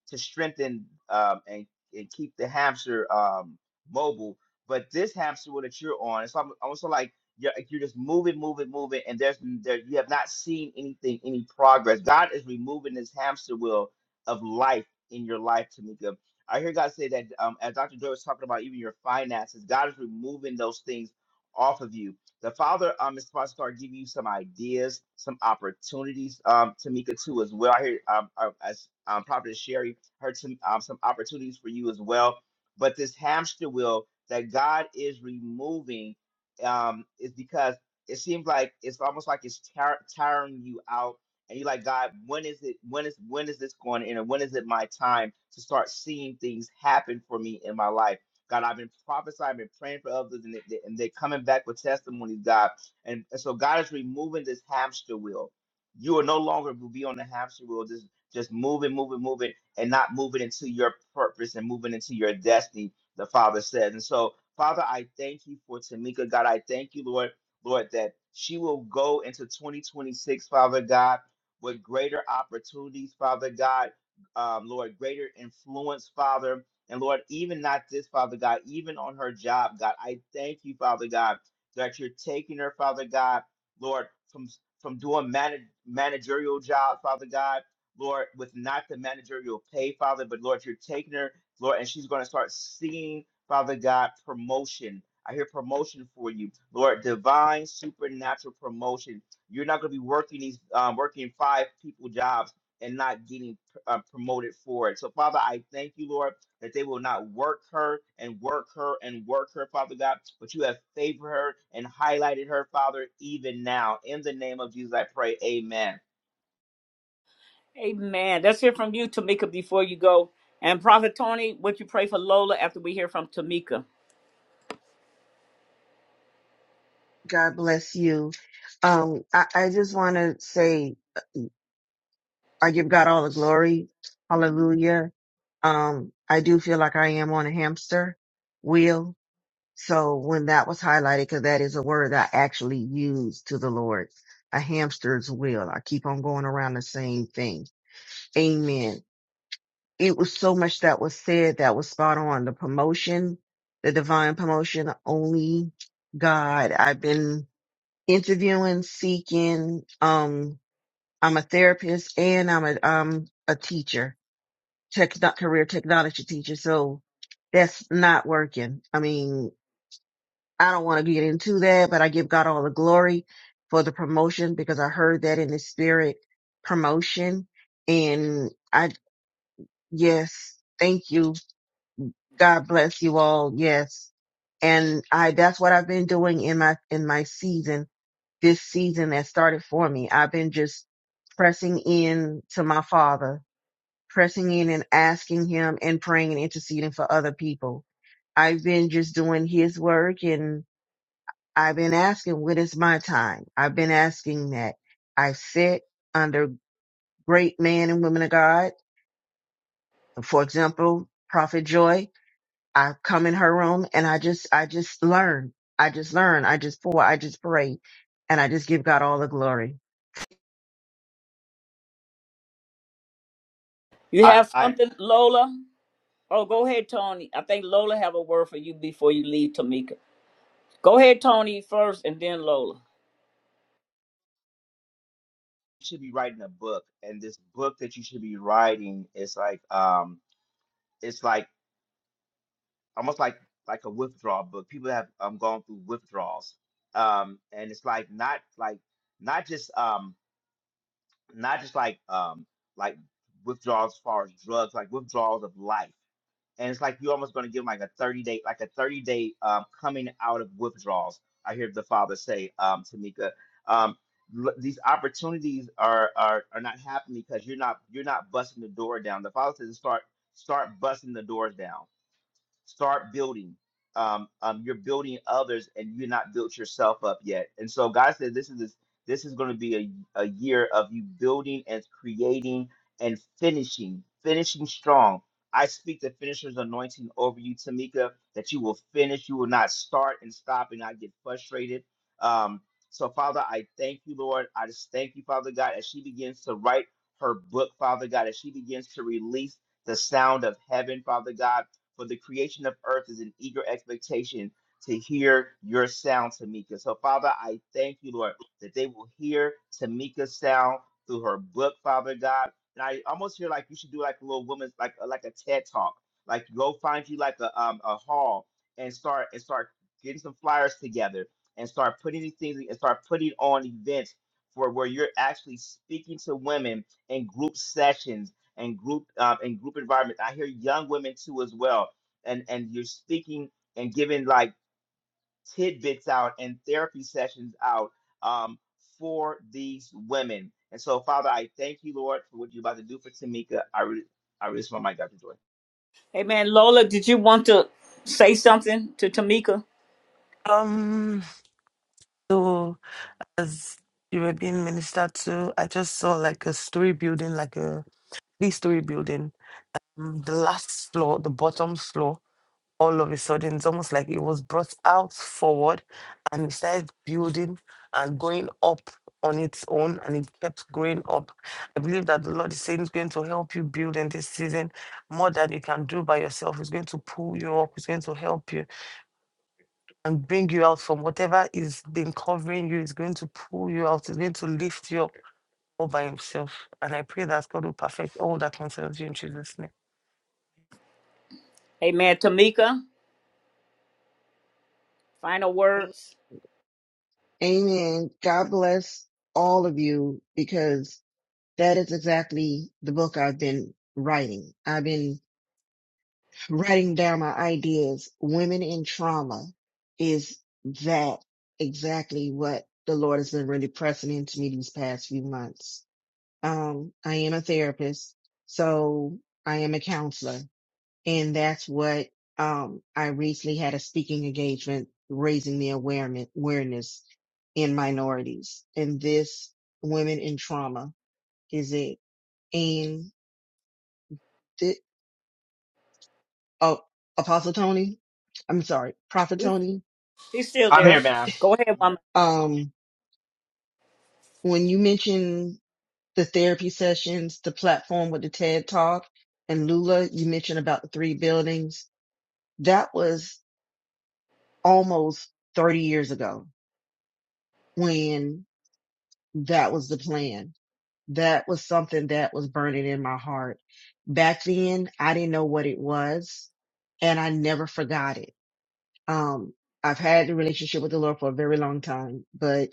Speaker 9: to strengthen um, and, and keep the hamster um, mobile. But this hamster wheel that you're on, it's almo- almost like you're, like you're just moving, moving, moving, and there's there, you have not seen anything, any progress. God is removing this hamster wheel of life in your life, Tamika. I hear God say that um, as Dr. Joy was talking about even your finances, God is removing those things off of you. The Father um, is supposed to start giving you some ideas, some opportunities, um, Tamika, too, as well. I hear um, uh, as um, Prophet Sherry heard some um, some opportunities for you as well. But this hamster wheel that God is removing um, is because it seems like it's almost like it's tar- tiring you out, and you're like, God, when is it? When is when is this going to end? And when is it my time to start seeing things happen for me in my life? God, I've been prophesying, I've been praying for others, and, they, they- and they're coming back with testimonies, God. And, and so God is removing this hamster wheel. You are no longer will be on the hamster wheel, just just moving, moving, moving and not moving into your purpose and moving into your destiny, the Father says. And so, Father, I thank you for Tamika, God. I thank you, Lord, Lord, that she will go into 2026, Father God, with greater opportunities, Father God, um, Lord, greater influence, Father. And Lord, even not this, Father God, even on her job, God, I thank you, Father God, that you're taking her, Father God, Lord, from from doing manag managerial job, Father God Lord, with not the managerial pay, Father, but Lord, you're taking her, Lord, and she's going to start seeing, Father God, promotion. I hear promotion for you, Lord, divine supernatural promotion. You're not going to be working these, um, working five people jobs and not getting uh, promoted for it. So, Father, I thank you, Lord, that they will not work her and work her and work her, Father God, but you have favored her and highlighted her, Father, even now. In the name of Jesus, I pray. Amen.
Speaker 1: Amen. Let's hear from you, Tamika, before you go. And Prophet Tony, would you pray for Lola after we hear from Tamika?
Speaker 4: God bless you. Um, I, I just want to say I give God all the glory. Hallelujah. Um, I do feel like I am on a hamster wheel. So when that was highlighted, because that is a word I actually use to the Lord, a hamster's wheel. I keep on going around the same thing. Amen. It was so much that was said that was spot on. The promotion, the divine promotion, only God. I've been interviewing, seeking. Um, I'm a therapist and I'm a um a teacher, techno- career technology teacher. So that's not working. I mean, I don't want to get into that, but I give God all the glory for the promotion because I heard that in the spirit promotion. And I, yes, thank you. God bless you all. Yes. And I, that's what I've been doing in my, in my season this season that started for me. I've been just pressing in to my father, pressing in and asking him and praying and interceding for other people. I've been just doing his work and I've been asking, when is my time? I've been asking that. I've sit under great men and women of God. For example, Prophet Joy, I come in her room and I just, I just learn. I just learn. I just pour. I just pray and I just give God all the glory.
Speaker 1: You
Speaker 9: I,
Speaker 1: have
Speaker 9: I
Speaker 1: something, Lola? Oh, go ahead, Tony. I think Lola have a word for you before you leave, Tamika. Go ahead, Tony, first, and then Lola.
Speaker 9: should be writing a book and this book that you should be writing is like um it's like almost like like a withdrawal book people have um gone through withdrawals um and it's like not like not just um not just like um like withdrawals as far as drugs like withdrawals of life and it's like you're almost going to give them like a 30 day like a 30 day um, coming out of withdrawals i hear the father say um, tamika um, l- these opportunities are, are are not happening because you're not you're not busting the door down the father says start start busting the doors down Start building. Um, um, you're building others, and you're not built yourself up yet. And so God said, "This is this, this is going to be a, a year of you building and creating and finishing, finishing strong." I speak the finisher's anointing over you, Tamika, that you will finish. You will not start and stop and not get frustrated. Um, so, Father, I thank you, Lord. I just thank you, Father God, as she begins to write her book, Father God, as she begins to release the sound of heaven, Father God for the creation of earth is in eager expectation to hear your sound, Tamika. So, Father, I thank you, Lord, that they will hear Tamika's sound through her book, Father God. And I almost feel like you should do like a little woman's, like uh, like a TED talk, like go find you like a um a hall and start and start getting some flyers together and start putting these things and start putting on events for where you're actually speaking to women in group sessions and group uh, and group environments. I hear young women too as well, and and you're speaking and giving like tidbits out and therapy sessions out um, for these women. And so, Father, I thank you, Lord, for what you're about to do for Tamika. I re- I release my mic, Dr. Joy.
Speaker 1: Amen. Lola, did you want to say something to Tamika?
Speaker 10: Um so as you were being ministered to, I just saw like a story building, like a three story building Mm, the last floor, the bottom floor, all of a sudden, it's almost like it was brought out forward and it started building and going up on its own and it kept growing up. I believe that the Lord is saying is going to help you build in this season more than you can do by yourself. It's going to pull you up, it's going to help you and bring you out from whatever is been covering you, it's going to pull you out, it's going to lift you up all by himself. And I pray that God will perfect all that concerns you in Jesus' name.
Speaker 1: Amen. Tamika, final words.
Speaker 4: Amen. God bless all of you because that is exactly the book I've been writing. I've been writing down my ideas. Women in trauma is that exactly what the Lord has been really pressing into me these past few months. Um, I am a therapist, so I am a counselor. And that's what um, I recently had a speaking engagement raising the awareness, awareness in minorities. And this Women in Trauma is it. And the, oh, Apostle Tony, I'm sorry, Prophet Tony,
Speaker 1: She's still
Speaker 9: I'm
Speaker 1: there.
Speaker 9: here, man.
Speaker 1: Go ahead,
Speaker 9: I'm
Speaker 1: woman.
Speaker 9: here.
Speaker 4: um, when you mentioned the therapy sessions, the platform with the TED Talk, and Lula, you mentioned about the three buildings. That was almost 30 years ago when that was the plan that was something that was burning in my heart. Back then, I didn't know what it was and I never forgot it. Um, I've had a relationship with the Lord for a very long time, but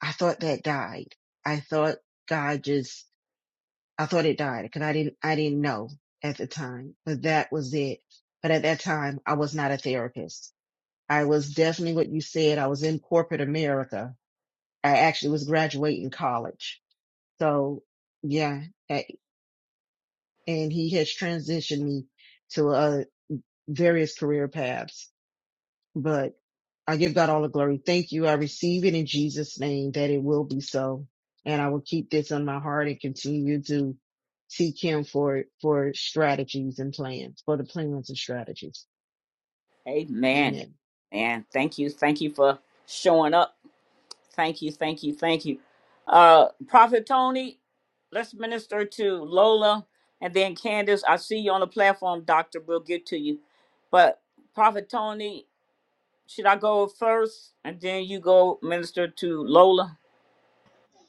Speaker 4: I thought that died. I thought God just, I thought it died because I didn't, I didn't know at the time, but that was it. But at that time, I was not a therapist. I was definitely what you said. I was in corporate America. I actually was graduating college. So yeah, and he has transitioned me to uh, various career paths. But I give God all the glory. Thank you. I receive it in Jesus' name that it will be so, and I will keep this on my heart and continue to seek Him for for strategies and plans for the plans and strategies.
Speaker 1: Amen.
Speaker 4: Amen.
Speaker 1: And thank you. Thank you for showing up. Thank you. Thank you. Thank you. Uh Prophet Tony, let's minister to Lola and then Candace. I see you on the platform, Doctor. We'll get to you. But Prophet Tony, should I go first and then you go minister to Lola?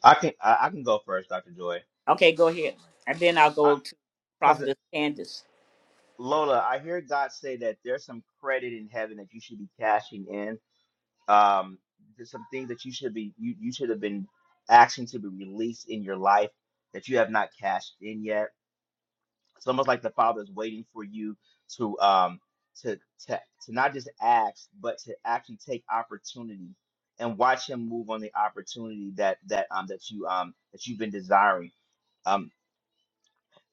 Speaker 9: I can I, I can go first, Dr. Joy,
Speaker 1: Okay, go
Speaker 9: if you
Speaker 1: ahead.
Speaker 9: want mind.
Speaker 1: And then I'll go to
Speaker 9: Because
Speaker 1: Prophetess Candace.
Speaker 9: Lola, I hear God say that there's some credit in heaven that you should be cashing in Um, there's some things that you should be you, you should have been asking to be released in your life that you have not cashed in yet. It's almost like the Father is waiting for you to um to to to not just ask, but to actually take opportunity and watch Him move on the opportunity that that um that you um that you've been desiring. um.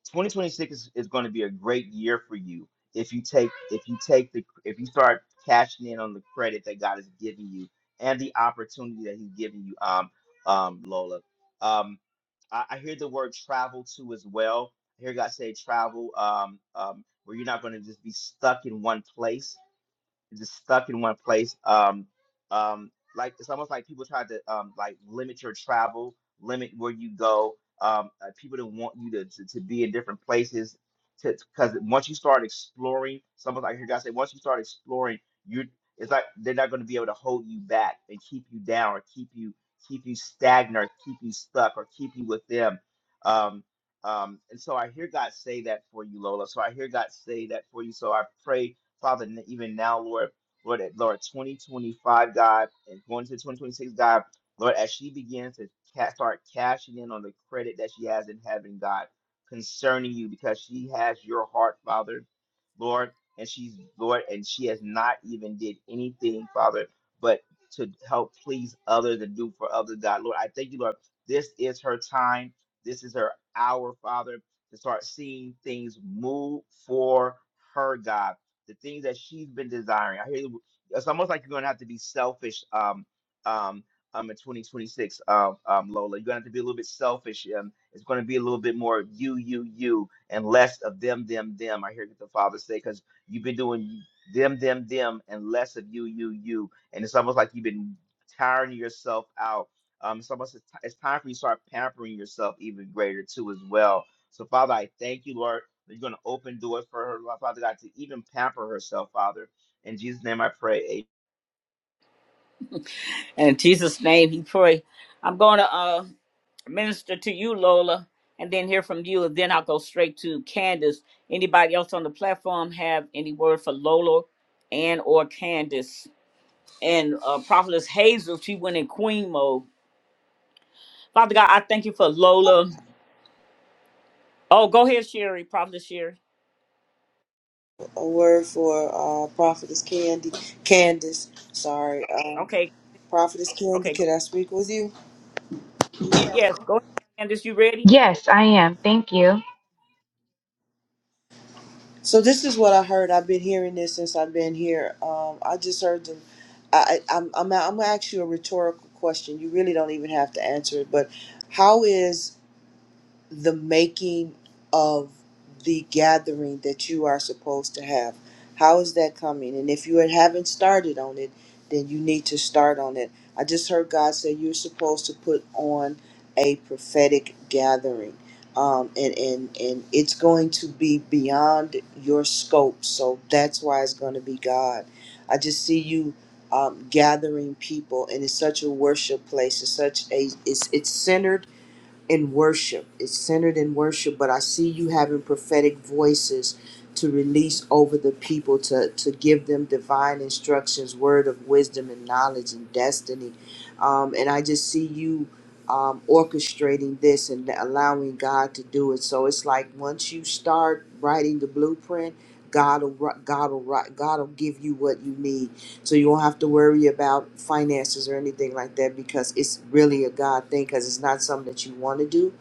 Speaker 9: 2026 is, is going to be a great year for you if you take if you take the if you start cashing in on the credit that God is giving you and the opportunity that He's giving you, um, um, Lola. Um, I, I hear the word travel too as well. I hear God say travel, um, um, where you're not going to just be stuck in one place just stuck in one place. Um, um, like it's almost like people try to um, like limit your travel, limit where you go. Um, uh, people don't want you to, to, to be in different places because once you start exploring, someone like your guy said, once you start exploring, you it's like they're not going to be able to hold you back and keep you down or keep you keep you stagnant, or keep you stuck, or keep you with them. Um, um, and so I hear God say that for you, Lola. So I hear God say that for you. So I pray Father, n- even now, Lord, Lord, that- Lord, 2025, God, and going to 2026, God, Lord, as she begins to ca- start cashing in on the credit that she has in heaven, God, concerning you, because she has your heart, Father, Lord, and she's Lord, and she has not even did anything, Father, but to help please others and do for others, God, Lord, I thank you, Lord. This is her time. This is her hour, Father, to start seeing things move for her, God the things that she's been desiring. I hear it's almost like you're going to have to be selfish um, um, um, in 2026, uh, um, um, Lola. You're going to have to be a little bit selfish. Um, it's going to be a little bit more you, you, you, and less of them, them, them. I hear what the father say because you've been doing them, them, them, and less of you, you, you. And it's almost like you've been tiring yourself out. Um, it's almost it's time for you to start pampering yourself even greater too as well. So Father, I thank you, Lord you're going to open doors for her, Lord Father God, to even pamper herself, Father. In Jesus' name I pray. Amen.
Speaker 1: In Jesus' name he pray. I'm gonna uh minister to you, Lola, and then hear from you, and then I'll go straight to Candace. Anybody else on the platform have any word for Lola and or Candace? And uh, Prophetess Hazel, she went in queen mode. Father God, I thank you for Lola. Oh, go ahead, Sherry, Prophetess Sherry.
Speaker 7: A word for uh, Prophetess Candy, Candace. Sorry, um,
Speaker 1: Okay,
Speaker 7: Prophetess Candy.
Speaker 1: okay, go.
Speaker 7: Could I speak with you?
Speaker 1: yes, go ahead, Candace. You ready?
Speaker 11: Yes, I am. Thank you.
Speaker 7: So this is what I heard. I've been hearing this since I've been here. Um, I just heard them. I, I, I'm, I'm, I'm gonna ask you a rhetorical question. You really don't even have to answer it. But how is the making of the gathering that you are supposed to have. How is that coming? And if you haven't started on it, then you need to start on it. I just heard God say you're supposed to put on a prophetic gathering. Um, and, and, and it's going to be beyond your scope. So that's why it's going to be God. I just see you um, gathering people, and it's such a worship place. It's such a, it's, it's centered in worship. It's centered in worship, but I see you having prophetic voices to release over the people to, to give them divine instructions, word of wisdom and knowledge and destiny. Um, and I just see you um, orchestrating this and allowing God to do it. So it's like once you start writing the blueprint, God will ri- God will ri- God will give you what you need so you won't have to worry about finances or anything like that because it's really a God thing because it's not something that you want to do.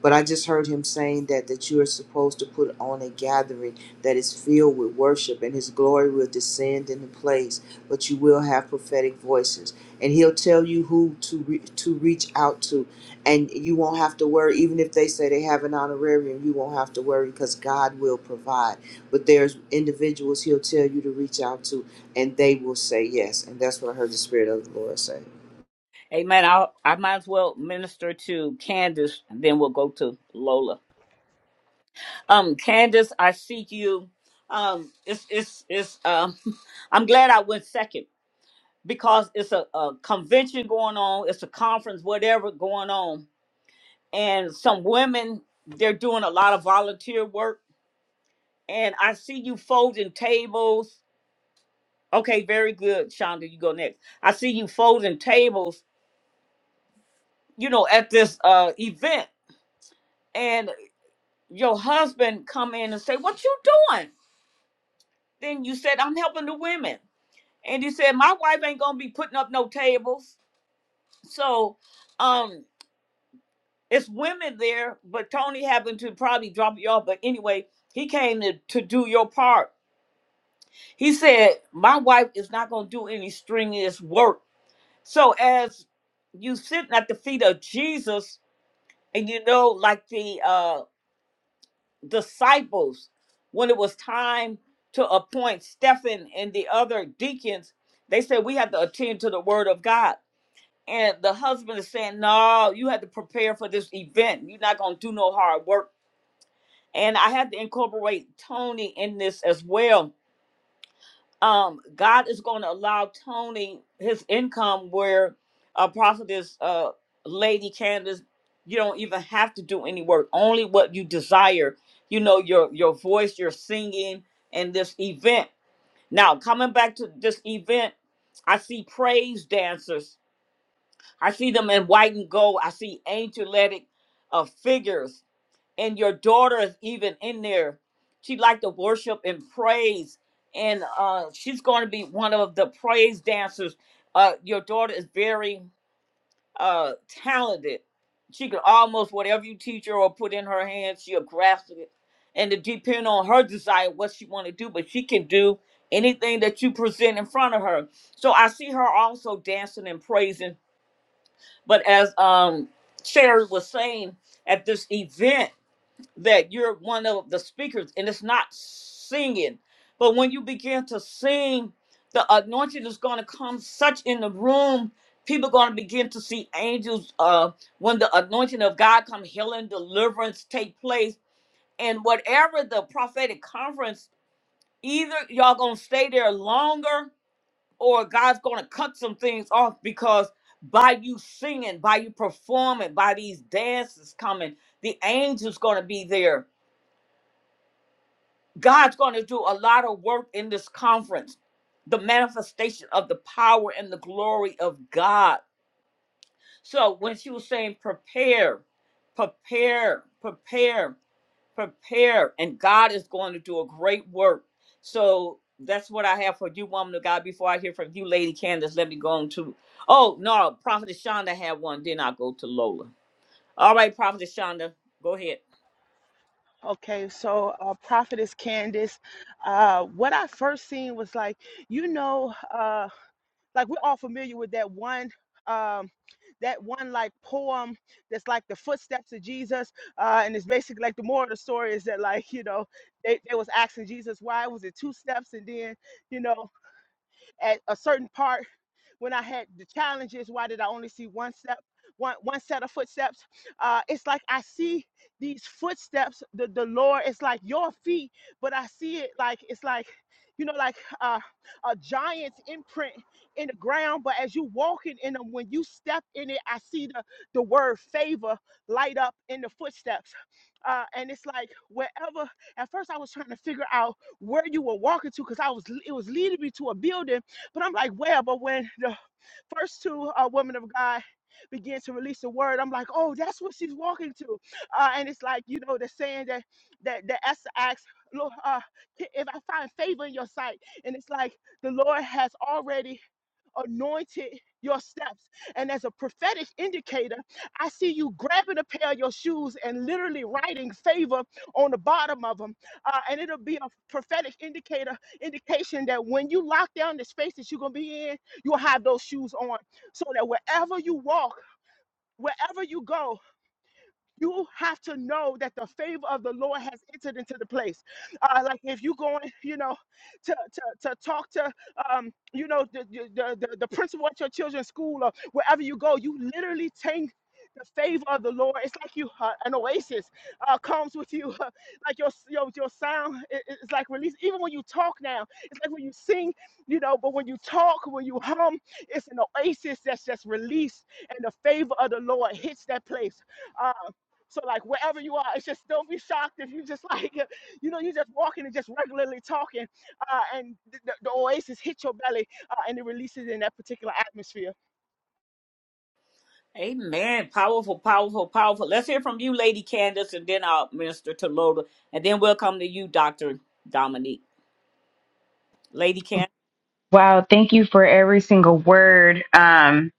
Speaker 7: But I just heard him saying that that you are supposed to put on a gathering that is filled with worship and his glory will descend in the place, but you will have prophetic voices. And he'll tell you who to re- to reach out to and you won't have to worry even if they say they have an honorarium, you won't have to worry because God will provide. But there's individuals he'll tell you to reach out to and they will say yes. And that's what I heard the Spirit of the Lord say.
Speaker 1: Amen. I I might as well minister to Candace, and then we'll go to Lola. Um, Candace, I see you. Um, it's it's it's. Um, I'm glad I went second because it's a, a convention going on. It's a conference, whatever going on, and some women they're doing a lot of volunteer work. And I see you folding tables. Okay, very good, Shonda. You go next. I see you folding tables. You know, at this uh event, and your husband come in and say, "What you doing?" Then you said, "I'm helping the women." And he said, My wife ain't gonna be putting up no tables. So um it's women there, but Tony happened to probably drop you off. But anyway, he came to, to do your part. He said, My wife is not gonna do any strenuous work. So as you sitting at the feet of Jesus, and you know, like the uh disciples, when it was time to appoint Stephen and the other deacons, they said we have to attend to the word of God. And the husband is saying, No, you had to prepare for this event. You're not going to do no hard work. And I had to incorporate Tony in this as well. Um, God is going to allow Tony his income where a prophetess, uh, Lady Candace, you don't even have to do any work, only what you desire. You know, your, your voice, your singing, and this event. Now, coming back to this event, I see praise dancers I see them in white and gold. I see angelic uh, figures, and your daughter is even in there. She like to worship and praise, and uh, she's going to be one of the praise dancers. Uh, your daughter is very uh, talented. She can almost whatever you teach her or put in her hands, she'll grasp it. And it depend on her desire what she want to do, but she can do anything that you present in front of her. So I see her also dancing and praising but as um Sherry was saying at this event that you're one of the speakers and it's not singing. But when you begin to sing, the anointing is gonna come such in the room. People gonna begin to see angels uh when the anointing of God come healing, deliverance take place. And whatever the prophetic conference, either y'all gonna stay there longer or God's going to cut some things off because by you singing, by you performing, by these dances coming, the angels going to be there. God's going to do a lot of work in this conference. The manifestation of the power and the glory of God. So when she was saying prepare, prepare, prepare. prepare and God is going to do a great work. So that's what I have for you, woman of God. Before I hear from you, Lady Candace, let me go on to oh no, Prophetess Shonda had one, then I'll go to Lola. All right, Prophetess Shonda, go ahead.
Speaker 8: Okay, so uh, Prophetess Candace, uh, what I first seen was like, you know, uh, like we're all familiar with that one, um, that one like poem that's like the footsteps of Jesus, uh, and it's basically like the moral of the story is that like you know they, they was asking Jesus why was it two steps, and then you know at a certain part when I had the challenges, why did I only see one step, one one set of footsteps? Uh, it's like I see these footsteps, the the Lord. It's like your feet, but I see it like it's like you know like uh, a giant's imprint in the ground. But as you walking in them, when you step in it, I see the the word favor light up in the footsteps. Uh, and it's like wherever. At first, I was trying to figure out where you were walking to because I was it was leading me to a building but I'm like, well, but when the first two uh, women of God begin to release the word, I'm like, oh, that's what she's walking to. Uh, and it's like, you know, the saying that that that Esther asks, Lord, uh, if I find favor in your sight, and it's like the Lord has already anointed your steps. And as a prophetic indicator, I see you grabbing a pair of your shoes and literally writing favor on the bottom of them. Uh, and it'll be a prophetic indicator, indication that when you lock down the space that you're going to be in, you'll have those shoes on so that wherever you walk, wherever you go, you have to know that the favor of the Lord has entered into the place. Uh, like if you going, you know, to to, to talk to, um, you know, the, the the the the principal at your children's school or wherever you go, you literally take the favor of the Lord. It's like you uh, an oasis uh, comes with you, like your your your sound i- i- is like release. Even when you talk now, it's like when you sing, you know. But when you talk, when you hum, it's an oasis that's just released, and the favor of the Lord hits that place. Uh, so like wherever you are, it's just don't be shocked if you just like you know you just walking and just regularly talking, uh, and the, the, the oasis hit your belly uh, and it releases in that particular atmosphere.
Speaker 1: Amen. Powerful, powerful, powerful. Let's hear from you, Lady Candace, and then I'll minister to Lola. And then we'll come to you, Dr. Dominique. Lady Candace.
Speaker 11: Wow, thank you for every single word. Um,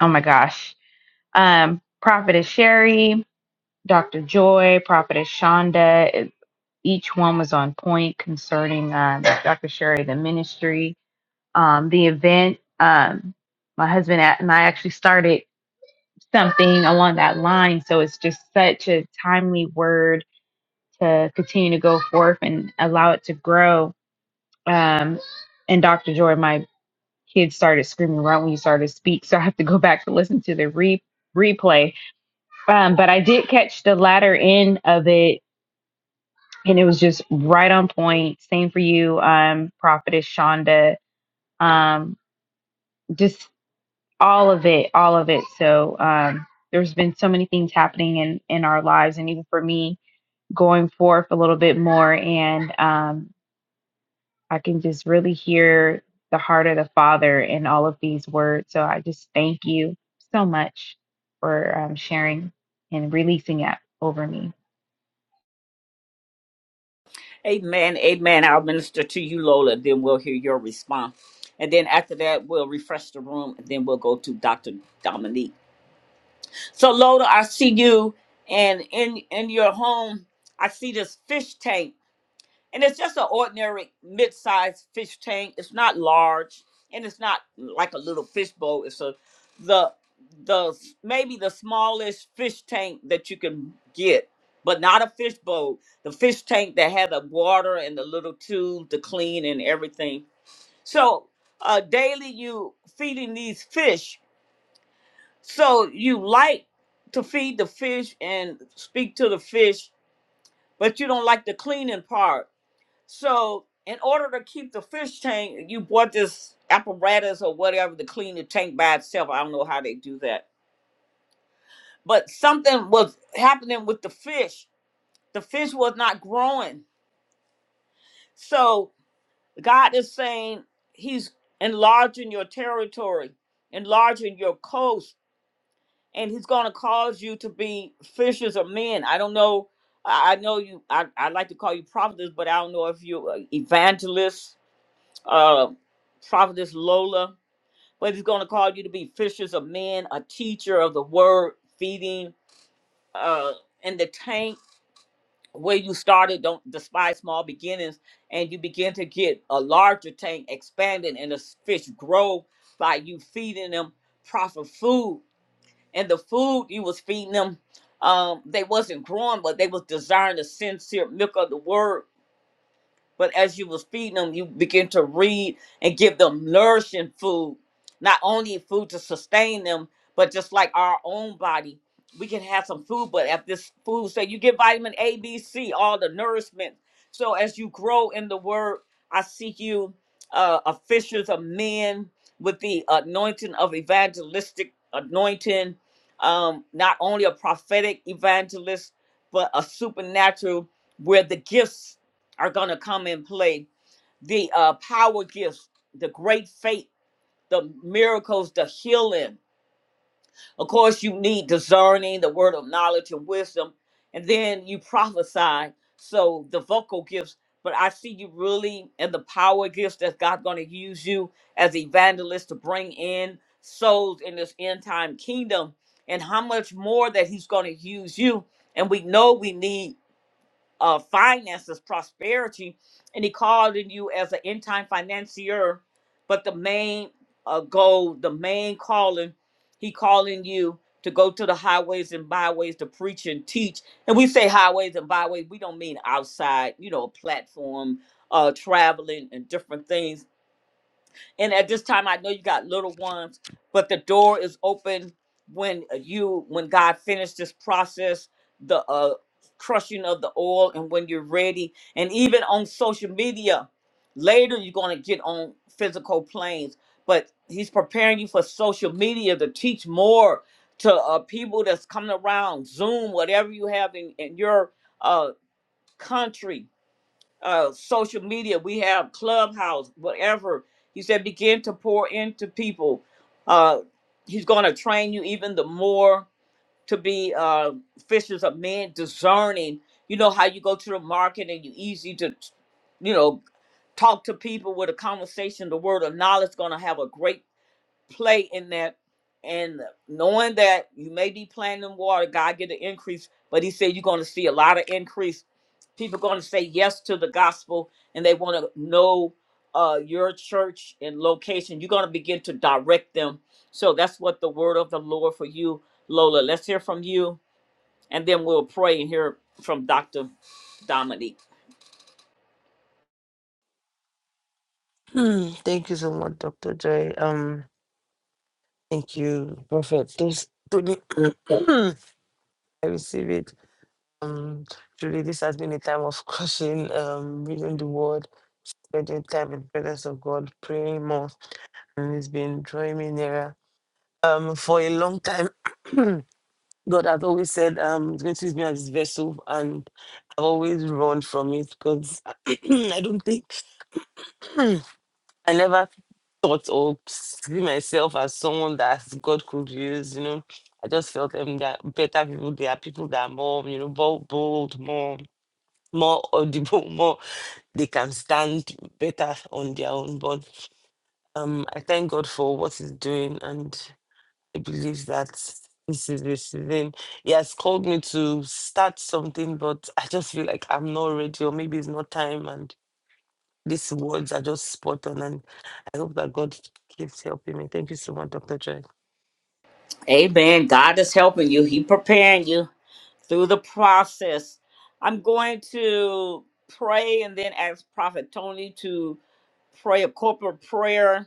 Speaker 11: oh my gosh. Um, Prophetess Sherry, Dr. Joy, Prophetess Shonda. it- each one was on point concerning um, Dr. Sherry, the ministry, um, the event. Um, my husband and I actually started. something along that line. So it's just such a timely word to continue to go forth and allow it to grow. Um, and Dr. Joy, my kids started screaming right when you started to speak, so I have to go back to listen to the re- replay. Um, but I did catch the latter end of it, and it was just right on point. Same for you, um, Prophetess Shonda. Um, just all of it, all of it. So um, there's been so many things happening in in our lives, and even for me, going forth a little bit more and um, i can just really hear the heart of the father in all of these words so i just thank you so much for um, sharing and releasing it over me
Speaker 1: Amen, amen. I'll minister to you, Lola, and then we'll hear your response. And then after that, we'll refresh the room, and then we'll go to Dr. Dominique. So, Lola, I see you, and in in your home, I see this fish tank and it's just an ordinary mid-sized fish tank. It's not large, and it's not like a little fish bowl. It's a the the maybe the smallest fish tank that you can get, but not a fish bowl. The fish tank that had the water and the little tube to clean and everything. So uh, daily you feeding these fish. So you like to feed the fish and speak to the fish, but you don't like the cleaning part so, in order to keep the fish tank, you bought this apparatus or whatever to clean the tank by itself. I don't know how they do that. But something was happening with the fish. The fish was not growing. So, God is saying He's enlarging your territory, enlarging your coast, and He's going to cause you to be fishers of men. I don't know. I I know you, I, I like to call you prophetess, but I don't know if you're evangelist, uh, prophetess Lola. but he's going to call you to be fishers of men, a teacher of the word, feeding uh, in the tank where you started. Don't despise small beginnings, and you begin to get a larger tank expanding, and the fish grow by you feeding them proper food. And the food you was feeding them, um, they wasn't growing, but they was desiring the sincere milk of the word. But as you was feeding them, you begin to read and give them nourishing food, not only food to sustain them, but just like our own body, we can have some food. But if this food, say you get vitamin A, B, C, all the nourishment. So as you grow in the word, I seek you, uh, officials of men with the anointing of evangelistic anointing, um, not only a prophetic evangelist, but a supernatural where the gifts are going to come and play the uh, power gifts, the great faith, the miracles, the healing. Of course, you need discerning, the word of knowledge and wisdom, and then you prophesy. So the vocal gifts, but I see you really in the power gifts that God's going to use you as evangelist to bring in souls in this end time kingdom, and how much more that He's going to use you. And we know we need uh, finances, prosperity, and he called in you as an end time financier. But the main uh, goal, the main calling, he calling you to go to the highways and byways to preach and teach. And we say highways and byways, we don't mean outside, you know, a platform, uh, traveling and different things and at this time, I know you got little ones, but the door is open when you, when God finished this process, the uh, crushing of the oil, and when you're ready. And even on social media, later you're going to get on physical planes. But He's preparing you for social media to teach more to uh, people that's coming around Zoom, whatever you have in, in your uh, country uh, social media. We have Clubhouse, whatever. He said, begin to pour into people. Uh, he's going to train you even the more to be uh, fishers of men, discerning. You know how you go to the market and you easy to, you know, talk to people with a conversation. The word of knowledge going to have a great play in that and knowing that you may be planting in water, God get an increase, but he said you're going to see a lot of increase. People going to say yes to the gospel and they want to know uh, your church and location. You're going to begin to direct them. So that's what the word of the Lord for you, Lola. Let's hear from you and then we'll pray and hear from Dr. Dominique.
Speaker 10: Mm, Thank you so much, Dr. Joy. Um, thank you, Prophet. Those Tony, I receive it. Um, truly, this has been a time of crushing, um, reading the word, spending time in the presence of God, praying more, and it's been drawing me nearer. Um, for a long time, God has always said, um, He's going to use me as His vessel, and I've always run from it because I don't think I never thought or see myself as someone that God could use, you know. I just felt um, there are better people. There are people that are more, you know, bold, bold more, more audible, more they can stand better on their own. But um, I thank God for what He's doing, and I believe that this is the season. He has called me to start something, but I just feel like I'm not ready, or maybe it's not time, and. These words are just spot on, and I hope that God keeps helping me. Thank you so much, Dr. Joy.
Speaker 1: Amen. God is helping you. He preparing you. through the process. I'm going to pray and then ask Prophet Tony to pray a corporate prayer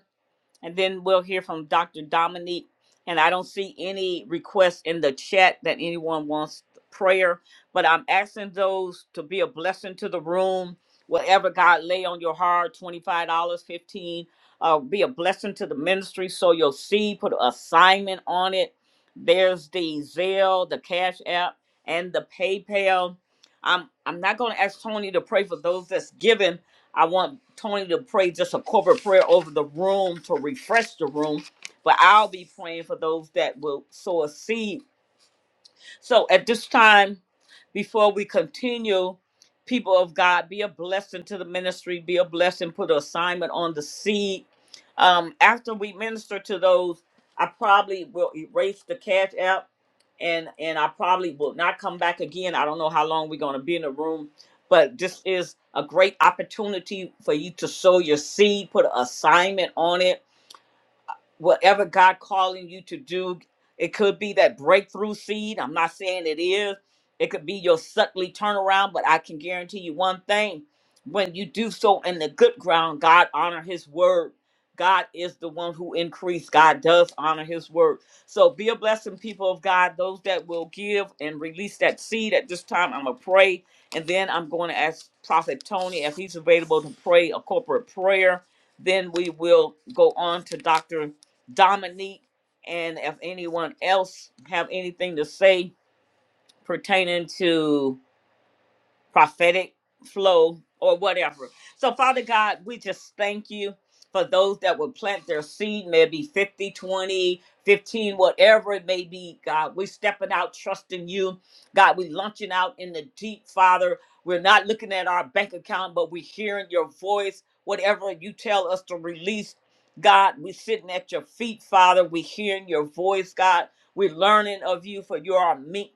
Speaker 1: and then we'll hear from Dr. Dominique. And I don't see any requests in the chat that anyone wants prayer, but I'm asking those to be a blessing to the room. Whatever God lay on your heart, $25, dollars, 15 uh, be a blessing to the ministry. So you'll see, put an assignment on it. There's the Zelle, the Cash App, and the PayPal. I'm, I'm not going to ask Tony to pray for those that's given, I want Tony to pray just a corporate prayer over the room to refresh the room. But I'll be praying for those that will sow a seed so at this time, before we continue, people of God, be a blessing to the ministry, be a blessing, put an assignment on the seed. Um, after we minister to those, I probably will erase the cash app and and I probably will not come back again. I don't know how long we're gonna be in the room, but this is a great opportunity for you to sow your seed, put an assignment on it whatever God calling you to do. It could be that breakthrough seed. I'm not saying it is. It could be your suddenly turnaround, but I can guarantee you one thing. When you do so in the good ground, God honor his word. God is the one who increased. God does honor his word. So be a blessing, people of God. Those that will give and release that seed at this time, I'm going to pray. And then I'm going to ask Prophet Tony if he's available to pray a corporate prayer. Then we will go on to Dr. Dominique, and if anyone else have anything to say pertaining to prophetic flow or whatever. So, Father God, we just thank you for those that will plant their seed, maybe 50, 20, 15, whatever it may be, God. We're stepping out, trusting you. God, we're launching out in the deep, Father. We're not looking at our bank account, but we're hearing your voice, whatever you tell us to release. God, we're sitting at your feet, Father. We're hearing your voice, God. We're learning of you, for you are meek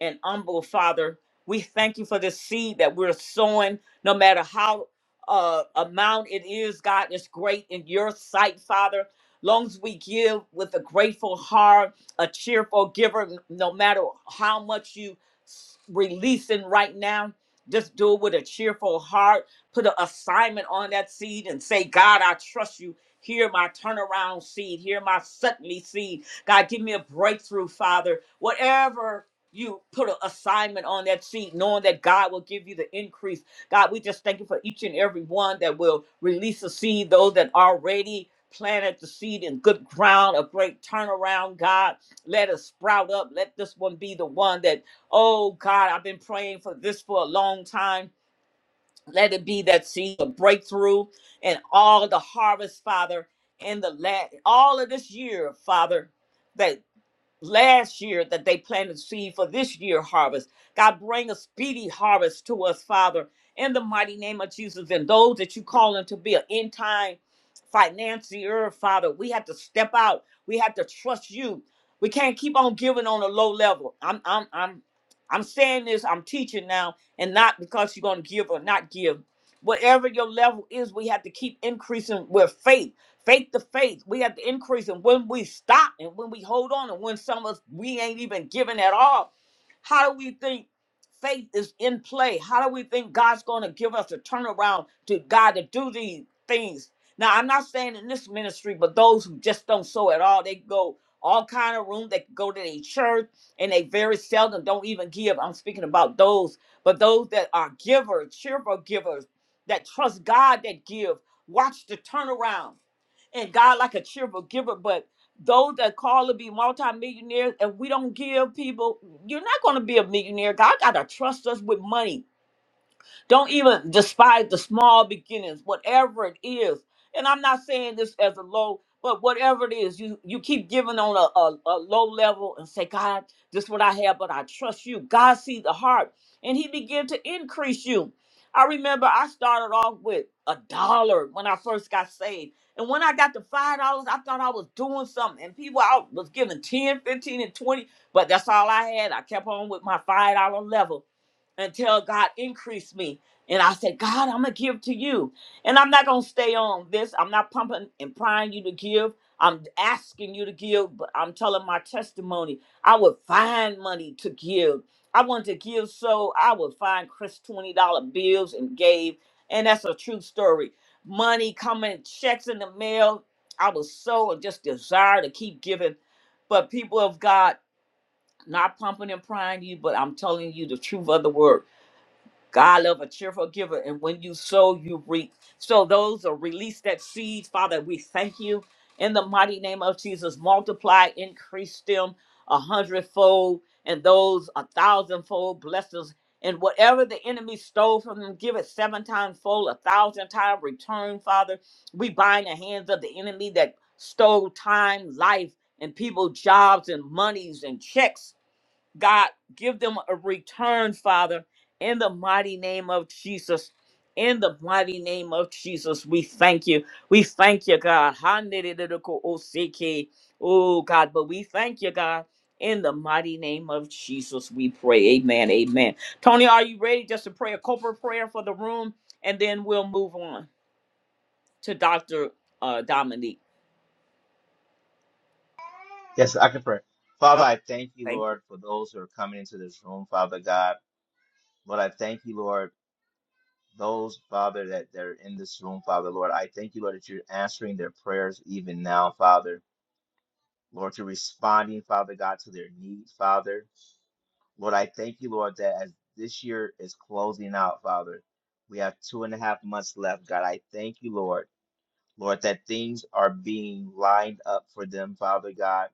Speaker 1: and humble, Father. We thank you for this seed that we're sowing, no matter how uh, amount it is, God, it's great in your sight, Father. Long as we give with a grateful heart, a cheerful giver, n- no matter how much you s- releasing right now, just do it with a cheerful heart. Put an assignment on that seed and say, God, I trust you. Hear my turnaround seed. Hear my suddenly seed. God, give me a breakthrough, Father. Whatever you put an assignment on that seed, knowing that God will give you the increase. God, we just thank you for each and every one that will release a seed, those that already planted the seed in good ground, a great turnaround, God. Let us sprout up. Let this one be the one that, oh God, I've been praying for this for a long time. Let it be that seed of breakthrough and all the harvest, Father, in the last all of this year, Father last year that they planted seed for this year harvest. God bring a speedy harvest to us, Father, in the mighty name of Jesus. And those that you calling to be an end time financier, Father, we have to step out. We have to trust you. We can't keep on giving on a low level. I'm I'm I'm I'm saying this, I'm teaching now, and not because you're gonna give or not give. Whatever your level is, we have to keep increasing with faith Faith to faith, we have to increase. And when we stop and when we hold on and when some of us, we ain't even giving at all, how do we think faith is in play? How do we think God's going to give us a turnaround to God to do these things? Now, I'm not saying in this ministry, but those who just don't sow at all, they go all kind of room. They go to their church and they very seldom don't even give. I'm speaking about those, but those that are givers, cheerful givers, that trust God that give. Watch the turnaround and God like a cheerful giver, but those that call to be multimillionaires, if we don't give people, you're not going to be a millionaire. God got to trust us with money. Don't even despise the small beginnings, whatever it is. And I'm not saying this as a low, but whatever it is, you you keep giving on a, a, a low level and say, God, this is what I have, but I trust you. God sees the heart, and He began to increase you. I remember I started off with a dollar when I first got saved. And when I got to five dollars, I thought I was doing something. And people I was giving 10, 15, and 20, but that's all I had. I kept on with my five dollar level until God increased me. And I said, God, I'm going to give to you. And I'm not going to stay on this. I'm not pumping and prying you to give. I'm asking you to give, but I'm telling my testimony. I would find money to give. I wanted to give so I would find Chris $20 bills and gave. And that's a true story. Money coming, checks in the mail. I was so and just desire to keep giving. But people of God, not pumping and prying you, but I'm telling you the truth of the word. God love a cheerful giver, and when you sow, you reap. So those are release that seeds, Father. We thank you in the mighty name of Jesus. Multiply, increase them a hundredfold, and those a thousandfold blessings. And whatever the enemy stole from them, give it seven times fold, a thousand times return, Father. We bind the hands of the enemy that stole time, life, and people, jobs, and monies and checks God give them a return, Father, in the mighty name of Jesus. In the mighty name of Jesus, we thank you. We thank you, God. Oh God, but we thank you, God, in the mighty name of Jesus. We pray, Amen, Amen. Tony, are you ready? Just to pray a corporate prayer for the room, and then we'll move on to Doctor Dominique.
Speaker 9: Yes, I can pray. Father, I thank you,
Speaker 1: Thank you,
Speaker 9: Lord, for those who are coming into this room, Father God. Lord, I thank you, Lord, those, Father, that they're in this room, Father, Lord. I thank you, Lord, that you're answering their prayers even now, Father. Lord, you're responding, Father God, to their needs, Father. Lord, I thank you, Lord, that as this year is closing out, Father, we have two and a half months left, God. I thank you, Lord. Lord, that things are being lined up for them, Father God.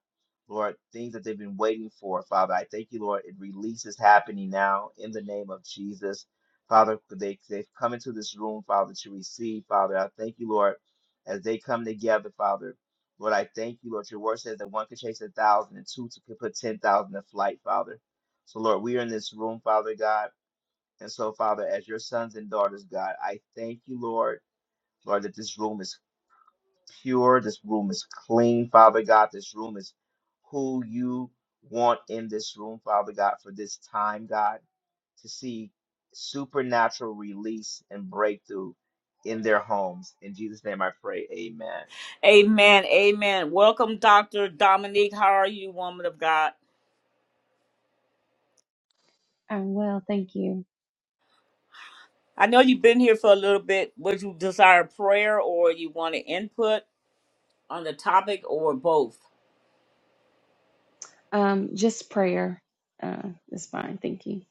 Speaker 9: Lord, things that they've been waiting for, Father. I thank you, Lord. It releases happening now in the name of Jesus. Father, they, they've come into this room, Father, to receive, Father. I thank you, Lord, as they come together, Father. Lord, I thank you, Lord. Your word says that one can chase a thousand and two to- could put 10,000 to flight, Father. So, Lord, we are in this room, Father God. And so, Father, as your sons and daughters, God, I thank you, Lord, Lord, that this room is pure. This room is clean, Father God. This room is who you want in this room, Father God, for this time, God, to see supernatural release and breakthrough in their homes. In Jesus' name I pray, amen.
Speaker 1: Amen, Amen. Welcome, Doctor Dominique. How are you, woman of God?
Speaker 12: I'm well, thank you.
Speaker 1: I know you've been here for a little bit. Would you desire prayer or you want to input on the topic or both?
Speaker 12: Um, just prayer uh, is fine. Thank you.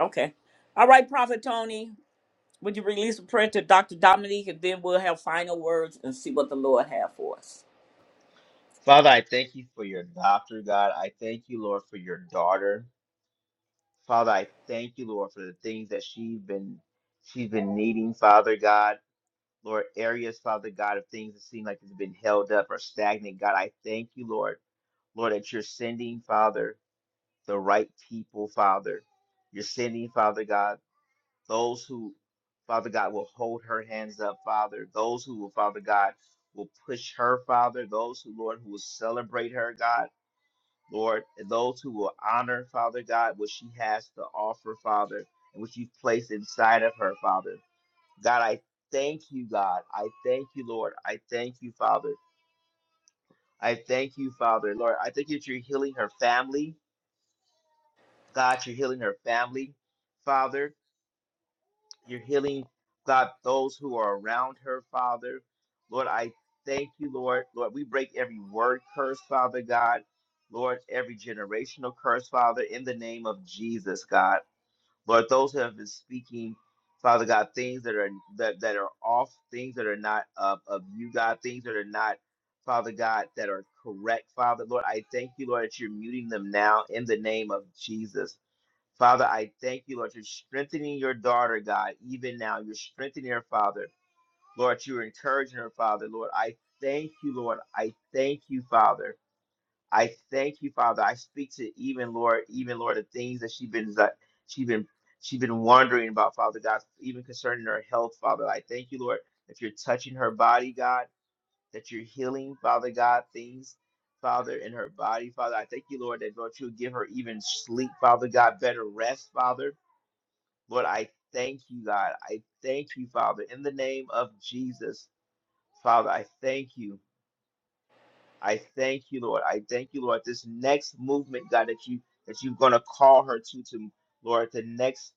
Speaker 1: Okay. All right, Prophet Tony, would you release a prayer to Dr. Dominique and then we'll have final words and see what the Lord have for us.
Speaker 9: Father, I thank you for your doctor, God. I thank you, Lord, for your daughter. Father, I thank you, Lord, for the things that she's been she's been needing, Father God. Lord, areas, Father God, of things that seem like it's been held up or stagnant. God, I thank you, Lord, Lord, that you're sending, Father, the right people, Father. You're sending, Father God, those who, Father God, will hold her hands up, Father. Those who will, Father God, will push her, Father. Those who, Lord, who will celebrate her, God, Lord, and those who will honor, Father God, what she has to offer, Father, and what you've placed inside of her, Father. God, I thank you, God. I thank you, Lord. I thank you, Father. I thank you, Father. Lord, I thank you that you're healing her family. God, you're healing her family. Father, you're healing, God, those who are around her, Father. Lord, I thank you, Lord. Lord, we break every word curse, Father God. Lord, every generational curse, Father, in the name of Jesus, God. Lord, those who have been speaking, Father God, things that are that, that are off, things that are not of, of you, God, things that are not, Father God, that are correct, Father. Lord, I thank you, Lord, that you're muting them now in the name of Jesus. Father, I thank you, Lord, you're strengthening your daughter, God, even now. You're strengthening her, Father. Lord, you're encouraging her, Father. Lord, I thank you, Lord. I thank you, Father. I thank you, Father. I speak to even Lord, even Lord, the things that she's been that she been she been wondering about, Father God, even concerning her health, Father. I thank you, Lord, if you're touching her body, God, that you're healing, Father God, things, Father, in her body, Father. I thank you, Lord, that Lord, you'll give her even sleep, Father God, better rest, Father. Lord, I thank you, God. I thank you, Father, in the name of Jesus, Father. I thank you. I thank you, Lord. I thank you, Lord. This next movement, God, that you that you're gonna call her to, to Lord, the next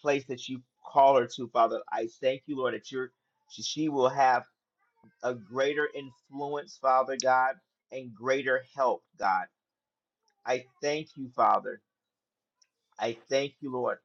Speaker 9: place that you call her to, Father. I thank you, Lord, that you're she, she will have a greater influence, Father God, and greater help, God. I thank you, Father. I thank you, Lord.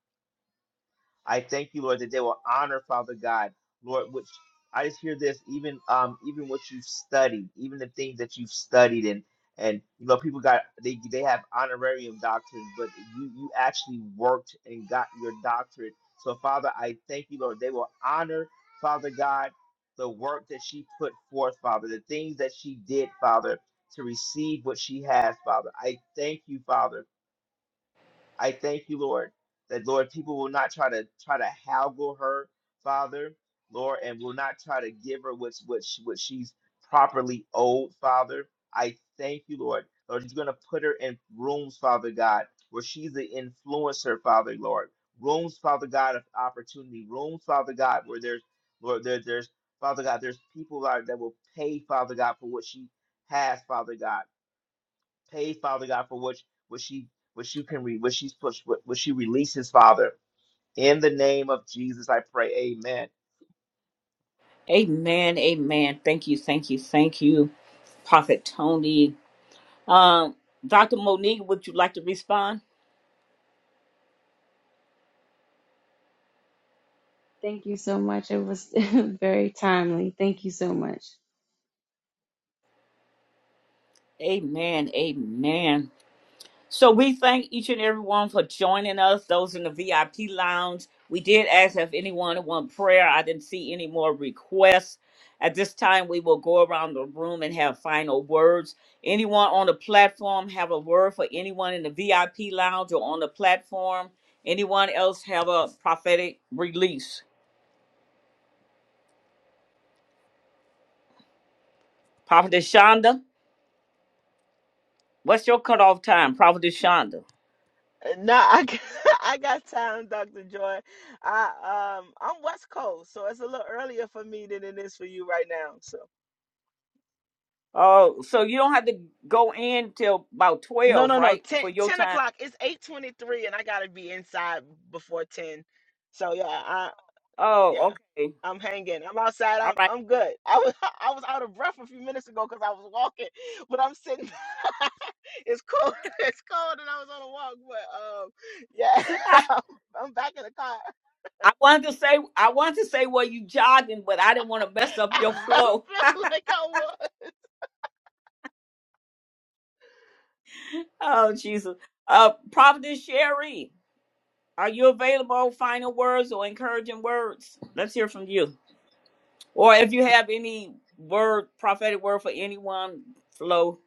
Speaker 9: I thank you, Lord, that they will honor, Father God, Lord, which I just hear this, even um, even what you've studied, even the things that you've studied and and you know, people got they they have honorarium doctrines, but you you actually worked and got your doctorate. So Father, I thank you, Lord, they will honor, Father God, the work that she put forth, Father, the things that she did, Father, to receive what she has, Father. I thank you, Father. I thank you, Lord, that Lord, people will not try to try to haggle her, Father, Lord, and will not try to give her what's what she, what she's properly owed, Father. I thank you, Lord. Lord, you're gonna put her in rooms, Father God, where she's an influencer, Father, Lord. Rooms, Father God, of opportunity. Rooms, Father God, where there's Lord, there, there's Father God, there's people that, that will pay, Father God, for what she has, Father God. Pay, Father God, for which which she which you can read, which she's pushed, what, what she releases, Father. In the name of Jesus, I pray. Amen.
Speaker 1: Amen. Amen. Thank you. Thank you. Thank you, Prophet Tony. Um, Dr. Monique, would you like to respond?
Speaker 12: Thank you so much. It was very timely. Thank you so much.
Speaker 1: Amen. Amen. So we thank each and everyone for joining us, those in the VIP lounge. We did ask if anyone want prayer. I didn't see any more requests. At this time, we will go around the room and have final words. Anyone on the platform have a word for anyone in the VIP lounge or on the platform? Anyone else have a prophetic release? Prophet Shonda, what's your cutoff time, Prophet Shonda? Oh, so you don't have to go in till about
Speaker 8: No,
Speaker 1: 12,
Speaker 8: no, no.
Speaker 1: right?
Speaker 8: 10
Speaker 1: For your
Speaker 8: 10
Speaker 1: time.
Speaker 8: o'clock. It's eight twenty three, and I gotta be inside before ten. So yeah, I, yeah,
Speaker 1: Oh, okay.
Speaker 8: I'm hanging. I'm outside.
Speaker 1: All
Speaker 8: I'm
Speaker 1: right.
Speaker 8: I'm good. I was I was out of breath a few minutes ago because I was walking, but I'm sitting. it's cold. It's cold, and I was on a walk. But um, yeah,
Speaker 1: I,
Speaker 8: I'm, I'm back in the car.
Speaker 1: I wanted to say I wanted to say were you jogging, but I didn't want to mess up your
Speaker 8: I
Speaker 1: flow.
Speaker 8: feel like I was.
Speaker 1: oh Jesus. Uh Providence Sherry, are you available? Final words or encouraging words? Let's hear from you. Or if you have any word, prophetic word for anyone, flow.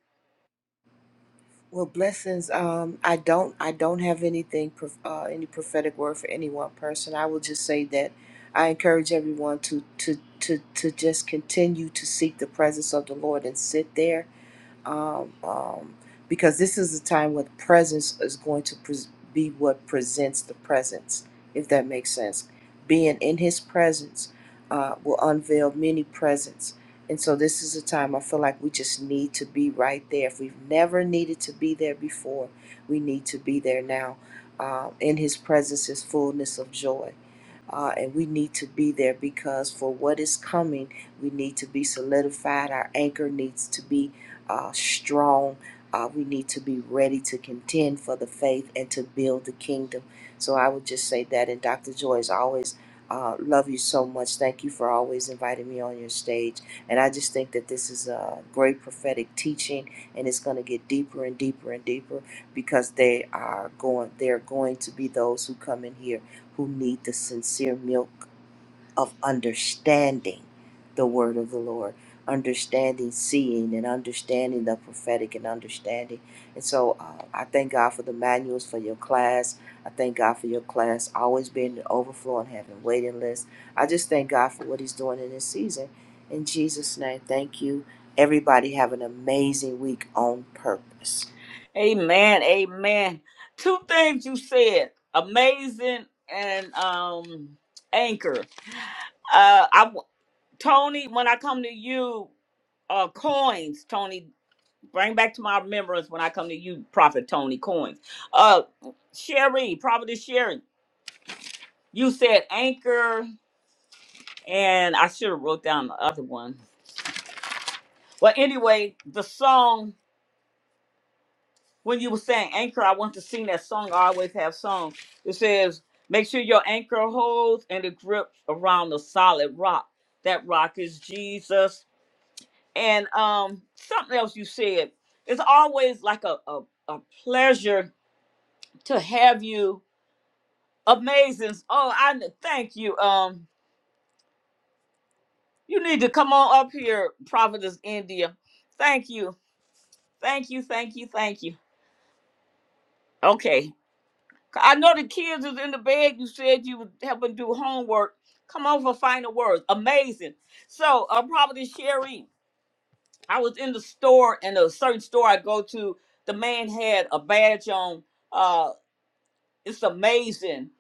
Speaker 7: Well, blessings. Um, I don't. I don't have anything. prof- Uh, any prophetic word for any one person. I will just say that I encourage everyone to to to to just continue to seek the presence of the Lord and sit there um, um, because this is a time when the presence is going to pres be what presents the presence, if that makes sense. Being in His presence uh, will unveil many presents. And so, this is a time I feel like we just need to be right there. If we've never needed to be there before, we need to be there now. Uh, in His presence is fullness of joy. Uh, and we need to be there because for what is coming, we need to be solidified. Our anchor needs to be uh, strong. Uh, we need to be ready to contend for the faith and to build the kingdom. So I would just say that. And Dr. Joy, as always, uh, love you so much. Thank you for always inviting me on your stage. And I just think that this is a great prophetic teaching, and it's going to get deeper and deeper and deeper because they are going. They are going to be those who come in here who need the sincere milk of understanding the word of the Lord, understanding, seeing, and understanding the prophetic and understanding. And so uh, I thank God for the manuals for your class. I thank God for your class always being in overflow and having waiting lists. I just thank God for what He's doing in this season. In Jesus' name, thank you. Everybody have an amazing week on purpose.
Speaker 1: Amen. Amen. Two things you said. Amazing and um anchor. Uh I. Tony, when I come to you, uh, coins, Tony, bring back to my remembrance when I come to you, Prophet Tony coins. Uh, Sherry, Prophet Sherry, you said anchor, and I should have wrote down the other one. But anyway, the song when you were saying anchor, I want to sing that song. I always have songs. It says, "Make sure your anchor holds and it grips around the solid rock. That rock is Jesus." And um, something else you said. It's always like a, a, a pleasure to have you. Amazing. Oh, I n- thank you. Um, you need to come on up here, Providence, India. Thank you. Thank you. Thank you. Thank you. Okay. I know the kids is in the bed. You said you would help them do homework. Come on for final words. Amazing. So, uh, Providence Sherry, I was in the store, in a certain store I go to. The man had a badge on Uh, It's amazing.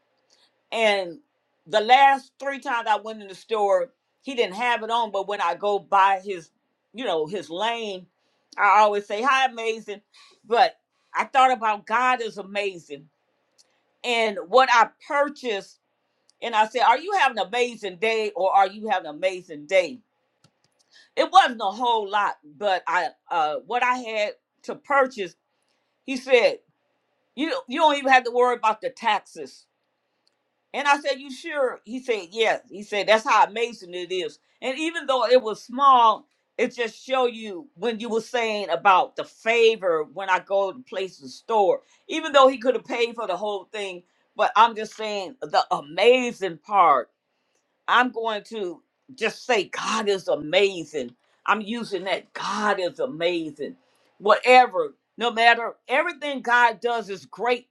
Speaker 1: And the last three times I went in the store, he didn't have it on, but when I go by his, you know, his lane, I always say, Hi, amazing. But I thought about God is amazing. And what I purchased, and I said, Are you having an amazing day or are you having an amazing day? It wasn't a whole lot, but I uh what I had to purchase, he said, You you don't even have to worry about the taxes And I said, You sure? He said, Yes. He said, That's how amazing it is. And even though it was small, it just show you when you were saying about the favor when I go to place the store. Even though he could have paid for the whole thing, but I'm just saying the amazing part I'm going to just say, God is amazing. I'm using that. God is amazing. Whatever, no matter, everything God does is great,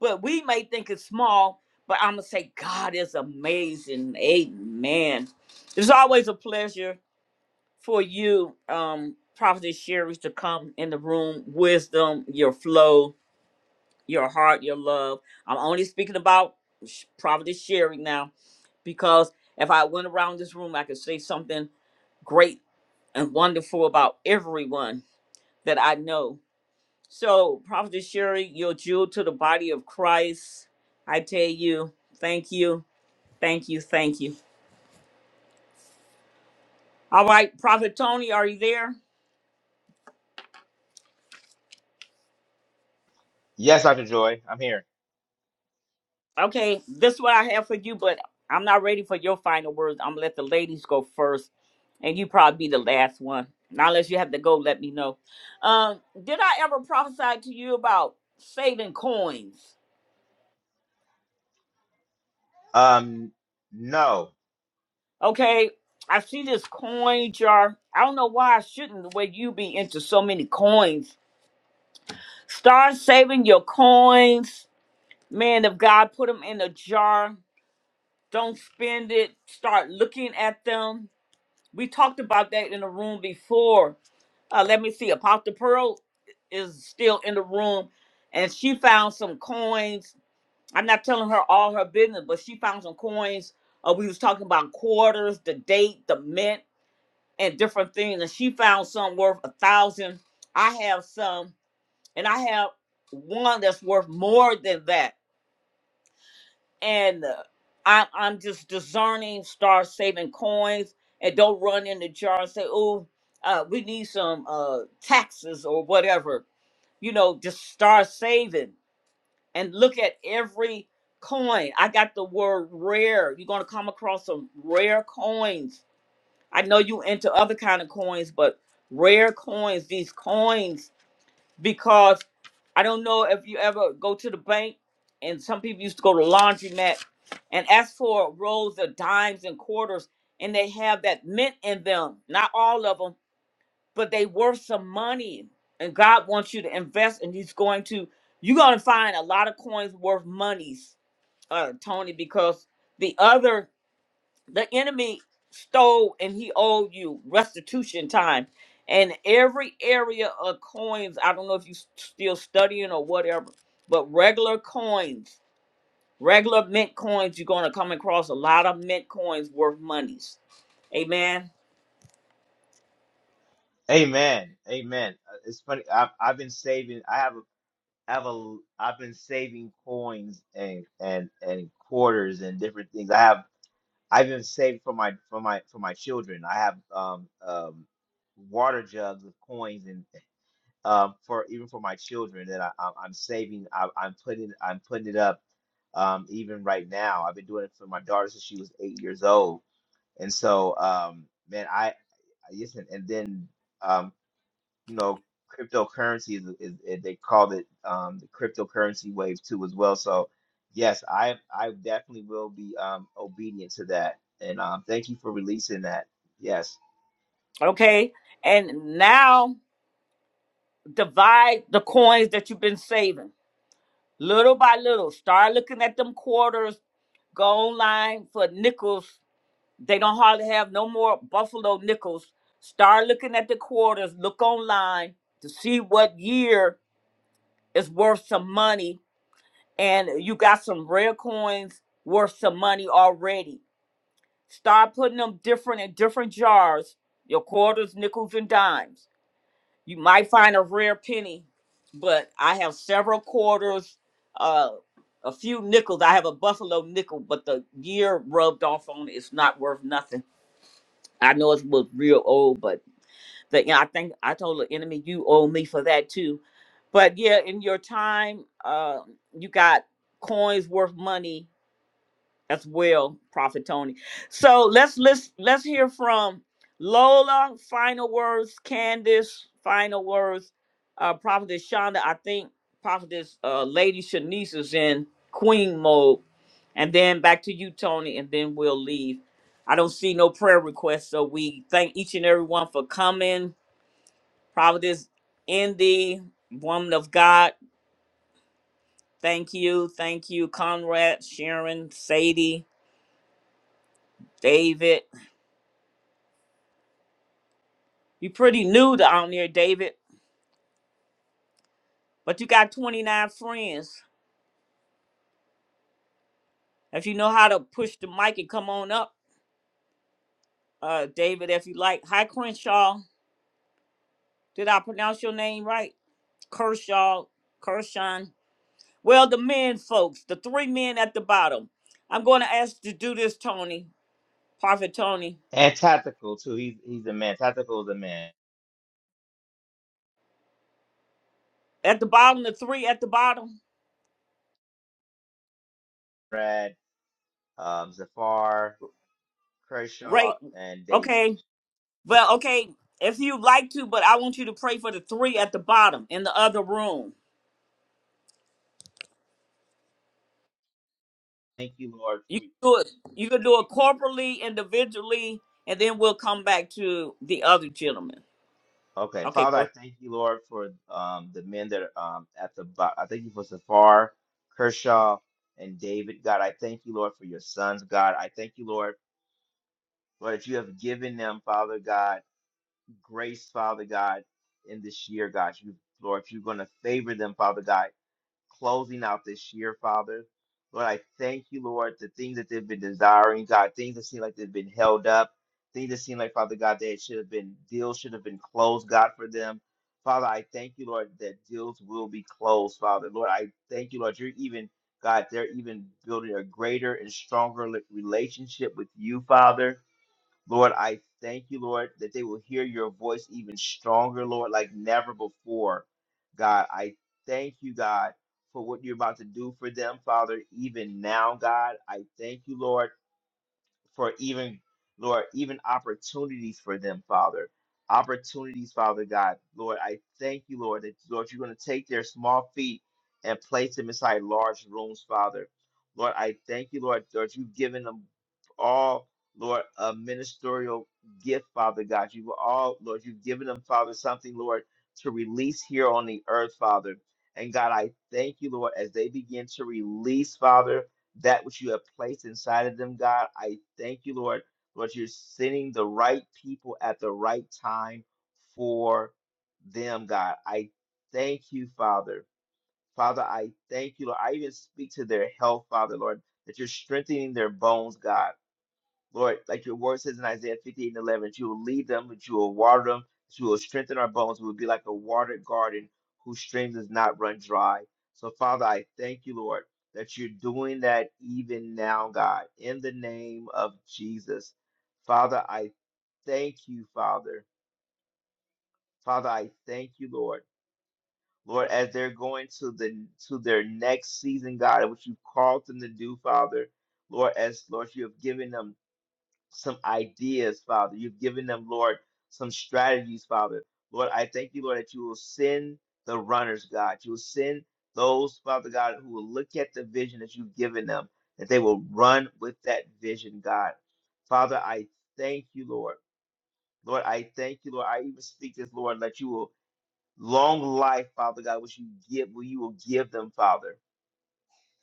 Speaker 1: but we may think it's small, but I'm going to say, God is amazing. Amen. It's always a pleasure for you, um, Prophetess Sherry, to come in the room. Wisdom, your flow, your heart, your love. I'm only speaking about Sh- Prophetess Sherry now because if I went around this room, I could say something great and wonderful about everyone that I know. So, Prophet Sherry, you're a jewel to the body of Christ. I tell you, thank you, thank you, thank you. All right, Prophet Tony, are you there?
Speaker 9: Yes, Dr. Joy, I'm here.
Speaker 1: Okay, this is what I have for you, but I'm not ready for your final words. I'm gonna let the ladies go first, and you probably be the last one. Now, unless you have to go, let me know. Um, did I ever prophesy to you about saving coins?
Speaker 9: Um, no.
Speaker 1: Okay, I see this coin jar. I don't know why I shouldn't the way you be into so many coins. Start saving your coins. Man of God, put them in a jar. Don't spend it. Start looking at them. We talked about that in the room before. Uh, let me see. Apostle Pearl is still in the room and she found some coins. I'm not telling her all her business, but she found some coins. Uh, we was talking about quarters, the date, the mint and different things. And she found some worth a thousand. I have some, and I have one that's worth more than that. And uh, I, I'm just discerning, start saving coins, and don't run in the jar and say, "Oh, uh, we need some uh, taxes or whatever." You know, just start saving and look at every coin. I got the word rare. You're gonna come across some rare coins I know you into other kind of coins, but rare coins, these coins, because I don't know if you ever go to the bank and some people used to go to laundromat and ask for rolls of dimes and quarters and they have that mint in them. Not all of them, but they worth some money. And God wants you to invest and he's going to you're gonna find a lot of coins worth monies, uh Tony, because the other the enemy stole and he owed you restitution time and every area of coins i don't know if you s- still studying or whatever but regular coins regular mint coins you're going to come across a lot of mint coins worth monies amen
Speaker 9: Amen. Amen. Uh, It's funny. I've I've been saving. I have a I have a I've been saving coins and and and quarters and different things. I have I've been saving for my for my for my children. I have um um water jugs with coins and. um, for even for my children that I, I, I'm saving. I, I'm putting I'm putting it up um, even right now. I've been doing it for my daughter since she was eight years old, and so um, man, I I- listen. And then um, you know, cryptocurrency is, is, is they called it um, the cryptocurrency wave too as well. So yes, I I definitely will be um, obedient to that. And um, thank you for releasing that. Yes,
Speaker 1: okay and now divide the coins that you've been saving little by little start looking at them quarters go online for nickels They don't hardly have no more Buffalo nickels. Start looking at the quarters. Look online to see what year is worth some money. And you got some rare coins worth some money already. Start putting them different in different jars. Your quarters, nickels, and dimes. You might find a rare penny, but I have several quarters, uh, a few nickels. I have a Buffalo nickel, but the year rubbed off on it. It's not worth nothing I know it was real old, but the, yeah, I think I told the enemy you owe me for that too. But yeah, in your time, uh, you got coins worth money as well, Prophet Tony. So let's let's let's hear from Lola. Final words, Candace. Final words, uh, Prophetess Shonda. I think Prophetess uh, Lady Shanice is in Queen mode, and then back to you, Tony, and then we'll leave. I don't see no prayer requests, so we thank each and every one for coming. Prophetess Indy, woman of God. Thank you, thank you, Conrad, Sharon, Sadie, David. You pretty new down there, David, but you got 29 friends. If you know how to push the mic and come on up, uh, David, if you like. Hi, Crenshaw. Did I pronounce your name right? Kershaw, Kershon. Well, the men, folks, the three men at the bottom. I'm going to ask you to do this, Tony, Prophet Tony.
Speaker 9: and tactical too. He's he's a man. Tactical is a man.
Speaker 1: At the bottom, the three at the bottom,
Speaker 9: Brad. um, Zafar, Kershaw,
Speaker 1: right?
Speaker 9: and David.
Speaker 1: Okay. Well, okay, if you'd like to, but I want you to pray for the three at the bottom in the other room
Speaker 9: Thank you, Lord,
Speaker 1: You
Speaker 9: for
Speaker 1: can do it. You can do it corporately, individually, and then we'll come back to the other gentleman.
Speaker 9: okay,
Speaker 1: Okay,
Speaker 9: Father.
Speaker 1: go
Speaker 9: I
Speaker 1: ahead.
Speaker 9: thank you, Lord, for um, the men that are um, at the. bo- I thank you for Zafar, Kershaw, and David. God, I thank you, Lord, for your sons. God, I thank you, Lord, Lord, that you have given them, Father God, grace, Father God, in this year, God. You, Lord, if you're going to favor them, Father God. closing out this year, Father. Lord, I thank you, Lord, the things that they've been desiring, God, things that seem like they've been held up, things that seem like, Father God, that should have been deals should have been closed, God, for them. Father, I thank you, Lord, that deals will be closed, Father. Lord, I thank you, Lord, you're even, God, they're even building a greater and stronger li- relationship with you, Father. Lord, I thank you, Lord, that they will hear your voice even stronger, Lord, like never before. God, I thank you, God, for what you're about to do for them, Father, even now, God. I thank you, Lord for even, Lord, even opportunities for them, Father. Opportunities, Father God. Lord, I thank you, Lord, that, Lord, you're going to take their small feet and place them inside large rooms, Father. Lord, I thank you, Lord, Lord, you've given them all, Lord, a ministerial gift, Father God. You've all, Lord, you've given them, Father, something, Lord, to release here on the earth, Father. And God, I thank you, Lord, as they begin to release, Father that which you have placed inside of them, God. I thank you, Lord, Lord, you're sending the right people at the right time for them, God. I thank you, Father. Father, I thank you, Lord. I even speak to their health, Father, Lord, that you're strengthening their bones, God. Lord, like your word says in Isaiah 58 and 11, that you will lead them, that you will water them, that you will strengthen our bones. We will be like a watered garden whose streams does not run dry. So, Father, I thank you, Lord, that you're doing that even now, God, in the name of Jesus. Father, I thank you, Father. Father, I thank you, Lord. Lord, as they're going to the to their next season, God, which you've called them to do, Father. Lord, as Lord, you have given them some ideas, Father. You've given them, Lord, some strategies, Father. Lord, I thank you, Lord, that you will send the runners, God. You will send those, Father God, who will look at the vision that you've given them, that they will run with that vision, God. Father, I thank you, Lord. Lord, I thank you, Lord. I even speak this, Lord, that you will long life, Father God, which you give, will you will give them, Father.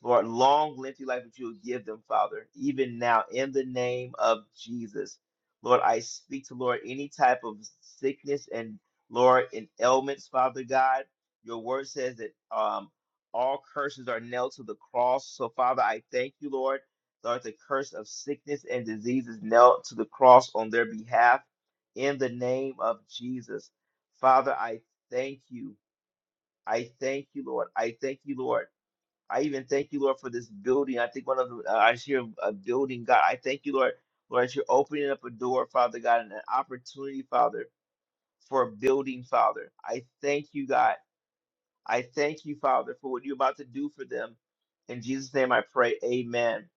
Speaker 9: Lord, long, lengthy life that you will give them, Father, even now, in the name of Jesus. Lord, I speak to, Lord, any type of sickness and, Lord, and ailments, Father God. Your word says that um, all curses are nailed to the cross. So, Father, I thank you, Lord. Lord, the curse of sickness and disease is nailed to the cross on their behalf in the name of Jesus. Father, I thank you. I thank you, Lord. I thank you, Lord. I even thank you, Lord, for this building. I think one of the, uh, I hear a building, God. I thank you, Lord, Lord, as you're opening up a door, Father God, and an opportunity, Father, for a building, Father. I thank you, God. I thank you, Father, for what you're about to do for them. In Jesus' name I pray, amen.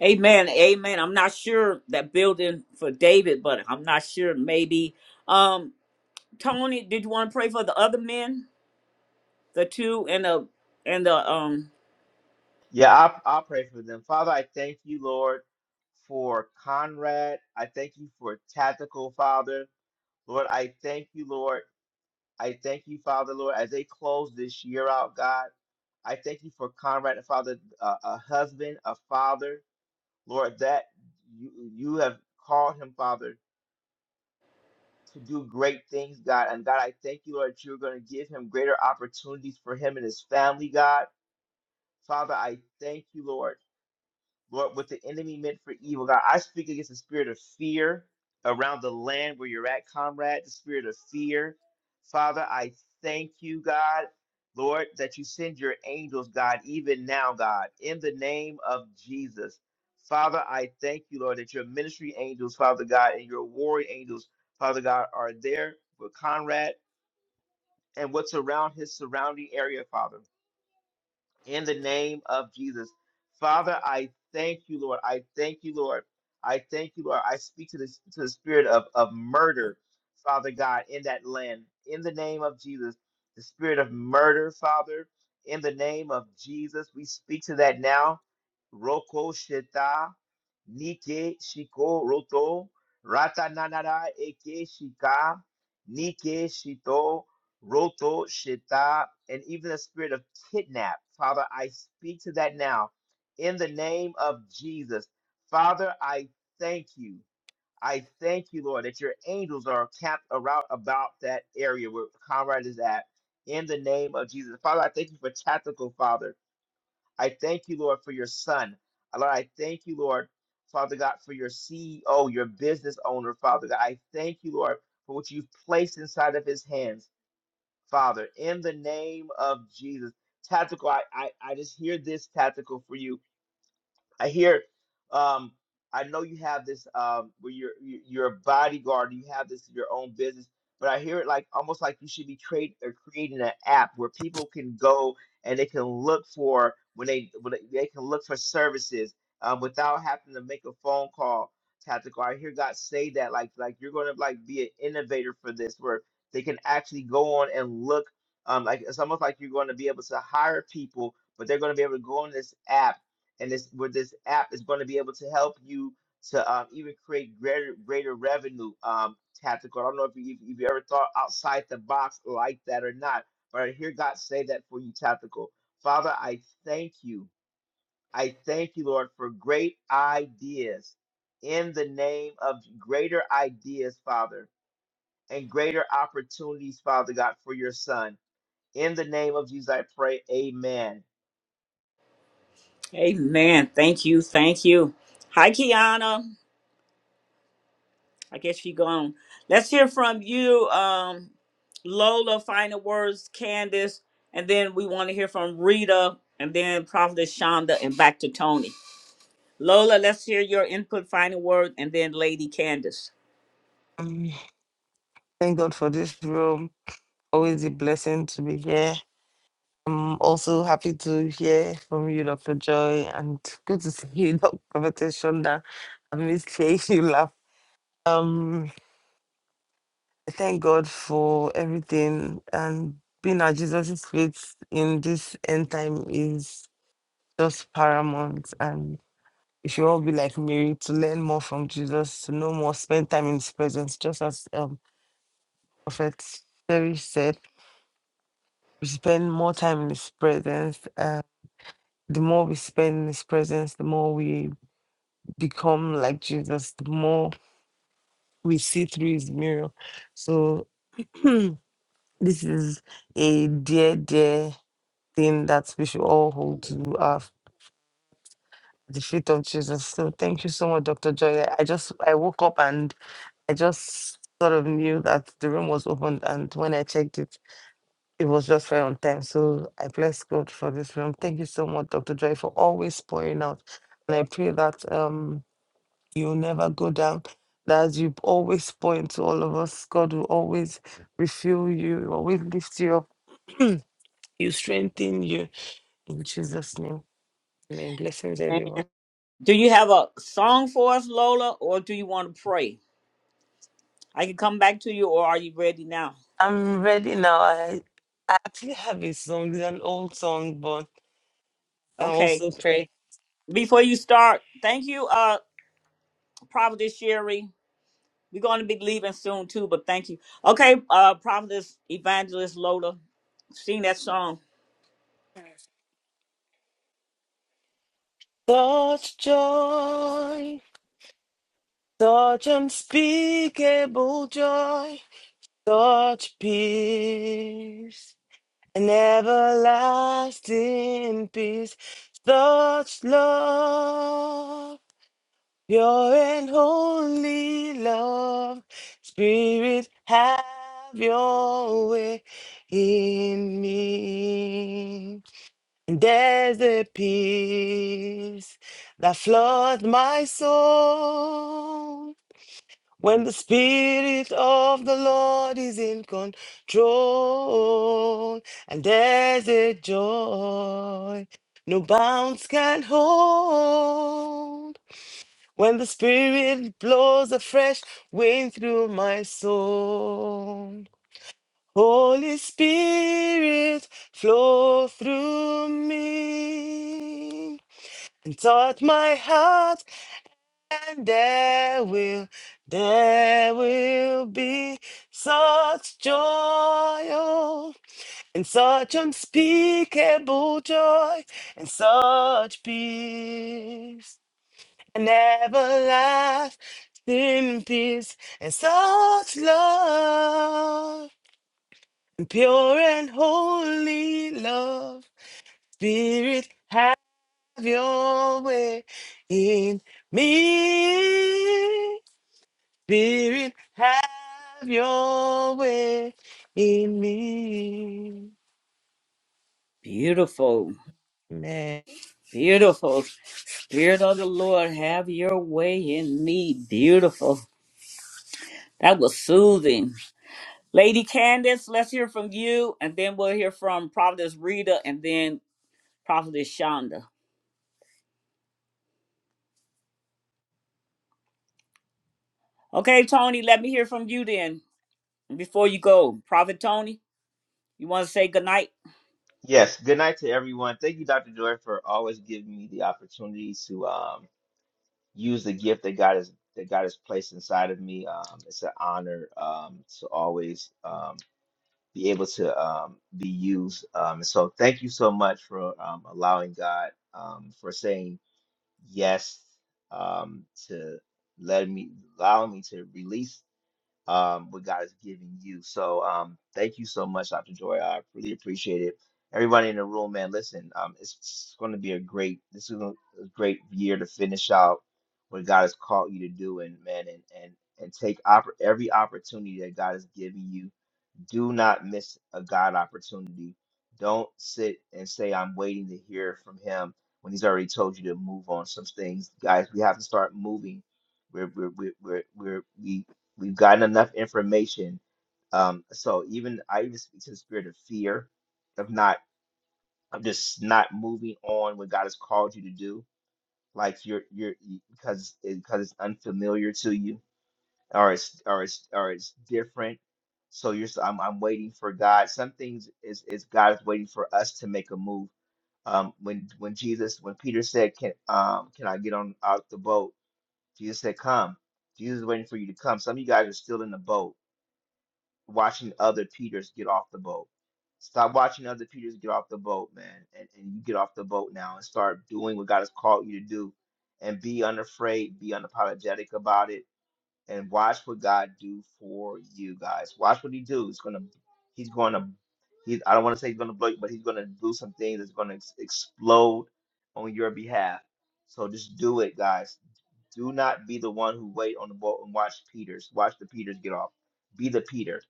Speaker 1: Amen. Amen. I'm not sure that building for David, but I'm not sure. Maybe. Um, Tony, did you want to pray for the other men, the two and the and the um?
Speaker 9: Yeah, I'll, I'll pray for them. Father, I thank you, Lord, for Conrad. I thank you for Tactical, Father. Lord, I thank you, Lord. I thank you, Father, Lord, as they close this year out, God. I thank you for Conrad, and Father, uh, a husband, a father, Lord, that you you have called him, Father, to do great things, God. And God, I thank you, Lord, that you're going to give him greater opportunities for him and his family, God. Father, I thank you, Lord. Lord, what the enemy meant for evil, God, I speak against the spirit of fear around the land where you're at, comrade, the spirit of fear. Father, I thank you, God, Lord, that you send your angels, God, even now, God, in the name of Jesus. Father, I thank you, Lord, that your ministry angels, Father God, and your warring angels, Father God, are there with Conrad and what's around his surrounding area, Father in the name of Jesus. Father, I thank you, Lord. I thank you, Lord. I thank you, Lord. I speak to the, to the spirit of, of murder, Father God, in that land, in the name of Jesus. The spirit of murder, Father, in the name of Jesus. We speak to that now. Roko Sheta. Nike Shiko Roto Rata Nanara Eke Shika Nike Shito Roto Shita and even the spirit of kidnap. Father, I speak to that now in the name of Jesus. Father, I thank you. I thank you, Lord, that your angels are camped around about that area where Conrad is at in the name of Jesus. Father, I thank you for tactical, Father. I thank you, Lord, for your son. Lord, I thank you, Lord, Father God, for your CEO, your business owner, Father God. I thank you, Lord, for what you've placed inside of his hands, Father, in the name of Jesus. Tactical, I, I, I just hear this tactical for you. I hear. Um, I know you have this um, where you're you- you're a bodyguard. You have this your own business, but I hear it like almost like you should be create or creating an app where people can go and they can look for when they when they, they can look for services um, without having to make a phone call. Tactical. I hear God say that like like you're going to like be an innovator for this, where they can actually go on and look. Um, like it's almost like you're going to be able to hire people, but they're going to be able to go on this app and this where this app is going to be able to help you to um, even create greater greater revenue um, tactical. I don't know if you if if you ever thought outside the box like that or not, but I hear God say that for you, tactical. Father, I thank you. I thank you, Lord, for great ideas in the name of greater ideas, Father, and greater opportunities, Father God, for your son. In the name of Jesus, I pray, amen.
Speaker 1: Amen. Thank you. Thank you. Hi, Kiana. I guess she gone. Let's hear from you, um, Lola. Final words, Candace, and then we want to hear from Rita, and then Prophetess Shonda, and back to Tony. Lola, let's hear your input, final word, and then Lady Candace.
Speaker 10: Um, thank God for this room. Always a blessing to be here. I'm also happy to hear from you, Dr. Joy, and good to see you, Dr. Prophetess Shonda. I miss hearing you laugh. Um, thank God for everything, and being at Jesus' feet in this end time is just paramount. and. We should all be like Mary to learn more from Jesus, to know more, spend time in His presence, just as um, Prophet Terry said. We spend more time in His presence. Uh, the more we spend in His presence, the more we become like Jesus. The more we see through His mirror. So this is a dear, dear thing that we should all hold to our the feet of Jesus. So thank you so much, Dr. Joy. I just I woke up and I just sort of knew that the room was opened, and when I checked it, it was just right on time. So I bless God for this room. Thank you so much, Dr. Joy, for always pouring out. And I pray that um you'll never go down. That as you always point to all of us, God will always refuel you, will always lift you up, you strengthen you. In Jesus' name, amen. Blessings,
Speaker 1: Thank-
Speaker 10: everyone.
Speaker 1: Do you have a song for us, Lola, or do you want to pray? I can come back to you, or are you ready now?
Speaker 10: I'm ready now. I, I actually have a song, it's an old song, but I
Speaker 1: Okay.
Speaker 10: also pray.
Speaker 1: Before you start, thank you, uh, Prophetess Sherry. We're going to be leaving soon too, but thank you. Okay, uh, Prophetess Evangelist Lola, sing that song.
Speaker 10: Such joy, such unspeakable joy, such peace, an everlasting peace, such love, pure and holy love. Spirit, have your way in me. And There's a peace that floods my soul when the Spirit of the Lord is in control. And there's a joy no bounds can hold when the Spirit blows a fresh wind through my soul. Holy Spirit, flow through me and touch my heart, and there will, there will be such joy oh, and such unspeakable joy and such peace and everlasting peace and such love. Pure and holy love, Spirit, have your way in me. Spirit, have your way in me.
Speaker 1: Beautiful,
Speaker 10: Amen.
Speaker 1: beautiful. Spirit of the Lord, have your way in me. Beautiful. That was soothing. Lady Candace, let's hear from you, and then we'll hear from Prophetess Rita, and then Prophetess Shonda. Okay, Tony, let me hear from you then before you go. Prophet Tony, you want to say goodnight?
Speaker 9: Yes, good night to everyone. Thank you, Dr. Joy, for always giving me the opportunity to um, use the gift that God has that God has placed inside of me. Um, it's an honor um, to always um, be able to um, be used. Um, so thank you so much for um, allowing God um, for saying yes um, to let me allow me to release um, what God is giving you. So um, thank you so much, Dr. Joy. I really appreciate it. Everybody in the room, man, listen, um, it's going to be a great, this is a a great year to finish out what God has called you to do, and man, and and and take oppor- every opportunity that God is giving you do not miss a God opportunity. Don't sit and say, I'm waiting to hear from him when he's already told you to move on some things. Guys, we have to start moving. We're, we're, we're, we're, we're, we, we've gotten enough information. Um, so even I even speak to the spirit of fear of not of just not moving on what God has called you to do. Like you're you're because because it's unfamiliar to you or it's or it's or it's different. So you're s- I'm I'm waiting for God. Some things is is God is waiting for us to make a move. Um, when when Jesus when Peter said can um can I get on out the boat? Jesus said come. Jesus is waiting for you to come. Some of you guys are still in the boat, watching other Peters get off the boat. Stop watching other Peters get off the boat, man, and, and you get off the boat now and start doing what God has called you to do, and be unafraid, be unapologetic about it and watch what God do for you guys. Watch what He do. He's gonna, He's gonna, He. I don't want to say He's gonna blow you, but He's gonna do some things that's gonna ex- explode on your behalf. So just do it, guys. Do not be the one who wait on the boat and watch Peters. Watch the Peters get off. Be the Peter.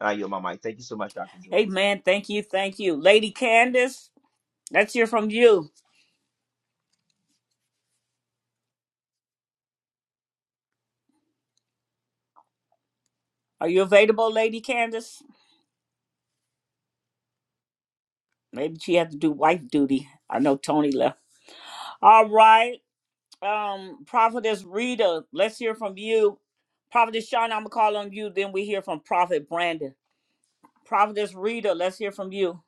Speaker 9: And I yield my mic. Thank you so much, Dr. Joy.
Speaker 1: Amen. Thank you. Thank you. Lady Candace, let's hear from you. Are you available, Lady Candace? Maybe she had to do wife duty. I know Tony left. All right. Um, Prophetess Rita, let's hear from you. Prophetess Shawn, I'm gonna call on you. Then we hear from Prophet Brandon. Prophetess Rita, let's hear from you.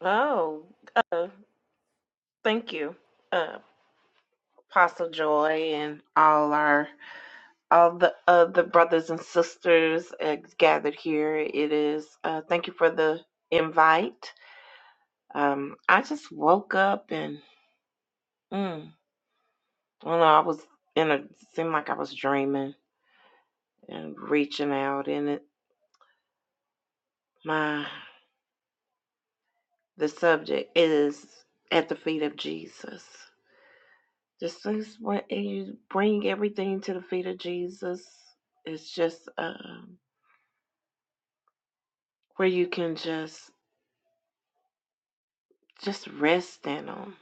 Speaker 13: Oh, uh, thank you, uh, Apostle Joy, and all our all the uh, the brothers and sisters uh, gathered here. It is uh, thank you for the invite. Um, I just woke up and mm, I don't know. I was in a seemed like I was dreaming and reaching out, and it my the subject is at the feet of Jesus. Just this when you bring everything to the feet of Jesus, it's just um where you can just just rest in Him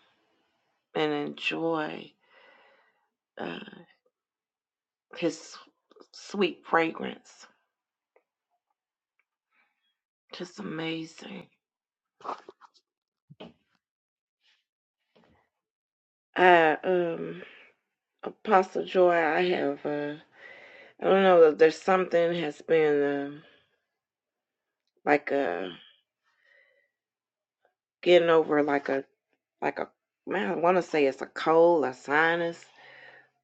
Speaker 13: and enjoy uh, His sweet fragrance. Just amazing. I um Apostle Joy, I have uh I don't know there's something has been um like a getting over like a like a man I want to say it's a cold, a sinus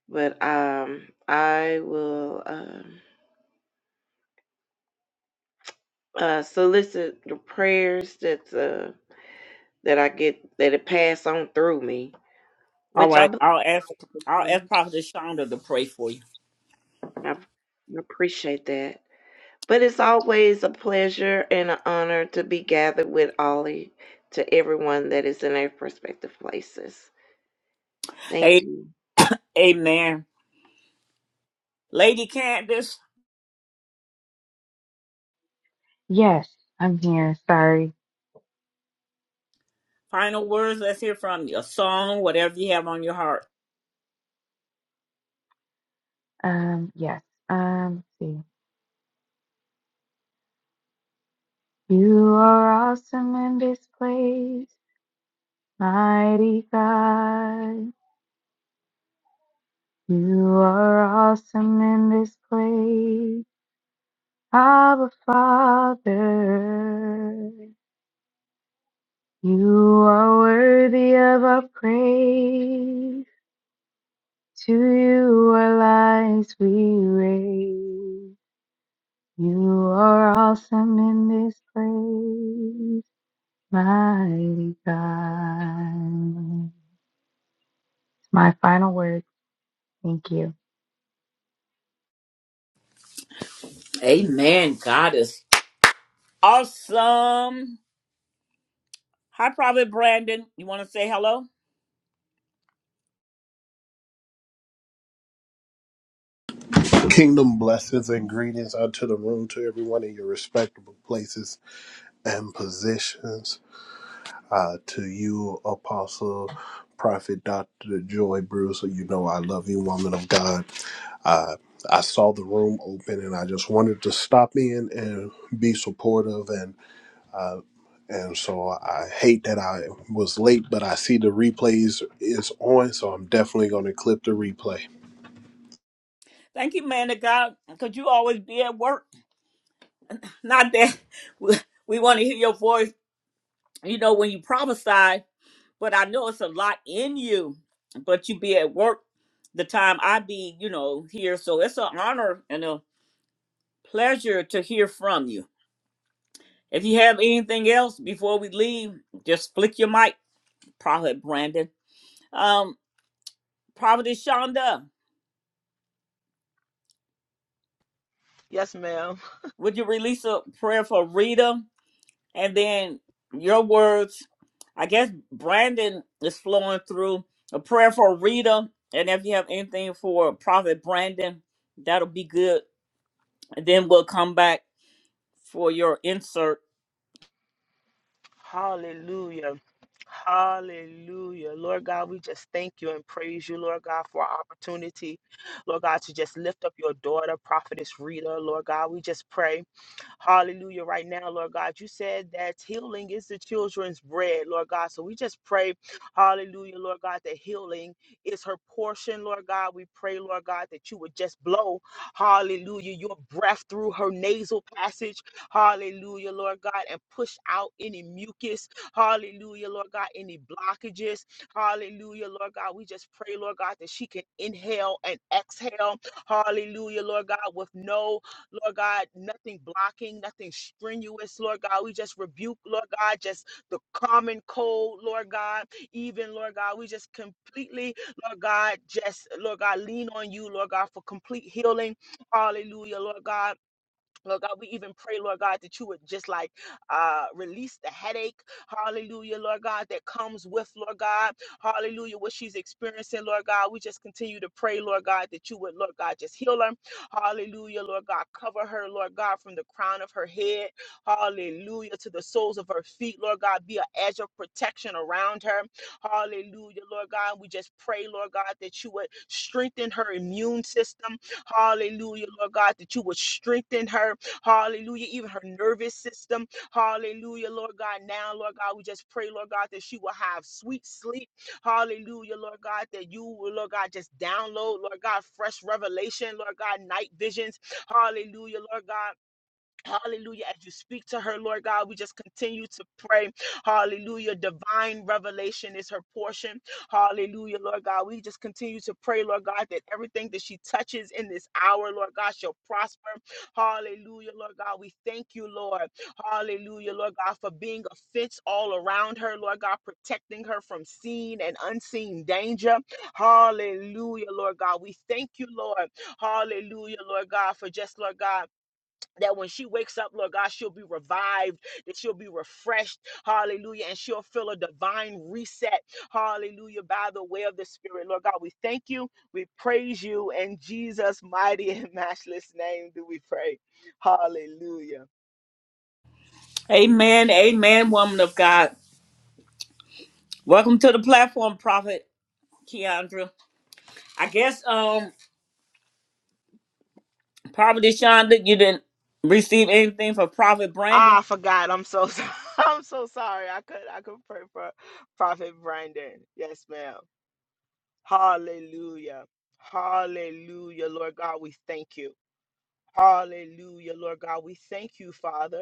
Speaker 13: but um, I will um, uh, solicit the prayers that uh, that I get that it pass on through me,
Speaker 1: All
Speaker 13: which I
Speaker 1: right.
Speaker 13: believe
Speaker 1: I'll ask I'll ask Prophetess Shonda to pray for you.
Speaker 13: I appreciate that. But it's always a pleasure and an honor to be gathered with Ollie to everyone that is in their prospective places. Thank
Speaker 1: Hey,
Speaker 13: you.
Speaker 1: amen. Lady Candace,
Speaker 11: yes i'm here sorry
Speaker 1: final words. Let's hear from you. A song, whatever you have on your heart.
Speaker 11: um yes um let's see you are awesome in this place mighty god you are awesome in this place Abba Father, you are worthy of our praise. To you our lives we raise. You are awesome in this place, mighty God. It's my final word. Thank you.
Speaker 1: Amen. God is Awesome. Hi, Prophet Brandon. You want to say hello?
Speaker 14: Kingdom blessings and greetings unto the room, to everyone in your respectable places and positions. Uh, to you, Apostle, Prophet, Dr. Joy Bruce, you know I love you, woman of God. Uh, I saw the room open and I just wanted to stop in and be supportive. And uh, and so I hate that I was late, but I see the replays is on, so I'm definitely going to clip the replay.
Speaker 1: Thank you, man of God, because you always be at work. Not that we, we want to hear your voice, you know, when you prophesy, but I know it's a lot in you, but you be at work the time I be, you know, here. So it's an honor and a pleasure to hear from you. If you have anything else before we leave, just flick your mic, Prophet Brandon. Um, Prophet Shonda,
Speaker 8: Yes, ma'am.
Speaker 1: would you release a prayer for Rita? And then your words, I guess Brandon is flowing through a prayer for Rita. And if you have anything for Prophet Brandon, that'll be good. And then we'll come back for your insert.
Speaker 8: Hallelujah. Hallelujah. Lord God, we just thank you and praise you, Lord God, for our opportunity. Lord God, to just lift up your daughter, prophetess Rita, Lord. Pray. Hallelujah. You said the children's heart is so. his tail. Hallelujah, Lord God, with no, Lord God, nothing blocking, nothing strenuous, Lord God. We just rebuke, Lord God, just the common cold, Lord God. Even, Lord God, we just completely, Lord God, just, Lord God, lean on you, Lord God, for complete healing. Hallelujah, Lord God. Lord God, we even pray, Lord God, that you would just like uh, release the headache, hallelujah, Lord God, that comes with, Lord God, hallelujah, what she's experiencing, you will have sweet sleep. Hallelujah, Lord God, that you will, Lord God, just download, Lord God, fresh revelation, Lord God, night visions. Hallelujah, Lord God. Hallelujah. As you speak to her, Lord God, we just continue to pray. Hallelujah. Divine revelation is her portion. Hallelujah, Lord God. We just continue to pray, Lord God, that everything that she touches in this hour, Lord God, shall prosper. Hallelujah, Lord God. We thank you, Lord. Hallelujah, Lord God, for being a fence all around her, Lord God, protecting her from seen and unseen danger. Hallelujah, Lord God. We thank you, Lord. Hallelujah, Lord God, for just, Lord God that when she wakes up, Lord God, she'll be revived, that she'll be refreshed, hallelujah, and she'll feel a divine reset, hallelujah, by the way of the Spirit. Lord God, we thank you, we praise you, in Jesus' mighty and matchless name do we pray. Hallelujah.
Speaker 1: Amen. Amen, woman of God. Welcome to the platform, Prophet Keandra. I guess um Prophet Shonda, you didn't receive anything for Prophet Brandon.
Speaker 8: Ah, I forgot. I'm so sorry. I'm so sorry. I could I could pray for Prophet Brandon. Yes, ma'am. Hallelujah. Hallelujah, Lord God, we thank you. Hallelujah, Lord God, we thank you, Father.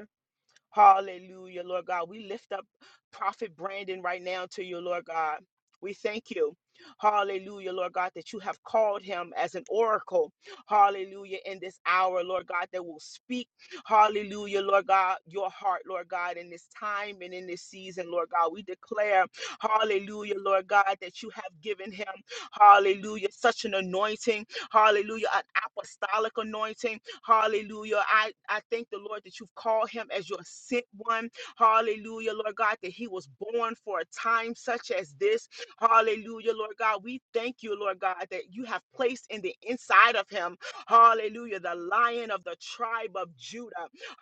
Speaker 8: Hallelujah, Lord God. We lift up Prophet Brandon right now to you, Lord God. We thank you. Hallelujah, Lord God, that you have called him as an oracle. Hallelujah, in this hour, Lord God, that will speak. Hallelujah, Lord God, your heart, Lord God, in this time and in this season, Lord God. We declare, hallelujah, Lord God, that you have given him, hallelujah, such an anointing, hallelujah, an apostolic anointing Hallelujah. I, I thank the Lord that you've called him as your sent one. Hallelujah, Lord God, that he was born for a time such as this. Hallelujah, Lord God. We thank you, Lord God, that you have placed in the inside of him. Hallelujah, the lion of the tribe of Judah.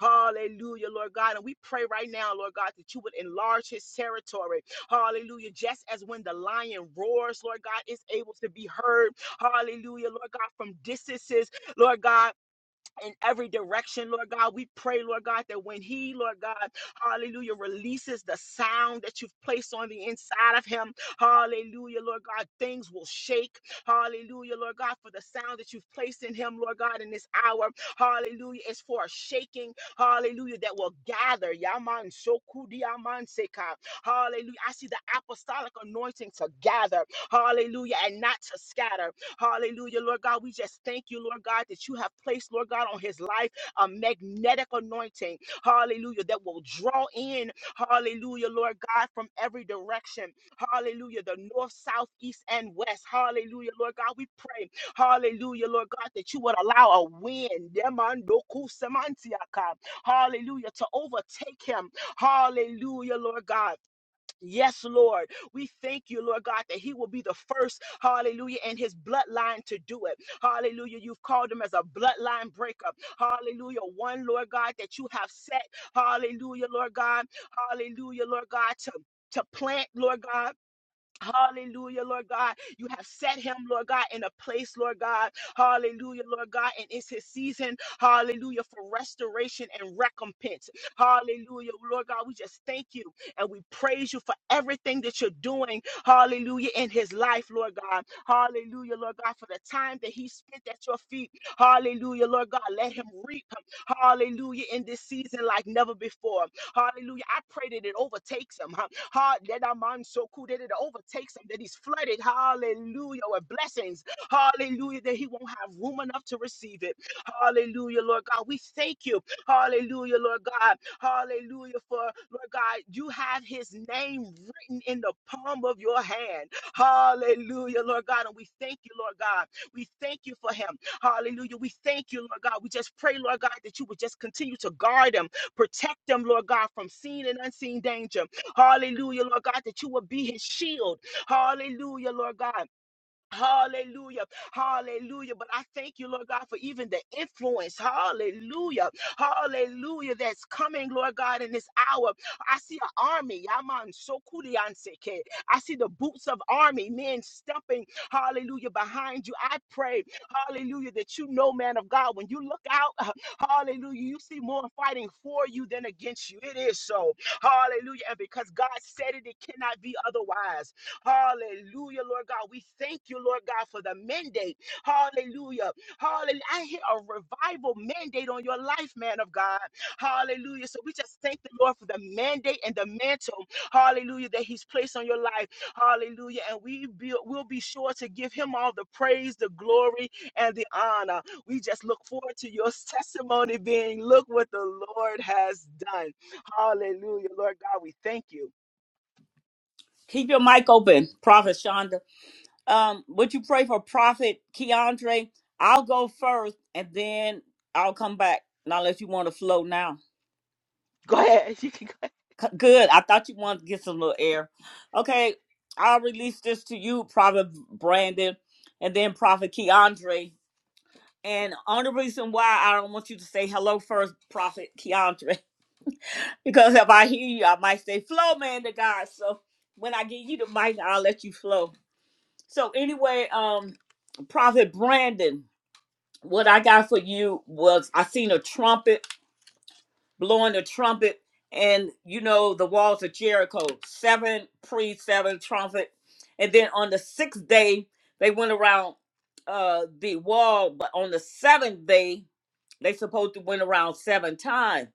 Speaker 8: Hallelujah, Lord God. And we pray right now, Lord God, that you would enlarge his territory. Hallelujah. Just as when the lion roars, Lord God, it's able to be heard. Hallelujah, Lord God, from distances, Lord God in every direction, Lord God. We pray, Lord God, that when he, Lord God, hallelujah, releases the sound that you've placed on the inside of him, hallelujah, Lord God, things will shake, hallelujah, Lord God, for the sound that you've placed in him, Lord God, in this hour, hallelujah, is for a shaking, hallelujah, that will gather, yaman shokudi yaman seka, hallelujah. I see the apostolic anointing to gather, hallelujah, and not to scatter, Hallelujah, Lord God. We just thank you, Lord God, that you have placed, Lord God, on his life a magnetic anointing. Hallelujah, that will draw in, hallelujah, Lord God, from every direction. Hallelujah, the north, south, east, and west. Hallelujah, Lord God. We pray, hallelujah, Lord God, that you would allow a wind, demandokusemantiaka, hallelujah, to overtake him. Hallelujah, Lord God Yes, Lord. We thank you, Lord God, that he will be the first, hallelujah, in his bloodline to do it. Hallelujah. You've called him as a bloodline breaker. Hallelujah. One, Lord God, that you have set. Hallelujah, Lord God. Hallelujah, Lord God, to, to plant, Lord God. Hallelujah, Lord God. You have set him, Lord God, in a place, Lord God. Hallelujah, Lord God. And it's his season, hallelujah, for restoration and recompense. Hallelujah, Lord God. We just thank you and we praise you for everything that you're doing, hallelujah, in his life, Lord God. Hallelujah, Lord God, for the time that he spent at your feet. Hallelujah, Lord God. Let him reap, hallelujah, in this season like never before. Hallelujah. I pray that it overtakes him. huh? Ha- that our mind so cool that it overtakes him, that he's flooded. Hallelujah. With blessings. Hallelujah. That he won't have room enough to receive it. Hallelujah, Lord God. We thank you. Hallelujah, Lord God. Hallelujah. For Lord God, you have his name written in the palm of your hand. Hallelujah, Lord God. And we thank you, Lord God. We thank you for him. Hallelujah. We thank you, Lord God. We just pray, Lord God, that you would just continue to guard him. Protect them, Lord God, from seen and unseen danger. Hallelujah, Lord God, that you will be his shield. Hallelujah, Lord God. Hallelujah. Hallelujah. But I thank you, Lord God, for even the influence. Hallelujah. Hallelujah. That's coming, Lord God, in this hour. I see an army. Yaman Sokurianseke. I see the boots of army men stepping. Hallelujah. Behind you. I pray. Hallelujah. That you know, man of God, when you look out, hallelujah, you see more fighting for you than against you. It is so. Hallelujah. And because God said it, it cannot be otherwise. Hallelujah, Lord God. We thank you, Lord God, for the mandate. Hallelujah. Hallelujah. I hear a revival mandate on your life, man of God. Hallelujah. So we just thank the Lord for the mandate and the mantle. Hallelujah. That He's placed on your life. Hallelujah. And we be, will be sure to give Him all the praise, the glory, and the honor. We just look forward to your testimony being look what the Lord has done. Hallelujah. Lord God, we thank you.
Speaker 1: Keep your mic open, Prophet Um, would you pray for Prophet Keandre? I'll go first and then I'll come back. Not unless you want to flow now.
Speaker 8: Go ahead.
Speaker 1: C- Good. I thought you wanted to get some little air. Okay, I'll release this to you, Prophet Brandon, and then Prophet Keandre. And only reason why I don't want you to say hello first, Prophet Keandre, because if I hear you, I might say, flow, man, to God. So when I get you the mic, I'll let you flow. So anyway, um, Prophet Brandon. what I got for you was I seen a trumpet blowing a trumpet, and you know the walls of Jericho, seven priests, seven trumpet, and then on the sixth day they went around uh the wall, but on the seventh day they supposed to went around seven times.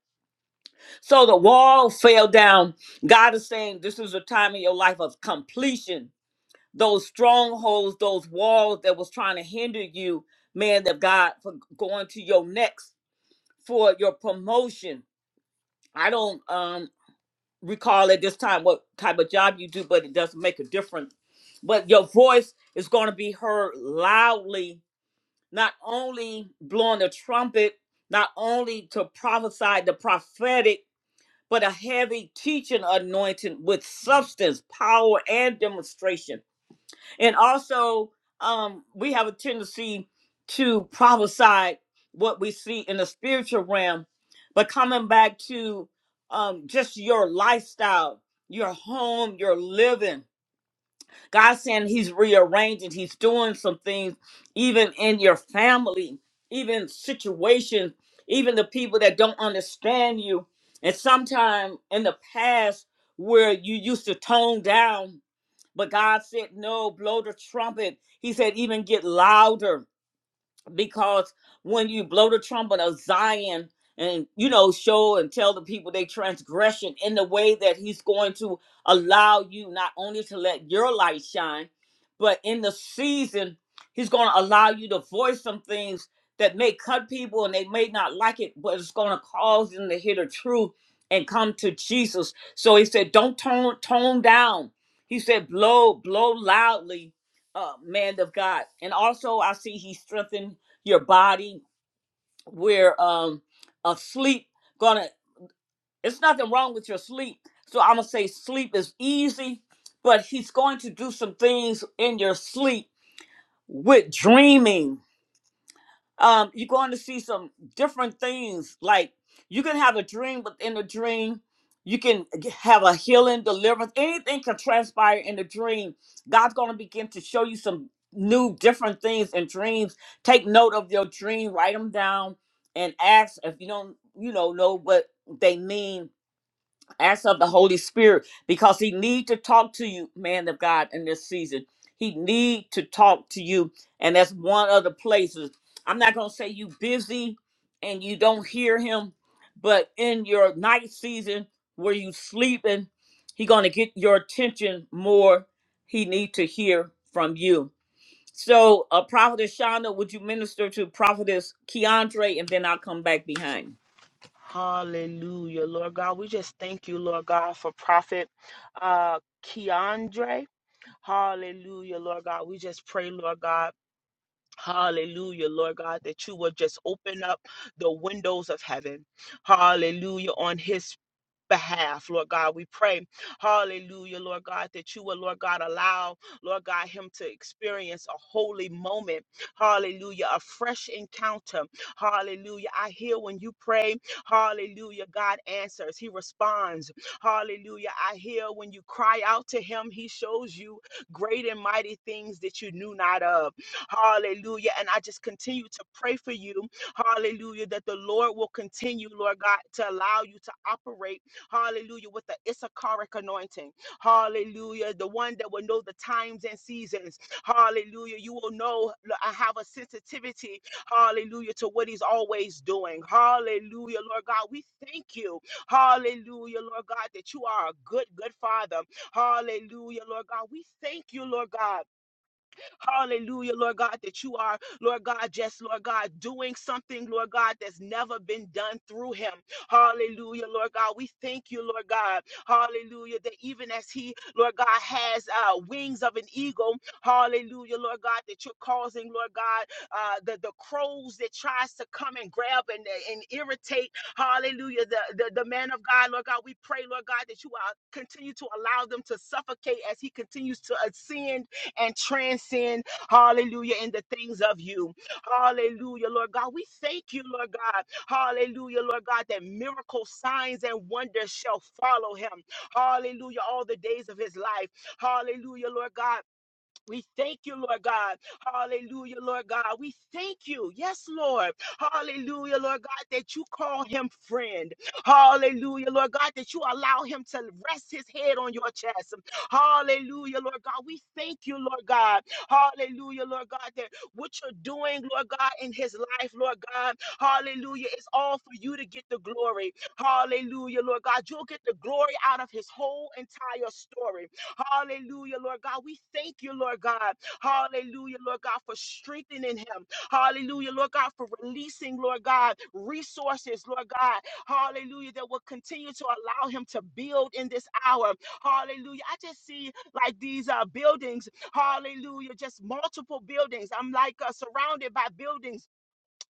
Speaker 1: So the wall fell down. God is saying this is a time in your life of completion. Those strongholds, those walls that was trying to hinder you, man, that God for going to your next for your promotion. I don't um recall at this time what type of job you do, but it doesn't make a difference. But your voice is going to be heard loudly, not only blowing the trumpet, not only to prophesy the prophetic, but a heavy teaching anointing with substance, power, and demonstration. And also, um, we have a tendency to prophesy what we see in the spiritual realm. But coming back to um, just your lifestyle, your home, your living, God's saying He's rearranging, He's doing some things, even in your family, even situations, even the people that don't understand you. And sometime in the past, where you used to tone down but God said, no, blow the trumpet. He said, even get louder because when you blow the trumpet of Zion and you know show and tell the people they transgression in the way that he's going to allow you not only to let your light shine but in the season he's going to allow you to voice some things that may cut people and they may not like it but it's going to cause them to hear the truth and come to Jesus so he said don't tone tone down he said blow blow loudly uh man of God and also I see he strengthened your body. We're um asleep. Gonna it's nothing wrong with your sleep. So I'm gonna say sleep is easy, but he's going to do some things in your sleep with dreaming um, you're going to see some different things. Like you can have a dream within a dream. You can g- have a healing, deliverance. Anything can transpire in a dream. God's going to begin to show you some new, different things in dreams. Take note of your dream, write them down, and ask if you don't, you know, know what they mean Ask of the Holy Spirit, because he need to talk to you, man of God, in this season. He need to talk to you, and that's one of the places. I'm not gonna say you busy and you don't hear him, but in your night season where you sleeping, he gonna get your attention more. He need to hear from you. So, uh, Prophetess Shonda, would you minister to Prophetess Keandre, and then I'll come back behind.
Speaker 8: Hallelujah, Lord God. We just thank you, Lord God, for Prophet uh Keandre. Hallelujah, Lord God. We just pray, Lord God. Hallelujah, Lord God, that you will just open up the windows of heaven. Hallelujah, on his behalf, Lord God. We pray, hallelujah, Lord God, that you will, Lord God, allow, Lord God, him to experience a holy moment, hallelujah, a fresh encounter, hallelujah. I hear when you pray, hallelujah, God answers, he responds, hallelujah. I hear when you cry out to him, he shows you great and mighty things that you knew not of, hallelujah. And I just continue to pray for you, hallelujah, that the Lord will continue, Lord God, to allow you to operate. Hallelujah. With the Issacharic anointing. Hallelujah. The one that will know the times and seasons. Hallelujah. You will know I have a sensitivity. Hallelujah. To what he's always doing. Hallelujah. Lord God, we thank you. Hallelujah. Lord God, that you are a good, good father. Hallelujah. Lord God, we thank you, Lord God. Hallelujah, Lord God, that you are, Lord God, just, Lord God, doing something, Lord God, that's never been done through him. Hallelujah, Lord God. We thank you, Lord God. Hallelujah, that even as he, Lord God, has uh, wings of an eagle, hallelujah, Lord God, that you're causing, Lord God, uh, the, the crows that tries to come and grab and, and irritate, hallelujah, the, the, the man of God, Lord God, we pray, Lord God, that you uh, continue to allow them to suffocate as he continues to ascend and transcend, hallelujah, in the things of you. Hallelujah, Lord God. We thank you, Lord God. Hallelujah, Lord God, that miracle signs and wonders shall follow him. Hallelujah, all the days of his life. Hallelujah, Lord God. We thank you, Lord God. Hallelujah, Lord God. We thank you. Yes, Lord. Hallelujah, Lord God, that you call him friend. Hallelujah, Lord God, that you allow him to rest his head on your chest. Hallelujah, Lord God. We thank you, Lord God. Hallelujah, Lord God, that what you're doing, Lord God, in his life, Lord God. Hallelujah. It's all for you to get the glory. Hallelujah, Lord God. You'll get the glory out of his whole entire story. Hallelujah, Lord God. We thank you, Lord God. Hallelujah, Lord God, for strengthening him. Hallelujah, Lord God, for releasing, Lord God, resources, Lord God. Hallelujah, that will continue to allow him to build in this hour. Hallelujah. I just see like these uh, buildings. Hallelujah, just multiple buildings. I'm like uh, surrounded by buildings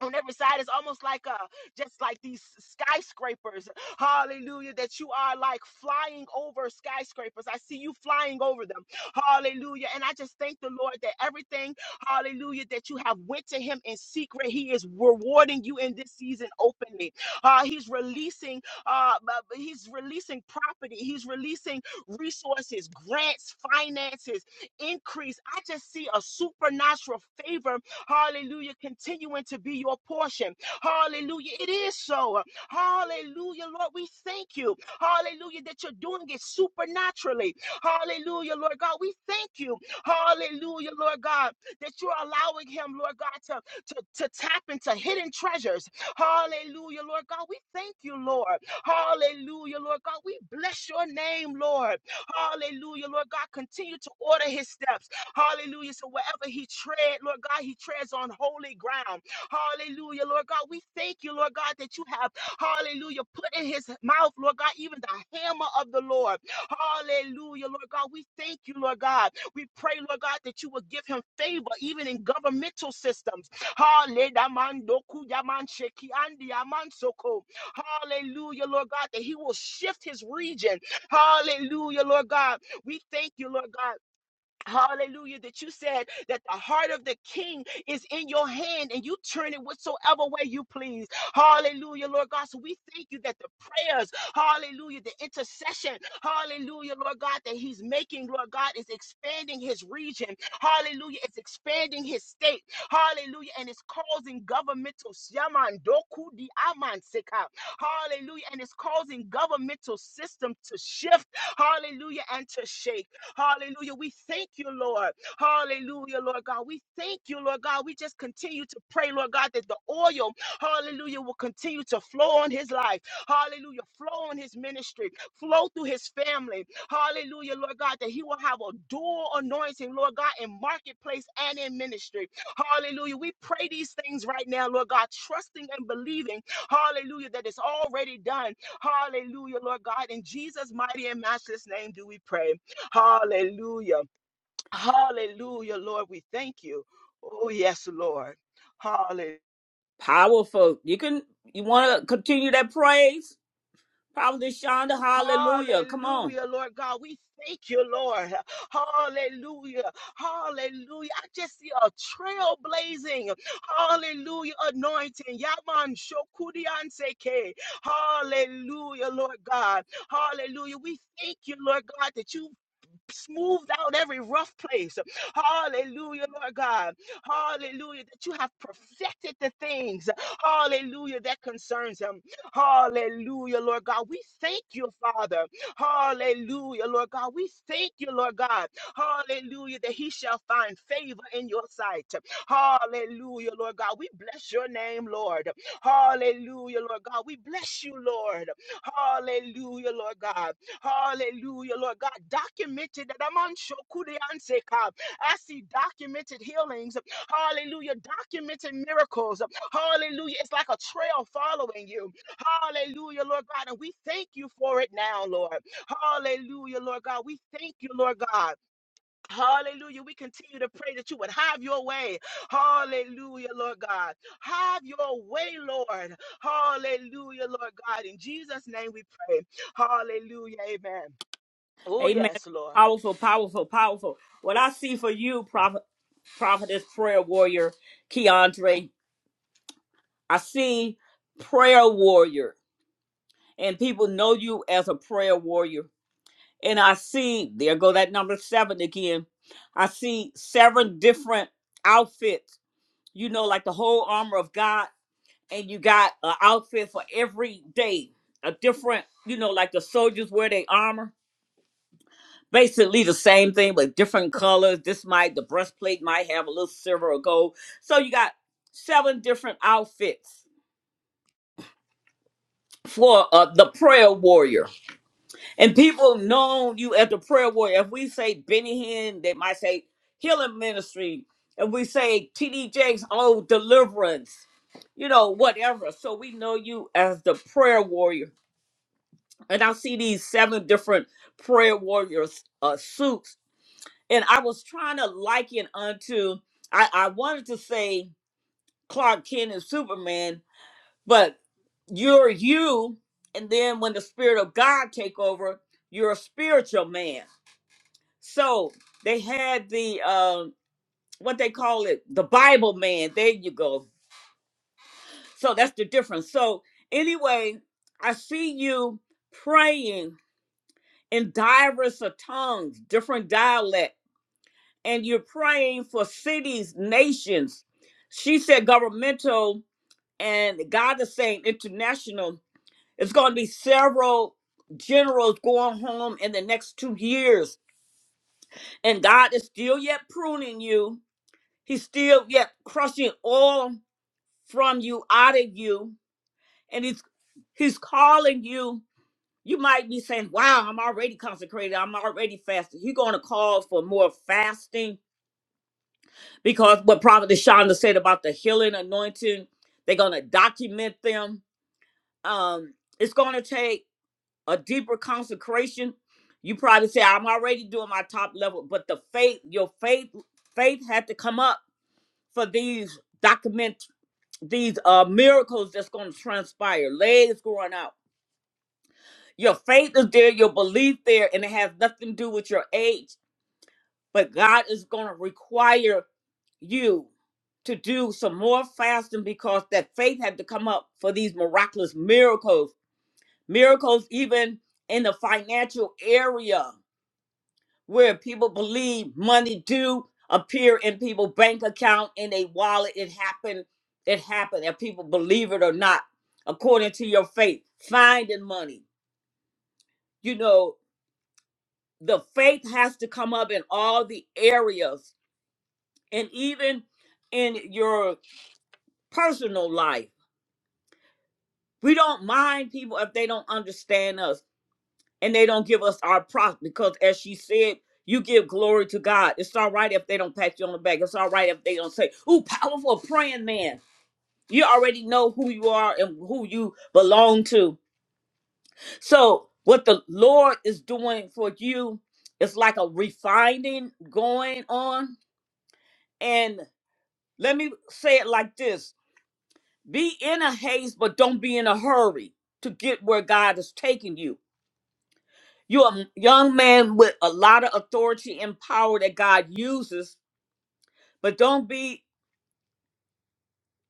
Speaker 8: on every side it's almost like uh just like these skyscrapers hallelujah that you are like flying over skyscrapers i see you flying over them hallelujah and i just thank the lord that everything hallelujah that you have went to him in secret he is rewarding you in this season openly uh he's releasing uh bu- bu- he's releasing property he's releasing resources grants finances increase i just see a supernatural favor Hallelujah. Continuing to be your portion. Hallelujah. It is so. Hallelujah, Lord. We thank you. Hallelujah, that you're doing it supernaturally. Hallelujah, Lord God. We thank you. Hallelujah, Lord God, that you're allowing him, Lord God, to, to, to tap into hidden treasures. Hallelujah, Lord God. We thank you, Lord. Hallelujah, Lord God. We bless your name, Lord. Hallelujah, Lord God. Continue to order his steps. Hallelujah. So wherever he tread, Lord God, he treads on holy ground. Hallelujah, Lord God. We thank you, Lord God, that you have, hallelujah, put in his mouth, Lord God, even the hammer of the Lord. Hallelujah, Lord God. We thank you, Lord God. We pray, Lord God, that you will give him favor even in governmental systems. Hallelujah, Lord God, that he will shift his region. Hallelujah, Lord God. We thank you, Lord God. Hallelujah. That you said that the heart of the king is in your hand and you turn it whatsoever way you please. Hallelujah, Lord God. So we thank you that the prayers, hallelujah, the intercession, hallelujah, Lord God, that he's making, Lord God, is expanding his region. Hallelujah. It's expanding his state. Hallelujah. And it's causing governmental shaman di aman Hallelujah. And it's causing governmental system to shift. Hallelujah. And to shake. Hallelujah. We thank you, Lord. Hallelujah, Lord God. We thank you, Lord God. We just continue to pray, Lord God, that the oil, hallelujah, will continue to flow on his life. Hallelujah. Flow on his ministry. Flow through his family. Hallelujah, Lord God, that he will have a dual anointing, Lord God, in marketplace and in ministry. Hallelujah. We pray these things right now, Lord God, trusting and believing, hallelujah, that it's already done. Hallelujah, Lord God. In Jesus' mighty and matchless name do we pray. Hallelujah. Hallelujah, Lord. We thank you. Oh, yes, Lord. Hallelujah.
Speaker 1: Powerful. You can you want to continue that praise? Probably Shonda, hallelujah. Come on.
Speaker 8: Hallelujah, Lord God. We thank you, Lord. Hallelujah. Hallelujah. I just see a trailblazing. Hallelujah. Anointing. Yaman Shokurianseke. Hallelujah, Lord God. Hallelujah. We thank you, Lord God, that you smoothed out every rough place. Hallelujah, Lord God. Hallelujah, that you have perfected the things. Hallelujah, that concerns him. Hallelujah, Lord God. We thank you, Father. Hallelujah, Lord God. We thank you, Lord God. Hallelujah, that he shall find favor in your sight. Hallelujah, Lord God. We bless your name, Lord. Hallelujah, Lord God. We bless you, Lord. Hallelujah, Lord God. Hallelujah, Lord God. Documented that I'm on Shokurianseka. I see documented healings. Hallelujah. Documented miracles. Hallelujah. It's like a trail following you. Hallelujah, Lord God. And we thank you for it now, Lord. Hallelujah, Lord God. We thank you, Lord God. Hallelujah. We continue to pray that you would have your way. Hallelujah, Lord God. Have your way, Lord. Hallelujah, Lord God. In Jesus' name we pray. Hallelujah. Amen. Oh,
Speaker 1: Amen.
Speaker 8: yes, Lord.
Speaker 1: Powerful, powerful, powerful. What I see for you, prophet prophetess prayer warrior, Keandre, I see prayer warrior. And people know you as a prayer warrior. And I see, there go that number seven again. I see seven different outfits, you know, like the whole armor of God and you got an outfit for every day, a different, you know, like the soldiers wear their armor. Basically the same thing, but different colors. This might the breastplate might have a little silver or gold. So you got seven different outfits for uh, the prayer warrior, and people know you as the prayer warrior. If we say Benny Hinn, they might say healing ministry. If we say TD Jakes, oh deliverance, you know whatever. So we know you as the prayer warrior and I see these seven different prayer warriors uh, suits, and I was trying to liken unto I, I wanted to say Clark Kent and Superman, but you're you, and then when the Spirit of God take over, you're a spiritual man. So they had the uh, what they call it, the Bible man. There you go. So that's the difference. So anyway, I see you praying in diverse of tongues, different dialect, and you're praying for cities, nations. She said governmental, and God is saying international. It's going to be several generals going home in the next two years, and God is still yet pruning you. He's still yet crushing all from you out of you, and he's he's calling you You might be saying, Wow, I'm already consecrated. I'm already fasting. You're going to call for more fasting because what Prophet Shonda said about the healing anointing, they're going to document them. Um, it's going to take a deeper consecration. You probably say, I'm already doing my top level, but the faith, your faith, faith had to come up for these document these uh miracles that's going to transpire legs growing out your faith is there your belief there and it has nothing to do with your age But God is going to require you to do some more fasting because that faith had to come up for these miraculous miracles. Miracles, even in the financial area, where people believe money do appear in people's bank account, in a wallet. It happened. It happened. If people believe it or not, according to your faith, finding money. You know, the faith has to come up in all the areas and even in your personal life. We don't mind people if they don't understand us and they don't give us our props because, as she said, you give glory to God. It's all right if they don't pat you on the back. It's all right if they don't say, Ooh, powerful praying man. You already know who you are and who you belong to. So, what the Lord is doing for you is like a refining going on. And let me say it like this Be in a haste, but don't be in a hurry to get where God is taking you. You're a young man with a lot of authority and power that God uses, but don't be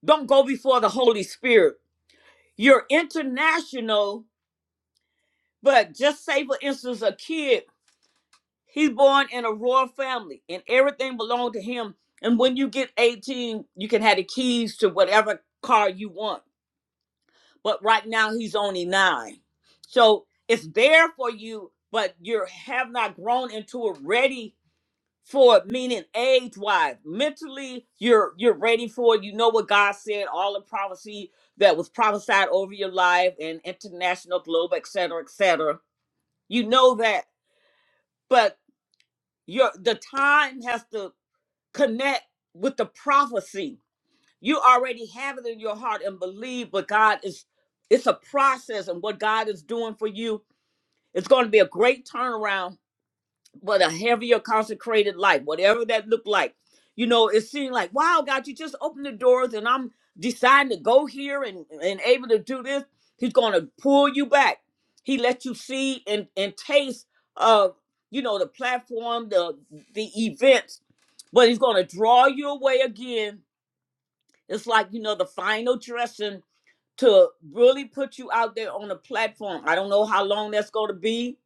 Speaker 1: don't go before the Holy Spirit. You're international, but just say for instance, a kid, he's born in a royal family and everything belonged to him. And when you get 18, you can have the keys to whatever car you want but right now he's only nine. So it's there for you, but you have not grown into it ready for it, meaning age wise. Mentally, you're you're ready for it. You know what God said, all the prophecy that was prophesied over your life and international globe, et cetera, et cetera. You know that, but your the time has to connect with the prophecy you already have it in your heart and believe but god is it's a process and what god is doing for you it's going to be a great turnaround but a heavier consecrated life whatever that looked like you know it seemed like wow god you just opened the doors and i'm deciding to go here and and able to do this he's going to pull you back he let you see and and taste of you know the platform the the events but he's going to draw you away again it's like, you know, the final dressing to really put you out there on a platform. I don't know how long that's going to be,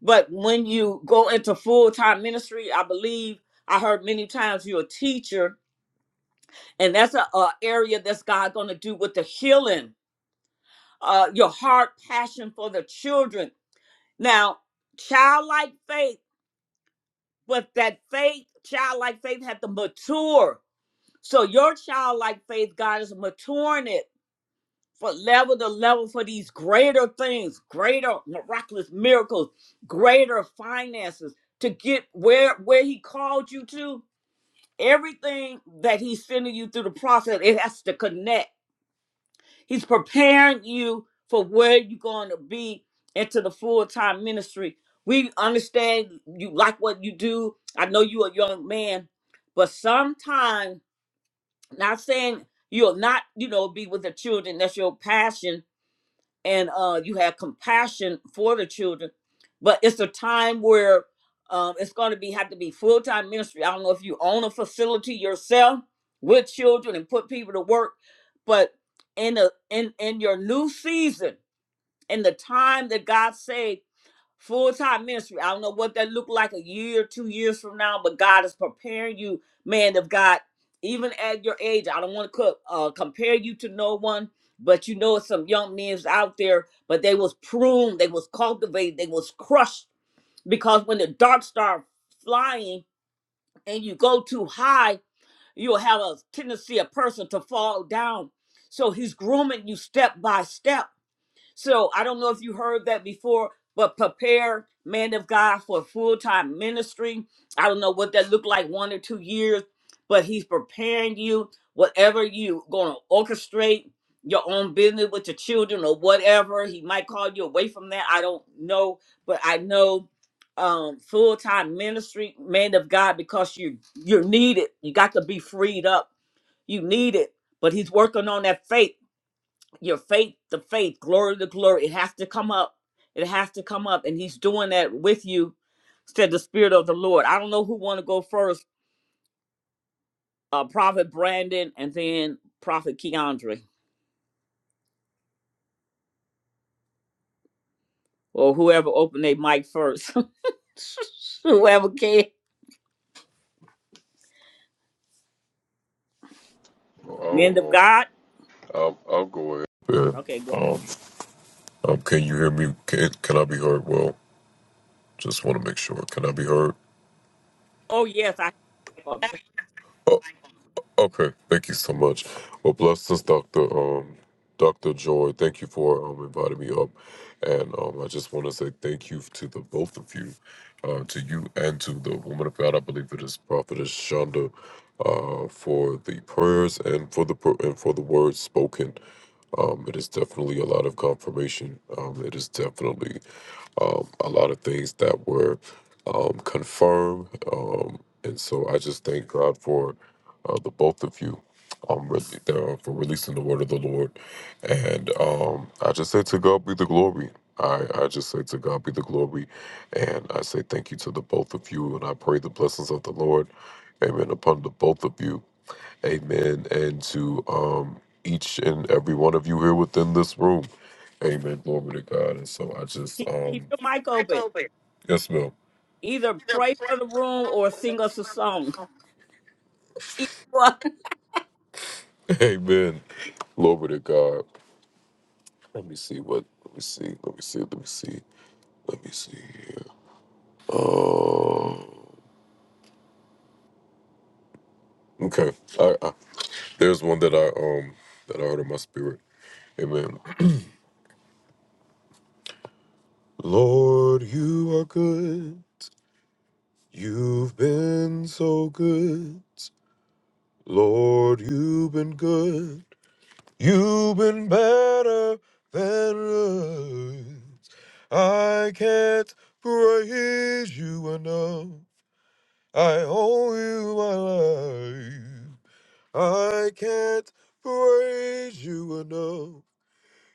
Speaker 1: but when you go into full time ministry, I believe I heard many times you're a teacher, and that's a, a area that's God going to do with the healing, uh, your heart passion for the children. Now, childlike faith, but that faith, childlike faith had to mature. So your childlike faith, God is maturing it for level to level for these greater things, greater miraculous miracles, greater finances to get where where he called you to. Everything that he's sending you through the process, it has to connect. He's preparing you for where you're going to be into the full-time ministry. We understand you like what you do. I know you're a young man, but sometimes not saying you'll not, you know, be with the children. That's your passion and uh, you have compassion for the children. But it's a time where um, it's going to be have to be full time ministry. I don't know if you own a facility yourself with children and put people to work, but in a in in your new season, in the time that God said full time ministry. I don't know what that look like a year, two years from now, but God is preparing you, man of God. Even at your age, I don't want to co- uh, compare you to no one, but you know some young men's out there, but they was pruned, they was cultivated, they was crushed because when the dark start flying and you go too high, you'll have a tendency a person to fall down. So he's grooming you step by step so I don't know if you heard that before, but prepare man of God for full time ministry. I don't know what that looked like one or two years, but he's preparing you. Whatever you going to orchestrate your own business with your children or whatever, he might call you away from that. I don't know, but I know um full time ministry man of God because you you're needed. You got to be freed up. You need it, but he's working on that faith your faith to faith, glory to glory. It has to come up. It has to come up. And he's doing that with you, said the Spirit of the Lord. I don't know who want to go first, uh, Prophet Brandon and then Prophet Keandre or whoever opened their mic first. whoever can.
Speaker 15: I'll,
Speaker 1: Men of God.
Speaker 15: I'll, I'll I'll go ahead. Yeah.
Speaker 1: Okay, go.
Speaker 15: Um, can you hear me? Can, can I be heard? Well, just want to make sure. Can I be heard?
Speaker 1: Oh, yes, I have my mic open.
Speaker 15: Okay. Thank you so much. Well, bless us, Doctor. Um, Doctor Joy. Thank you for um inviting me up, and um, I just want to say thank you to the both of you, uh, to you and to the woman of God. I believe it is Prophetess Shonda, uh, for the prayers and for the pro- and for the words spoken. Um, it is definitely a lot of confirmation. Um, it is definitely um, a lot of things that were um, confirmed. Um, and so I just thank God for uh, the both of you um, re- uh, for releasing the word of the Lord. And um, I just say to God be the glory. I, I just say to God be the glory. And I say thank you to the both of you. And I pray the blessings of the Lord, amen, upon the both of you. Amen. And to um, each and every one of you here within this room. Amen. Glory to God. And so I just,
Speaker 1: Keep, keep
Speaker 15: um,
Speaker 1: your mic open.
Speaker 15: yes, ma'am.
Speaker 1: Either pray for the room or sing us a song. Either one.
Speaker 15: Amen. Glory to God. Let me see what, let me see, let me see, let me see, let me see here. Oh, okay. I, I, there's one that I, um, that I heard in my spirit. Amen. Lord, you are good. You've been so good. Lord, you've been good. You've been better than us. I can't praise you enough. I owe you my life. I can't praise you enough.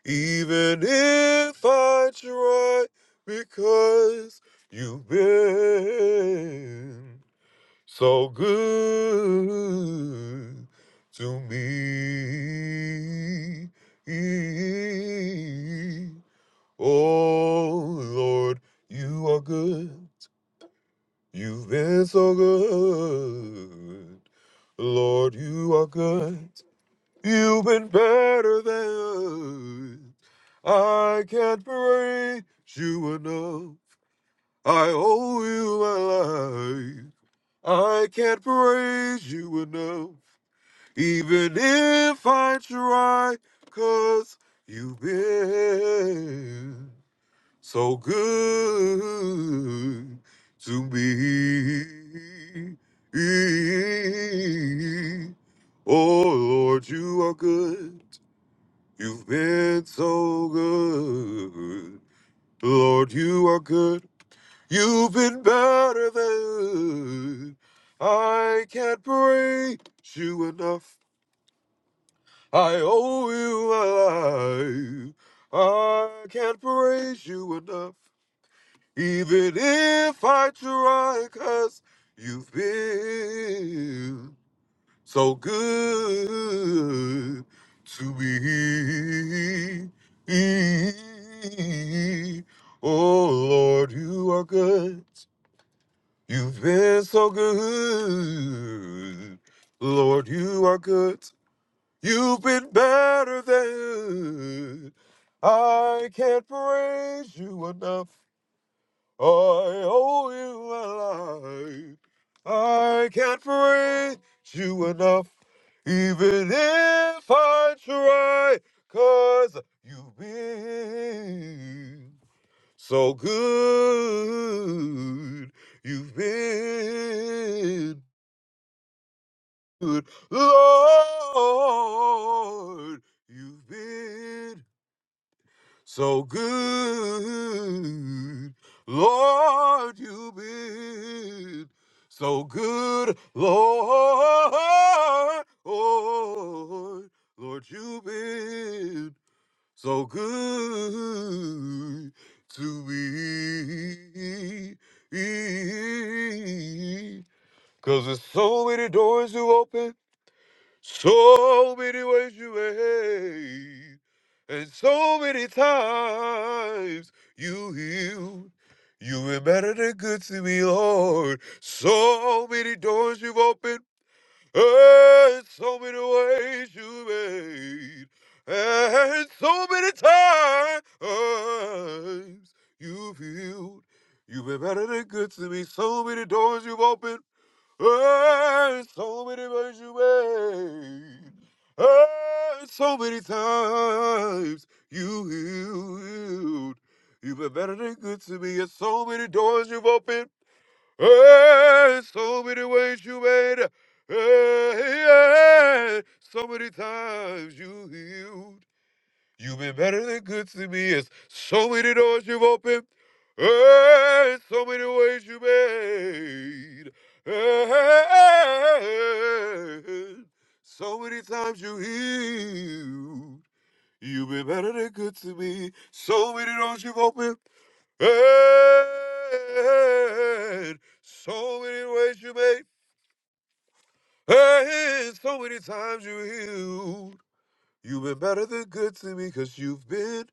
Speaker 15: Even if I try, because you've been so good to me. Oh Lord, you are good. You've been so good. Lord, you are good. You've been better than I can't praise you enough. I owe you my life. I can't praise you enough, even if I try, cause you've been so good to me. Oh Lord, you are good. You've been so good. Lord, you are good. You've been better than I can't praise you enough. I owe you my life. I can't praise you enough. Even if I try, cause you've been so good to me. Oh Lord, you are good. You've been so good. Lord, you are good. You've been better than I can't praise you enough. I owe you my life. I can't praise you enough. Even if I try, cause you've been. So good you've been good, Lord. You've been so good, Lord. You've been so good, Lord. Lord, you've been so good to be. Cause there's so many doors to open, so many ways you made, and so many times you healed. You've been better than good to me, Lord. So many doors you've opened. And so many ways you made, and so many times you've healed. You've been better than good to me. So many doors you've opened, and so many ways you made, and so many times you healed. You've been better than good to me, and so many doors you've opened. Hey, so many ways you made. it. Hey, yeah. So many times you healed. You've been better than good to me. It's so many doors you've opened. Hey, so many ways you made. Hey, so many times you healed. You've been better than good to me. So many doors you've opened. And so many ways you made, and so many times you healed. You've been better than good to me because you've been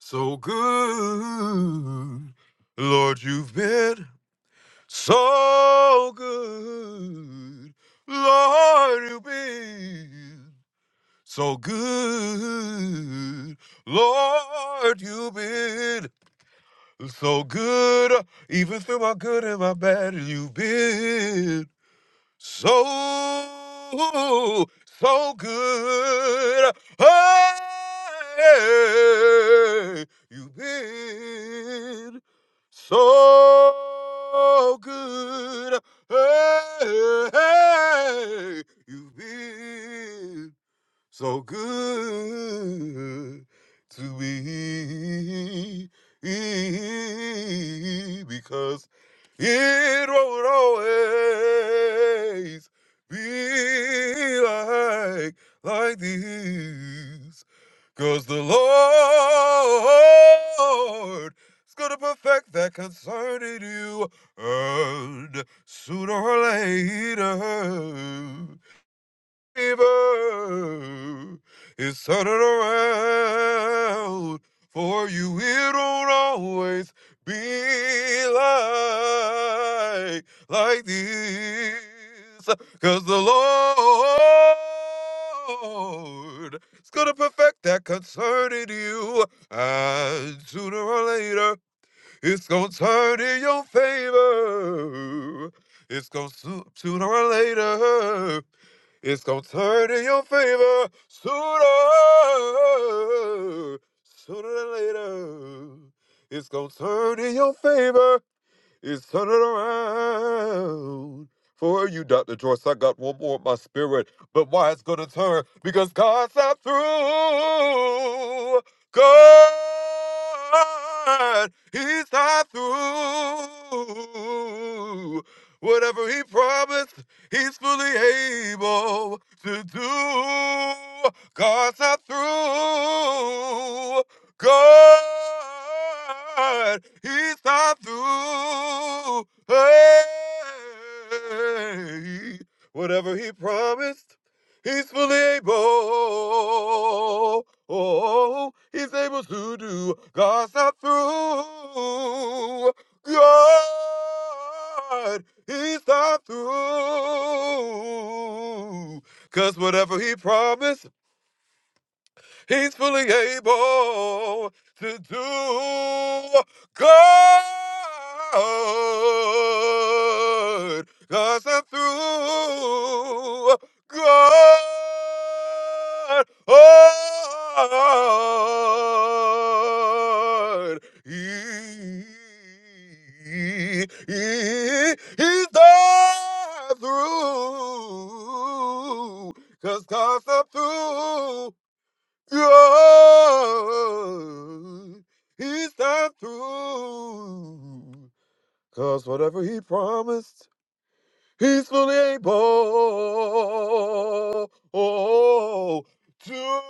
Speaker 15: so good. Lord, you've been so good. Lord, you've been so good. Lord, you've been So good, uh, even through my good and my bad, you've been so, so good. Hey, you've been so good. Hey, hey, you've been so good to be because it won't always be like like this. Cause the Lord is gonna perfect that concerning you, and sooner or later fever is turning around for you. It don't always be like, like this. Cause the Lord is gonna perfect that concerning you. And sooner or later, it's gonna turn in your favor. It's gonna sooner or later. It's gonna turn in your favor sooner, sooner than later. It's gonna turn in your favor it's turning around for you, Dr. Joyce. I got one more in my spirit, but why it's gonna turn? Because God's not through. God, He's not through. Whatever He promised, He's fully able to do. God's not through. God is not through. Hey, whatever he promised, he's fully able. Oh, he's able to do. God's not through. God, he's not through. Cause whatever he promised, He's fully able to do good, i I'm through God. Oh, He, he, he's not through. throughbecausebecause cause I'm through. God he's not through. Cause whatever he promised, He's fully able Oh, to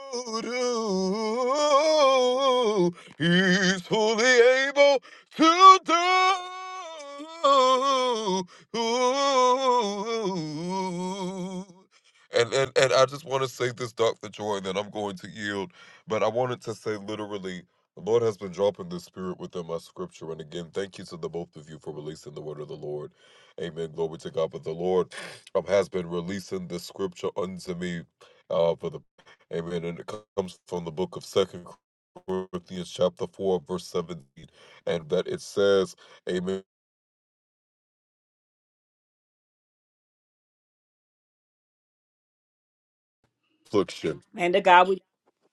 Speaker 15: do. He's fully able to do. And, and, and I just want to say this, Dr. Joy, and then I'm going to yield. But I wanted to say literally, the Lord has been dropping this spirit within my scripture. And again, thank you to the both of you for releasing the word of the Lord Amen. Glory to God. But the Lord um, has been releasing the scripture unto me uh, for the Amen. And it comes from the book of Second Corinthians chapter four, verse seventeen, and that it says, Amen. Affliction.
Speaker 1: Man of God, we,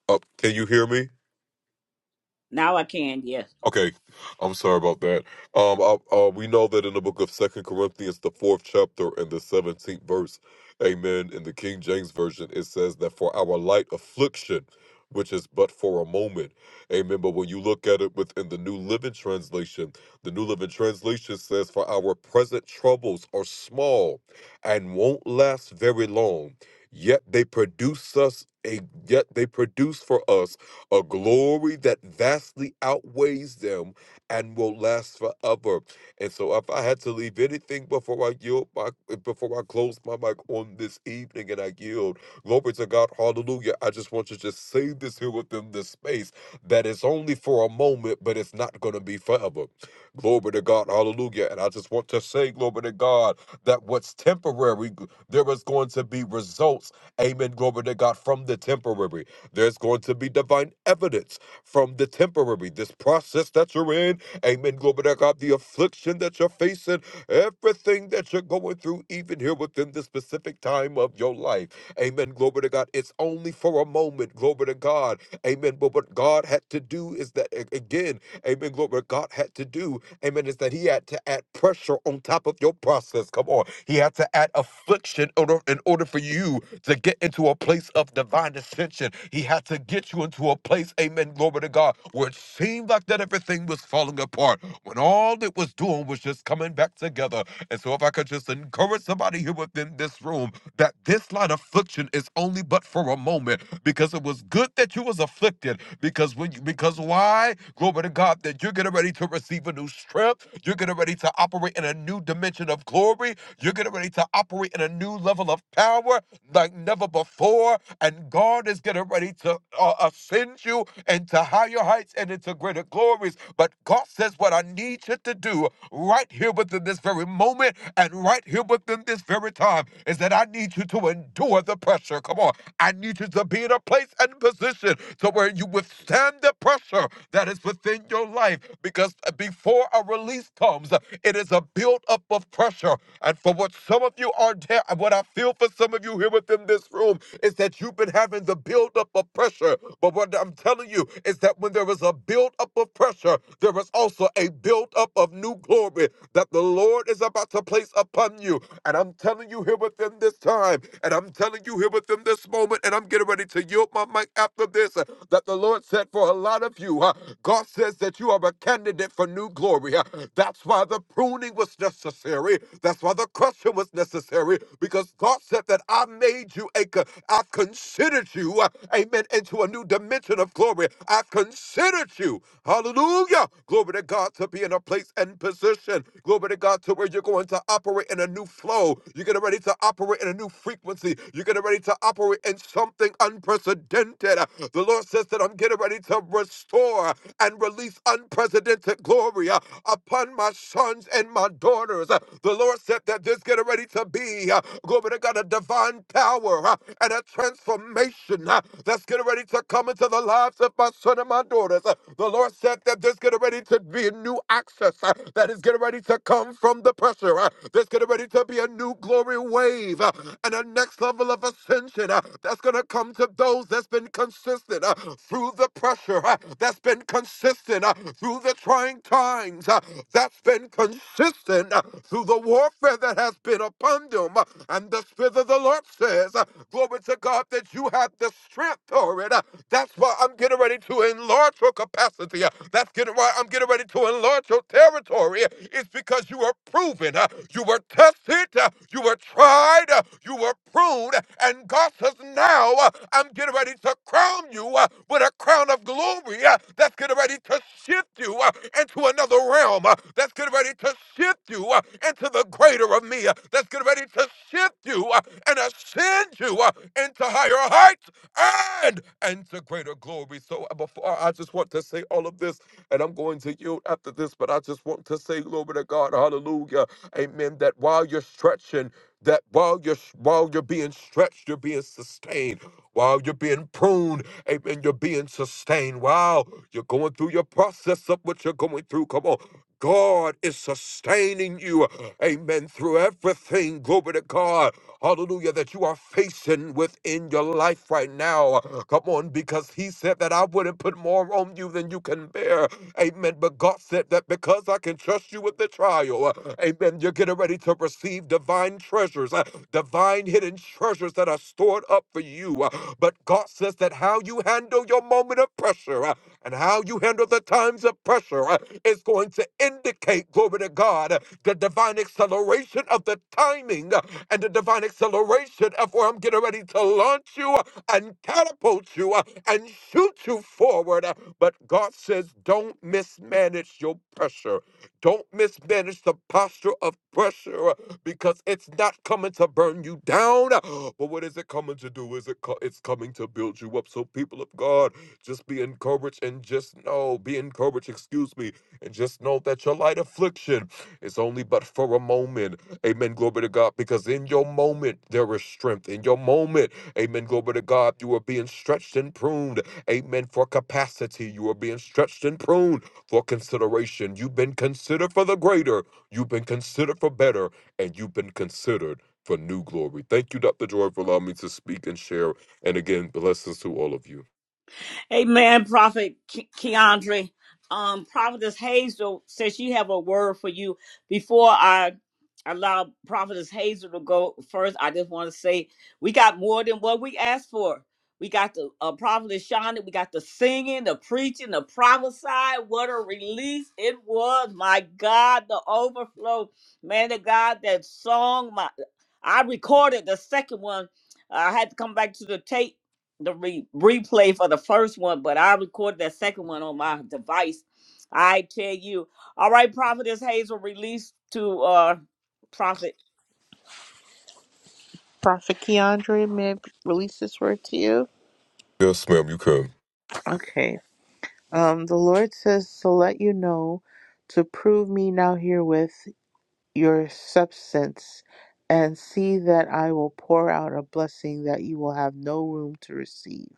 Speaker 15: Up. can you hear me?
Speaker 1: now I can, Yes.
Speaker 15: Okay, I'm sorry about that. Um, I, uh, we know that in the book of Second Corinthians, the fourth chapter and the seventeenth verse, Amen. In the King James version, it says that for our light affliction, which is but for a moment, Amen. But when you look at it within the New Living Translation, the New Living Translation says, "For our present troubles are small, and won't last very long. Yet they produce us a yet they produce for us." a glory that vastly outweighs them and will last forever. And so, if I had to leave anything before I yield, my, before I close my mic on this evening, and I yield, glory to God, hallelujah. I just want you to just say this here within this space that it's only for a moment, but it's not going to be forever. Glory to God, hallelujah. And I just want to say, glory to God, that what's temporary, there is going to be results, amen, glory to God, from the temporary. There's going to be divine evidence from the temporary, this process that you're in. Amen. Glory to God. The affliction that you're facing, everything that you're going through, even here within this specific time of your life. Amen. Glory to God. It's only for a moment. Glory to God. Amen. But what God had to do is that, a- again, amen. Glory. What God had to do amen, is that he had to add pressure on top of your process. Come on. He had to add affliction in order, in order for you to get into a place of divine ascension. He had to get you into a place, amen, glory to God, where it seemed like that everything was falling apart when all it was doing was just coming back together. And so, if I could just encourage somebody here within this room that this light affliction is only but for a moment because it was good that you was afflicted because when you, because because why? Glory to God, that you're getting ready to receive a new strength. You're getting ready to operate in a new dimension of glory. You're getting ready to operate in a new level of power like never before. And God is getting ready to uh, ascend you into higher heights and into greater glories. But God says, What I need you to do right here within this very moment and right here within this very time is that I need you to endure the pressure. Come on. I need you to be in a place and position to where you withstand the pressure that is within your life. Because uh, before a release comes, it is a build-up of pressure. And for what some of you are there, what I feel for some of you here within this room is that you've been having the build-up of pressure. But what I'm telling you is that when there is a build-up of pressure, there is also a build-up of new glory that the Lord is about to place upon you. And I'm telling you here within this time time. And I'm telling you here with them this moment, and I'm getting ready to yield my mic after this, uh, that the Lord said for a lot of you, uh, God says that you are a candidate for new glory. uh, That's why the pruning was necessary. That's why the crushing was necessary, because God said that I made you a, co- I've considered you, uh, amen, into a new dimension of glory. I've considered you, hallelujah, glory to God, to be in a place and position, glory to God, to where you're going to to operate in a new flow. You're getting ready to operate in a new frequency. You're getting ready to operate in something unprecedented. The Lord says that I'm getting ready to restore and release unprecedented glory uh, upon my sons and my daughters. Uh, The Lord said that there's getting ready to be, uh, glory to God, a divine power uh, and a transformation uh, that's getting ready to come into the lives of my son and my daughters. Uh, The Lord said that there's getting ready to be a new new access uh, that is getting ready to come from the pressure. uh, There's getting ready to be a new glory wave uh, and a next level of ascension uh, that's going to come to those that's been consistent uh, through the pressure, uh, that's been consistent uh, through the trying times, uh, that's been consistent uh, through the warfare that has been upon them. uh, And the Spirit of the Lord says, uh, Glory to God that you have the strength for it. uh, That's why I'm getting ready to enlarge enlarge your capacity. Uh, That's getting why I'm getting ready to enlarge your territory. Uh, It's because you were proven, uh, you were tested, uh, you were tried, uh, you were pruned, and God says now uh, I'm getting ready to crown you uh, with a crown of glory uh, that's getting ready to shift you uh, into another realm uh, that's getting ready to shift you uh, into the greater of me uh, that's getting ready to shift you uh, and ascend you uh, into higher heights and and the greater glory. So uh, before uh, I just want to say all of this, and I'm going to yield after this, but I just want to say, glory to God, hallelujah, amen, that while you're stretching, that while you're while you're being stretched, you're being sustained. While you're being pruned, amen, you're being sustained. While you're going through your process of what you're going through, come on. God is sustaining you, amen, through everything, glory to God, hallelujah, that you are facing within your life life right now. Come on, because he said that I wouldn't put more on you than you can bear. Amen. But God said that because I can trust you with the trial, amen, you're getting ready to receive divine treasures, uh, divine hidden treasures that are stored up for you. Uh, But God says that how you handle your moment of pressure, uh, and how you handle the times of pressure uh, is going to indicate, glory to God, uh, the divine acceleration of the timing uh, and the divine acceleration of where I'm getting ready to launch you uh, and catapult you uh, and shoot you forward. uh, But God says, don't mismanage your pressure. Don't mismanage the posture of pressure uh, because it's not coming to burn you down. uh, But what is it coming to do? Is it co- it's coming to build you up? So people of God, just be encouraged and just know, be encouraged, excuse me, and just know that your light affliction is only but for a moment. Amen. Glory to God. Because in your moment, there is strength. In your moment, amen. Glory to God. You are being stretched and pruned. Amen. For capacity, you are being stretched and pruned for consideration. You've been considered for the greater, you've been considered for better, and you've been considered for new glory. Thank you, Dr. Joy, for allowing me to speak and share. And again, blessings to all of you.
Speaker 1: Amen, Prophet Ke- Keandre. Um, Prophetess Hazel says she have a word for you. Before I allow Prophetess Hazel to go first, I just want to say we got more than what we asked for. We got the uh, Prophetess Shonda, we got the singing, the preaching, the prophesy. What a release it was. My God, the overflow. Man of God, that song, my I recorded the second one. I had to come back to the tape the re- replay for the first one, but I recorded that second one on my device. I tell you. All right, Prophetess Hazel released to uh Prophet.
Speaker 6: Prophet Keandre, may I release this word to you?
Speaker 15: Yes, ma'am, you can.
Speaker 6: Okay. Um, the Lord says to let you know to prove me now herewith your substance and see that I will pour out a blessing that you will have no room to receive.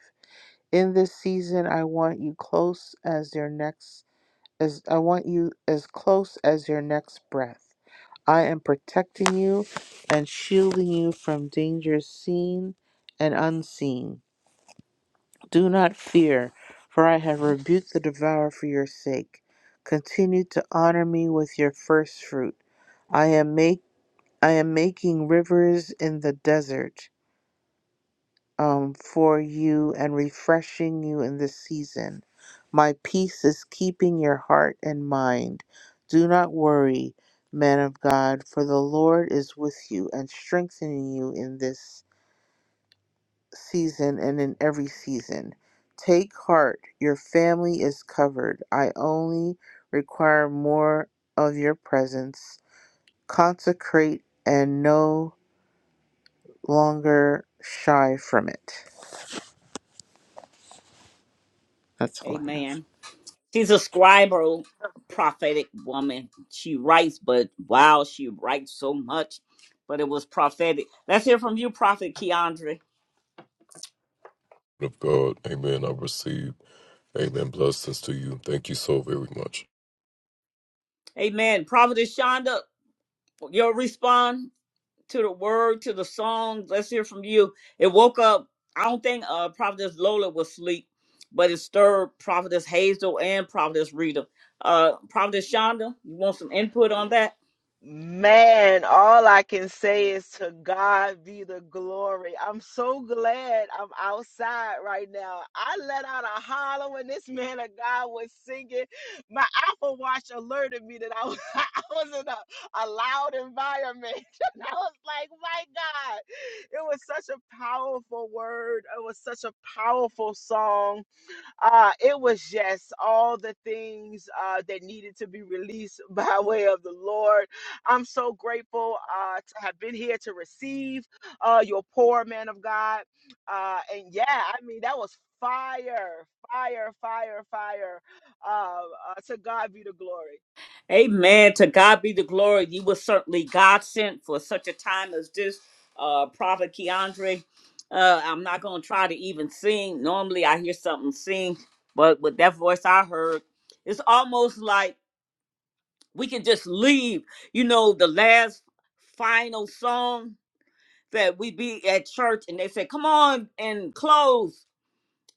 Speaker 6: In this season, I want you close as your next as I want you as close as your next breath. I am protecting you and shielding you from dangers seen and unseen. Do not fear, for I have rebuked the devourer for your sake. Continue to honor me with your first fruit. I am make I am making rivers in the desert um, for you and refreshing you in this season. My peace is keeping your heart and mind. Do not worry, man of God, for the Lord is with you and strengthening you in this season and in every season. Take heart, your family is covered. I only require more of your presence. Consecrate and no longer shy from it. That's all I have.
Speaker 1: Amen. She's a scribal prophetic woman. She writes, but wow, she writes so much. But it was prophetic. Let's hear from you, Prophet Keandre.
Speaker 15: Of God, amen. I receive, amen. Blessings to you. Thank you so very much,
Speaker 1: Amen. Prophetess Shonda, you'll respond. to the word, to the songs. Let's hear from you. It woke up. I don't think uh Prophetess Lola was asleep, but it stirred Prophetess Hazel and Prophetess Rita. Uh Prophetess Shonda, you want some input on that?
Speaker 8: Man, all I can say is to God be the glory. I'm so glad I'm outside right now. I let out a holler when this man of God was singing. My Apple Watch alerted me that I was, I was in a, a loud environment. And I was like, my God, it was such a powerful word. It was such a powerful song. uh, it was just all the things uh, that needed to be released by way of the Lord. I'm so grateful uh, to have been here to receive uh, your poor man of God. Uh, and yeah, I mean, that was fire, fire, fire, fire. Uh, uh, to God be the glory.
Speaker 1: Amen. To God be the glory. You were certainly God sent for such a time as this. Uh Prophet Keandre. Uh, I'm not gonna try to even sing. Normally I hear something sing, but with that voice I heard, it's almost like we can just leave, you know, the last final song that we be at church and they say, come on and close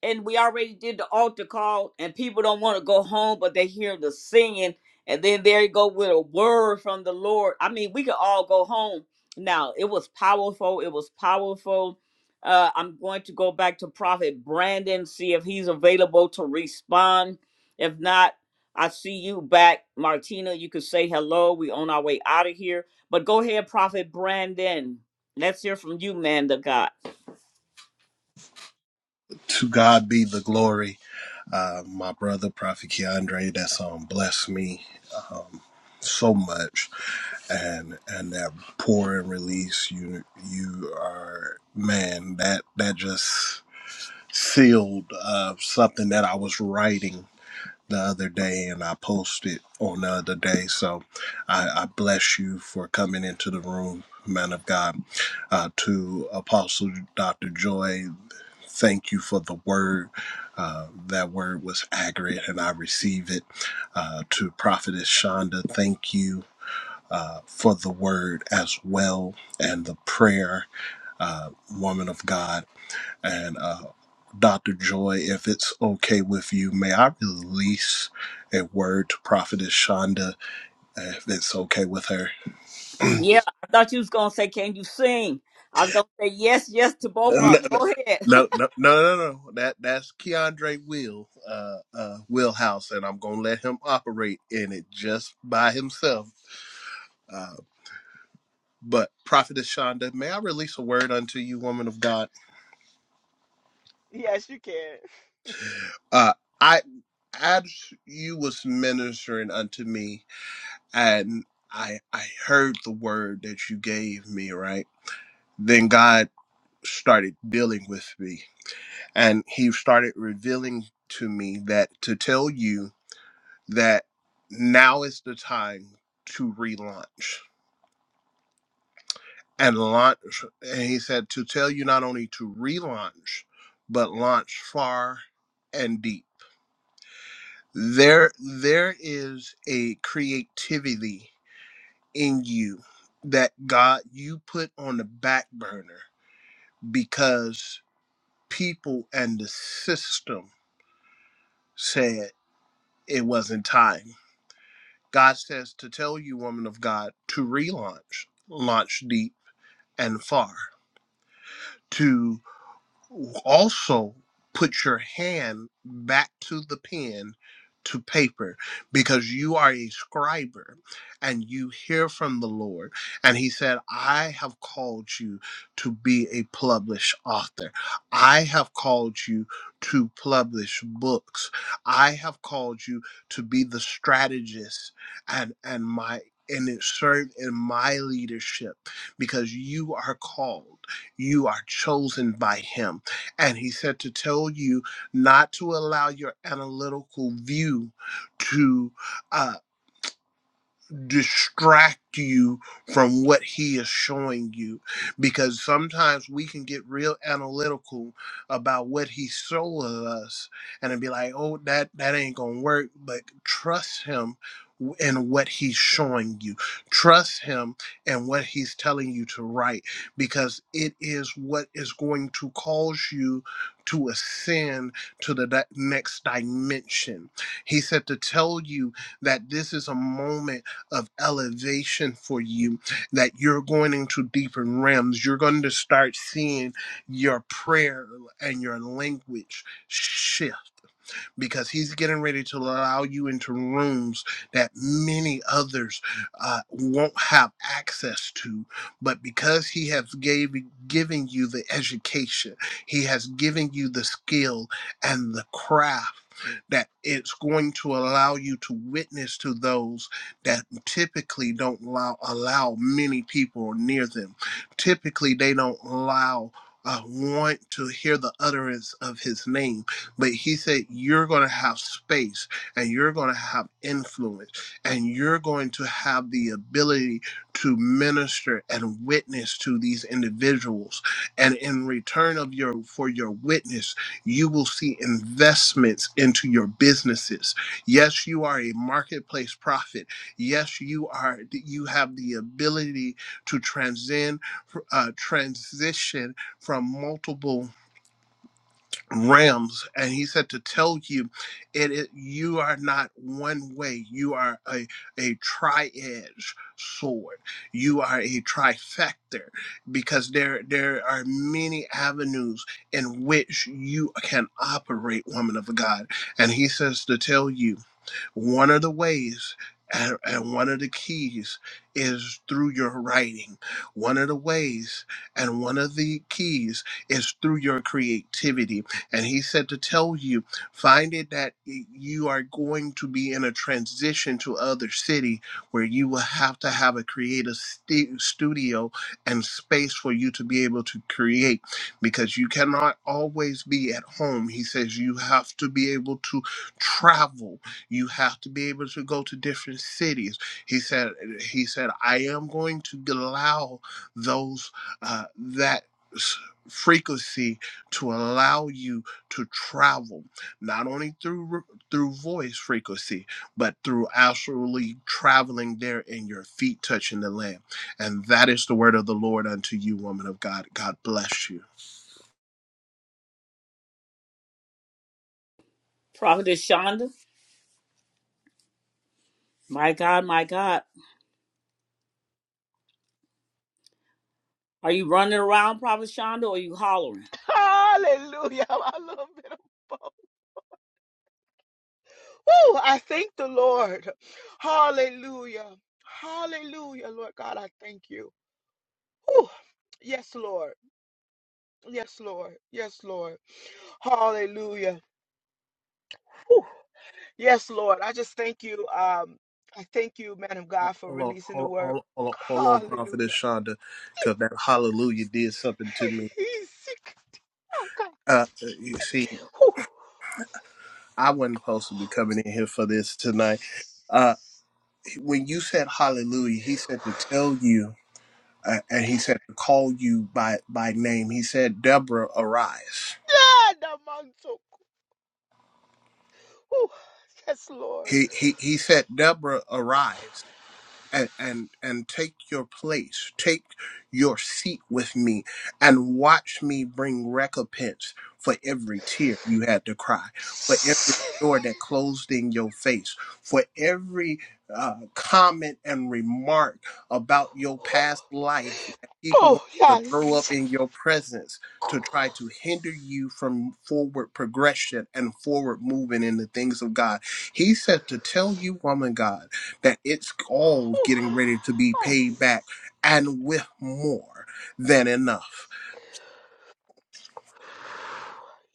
Speaker 1: and we already did the altar call and people don't want to go home but they hear the singing and then there you go with a word from the lord i mean we could all go home now it was powerful it was powerful uh, i'm going to go back to prophet brandon see if he's available to respond if not i see you back martina you could say hello we on our way out of here but go ahead prophet brandon let's hear from you man of god
Speaker 14: To God be the glory. Uh, my brother, Prophet Keandre, that's um, blessed me um, so much. And and that pour and release, you you are, man, that, that just sealed uh, something that I was writing the other day and I posted on the other day. So I, I bless you for coming into the room, man of God, uh, to Apostle Dr. Joy. Thank you for the word. Uh, that word was accurate, and I receive it. Uh, to Prophetess Shonda, thank you uh, for the word as well and the prayer, uh, woman of God. And uh, Dr. Joy, if it's okay with you, may I release a word to Prophetess Shonda, if it's okay with her?
Speaker 1: Yeah, I thought you was gonna say, "Can you sing?" I was gonna say yes, yes to both
Speaker 14: no,
Speaker 1: of
Speaker 14: no,
Speaker 1: them.
Speaker 14: no,
Speaker 1: Go ahead,
Speaker 14: no, no. no, no. That that's Keandre Will, uh, uh, Willhouse, and I'm gonna let him operate in it just by himself. Uh, but Prophetess Shonda, may I release a word unto you, woman of God?
Speaker 8: Yes, you can.
Speaker 14: Uh, I, as you was ministering unto me, and I, I heard the word that you gave me. Right then, God started dealing with me, and He started revealing to me that to tell you that now is the time to relaunch and launch. And he said to tell you not only to relaunch, but launch far and deep. There, there is a creativity in you that God you put on the back burner because people and the system said it wasn't time. God says to tell you, woman of God, to relaunch, launch deep and far to also put your hand back to the pen to paper because you are a scriber and you hear from the Lord. And He said, I have called you to be a published author, I have called you to publish books, I have called you to be the strategist and, and my. And it served in my leadership because you are called, you are chosen by Him and he said to tell you not to allow your analytical view to uh, distract you from what he is showing you because sometimes we can get real analytical about what he showed us and it'd be like oh that that ain't gonna work but trust him w- in what he's showing you trust him in what he's telling you to write because it is what is going to cause you to ascend to the di- next dimension he said to tell you that this is a moment of elevation for you, that you're going into deeper realms. You're going to start seeing your prayer and your language shift because he's getting ready to allow you into rooms that many others uh, won't have access to. But because he has gave, given you the education, he has given you the skill and the craft that it's going to allow you to witness to those that typically don't allow, allow many people near them. Typically, they don't allow uh, want to hear the utterance of his name but he said, You're going to have space and you're going to have influence and you're going to have the ability to minister and witness to these individuals. And in return of your for your witness, you will see investments into your businesses. Yes, you are a marketplace prophet. Yes, you are you have the ability to transcend uh, transition from multiple rams and he said to tell you it, it you are not one way you are a a tri-edge sword you are a trifecta because there there are many avenues in which you can operate woman of god and he says to tell you one of the ways and, and one of the keys is through your writing. One of the ways and one of the keys is through your creativity. And he said to tell you, find it that you are going to be in a transition to other city where you will have to have a creative stu- studio and space for you to be able to create because you cannot always be at home. He says you have to be able to travel you have to be able to go to different cities he said he said i am going to allow those uh, that frequency to allow you to travel not only through through voice frequency but through actually traveling there and your feet touching the land and that is the word of the lord unto you woman of god god bless you
Speaker 1: Prophetess Shonda. My God, my God, are you running around, Prophet Shonda, or are you hollering,
Speaker 8: Hallelujah. A little bit of both. Woo, I thank the Lord. Hallelujah. Hallelujah, Lord God, I thank you. Ooh, yes, Lord. Yes, Lord. Yes, Lord. Hallelujah. Ooh, yes, Lord. I just thank you. Um, I thank you, man of
Speaker 14: Hold
Speaker 8: God, for
Speaker 14: on,
Speaker 8: releasing the
Speaker 14: hold
Speaker 8: word.
Speaker 14: on, hold on, hold on,
Speaker 8: Hallelujah.
Speaker 14: Prophetess Shonda, because that hallelujah did something to me.
Speaker 8: He's sick. Oh, God.
Speaker 14: Uh, you see,
Speaker 8: Ooh.
Speaker 14: I wasn't supposed to be coming in here for this tonight. Uh, when you said hallelujah, he said to tell you, uh, and he said to call you by by name. He said, Deborah, arise.
Speaker 8: Yeah, the mantle. Ooh, Yes, Lord.
Speaker 14: He he he said, Deborah, arise. and and and take your place take your seat with me and watch me bring recompense for every tear you had to cry for every door that closed in your face for every uh, comment and remark about your
Speaker 8: Ooh.
Speaker 14: past life that people
Speaker 8: Oh,
Speaker 14: want to throw up
Speaker 8: yes.
Speaker 14: in your presence
Speaker 8: Ooh,
Speaker 14: to try to hinder you from forward progression and forward moving in the things of God. He said to tell you, woman God that it's all getting ready to be
Speaker 8: ah,
Speaker 14: paid back and with more than enough.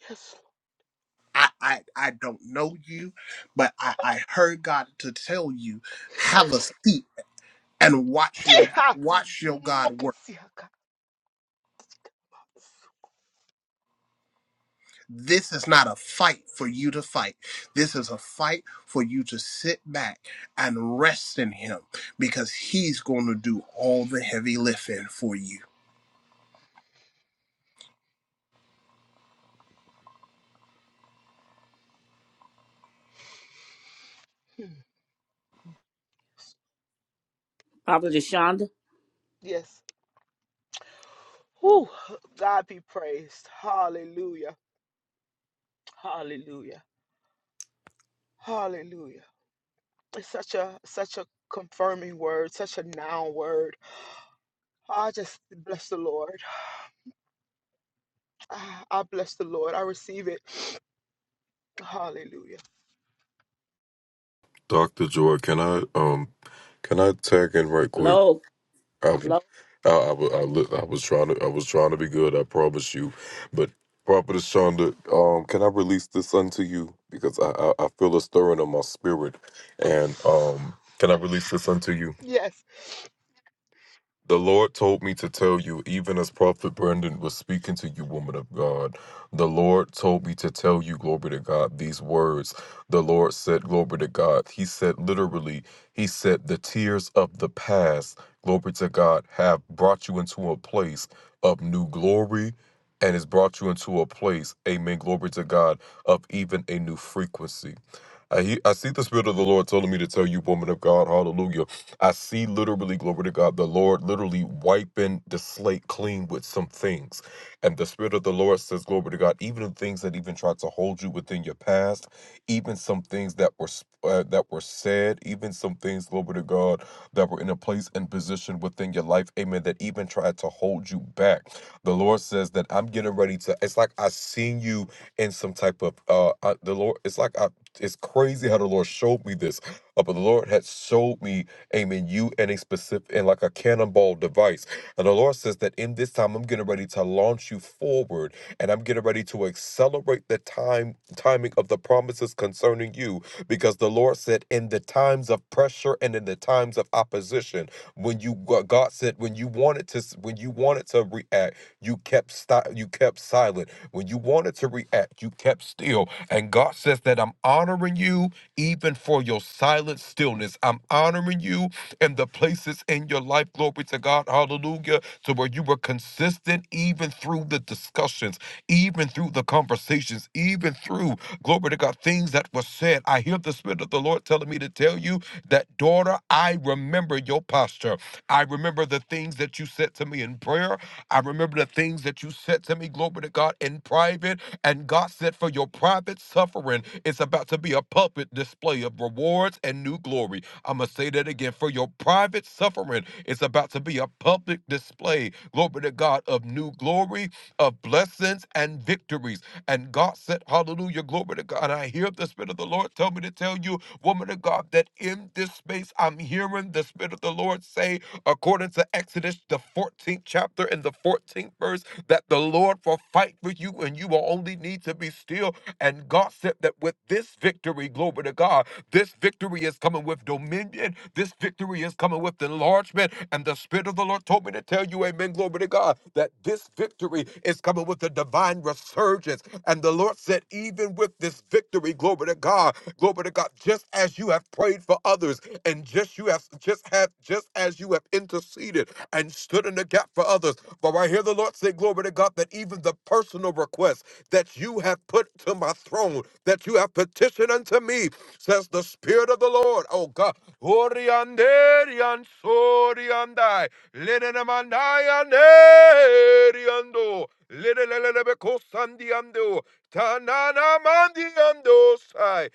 Speaker 8: Yes,
Speaker 14: I, I, I don't know you, but I, I heard God to tell you, have a seat and watch your
Speaker 8: mm,
Speaker 14: watch your
Speaker 8: mm,
Speaker 14: God work. This is not a fight for you to fight. This is a fight for you to sit back and rest in him because he's going to do all the heavy lifting for you.
Speaker 1: Prophetess Shonda?
Speaker 8: Yes. Whew. God be praised. Hallelujah. Hallelujah. Hallelujah. It's such a such a confirming word, such a noun word. I just bless the Lord. Ah, I bless the Lord. I receive it. Hallelujah.
Speaker 15: Doctor Joy. Can I, um, can I tag in right quick?
Speaker 1: Blow,
Speaker 15: I, was-
Speaker 1: blow.
Speaker 15: I, I, was- I, li- I was trying to, I was trying to be good. I promise you, but Prophetess Shonda, um, can I release this unto you because I, I, I feel a stirring in my spirit, and um, can I release this unto you?
Speaker 8: Yes.
Speaker 15: The Lord told me to tell you, even as Prophet Brendan was speaking to you, woman of God. The Lord told me to tell you, glory to God, these words. The Lord said, glory to God. He said, literally, He said, the tears of the past, glory to God, have brought you into a place of new glory and has brought you into a place, amen, glory to God, of even a new frequency. I, hear, I see the Spirit of the Lord telling me to tell you, woman of God, hallelujah I see literally, glory to God, the Lord literally wiping the slate clean with some things. And the Spirit of the Lord says, glory to God, even the things that even tried to hold you within your past, even some things that were sp- uh, that were said, even some things, glory to God, that were in a place and position within your life, amen, that even tried to hold you back. The Lord says that I'm getting ready to, it's like I seen you in some type of, uh, I, the Lord, it's like I, it's crazy how the Lord showed me this, uh, but the Lord had showed me aiming you in a specific in like a cannonball device. And the Lord says that in this time I'm getting ready to launch you forward and I'm getting ready to accelerate the time timing of the promises concerning you because the Lord said in the times of pressure and in the times of opposition when you God said when you wanted to when you wanted to react you kept stop you kept silent when you wanted to react you kept still and God says that I'm honoring you even for your silent stillness. I'm honoring you and the places in your life, glory to God, hallelujah, to where you were consistent even through the discussions, even through the conversations, even through, glory to God, things that were said. I hear the Spirit of the Lord telling me to tell you that, daughter, I remember your posture. I remember the things that you said to me in prayer. I remember the things that you said to me, glory to God, in private. And God said, for your private suffering, it's about to be a public display of rewards and new glory. I'm going to say that again. For your private suffering, it's about to be a public display, glory to God, of new glory of blessings and victories. And God said, Hallelujah, glory to God. And I hear the Spirit of the Lord tell me to tell you, woman of God, that in this space I'm hearing the Spirit of the Lord say, according to Exodus, the 14th chapter and the 14th verse, that the Lord will fight for you and you will only need to be still. And God said that with this victory, glory to God, this victory is coming with dominion. This victory is coming with enlargement. And the Spirit of the Lord told me to tell you, Amen, glory to God to God that this victory is coming with a divine resurgence. And the Lord said, even with this victory, glory to God, glory to God, just as you have prayed for others, and just you have just have just as you have interceded and stood in the gap for others. For I hear the Lord say, glory to God, that even the personal requests that you have put to my throne, that you have petitioned unto me, says the Spirit of the Lord. Oh God. Orianderian soriandai. Lenanamandaya neriando. Lelelelebeko sandiando. Tanana mandiando sai.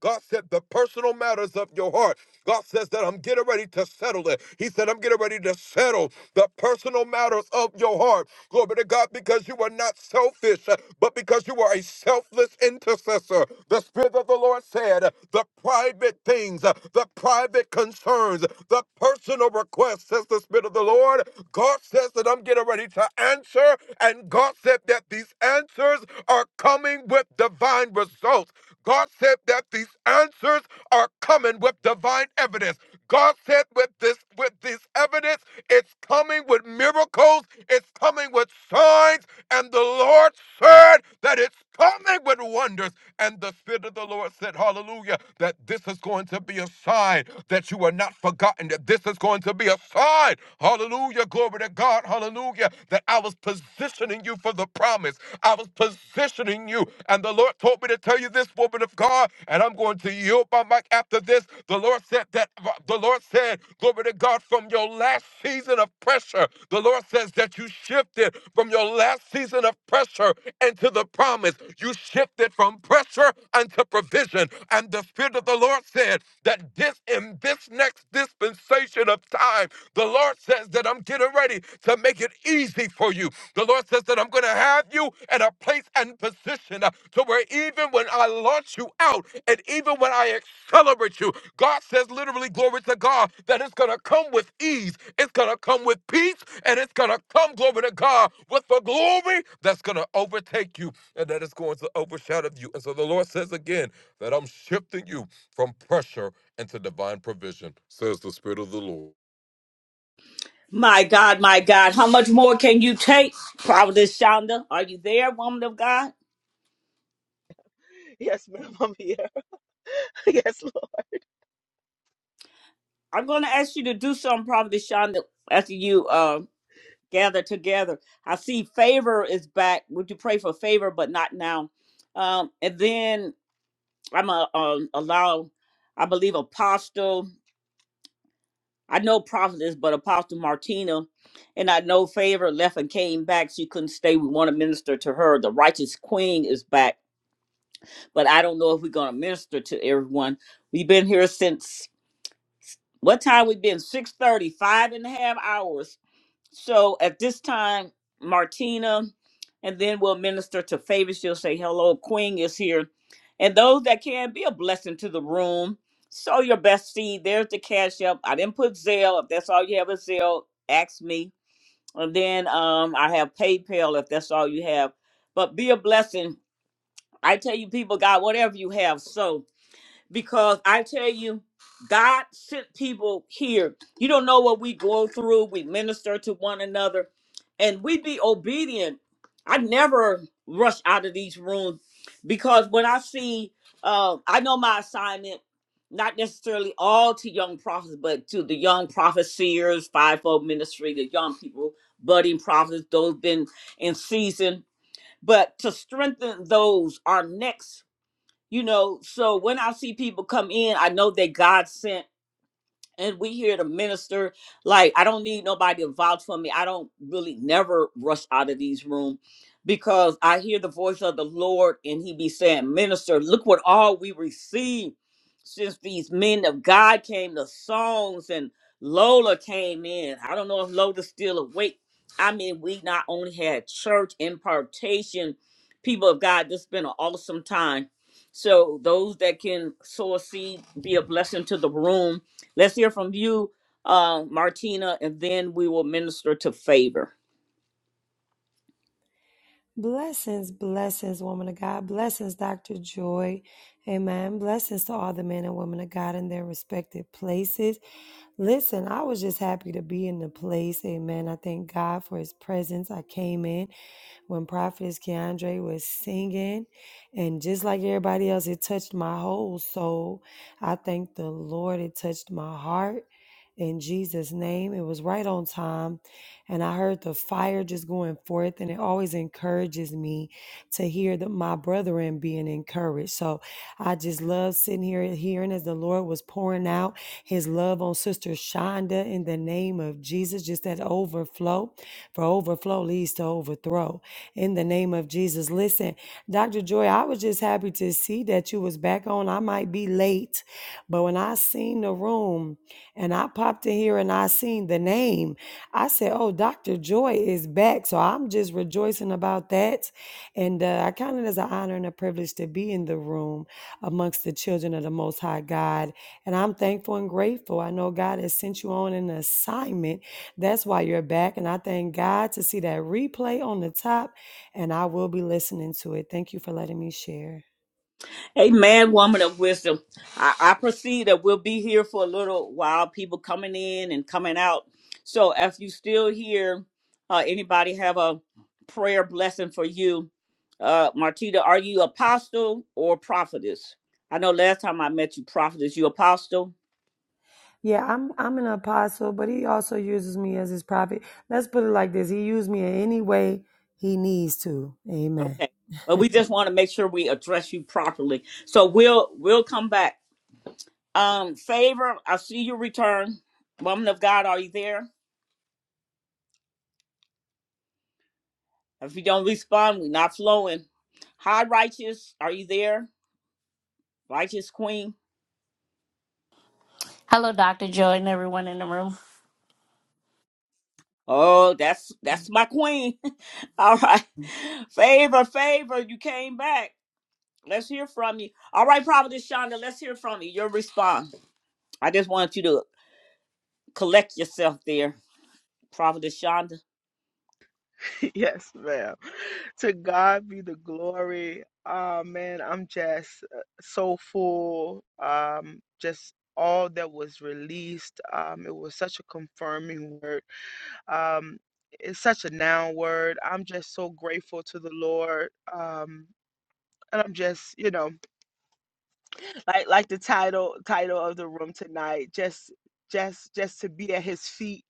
Speaker 15: God said the personal matters of your heart. God says that I'm getting ready to settle it. He said, I'm getting ready to settle the personal matters of your heart. Glory to God, because you are not selfish, but because you are a selfless intercessor. The Spirit of the Lord said, the private things things, uh, the private concerns, the personal requests, says the Spirit of the Lord. God says that I'm getting ready to answer, and God said that these answers are coming with divine results. God said that these answers are coming with divine evidence. God said with this with this evidence, it's coming with miracles, it's coming with signs, and the Lord said that it's coming with wonders. And the Spirit of the Lord said, Hallelujah, that this is going to be a sign that you are not forgotten, that this is going to be a sign. Hallelujah, glory to God, hallelujah, that I was positioning you for the promise. I was." was positioning you. And the Lord told me to tell you this, woman of God, and I'm going to yield my mic after this. The Lord said that the Lord said, glory to God, from your last season of pressure, the Lord says that you shifted from your last season of pressure into the promise. You shifted from pressure unto provision. And the Spirit of the Lord said that this in this next this dispensation of time. The Lord says that I'm getting ready to make it easy for you. The Lord says that I'm going to have you in a place and position uh, to where even when I launch you out and even when I accelerate you, God says literally, glory to God, that it's going to come with ease. It's going to come with peace and it's going to come, glory to God, with the glory that's going to overtake you and that is going to overshadow you. And so the Lord says again that I'm shifting you from pressure and to divine provision, says the Spirit of the Lord.
Speaker 1: My God, my God, how much more can you take, Prophetess Shonda? Are you there, woman of God?
Speaker 8: Yes, ma'am, I'm here. Yes,
Speaker 1: I'm gonna ask you to do something, Prophetess Shonda, after you uh gather together. I see favor is back. Would you pray for favor, but not now? Um, and then I'm a um, allow, I believe Apostle. I know prophetess, but Apostle Martina, and I know Favor left and came back. She couldn't stay. We want to minister to her. The righteous queen is back, but I don't know if we're going to minister to everyone. We've been here since what time? We've been six thirty, five and a half hours So at this time, Martina, and then we'll minister to favor. She'll say, Hello, Queen is here. And those that can be a blessing to the room. Sow your best seed. There's the cash up. I didn't put Zelle. If that's all you have is Zelle, ask me. And then um, I have PayPal if that's all you have. But be a blessing. I tell you, people, God, whatever you have, sow because I tell you, God sent people here. You don't know what we go through. We minister to one another, and we be obedient. I never rush out of these rooms because when I see, uh, I know my assignment. Not necessarily all to young prophets, but to the young prophets, seers, fivefold ministry, the young people, budding prophets, those been in season. But to strengthen those, our next you know, so when I see people come in, I know that God sent and we here to minister. Like I don't need nobody to vouch for me. I don't really never rush out of these rooms because I hear the voice of the Lord and he be saying, Minister, look what all we received since these men of God came, the songs and Lola came in. I don't know if Lola's still awake. I mean, we not only had church impartation, people of God, this been an awesome time. So those that can sow a seed, be a blessing to the room Let's hear from you, uh, Martina, and then we will minister to favor.
Speaker 16: Blessings, blessings, woman of God. Blessings, Dr. Joy. Amen. Blessings to all the men and women of God in their respective places. Listen, I was just happy to be in the place. Amen. I thank God for his presence. I came in when Prophetess Keandre was singing. And just like everybody else, it touched my whole soul. I thank the Lord, it touched my heart. In Jesus' name, it was right on time. And I heard the fire just going forth, and it always encourages me to hear that my brethren being encouraged. So I just love sitting here and hearing as the Lord was pouring out his love on Sister Shonda in the name of Jesus, just that overflow. For overflow leads to overthrow in the name of Jesus. Listen, Dr. Joy, I was just happy to see that you was back on. I might be late, but when I seen the room and I popped in here and I seen the name, I said, "Oh, Dr. Joy is back." So I'm just rejoicing about that, and uh, I count it as an honor and a privilege to be in the room amongst the children of the Most High God. And I'm thankful and grateful. I know God has sent you on an assignment. That's why you're back, and I thank God to see that replay on the top and I will be listening to it. Thank you for letting me share.
Speaker 1: Amen, woman of wisdom. I, I perceive that we'll be here for a little while, people coming in and coming out. So if you still here, uh, anybody have a prayer blessing for you? Uh, Martina, are you apostle or prophetess? I know last time I met you, prophetess, you apostle?
Speaker 16: Yeah, I'm I'm an apostle, but he also uses me as his prophet. Let's put it like this. He used me in any way he needs to. Amen.
Speaker 1: Okay. But we just want to make sure we address you properly. So we'll we'll come back. Um, favor, I see your return. Woman of God, are you there? If you don't respond, we're not flowing. High righteous, are you there? Righteous queen.
Speaker 17: Hello, Dr. Joy, and everyone in the room.
Speaker 1: Oh, that's that's my queen. All right. Favor, favor, you came back. Let's hear from you. All right, Prophetess Shonda, let's hear from you. Your response. I just want you to collect yourself there, Prophetess Shonda.
Speaker 8: Yes, ma'am. To God be the glory. Ah, man, I'm just uh, so full. Um, just all that was released. Um, it was such a confirming word. Um, it's such a noun word. I'm just so grateful to the Lord. Um, and I'm just, you know, like like the title title of the room tonight. Just, just, just to be at His feet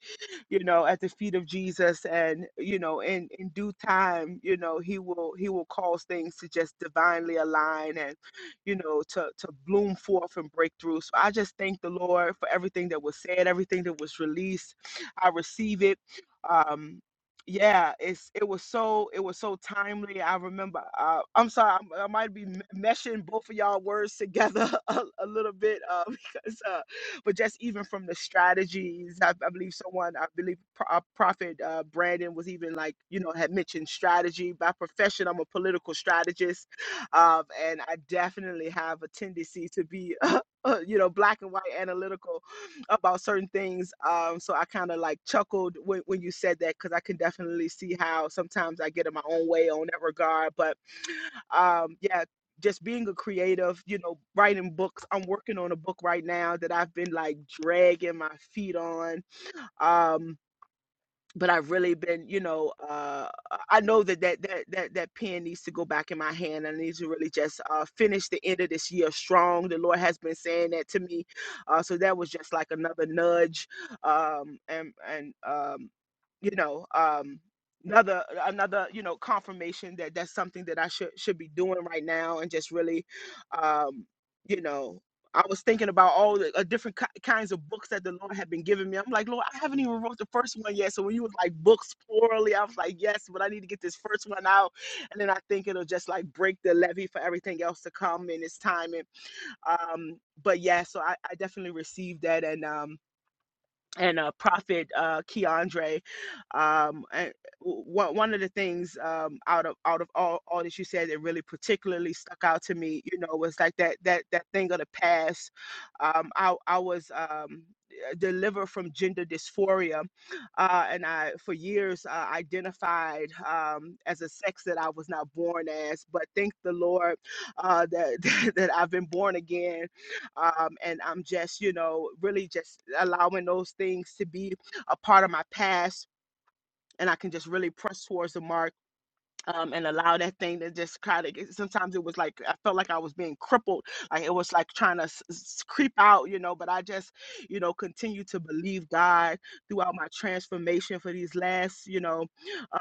Speaker 8: you know, at the feet of Jesus. And, you know, in, in due time, you know, he will he will cause things to just divinely align and, you know, to, to bloom forth and break through. So I just thank the Lord for everything that was said, everything that was released. I receive it. Um, yeah, it's it was so it was so timely. I remember. Uh, I'm sorry, I'm, I might be m- meshing both of y'all words together a, a little bit uh, because uh, but just even from the strategies, I, I believe someone, I believe Pro- uh, Prophet uh, Brandon was even like, you know, had mentioned strategy. By profession, I'm a political strategist, um, and I definitely have a tendency to be, uh, you know, black and white analytical about certain things. Um, so I kind of like chuckled when, when you said that because I can definitely see how sometimes I get in my own way on that regard, but um yeah just being a creative you know writing books i'm working on a book right now that i've been like dragging my feet on um but I've really been, you know, uh, I know that that, that that that pen needs to go back in my hand. I need to really just uh, finish the end of this year strong. The Lord has been saying that to me, uh, so that was just like another nudge, um, and and um, you know, um, another another you know confirmation that that's something that I should should be doing right now, and just really, um, you know. I was thinking about all the uh, different ki- kinds of books that the Lord had been giving me. I'm like, Lord, I haven't even wrote the first one yet. So when you was like books plurally, I was like, yes, but I need to get this first one out. And then I think it'll just like break the levee for everything else to come in its time. And um, but yeah, so I, I definitely received that. And um, and uh, Prophet uh, Keandre. Um, and w- one of the things um, out of out of all, all that you said that really particularly stuck out to me, you know, was like that that that thing of the past. Um, I I was um, uh, delivered from gender dysphoria, uh, and I for years uh, identified um, as a sex that I was not born as. But thank the Lord uh, that that I've been born again um, and I'm just, you know, really just allowing those things to be a part of my past. And I can just really press towards the mark um, and allow that thing to just kind of. Sometimes it was like I felt like I was being crippled, like it was like trying to s- s- creep out, you know. But I just, you know, continue to believe God throughout my transformation for these last, you know,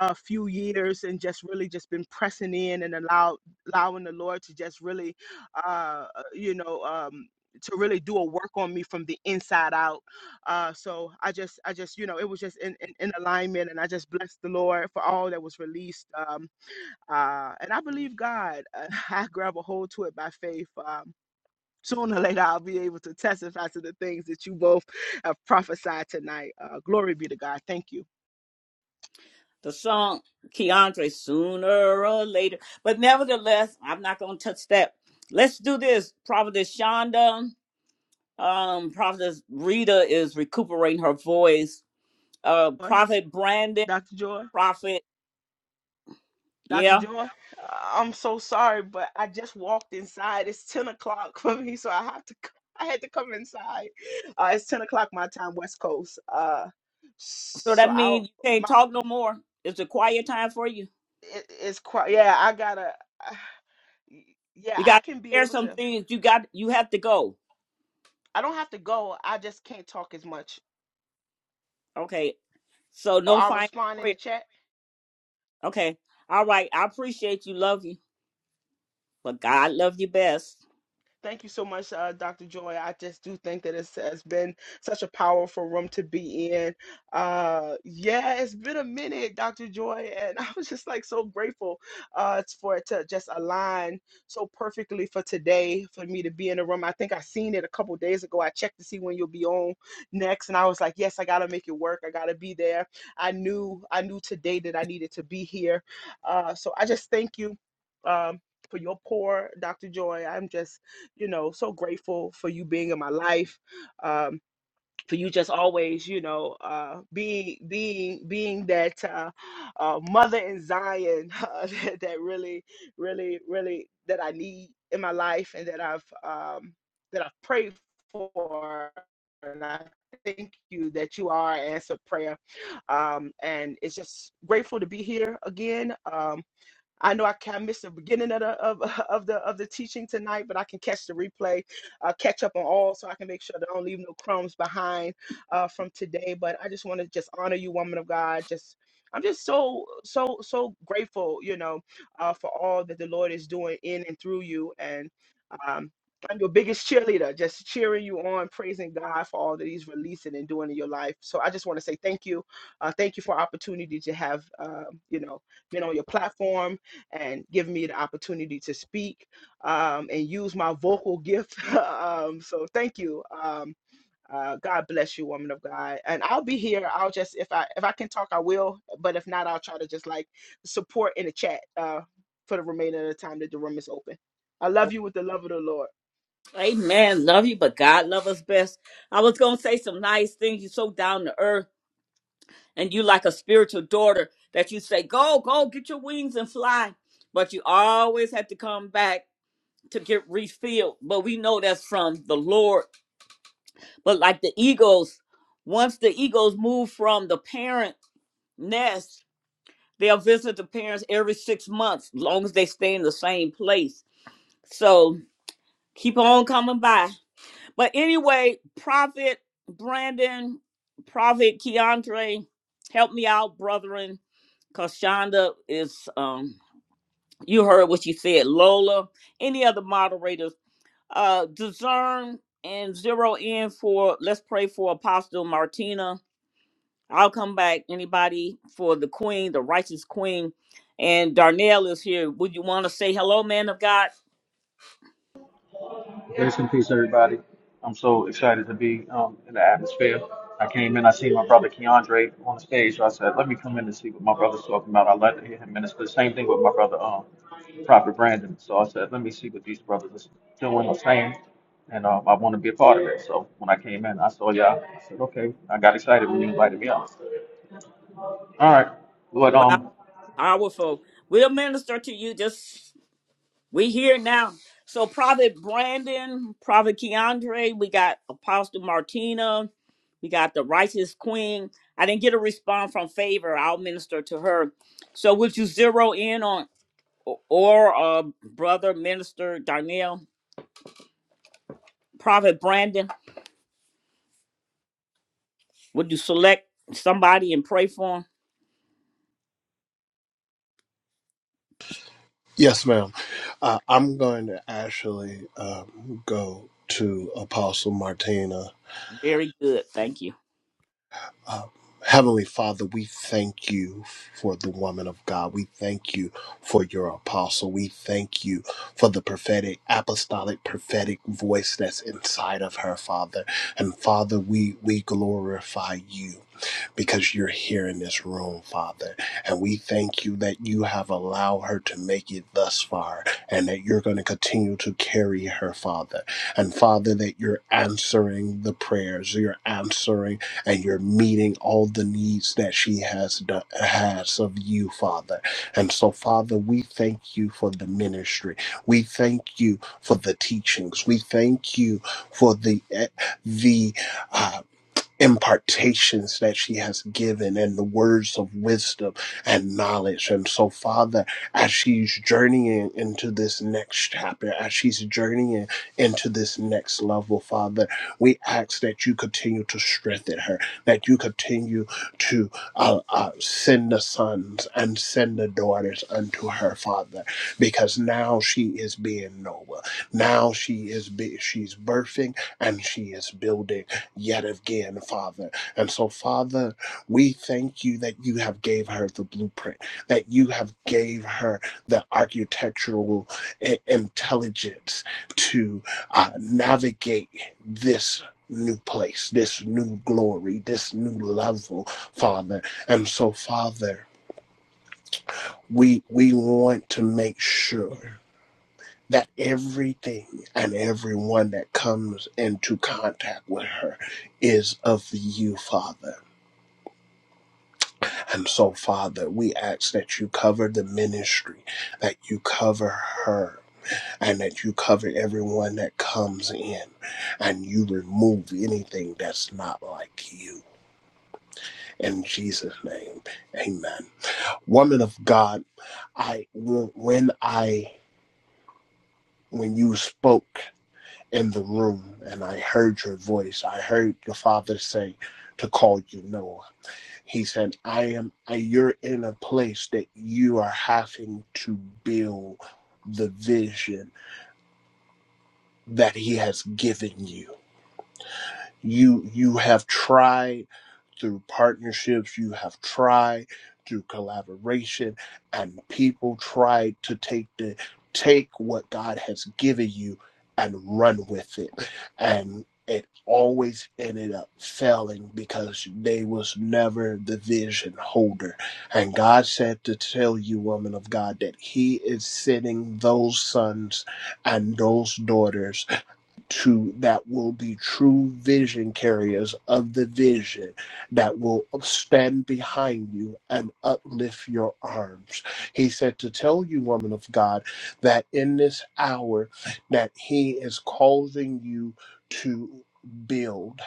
Speaker 8: uh, few years, and just really just been pressing in and allow allowing the Lord to just really, uh, uh, you know. Um, to really do a work on me from the inside out uh so i just i just you know it was just in, in, in alignment and i just blessed the lord for all that was released um uh, and I believe God. Uh, I grab a hold to it by faith. Um, sooner or later, I'll be able to testify to the things that you both have prophesied tonight. Uh, glory be to God. Thank you.
Speaker 1: the song Keandre sooner or later. But nevertheless, I'm not gonna touch that. Let's do this. Prophetess Shonda, um, Prophetess Rita is recuperating her voice. Uh
Speaker 8: Joy,
Speaker 1: Prophet Brandon,
Speaker 8: Dr. Joy.
Speaker 1: Prophet,
Speaker 8: Dr.
Speaker 1: yeah.
Speaker 8: Joy, uh, I'm so sorry, but I just walked inside. It's 10 o'clock for me, so I have to. c- I had to come inside. Uh, it's 10 o'clock my time, West Coast. Uh,
Speaker 1: So
Speaker 8: so
Speaker 1: that
Speaker 8: I'll
Speaker 1: means you can't
Speaker 8: my
Speaker 1: talk no more. It's a quiet time for you.
Speaker 8: it, it's quite. Yeah, I gotta. yeah,
Speaker 1: You
Speaker 8: I
Speaker 1: got
Speaker 8: can be
Speaker 1: to share
Speaker 8: able
Speaker 1: some
Speaker 8: to.
Speaker 1: things. You got you have to go.
Speaker 8: I don't have to go. I just can't talk as much.
Speaker 1: Okay. So
Speaker 8: Or
Speaker 1: no
Speaker 8: I'll
Speaker 1: final
Speaker 8: respond in
Speaker 1: prayer.
Speaker 8: the chat.
Speaker 1: Okay. All right. I appreciate you, love you, but God love you best.
Speaker 8: Thank you so much, uh, Dr. Joy. I just do think that it's has been such a powerful room to be in. Uh, yeah, it's been a minute, Dr. Joy, and I was just like so grateful uh, it's for it to just align so perfectly for today for me to be in the room. I think I seen it a couple days ago. I checked to see when you'll be on next, and I was like, yes, I gotta make it work. I gotta be there. I knew I knew today that I needed to be here. Uh, so I just thank you. Um, for your pour, Dr. Joy. I'm just you know, so grateful for you being in my life, um, for you just always, you know, uh, being being being that uh, uh, mother in Zion uh, that, that really, really, really that I need in my life and that I've um, that I've prayed for, and I thank you that you are an answered prayer. Um, and it's just grateful to be here again. Um, I know I can miss the beginning of the of, of the of the teaching tonight, but I can catch the replay, uh, catch up on all, so I can make sure that I don't leave no crumbs behind uh, from today. But I just want to just honor you, woman of God. Just I'm just so so so grateful, you know, uh, for all that the Lord is doing in and through you um, I'm your biggest cheerleader, just cheering you on, praising God for all that He's releasing and doing in your life. So I just want to say thank you. Uh, thank you for opportunity to have, uh, you know, been on your platform and giving me the opportunity to speak um, and use my vocal gift. um, so thank you. Um, uh, God bless you, woman of God. And I'll be here. I'll just if I if I can talk, I will. But if not, I'll try to just like support in the chat uh, for the remainder of the time that the room is open. I love you with the love of the Lord.
Speaker 1: Amen. Love you, but God love us best. I was gonna say some nice things. You're so down to earth, and you like a spiritual daughter that you say, "Go, go, get your wings and fly," but you always have to come back to get refilled. But we know that's from the Lord. But like the eagles, once the eagles move from the parent nest, they'll visit the parents every six months, long as they stay in the same place. So keep on coming by. But anyway, Prophet Brandon, Prophet Keandre, help me out, brethren, because Shonda is, um, you heard what she said, Lola, any other moderators, uh, discern and zero in for, let's pray for Apostle Martina. I'll come back, anybody, for the queen, the righteous queen. And Darnell is here. Would you want to say hello, man of God?
Speaker 18: Grace and peace, everybody. I'm so excited to be um, in the atmosphere. I came in, I see my brother Keandre on the stage, so I said, let me come in and see what my brother's talking about. I like to hear him minister. Same thing with my brother, um, Prophet Brandon. So I said, let me see what these brothers are doing or saying, and um, I want to be a part of it. So when I came in, I saw y'all. I said, okay. I got excited when you invited me up. All right, but
Speaker 1: Wow,
Speaker 18: um,
Speaker 1: powerful. We'll minister to you. Just We here now. So Prophet Brandon, Prophet Keandre, we got Apostle Martina, we got the righteous queen. I didn't get a response from favor. I'll minister to her. So would you zero in on or uh brother minister Darnell, Prophet Brandon? Would you select somebody and pray for him?
Speaker 14: Yes, ma'am. Uh, I'm going to actually um, go to Apostle Martina
Speaker 1: Very good. Thank you.
Speaker 14: uh, Heavenly Father, we thank you for the woman of God. We thank you for your apostle. We thank you for the prophetic, apostolic, prophetic voice that's inside of her, Father. And Father, we, we glorify you because you're here in this room, Father. And we thank you that you have allowed her to make it thus far and that you're going to continue to carry her, Father. And Father, that you're answering the prayers, you're answering and you're meeting all the needs that she has done, has of you, Father. And so, Father, we thank you for the ministry. We thank you for the teachings. We thank you for the eh, the. uh, impartations that she has given and the words of wisdom and knowledge. And so, Father, as she's journeying into this next chapter, as she's journeying into this next level, Father, we ask that you continue to strengthen her, that you continue to uh, uh, send the sons and send the daughters unto her, Father, because now she is being Noah. Now she is be- she's birthing and she is building yet again father and so father we thank you that you have gave her the blueprint that you have gave her the architectural i- intelligence to uh, navigate this new place this new glory this new level father and so father we we want to make sure that everything and everyone that comes into contact with her is of you, Father. And so, Father, we ask that you cover the ministry, that you cover her. And that you cover everyone that comes in and you remove anything that's not like you. In Jesus' name, amen. Woman of God, I, when I, when you spoke in the room and I heard your voice. I heard your father say to call you Noah. He said, I am, you're in a place that you are having to build the vision that he has given you. You, you have tried through partnerships, you have tried through collaboration, and people tried to take the take what God has given you and run with it. And it always ended up failing because they was never the vision holder. And God said to tell you, woman of God, that He is sending those sons and those daughters to that will be true vision carriers of the vision that will stand behind you and uplift your arms. He said to tell you, woman of God, that in this hour that he is causing you to build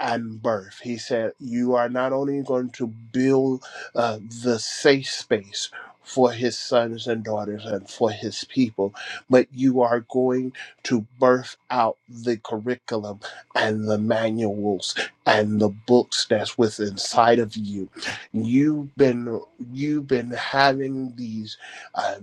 Speaker 14: and birth. He said, You are not only going to build uh, the safe space for his sons and daughters and for his people, but you are going to birth out the curriculum and the manuals and the books that's within inside of you. You've been you've been having these. uh,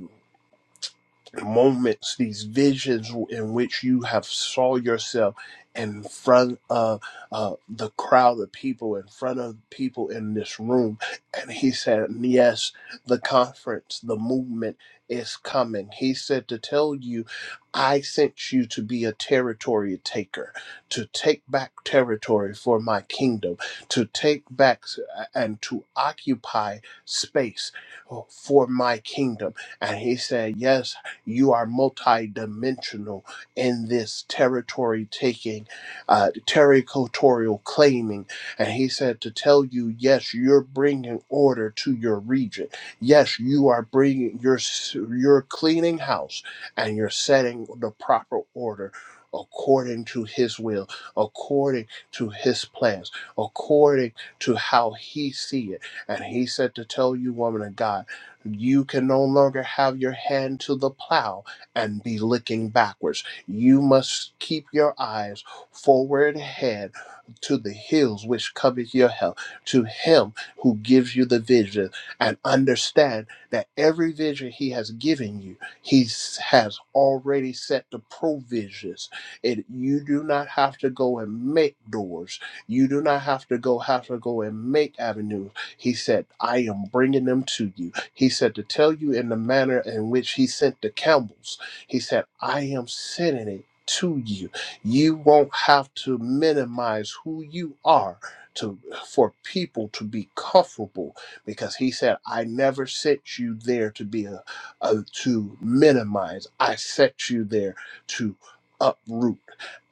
Speaker 14: moments, these visions in which you have saw yourself in front of uh, the crowd of people, in front of people in this room. And he said, Yes, the conference, the movement is coming. He said to tell you, I sent you to be a territory taker, to take back territory for my kingdom, to take back s- and to occupy space uh, for my kingdom. And he said, Yes, you are multidimensional in this territory taking, uh, territorial claiming. And he said to tell you, yes, you're bringing order to your region. Yes, you are bringing, you're, s- you're cleaning house and you're setting the proper order according to his will, according to his plans, according to how he see it. And he said to tell you, woman of God, you can no longer have your hand to the plow and be looking backwards. You must keep your eyes forward ahead to the hills which covers your help, to him who gives you the vision, and understand that every vision he has given you, he has already set the provisions. And you do not have to go and make doors. You do not have to go have to go and make avenues. He said, I am bringing them to you he said, To tell you in the manner in which he sent the Campbells, he said, I am sending it to you. You won't have to minimize who you are to for people to be comfortable because he said i never sent you there to be a, a to minimize i sent you there to uproot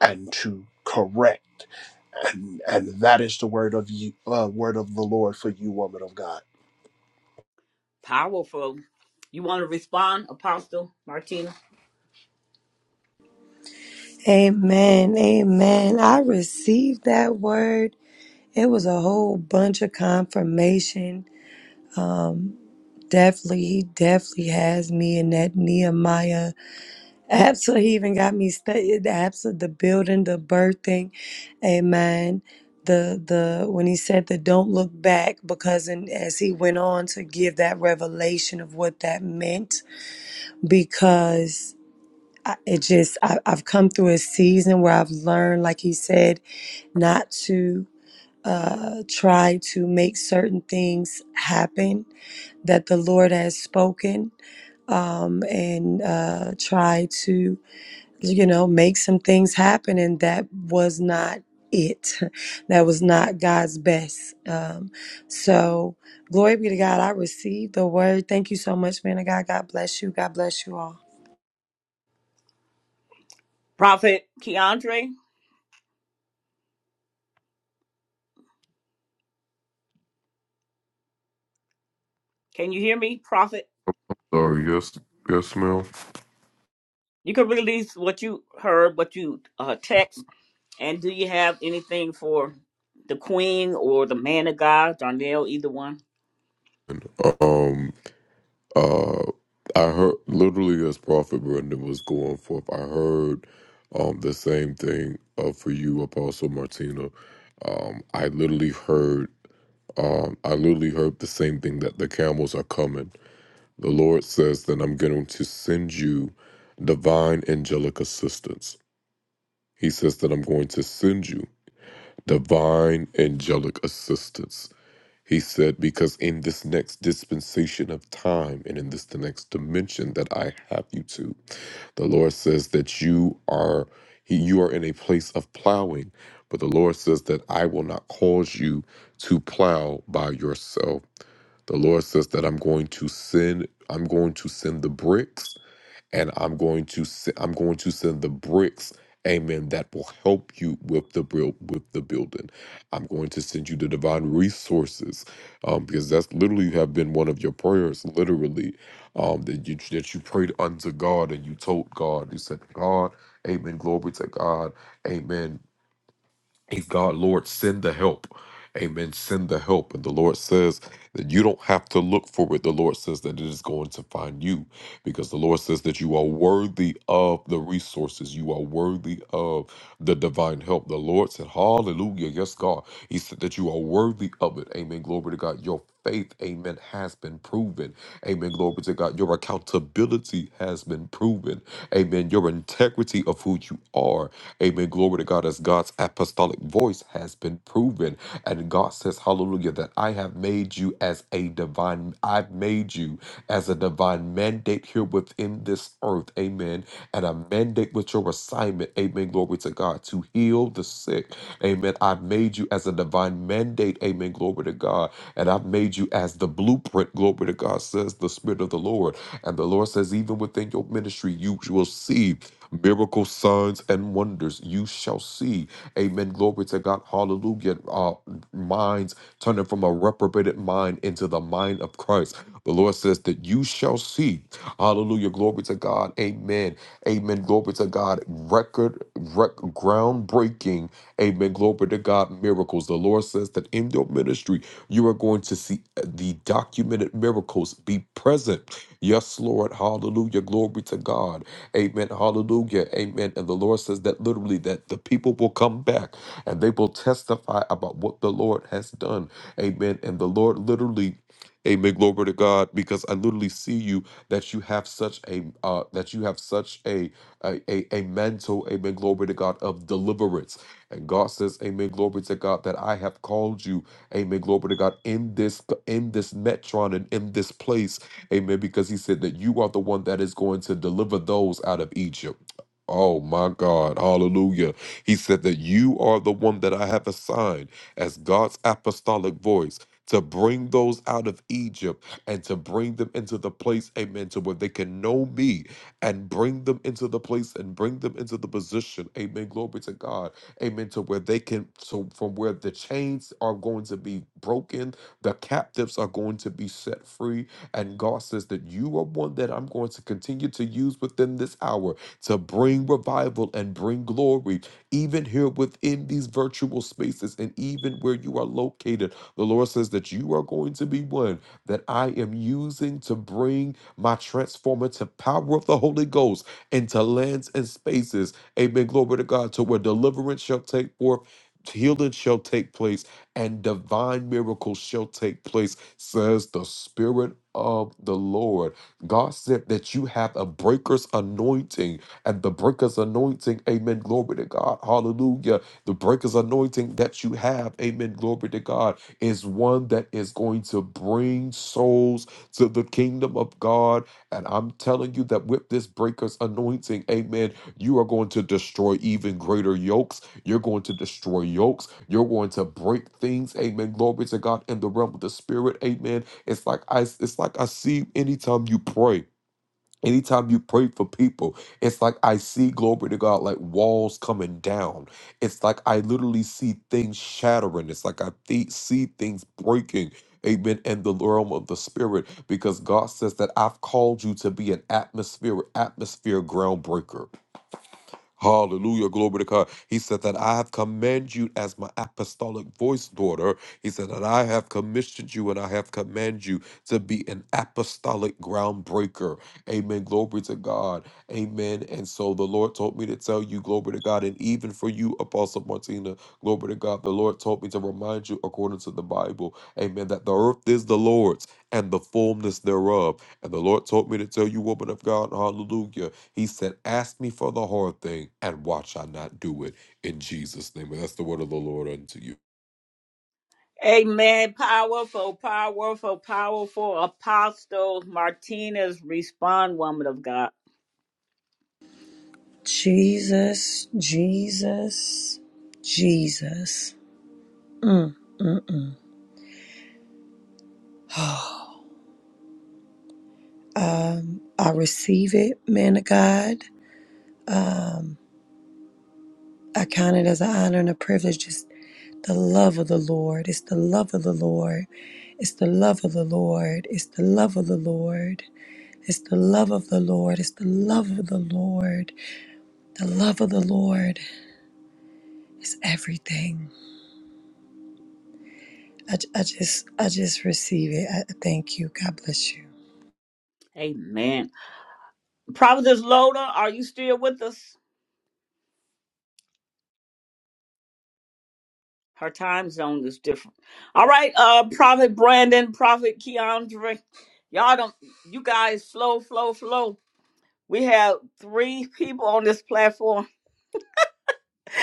Speaker 14: and to correct and and that is the word of you uh, word of the lord for you woman of god
Speaker 1: Powerful. You want to respond, Apostle Martina?
Speaker 16: Amen. Amen. I received that word. It was a whole bunch of confirmation. Definitely, he definitely has me in that Nehemiah Absolutely, he even got me studied the absolute the building, the birthing, amen. The the when he said the don't look back because and as he went on to give that revelation of what that meant because I, it just I, I've come through a season where I've learned, like he said, not to uh try to make certain things happen that the Lord has spoken um, and uh, try to you know, make some things happen. And that was not it. That was not God's best. Um, so, glory be to God. I received the word. Thank you so much, man of God. God bless you. God bless you all.
Speaker 1: Prophet Keandre, can you hear me? Prophet?
Speaker 15: Sorry, yes, yes, ma'am.
Speaker 1: You can release what you heard, what you uh, text, and do you have anything for the Queen or the Man of God, Darnell, either one?
Speaker 15: Um, uh, I heard literally as Prophet Brendan was going forth, I heard um the same thing uh, for you, Apostle Martina. Um, I literally heard, um, I literally heard the same thing that the camels are coming. The Lord says that I'm going to send you divine angelic assistance. He says that I'm going to send you divine angelic assistance. He said, Because in this next dispensation of time and in this the next dimension that I have you to, the Lord says that you are he, you are in a place of plowing, but the Lord says that I will not cause you to plow by yourself. The Lord says that I'm going to send I'm going to send the bricks and I'm going to se- I'm going to send the bricks, amen, that will help you with the build with the building. I'm going to send you the divine resources, um, because that's literally have been one of your prayers, literally, um, that you that you prayed unto God and you told God, you said, God, Amen, glory to God, Amen. And God, Lord, send the help. Amen. Send the help. And the Lord says that you don't have to look for it. The Lord says that it is going to find you because the Lord says that you are worthy of the resources. You are worthy of the divine help. The Lord said, Hallelujah. Yes, God. He said that you are worthy of it. Amen. Glory to God. Your faith, amen, has been proven. Amen. Glory to God. Your accountability has been proven. Amen. Your integrity of who you are. Amen. Glory to God as God's apostolic voice has been proven. And God says, Hallelujah, that I have made you as as a divine, I've made you as a divine mandate here within this earth. Amen. And a mandate with your assignment. Amen. Glory to God to heal the sick. Amen. I've made you as a divine mandate. Amen. Glory to God. And I've made you as the blueprint. Glory to God, says the Spirit of the Lord and the Lord says, even within your ministry, you will see miracle signs and wonders. You shall see. Amen. Glory to God. Hallelujah. Uh, minds turning from a reprobated mind into the mind of Christ. The Lord says that you shall see. Hallelujah. Glory to God. Amen. Amen. Glory to God. Record, rec- groundbreaking. Amen. Glory to God. Miracles. The Lord says that in your ministry, you are going to see the documented miracles be present. Yes, Lord. Hallelujah. Glory to God. Amen. Hallelujah. Amen. And the Lord says that literally that the people will come back and they will testify about what the Lord has done. Amen. And the Lord literally Amen. Glory to God, because I literally see you that you have such a uh, that you have such a a, a a mantle. Amen. Glory to God of deliverance, and God says, Amen. Glory to God that I have called you. Amen. Glory to God in this in this metron and in this place. Amen. Because he said that you are the one that is going to deliver those out of Egypt. Oh my God. Hallelujah. He said that you are the one that I have assigned as God's apostolic voice to bring those out of Egypt and to bring them into the place, amen, to where they can know me and bring them into the place and bring them into the position, amen. Glory to God, amen, to where they can, so from where the chains are going to be broken, the captives are going to be set free, and God says that you are one that I'm going to continue to use within this hour to bring revival and bring glory, even here within these virtual spaces and even where you are located. The Lord says that you are going to be one that I am using to bring my transformative power of the Holy Ghost into lands and spaces. Amen. Glory to God, to where deliverance shall take forth. Healing shall take place and divine miracles shall take place says the Spirit of the Lord. God said that you have a breaker's anointing, and the breaker's anointing, amen, glory to God, hallelujah. The breaker's anointing that you have, amen, glory to God, is one that is going to bring souls to the kingdom of God. And I'm telling you that with this breaker's anointing, amen, you are going to destroy even greater yokes you're going to destroy yokes. You're going to break things. Amen. Glory to God in the realm of the spirit. Amen. It's like I it's like I see anytime you pray. Anytime you pray for people, it's like I see glory to God like walls coming down. It's like I literally see things shattering. It's like I thi- see things breaking. Amen. In the realm of the spirit, because God says that I've called you to be an atmosphere, atmosphere groundbreaker. Hallelujah. Glory to God. He said that I have commanded you as my apostolic voice, daughter. He said that I have commissioned you and I have commanded you to be an apostolic groundbreaker. Amen. Glory to God. Amen. And so the Lord told me to tell you, glory to God. And even for you, Apostle Martina, glory to God, the Lord told me to remind you, according to the Bible, amen, that the earth is the Lord's and the fullness thereof. And the Lord told me to tell you, woman of God, hallelujah he said, Ask me for the whole thing, and watch I not do it in Jesus' name. And that's the word of the Lord unto you.
Speaker 1: Amen. Powerful, powerful, powerful Apostle Martinez, respond, woman of God.
Speaker 16: Jesus, Jesus, Jesus. I receive it, man of God. I count it as an honor and a privilege. Just the love of the Lord. It's the love of the Lord. It's the love of the Lord. It's the love of the Lord. It's the love of the Lord. It's the love of the Lord. The love of the Lord is everything. I, I just, I just receive it. I I thank you. God bless you.
Speaker 1: Amen. Providence Loda, are you still with us? Her time zone is different. All right, uh, Prophet Brandon, Prophet Keandre, y'all don't, you guys, slow, flow, flow. We have three people on this platform.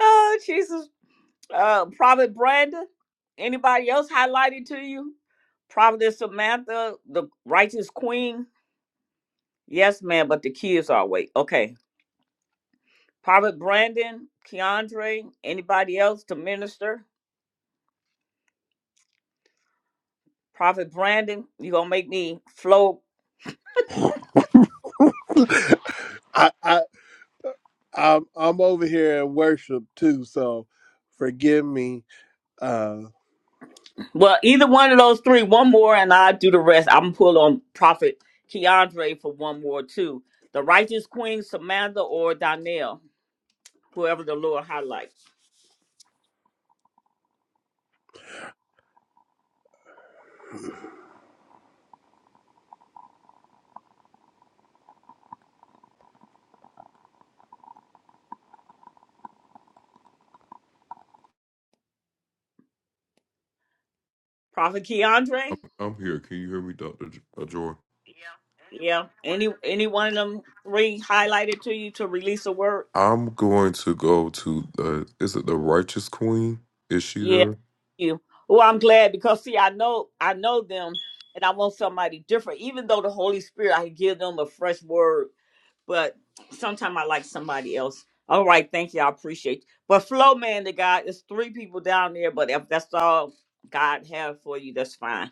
Speaker 1: oh Jesus, uh, Prophet Brandon. Anybody else highlighted to you? Prophet Samantha, the righteous queen. Yes, ma'am, but the kids are awake. Okay. Prophet Brandon, Keandre, anybody else to minister? Prophet Brandon, you gonna make me flow
Speaker 14: I, I I'm I'm over here in worship too, so forgive me. Uh,
Speaker 1: Well, either one of those three, one more, and I do the rest. I'm pull on Prophet Keandre for one more too. The righteous queen Samantha or Donnell, whoever the Lord highlights. Prophet Keandre,
Speaker 15: I'm here. Can you hear me, Dr. J- uh, Joy?
Speaker 1: yeah. Any any one of them three highlighted to you to release a word?
Speaker 15: I'm going to go to, uh, is it the Righteous Queen? Is she
Speaker 1: Yeah,
Speaker 15: there?
Speaker 1: you. Well, I'm glad because see, I know I know them, and I want somebody different. Even though the Holy Spirit, I can give them a fresh word but sometimes I like somebody else. All right, thank you. I appreciate you. But flow man to God, it's three people down there, but if that's all God have for you, that's fine.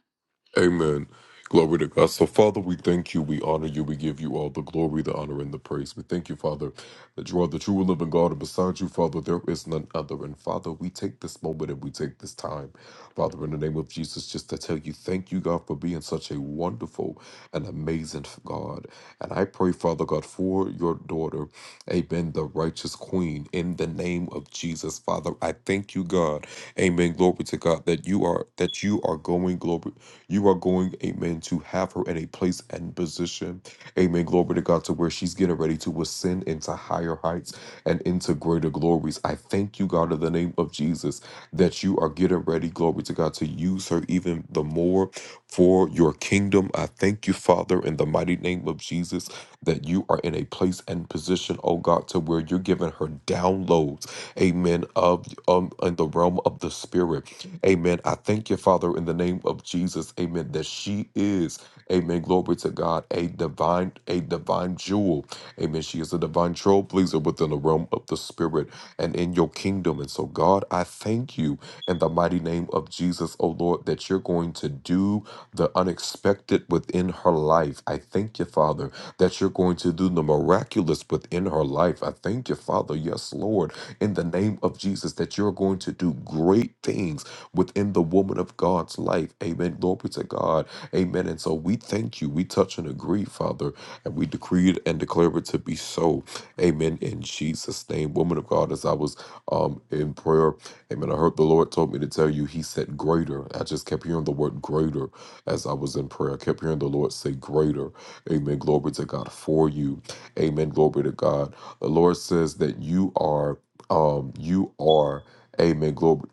Speaker 15: Amen. Glory to God. So, Father, we thank you. We honor you. We give you all the glory, the honor, and the praise. We thank you, Father, that you are the true and living God. And beside you, Father, there is none other. And, Father, we take this moment and we take this time, Father, in the name of Jesus, just to tell you thank you, God, for being such a wonderful and amazing God. And I pray, Father God, for your daughter, Amen, the righteous queen, in the name of Jesus. Father, I thank you, God. Amen. Glory to God that you are that you are going glory. You are going, amen, to have her in a place and position, amen. Glory to God, to where she's getting ready to ascend into higher heights and into greater glories. I thank you, God, in the name of Jesus, that you are getting ready, glory to God, to use her even the more for your kingdom. I thank you, Father, in the mighty name of Jesus, that you are in a place and position, oh God, to where you're giving her downloads, amen, of um in the realm of the spirit. Amen. I thank you, Father, in the name of Jesus. Amen. That she is, amen. Glory to God, a divine, a divine jewel. Amen. She is a divine trailblazer within the realm of the spirit and in your kingdom. And so, God, I thank you in the mighty name of Jesus, oh Lord, that you're going to do the unexpected within her life. I thank you, Father, that you're going to do the miraculous within her life. I thank you, Father. Yes, Lord, in the name of Jesus, that you're going to do great things within the woman of God's life. Amen. Glory to God. Amen. And so we thank you. We touch and agree, Father, and we decree it and declare it to be so. Amen. In Jesus' name, woman of God, as I was um in prayer, amen. I heard the Lord told me to tell you, He said greater. I just kept hearing the word greater as I was in prayer. I kept hearing the Lord say greater. Amen. Glory to God for you. Amen. Glory to God. The Lord says that you are um you are Amen. Glory.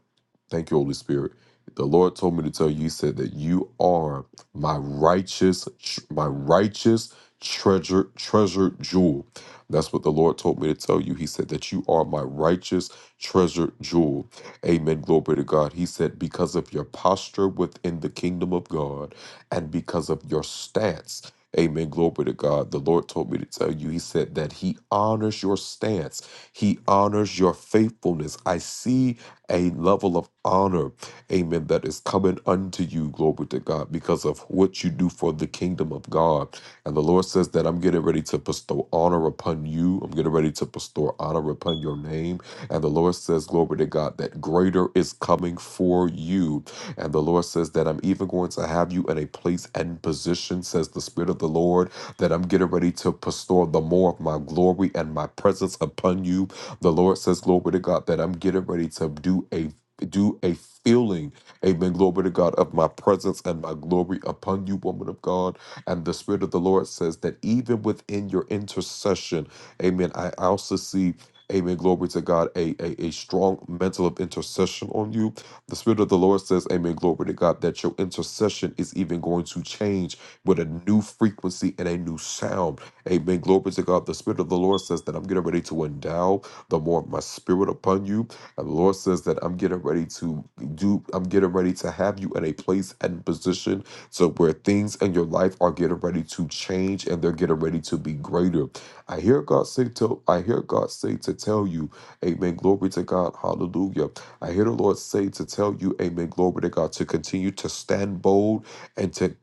Speaker 15: Thank you, Holy Spirit. The Lord told me to tell you, He said that you are my righteous, tr- my righteous treasure, treasure jewel. That's what the Lord told me to tell you. He said that you are my righteous treasure jewel. Amen. Glory to God. He said, because of your posture within the kingdom of God and because of your stance Amen. Glory to God. The Lord told me to tell you, He said that He honors your stance, He honors your faithfulness. I see a level of honor, amen, that is coming unto you, glory to God, because of what you do for the kingdom of God. And the Lord says that I'm getting ready to bestow honor upon you, I'm getting ready to bestow honor upon your name. And the Lord says, Glory to God, that greater is coming for you. And the Lord says that I'm even going to have you in a place and position, says the Spirit of the Lord, that I'm getting ready to bestow the more of my glory and my presence upon you. The Lord says, Glory to God, that I'm getting ready to do a do a feeling, amen. Glory to God of my presence and my glory upon you, woman of God. And the Spirit of the Lord says that even within your intercession, amen. I also see Amen. Glory to God. A, a, a strong mantle of intercession on you. The Spirit of the Lord says, Amen. Glory to God, that your intercession is even going to change with a new frequency and a new sound. Amen. Glory to God. The Spirit of the Lord says that I'm getting ready to endow the more of my spirit upon you. And the Lord says that I'm getting ready to do, I'm getting ready to have you in a place and position so where things in your life are getting ready to change and they're getting ready to be greater. I hear God say to I hear God say to tell you, Amen. Glory to God. Hallelujah. I hear the Lord say to tell you, Amen. Glory to God. To continue to stand bold and to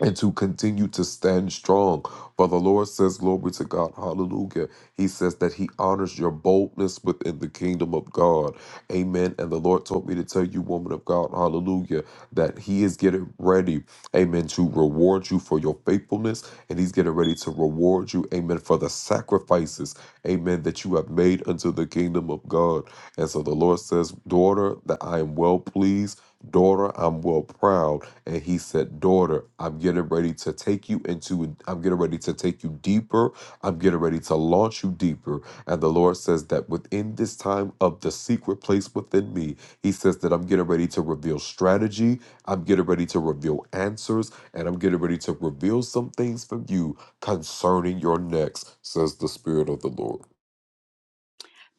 Speaker 15: and to continue to stand strong. For the Lord says, Glory to God, hallelujah. He says that He honors your boldness within the kingdom of God, amen. And the Lord told me to tell you, woman of God, hallelujah, that He is getting ready, amen, to reward you for your faithfulness, and He's getting ready to reward you, amen, for the sacrifices, amen, that you have made unto the kingdom of God. And so the Lord says, Daughter, that I am well pleased daughter i'm well proud and he said daughter i'm getting ready to take you into i'm getting ready to take you deeper i'm getting ready to launch you deeper and the lord says that within this time of the secret place within me he says that i'm getting ready to reveal strategy i'm getting ready to reveal answers and i'm getting ready to reveal some things from you concerning your next says the spirit of the lord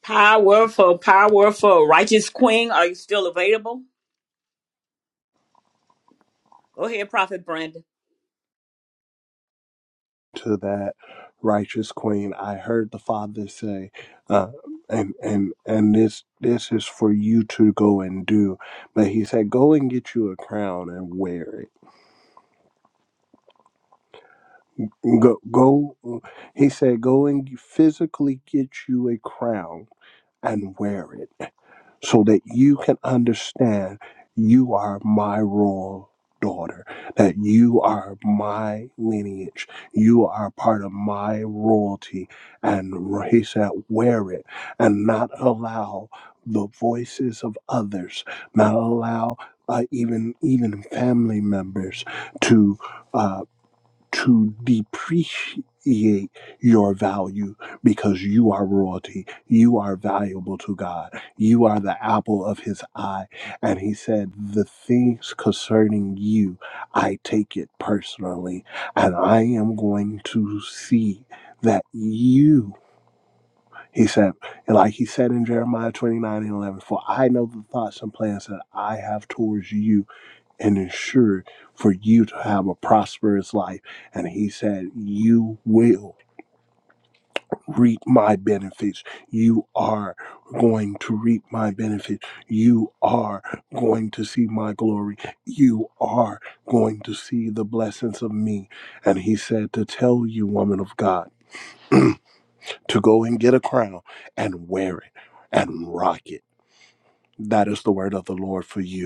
Speaker 1: Powerful, powerful. Righteous Queen, are you still available? Go ahead, Prophet Brandon.
Speaker 14: to that righteous queen, I heard the Father say, uh, and and and this this is for you to go and do. But he said, go and get you a crown and wear it. Go go. He said, go and physically get you a crown and wear it so that you can understand you are my royal daughter, that you are my lineage, you are part of my royalty. And he said, wear it and not allow the voices of others, not allow uh, even even family members to. uh, to depreciate your value because you are royalty. You are valuable to God. You are the apple of his eye. And he said, The things concerning you, I take it personally. And I am going to see that you, he said, and like he said in Jeremiah 29 and 11, for I know the thoughts and plans that I have towards you and ensure for you to have a prosperous life. And he said, You will reap my benefits. You are going to reap my benefits. You are going to see my glory. You are going to see the blessings of me. And he said, To tell you, woman of God, to go and get a crown and wear it and rock it. That is the word of the Lord for you.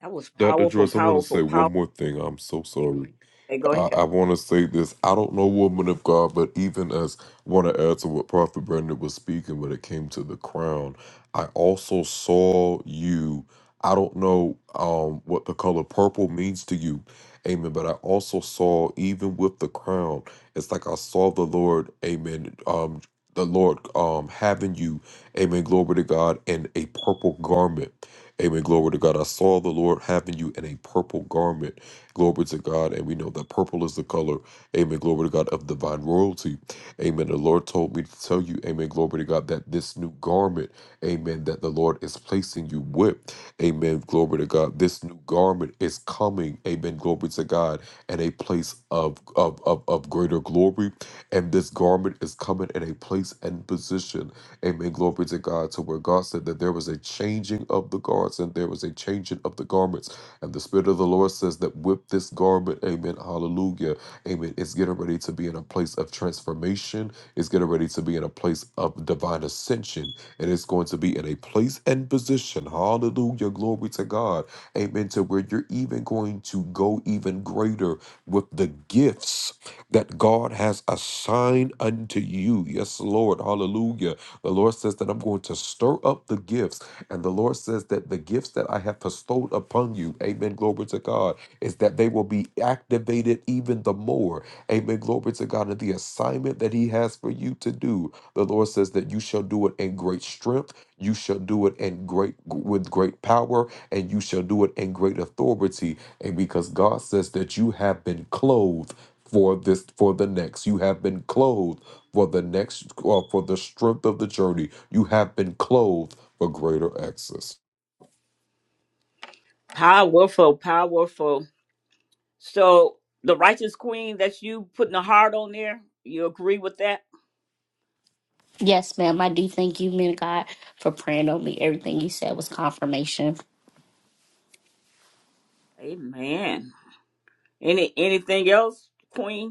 Speaker 1: That was
Speaker 15: dr
Speaker 1: powerful,
Speaker 15: joyce i want to
Speaker 1: powerful,
Speaker 15: say one
Speaker 1: powerful.
Speaker 15: more thing i'm so sorry
Speaker 1: Hey, go
Speaker 15: I,
Speaker 1: ahead.
Speaker 15: I want to say this. I don't know woman of God, but even as want to add to what Prophet Brandon was speaking when it came to the crown, I also saw you. I don't know um, what the color purple means to you, Amen. But I also saw even with the crown, it's like I saw the Lord, Amen. Um, the Lord um, having you, Amen. Glory to God in a purple garment. Amen. Glory to God. I saw the Lord having you in a purple garment. Glory to God. And we know that purple is the color, amen. Glory to God of divine royalty. Amen. The Lord told me to tell you, amen. Glory to God that this new garment, amen, that the Lord is placing you with, amen. Glory to God. This new garment is coming, amen. Glory to God and a place of, of, of, of greater glory. And this garment is coming in a place and position, amen. Glory to God to where God said that there was a changing of the guards and there was a changing of the garments and the Spirit of the Lord says that with this garment, amen, hallelujah, amen, it's getting ready to be in a place of transformation. It's getting ready to be in a place of divine ascension. And it's going to be in a place and position, hallelujah, glory to God, amen, to where you're even going to go even greater with the gifts that God has assigned unto you. Yes, Lord, hallelujah. The Lord says that I'm going to stir up the gifts. And the Lord says that the gifts that I have bestowed upon you, amen, glory to God, is that they will be activated even the more. Amen, glory to God. And the assignment that He has for you to do, the Lord says that you shall do it in great strength. You shall do it in great with great power and you shall do it in great authority. And because God says that you have been clothed for this for the next you have been clothed for the next uh, for the strength of the journey you have been clothed for greater access
Speaker 1: Powerful, powerful. So the righteous queen that you putting a heart on there, you agree with that?
Speaker 17: Yes, ma'am. I do thank you, men of God, for praying on me. Everything you said was confirmation.
Speaker 1: Amen. Any anything else, Queen?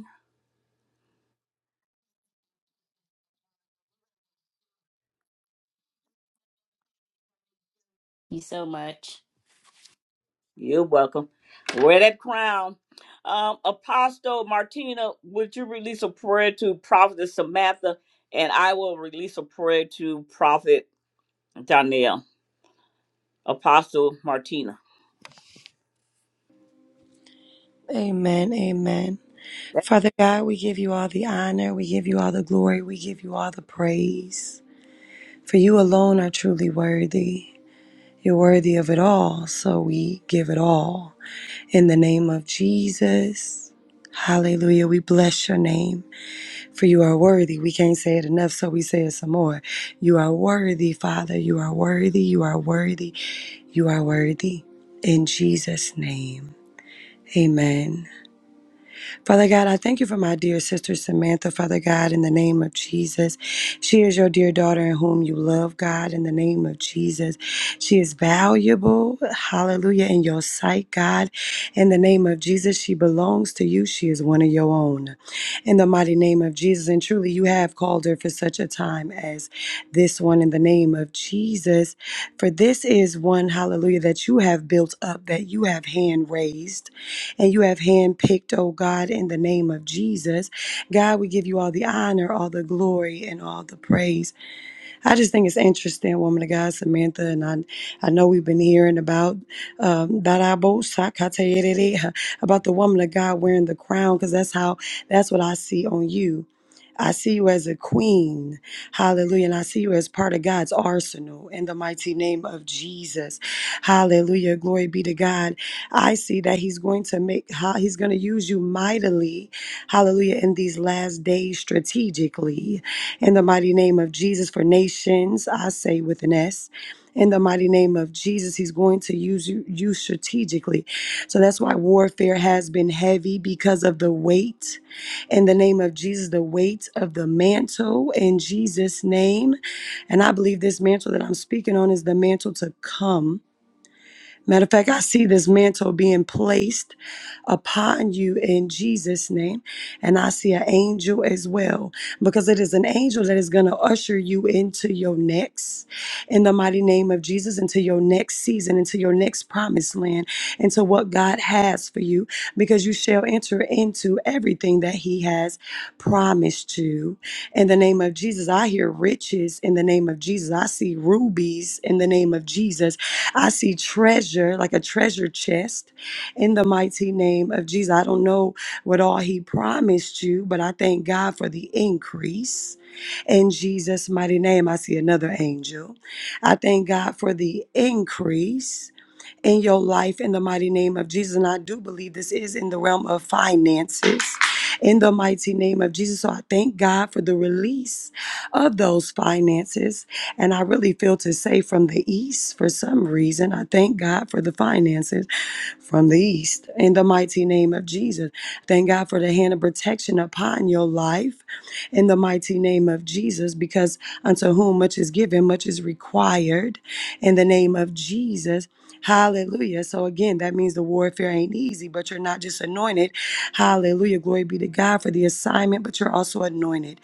Speaker 17: You so much.
Speaker 1: You're welcome. Wear that crown. Um, Apostle Martina, would you release a prayer to Prophet Samantha? And I will release a prayer to Prophet Danielle. Apostle Martina.
Speaker 16: Amen. Amen. Father God, we give you all the honor. We give you all the glory. We give you all the praise. For you alone are truly worthy. You're worthy of it all. So we give it all. In the name of Jesus. Hallelujah. We bless your name. For you are worthy. We can't say it enough, so we say it some more. You are worthy, Father. You are worthy. You are worthy. You are worthy. In Jesus' name, amen. Father God, I thank you for my dear sister Samantha, Father God, in the name of Jesus. She is your dear daughter in whom you love, God, in the name of Jesus. She is valuable, hallelujah, in your sight, God, in the name of Jesus. She belongs to you. She is one of your own. In the mighty name of Jesus. And truly, you have called her for such a time as this one, in the name of Jesus. For this is one, hallelujah, that you have built up, that you have hand raised and you have handpicked, oh God, in the name of Jesus. God, we give you all the honor, all the glory, and all the praise. I just think it's interesting, woman of God, Samantha, and I. I know we've been hearing about um, that I both shock, I tell you that about the woman of God wearing the crown, because that's how that's what I see on you. I see you as a queen. Hallelujah. And I see you as part of God's arsenal in the mighty name of Jesus. Hallelujah. Glory be to God. I see that He's going to make, how He's going to use you mightily. Hallelujah. In these last days strategically. In the mighty name of Jesus for nations, I say with an S. In the mighty name of Jesus, he's going to use you, you strategically. So that's why warfare has been heavy because of the weight. In the name of Jesus, the weight of the mantle in Jesus' name. And I believe this mantle that I'm speaking on is the mantle to come. Matter of fact, I see this mantle being placed upon you in Jesus' name. And I see an angel as well, because it is an angel that is going to usher you into your next, in the mighty name of Jesus, into your next season, into your next promised land, into what God has for you, because you shall enter into everything that He has promised you. In the name of Jesus, I hear riches in the name of Jesus. I see rubies in the name of Jesus. I see treasure, like a treasure chest, in the mighty name of Jesus. I don't know what all He promised you, but I thank God for the increase in Jesus' mighty name. I see another angel. I thank God for the increase in your life in the mighty name of Jesus. And I do believe this is in the realm of finances in the mighty name of Jesus. So I thank God for the release of those finances. And I really feel to say from the east for some reason. I thank God for the finances from the east in the mighty name of Jesus. Thank God for the hand of protection upon your life in the mighty name of Jesus, because unto whom much is given, much is required in the name of Jesus. Hallelujah. So again, that means the warfare ain't easy, but you're not just anointed. Hallelujah. Glory be to God for the assignment, but you're also anointed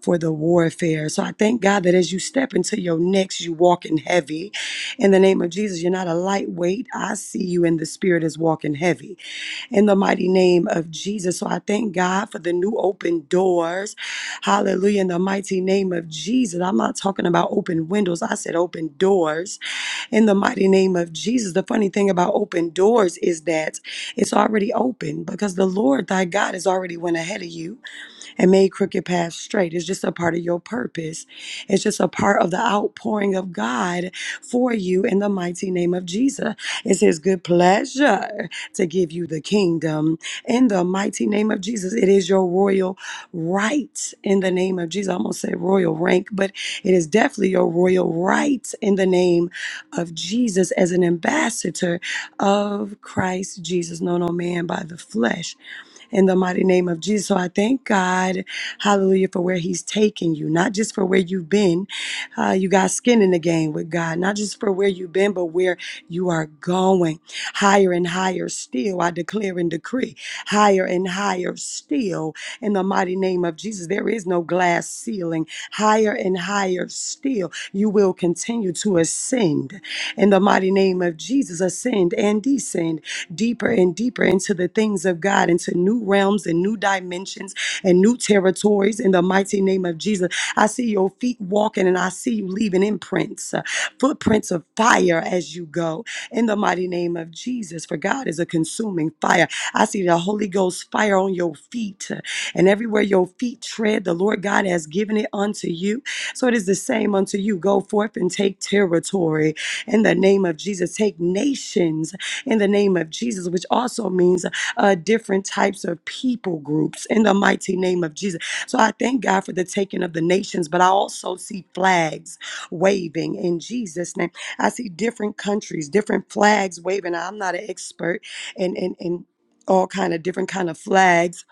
Speaker 16: for the warfare. So I thank God that as you step into your next, you walk in heavy. In the name of Jesus, you're not a lightweight. I see you in the spirit is walking heavy. In the mighty name of Jesus. So I thank God for the new open doors. Hallelujah. In the mighty name of Jesus. I'm not talking about open windows. I said open doors in the mighty name of Jesus. The funny thing about open doors is that it's already open because the Lord thy God has already went ahead of you and made crooked paths straight. It's just a part of your purpose. It's just a part of the outpouring of God for you in the mighty name of Jesus. It's His good pleasure to give you the kingdom in the mighty name of Jesus. It is your royal right in the name of Jesus. I almost said royal rank, but it is definitely your royal right in the name of Jesus as an ambassador of Christ Jesus, known no man by the flesh in the mighty name of Jesus. So I thank God, hallelujah, for where He's taking you, not just for where you've been. Uh, you got skin in the game with God, not just for where you've been, but where you are going higher and higher still. I declare and decree higher and higher still in the mighty name of Jesus. There is no glass ceiling, higher and higher still. You will continue to ascend in the mighty name of Jesus, ascend and descend deeper and deeper into the things of God, into new realms and new dimensions and new territories in the mighty name of Jesus. I see your feet walking and I see you leaving imprints, uh, footprints of fire as you go in the mighty name of Jesus. For God is a consuming fire. I see the Holy Ghost fire on your feet uh, and everywhere your feet tread, the Lord God has given it unto you. So it is the same unto you. Go forth and take territory in the name of Jesus. Take nations in the name of Jesus, which also means uh, different types of people groups in the mighty name of Jesus. So I thank God for the taking of the nations, but I also see flags waving in Jesus' name. I see different countries, different flags waving. I'm not an expert in in in all kind of different kind of flags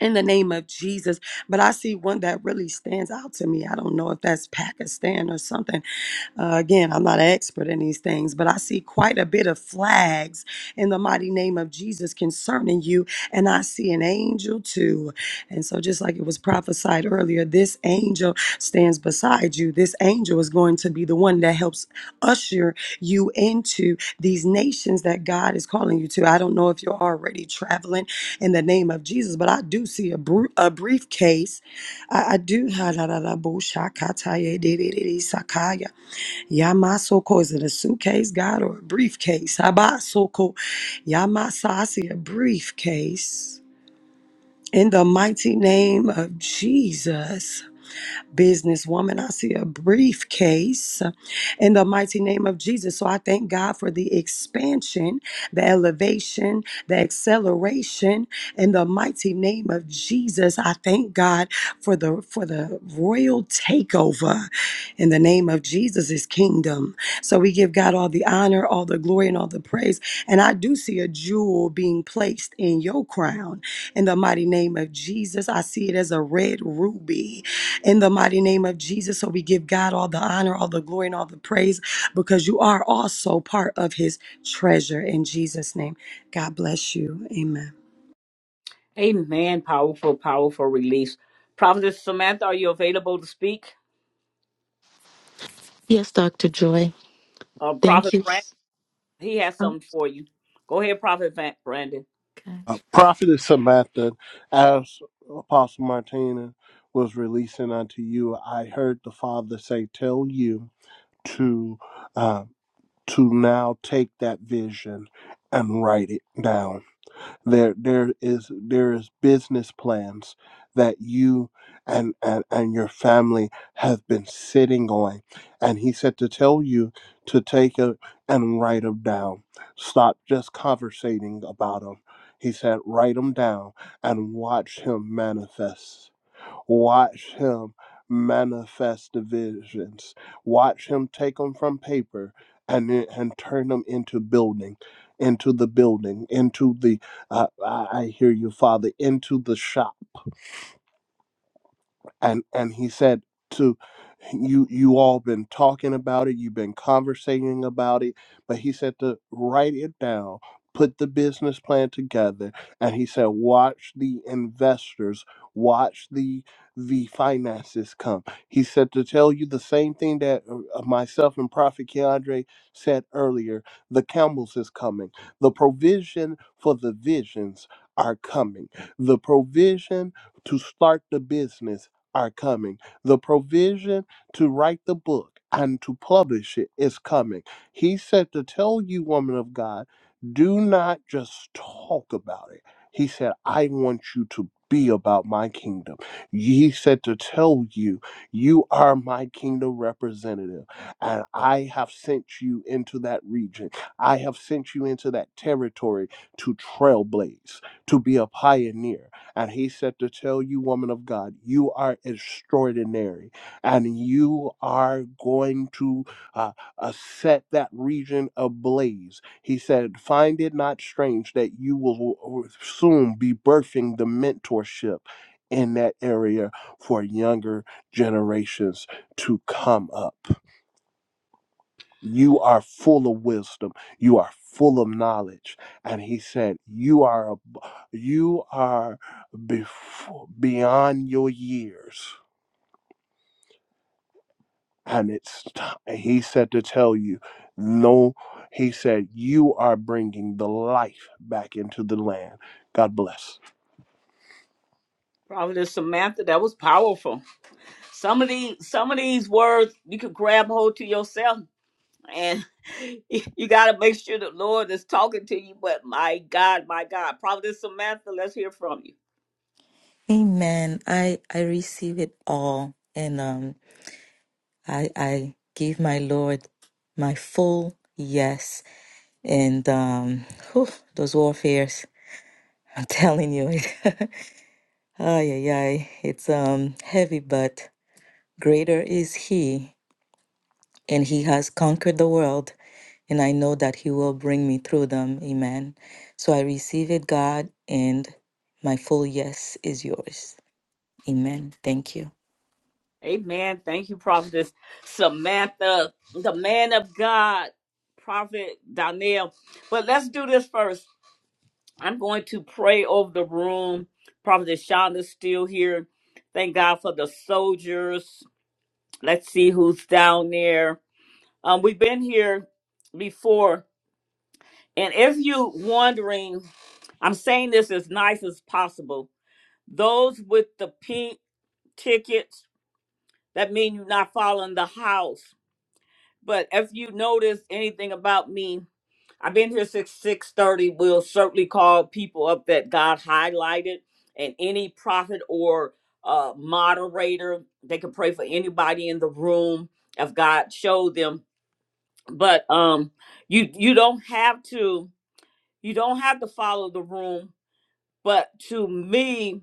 Speaker 16: in the name of Jesus but I see one that really stands out to me I don't know if that's Pakistan or something uh, again, I'm not an expert in these things, but I see quite a bit of flags in the mighty name of Jesus concerning you. And I see an angel too. And so, just like it was prophesied earlier, this angel stands beside you. This angel is going to be the one that helps usher you into these nations that God is calling you to. I don't know if you're already traveling in the name of Jesus, but I do see a, bru- a briefcase. I, I do. Yamasoko is it a suitcase, God, or a briefcase? Habasoko, Yamasa, I see a briefcase. In the mighty name of Jesus businesswoman. I see a briefcase in the mighty name of Jesus. So I thank God for the expansion, the elevation, the acceleration in the mighty name of Jesus. I thank God for the for the royal takeover in the name of Jesus' kingdom. So we give God all the honor, all the glory, and all the praise. And I do see a jewel being placed in your crown in the mighty name of Jesus. I see it as a red ruby in the mighty name of Jesus. So we give God all the honor, all the glory, and all the praise because you are also part of his treasure in Jesus' name. God bless you. Amen.
Speaker 1: Amen. Powerful, powerful release. Prophet Samantha, are you available to speak?
Speaker 19: Yes, Dr. Joy.
Speaker 1: Uh,
Speaker 19: Thank
Speaker 1: Prophet
Speaker 19: you.
Speaker 1: Brandon, he has
Speaker 19: Oh,
Speaker 1: something for you. Go ahead, Prophet Van- Brandon.
Speaker 19: okay.
Speaker 14: Uh, Prophetess Samantha, as Apostle Martina was releasing unto you, I heard the Father say, "Tell you to uh, to now take that vision and write it down." there there is there is business plans that you and, and and your family have been sitting on and he said to tell you to take it and write them down stop just conversating about them he said write them down and watch him manifest Watch him manifest the visions. Watch him take them from paper and and turn them into building, into the building, into the. Uh, I I hear you, Father. Into the shop and and he said to you you all been talking about it you've been conversating about it but he said to write it down put the business plan together and he said watch the investors watch the the finances come he said to tell you the same thing that uh, uh, myself and prophet keandre said earlier the camels is coming the provision for the visions are coming the provision to start the business are coming. The provision to write the book and to publish it is coming. He said to tell you, woman of God, do not just talk about it. He said, I want you to be about my kingdom. He said to tell you, you are my kingdom representative, and I have sent you into that region. I have sent you into that territory to trailblaze, to be a pioneer and he said to tell you, woman of God, you are extraordinary and you are going to uh, uh, set that region ablaze. He said, Find it not strange that you will uh, soon be birthing the mentorship in that area for younger generations to come up. You are full of wisdom, you are full of knowledge. And he said, You are a you are before, beyond your years. And it's time. He said to tell you, no, he said, you are bringing the life back into the land. God bless.
Speaker 1: Prophet Samantha, that was powerful. Some of these, some of these words you could grab hold to yourself and you, got to make sure the Lord is talking to you. But my God, my God, Prophetess Samantha, let's hear from you.
Speaker 19: Amen. I I receive it all, and um, I I give my Lord my full yes. And um, whew, those warfares, I'm telling you, it, ay ay ay, it's um heavy, but greater is He, and He has conquered the world, and I know that He will bring me through them. Amen. So I receive it, God, and my full yes is yours. Amen. Thank you.
Speaker 1: Amen. Thank you, Prophetess Samantha, the man of God, Prophet Daniel. But let's do this first. I'm going to pray over the room. Prophetess Shonda's still here. Thank God for the soldiers. Let's see who's down there. Um, we've been here before And if you wondering, I'm saying this as nice as possible. Those with the pink tickets, that mean you're not following the house. But if you notice anything about me, I've been here since six thirty. We'll certainly call people up that God highlighted, and any prophet or uh, moderator, they can pray for anybody in the room if God showed them. But um, you you don't have to you don't have to follow the room But to me,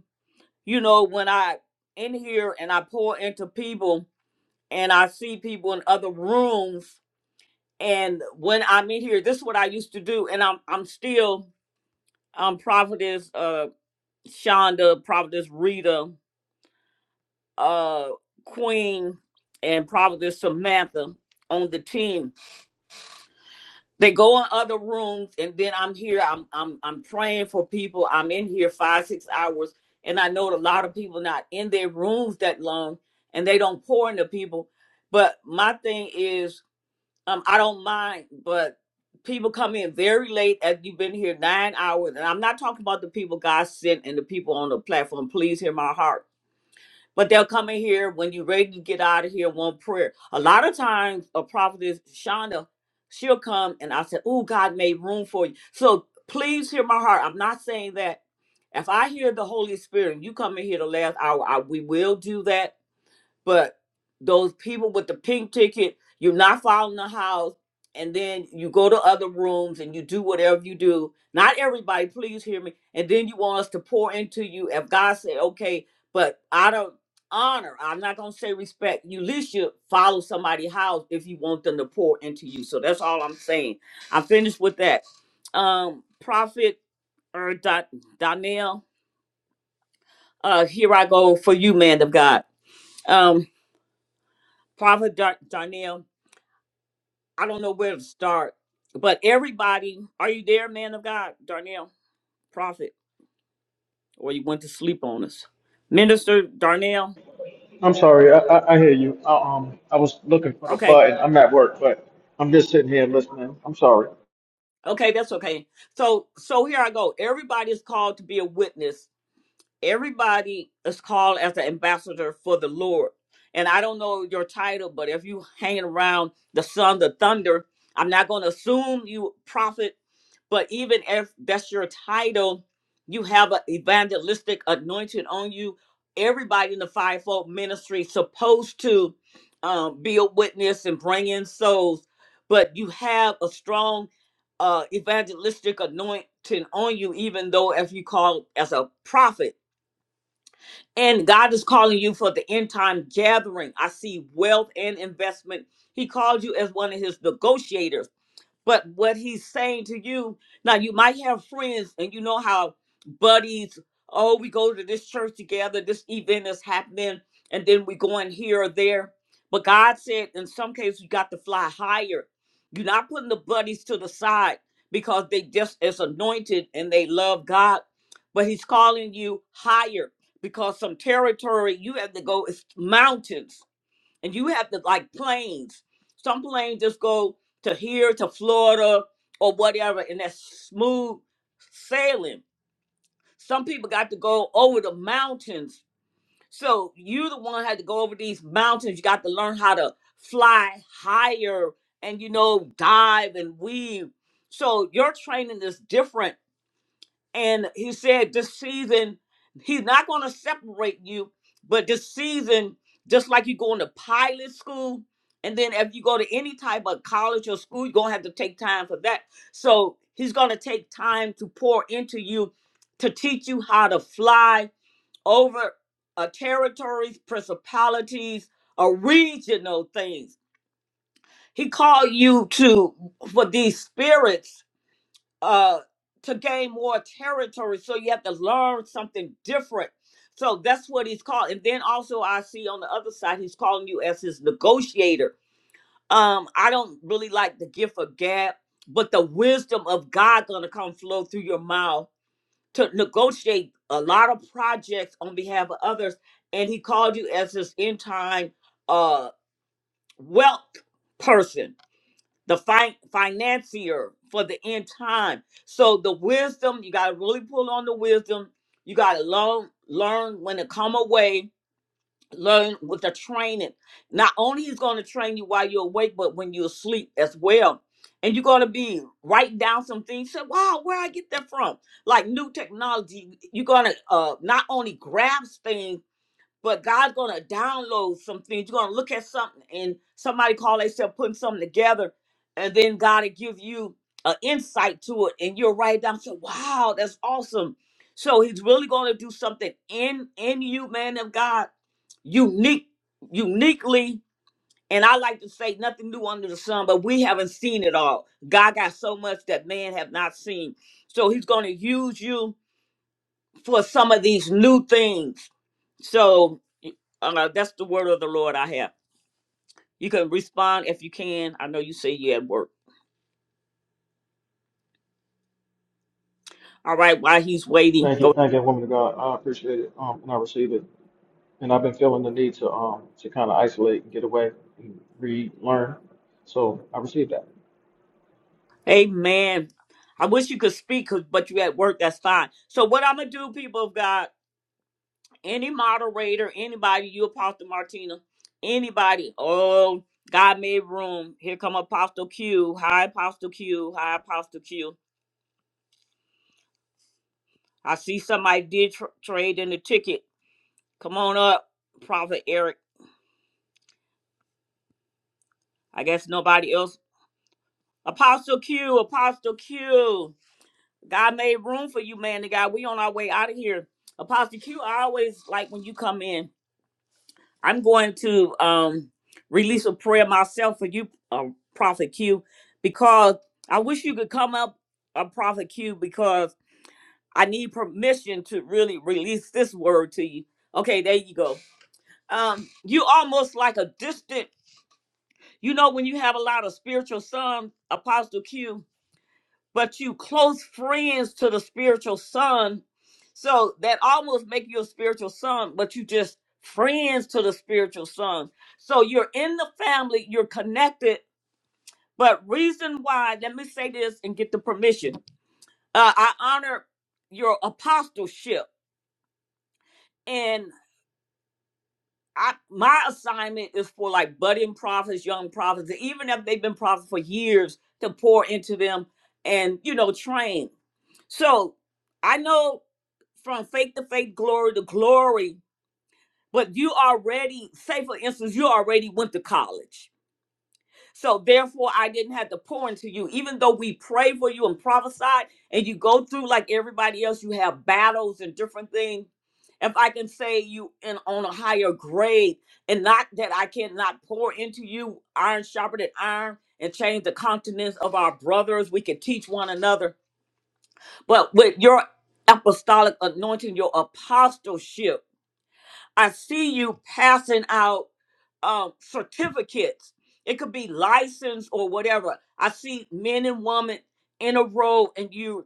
Speaker 1: you know, when I in here and I pour into people and I see people in other rooms and when I'm in here, this is what I used to do, and I'm I'm still um prophetess uh Shonda, prophetess Rita, uh Queen, and prophetess Samantha on the team They go in other rooms, and then I'm here. I'm I'm I'm praying for people. I'm in here five six hours, and I know a lot of people not in their rooms that long, and they don't pour into people. But my thing is, um, I don't mind, but people come in very late as you've been here nine hours and i'm not talking about the people god sent and the people on the platform please hear my heart but they'll come in here when you're ready to get out of here, one prayer. A lot of times, a prophetess, Shonda, she'll come and I said, Oh, God made room for you. So please hear my heart. I'm not saying that. If I hear the Holy Spirit and you come in here the last hour, I, we will do that but those people with the pink ticket, you're not following the house, and then you go to other rooms and you do whatever you do. Not everybody, please hear me. And then you want us to pour into you. If God said, okay, but out of honor, I'm not gonna say respect. You at least should follow somebody's house if you want them to pour into you. So that's all I'm saying. I finished with that. Um, Prophet or da- Daniel, uh, here I go for you, man of God. Um, Prophet da- Daniel. I don't know where to start, but everybody, are you there, man of God, Darnell, prophet, or you went to sleep on us, minister Darnell?
Speaker 18: I'm sorry. I, I, I hear you. I, um, I was looking for the
Speaker 1: Okay,
Speaker 18: button. I'm at work, but I'm just sitting here listening. I'm sorry.
Speaker 1: okay, that's okay. So, so here I go. Everybody is called to be a witness everybody is called as the ambassador for the Lord. And I don't know your title, but if you hanging around the sun, the thunder, I'm not going to assume you prophet, but even if that's your title, you have an evangelistic anointing on you. Everybody in the fivefold ministry is supposed to um, be a witness and bring in souls, but you have a strong uh, evangelistic anointing on you, even though if you call as a prophet and God is calling you for the end time gathering. I see wealth and investment. He called you as one of his negotiators. But what he's saying to you, now you might have friends and you know how buddies, oh, we go to this church together, this event is happening, and then we go in here or there. But God said in some cases you got to fly higher. You're not putting the buddies to the side because they just is anointed and they love God. But he's calling you higher because some territory you have to go is mountains and you have to like planes. Some planes just go to here to Florida or whatever, and that's smooth sailing. Some people got to go over the mountains. So you the one had to go over these mountains. You got to learn how to fly higher and you know dive and weave. So your training is different and he said, This season, he's not going to separate you, but this season, just like you going to pilot school, and then if you go to any type of college or school, you're going to have to take time for that. So he's going to take time to pour into you to teach you how to fly over uh, territories, principalities, or regional things. He called you to for these spirits uh to gain more territory so you have to learn something different so that's what he's called and then also i see on the other side he's calling you as his negotiator um i don't really like the gift of gab but the wisdom of god gonna come flow through your mouth to negotiate a lot of projects on behalf of others and he called you as his end time uh wealth person the fi- financier for the end time. So the wisdom, you got to really pull on the wisdom. You got to learn, learn when to come away, learn with the training. Not only he's going to train you while you're awake, but when you're asleep as well. And you're going to be writing down some things. Say, wow, where I get that from? Like new technology, you're going to uh, not only grasp things, but God's gonna download some things. You're gonna look at something, and somebody call themselves putting something together, and then God will give you an insight to it, and you'll write it down. Say, "Wow, that's awesome!" So He's really gonna do something in in you, man of God, unique, uniquely. And I like to say nothing new under the sun, but we haven't seen it all. God got so much that man have not seen. So he's going to use you for some of these new things so uh, that's the word of the Lord I have. You can respond if you can. I know you say you at work. All right, while he's waiting,
Speaker 18: Thank you,
Speaker 1: go.
Speaker 18: thank you, woman of God. I appreciate it, um, and I receive it. And I've been feeling the need to um to kind of isolate and get away and relearn. So I received that.
Speaker 1: Amen. I wish you could speak, 'cause- but you at work. That's fine. So what I'm gonna do, people of God, any moderator, anybody, you Apostle Martina, anybody. Oh, God made room. Here come Apostle Q. Hi, Apostle Q. Hi, Apostle Q. I see somebody did tr- trade in the ticket. Come on up, Prophet Eric. I guess nobody else Apostle Q, Apostle Q. God made room for you, man. The God, we on our way out of here. Apostle Q, I always like when you come in. I'm going to um release a prayer myself for you, uh, Prophet Q, because I wish you could come up, uh, Prophet Q, because I need permission to really release this word to you. Okay, there you go. Um, you almost like a distant. You know when you have a lot of spiritual sons, Apostle Q but you close friends to the spiritual son so that almost make you a spiritual son but you just friends to the spiritual son so you're in the family you're connected but reason why let me say this and get the permission uh, i honor your apostleship and. I my assignment is for like budding prophets, young prophets, and even if they've been prophets for years, to pour into them and you know train. So I know from faith to faith, glory to glory. But you already, say for instance, you already went to college so therefore, I didn't have to pour into you. Even though we pray for you and prophesied, and you go through like everybody else, you have battles and different things. If I can say you in on a higher grade, and not that I cannot pour into you, iron sharper than iron, and change the countenance of our brothers, we can teach one another. But with your apostolic anointing, your apostleship. I see you passing out um, certificates. It could be license or whatever. I see men and women in a row, and you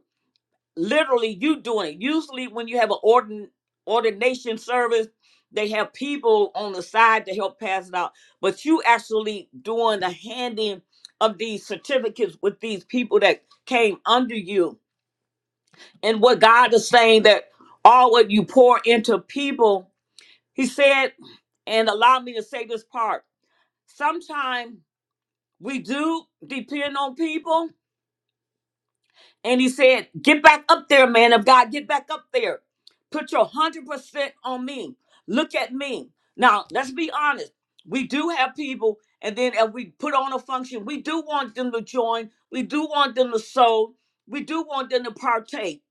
Speaker 1: literally you doing it. Usually, when you have an ordin, ordination service, they have people on the side to help pass it out. But you actually doing the handing of these certificates with these people that came under you, and what God is saying that all what you pour into people, He said. And allow me to say this part. Sometimes we do depend on people. And he said, Get back up there, man of God. Get back up there. Put your 100% on me. Look at me. Now, let's be honest. We do have people. And then if we put on a function, we do want them to join. We do want them to sow. We do want them to partake.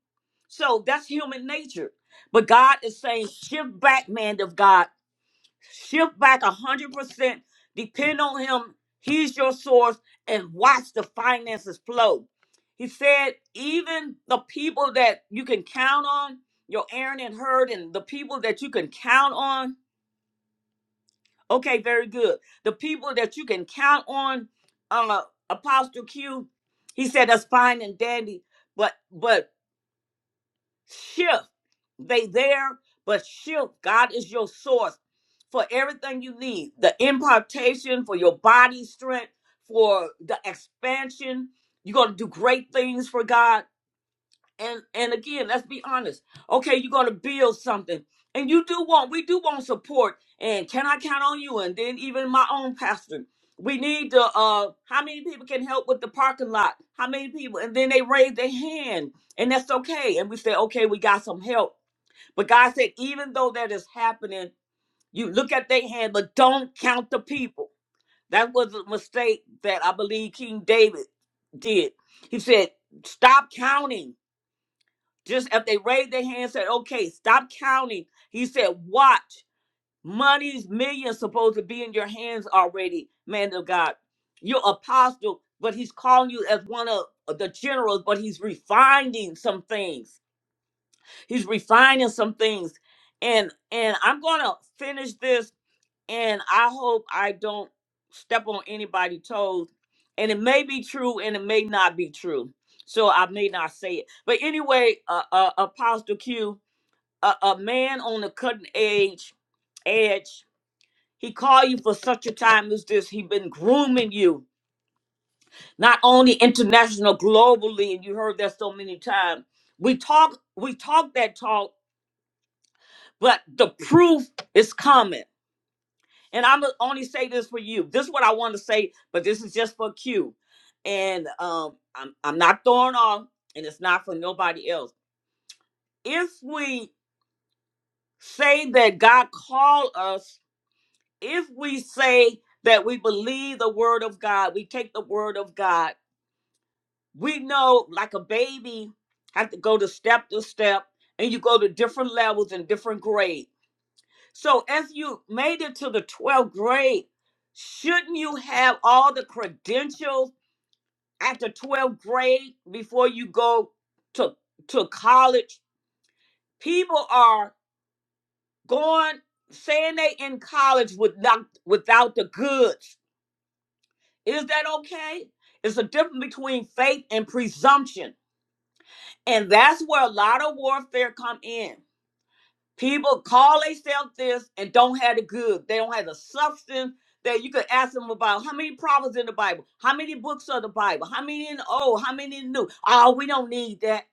Speaker 1: So that's human nature. But God is saying, Shift back, man of God shift back a hundred percent, depend on him, he's your source, and watch the finances flow. He said, even the people that you can count on, your Aaron and Herd, and the people that you can count on. Okay, very good. The people that you can count on, uh, Apostle Q, he said that's fine and dandy, but but Shift. They there, but shift. God is your source for everything you need. The impartation for your body strength, for the expansion. You're gonna do great things for God and and again let's be honest okay you're going to build something and you do want we do want support and can i count on you and then even my own pastor we need to uh how many people can help with the parking lot how many people and then they raise their hand and that's okay and we say okay we got some help but god said even though that is happening you look at their hand but don't count the people that was a mistake that i believe king david did he said stop counting just if they raised their hand and said, okay, stop counting. He said, watch. Money's millions supposed to be in your hands already, man of God. You're apostle, but he's calling you as one of the generals, but he's refining some things. He's refining some things. And and I'm gonna finish this and I hope I don't step on anybody's toes. And it may be true and it may not be true. So I may not say it. But anyway, uh, uh Apostle Q, a, a man on the cutting edge edge he called you for such a time as this he been grooming you not only international globally and you heard that so many times we talk we talk that talk but the proof is coming and i'm only say this for you this is what i want to say but this is just for q and um i'm, I'm not throwing off and it's not for nobody else if we say that god called us if we say that we believe the word of God, we take the word of God, we know like a baby have to go to step to step and you go to different levels and different grades. So if you made it to the 12th grade, shouldn't you have all the credentials at the 12th grade before you go to to college? People are going saying they in college with not, without the goods Is that okay? It's a difference between faith and presumption. And that's where a lot of warfare come in. People call themselves this and don't have the good. They don't have the substance that you could ask them about. How many prophets in the Bible? How many books are the Bible? How many in the old? How many in the new? Oh, we don't need that.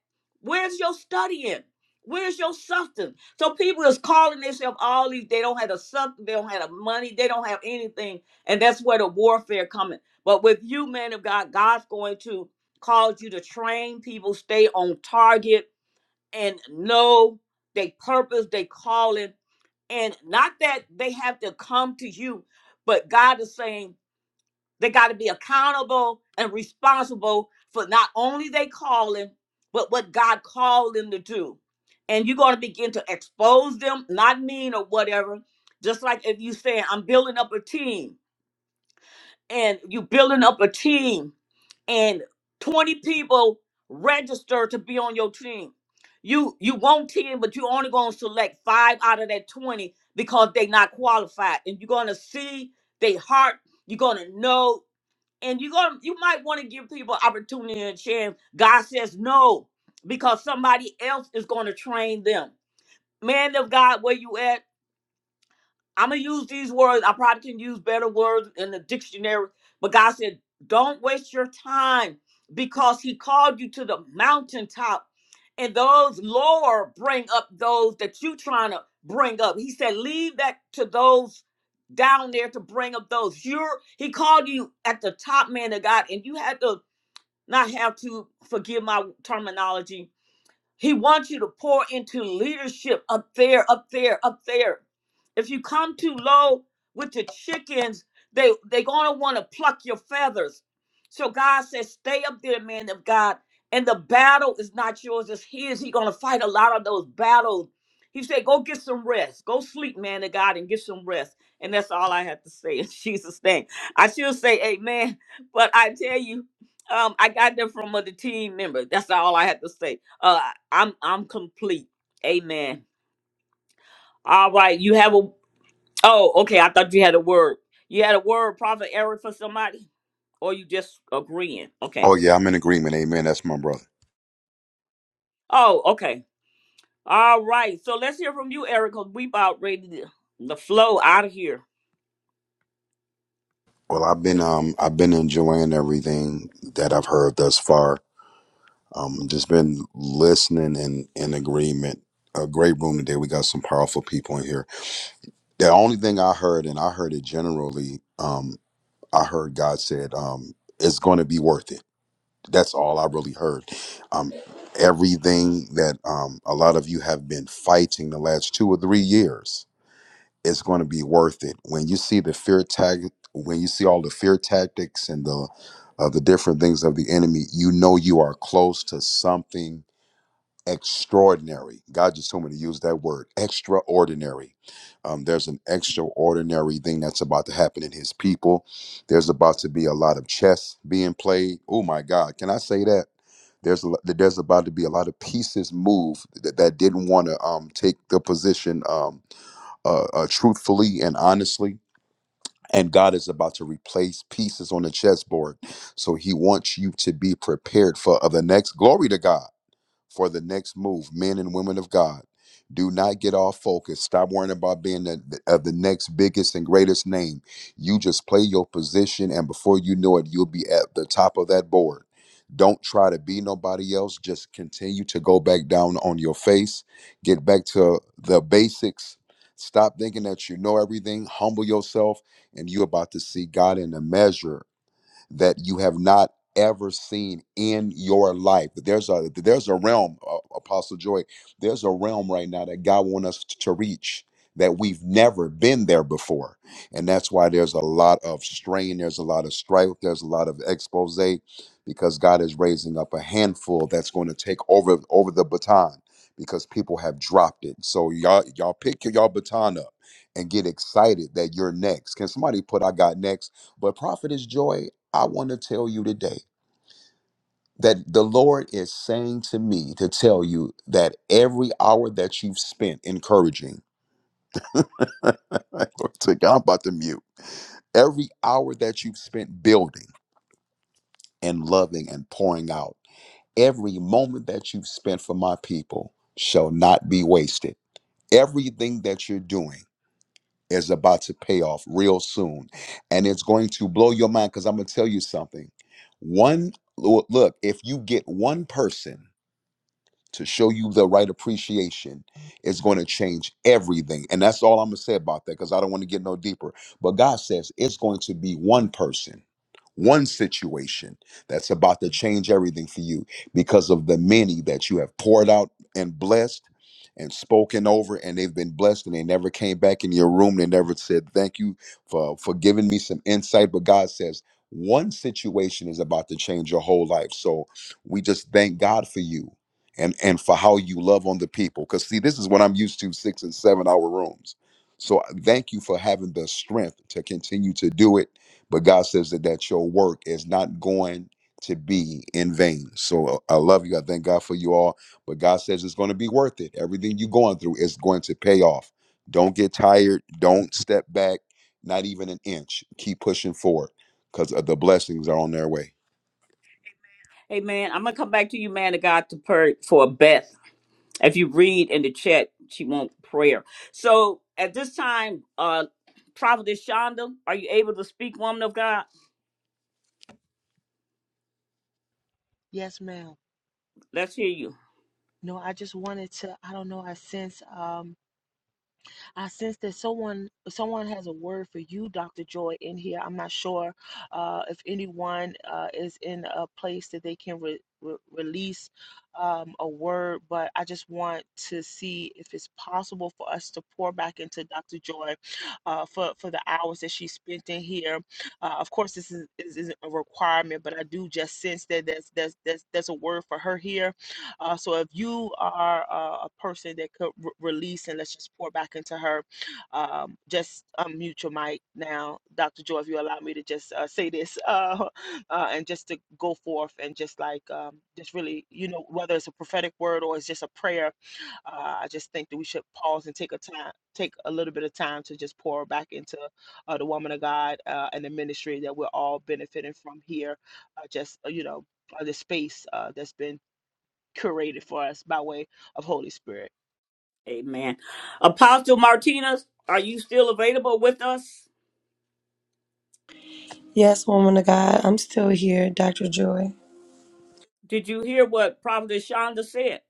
Speaker 1: Where's your studying? Where's your substance? So people is calling themselves all these. They don't have the substance. They don't have the money. They don't have anything. And that's where the warfare coming. But with you, man of God, God's going to cause you to train people, stay on target and know they purpose, they calling, and not that they have to come to you, but God is saying they got to be accountable and responsible for not only they calling, but what God called them to do. And you're going to begin to expose them, not mean or whatever. Just like if you say, I'm building up a team, and you building up a team, and 20 people register to be on your team. You you want 10, but you only gonna select five out of that 20 because they not qualified. And you're gonna see their heart, you're gonna know, and you're gonna you might want to give people opportunity and chance. God says no, because somebody else is gonna train them. Man of God, where you at? I'm gonna use these words. I probably can use better words in the dictionary, but God said, "Don't waste your time, because He called you to the mountaintop, and those lower bring up those that you trying to bring up." He said, "Leave that to those down there to bring up those." You're He called you at the top, man of God, and you had to not have to forgive my terminology he wants you to pour into leadership up there, up there, up there. If you come too low with the chickens, they they are gonna want to pluck your feathers. So God says, stay up there, man of God. And the battle is not yours, it's his. He gonna fight a lot of those battles. He said, Go get some rest. Go sleep, man of God, and get some rest. And that's all I have to say in Jesus' name. I should say amen, but I tell you, um, I got that from other team members. That's all I had to say. Uh, I'm I'm complete. Amen. All right, you have a. Oh, okay. I thought you had a word. You had a word, Prophet Eric, for somebody, or you just agreeing? Okay.
Speaker 20: Oh yeah, I'm in agreement. Amen. That's my brother.
Speaker 1: Oh, okay. All right. So let's hear from you, Eric, because we about ready to the flow out of here.
Speaker 20: Well, I've been um I've been enjoying everything that I've heard thus far. Um, just been listening and in agreement. A great room today. We got some powerful people in here. The only thing I heard, and I heard it generally, um, I heard God said, um, it's going to be worth it. That's all I really heard. Um, everything that um a lot of you have been fighting the last two or three years it's going to be worth it when you see the fear tag when you see all the fear tactics and the uh, the different things of the enemy you know you are close to something extraordinary god just told me to use that word extraordinary um, there's an extraordinary thing that's about to happen in his people there's about to be a lot of chess being played oh my god can i say that there's a, lo- there's about to be a lot of pieces moved that, that didn't want to um, take the position um uh, uh, truthfully and honestly. And God is about to replace pieces on the chessboard. So he wants you to be prepared for uh, the next glory to God for the next move, men and women of God. Do not get off focus. Stop worrying about being the, of the next biggest and greatest name. You just play your position, and before you know it, you'll be at the top of that board. Don't try to be nobody else. Just continue to go back down on your face. Get back to the basics. Stop thinking that you know everything. Humble yourself, and you're about to see God in a measure that you have not ever seen in your life. There's a there's a realm, uh, Apostle Joy. There's a realm right now that God wants us to reach that we've never been there before, and that's why there's a lot of strain. There's a lot of strife. There's a lot of expose because God is raising up a handful that's going to take over over the baton because people have dropped it. So y'all y'all pick your y'all baton up and get excited that you're next. Can somebody put I got next? But prophet is joy. I want to tell you today that the Lord is saying to me to tell you that every hour that you've spent encouraging, Glory to God, I'm about to mute, every hour that you've spent building and loving and pouring out, every moment that you've spent for my people shall not be wasted. Everything that you're doing is about to pay off real soon. And it's going to blow your mind because I'm going to tell you something. One, look, if you get one person, to show you the right appreciation is going to change everything. And that's all I'm going to say about that because I don't want to get no deeper. But God says it's going to be one person, one situation that's about to change everything for you because of the many that you have poured out and blessed and spoken over and they've been blessed and they never came back in your room they never said thank you for for giving me some insight but god says one situation is about to change your whole life so we just thank god for you and and for how you love on the people because see this is what i'm used to six and seven hour rooms so I thank you for having the strength to continue to do it but god says that that your work is not going to be in vain so uh, i love you i thank god for you all but god says it's going to be worth it everything you're going through is going to pay off don't get tired
Speaker 1: Okay.
Speaker 20: don't step back not even an inch keep pushing forward because the blessings are on their way
Speaker 1: Hey, man, I'm gonna come back to you, man of God, to pray for Beth. If you read in the chat, she want prayer. So at this time, uh, Prophet Shonda, are you able to speak, woman of God?
Speaker 8: Yes, ma'am.
Speaker 1: Let's hear you.
Speaker 8: No, I just wanted to, I don't know, I sense um I sense that someone someone has a word for you, Dr. Joy, in here. I'm not sure uh, if anyone uh, is in a place that they can re- re- release um, a word, but I just want to see if it's possible for us to pour back into Dr. Joy uh, for for the hours that she spent in here. Uh, of course, this is, is, isn't a requirement, but I do just sense that there's there's there's, there's a word for her here uh, so if you are uh, a person that could re- release and let's just pour back into her, um, just unmute your mic now, Dr. Joy. If you allow me to just uh, say this uh, uh, and just to go forth and just like um, just really, you know, whether it's a prophetic word or it's just a prayer, uh, I just think that we should pause and take a time, take a little bit of time to just pour back into uh, the woman of God uh, and the ministry that we're all benefiting from here. Uh, just uh, you know, uh, the space uh, that's been curated for us by way of Holy Spirit.
Speaker 1: Amen. Apostle Martinez, are you still available with us?
Speaker 16: Yes, woman of God, I'm still here, Dr. Joy.
Speaker 1: Did you hear what Prophet Shonda said?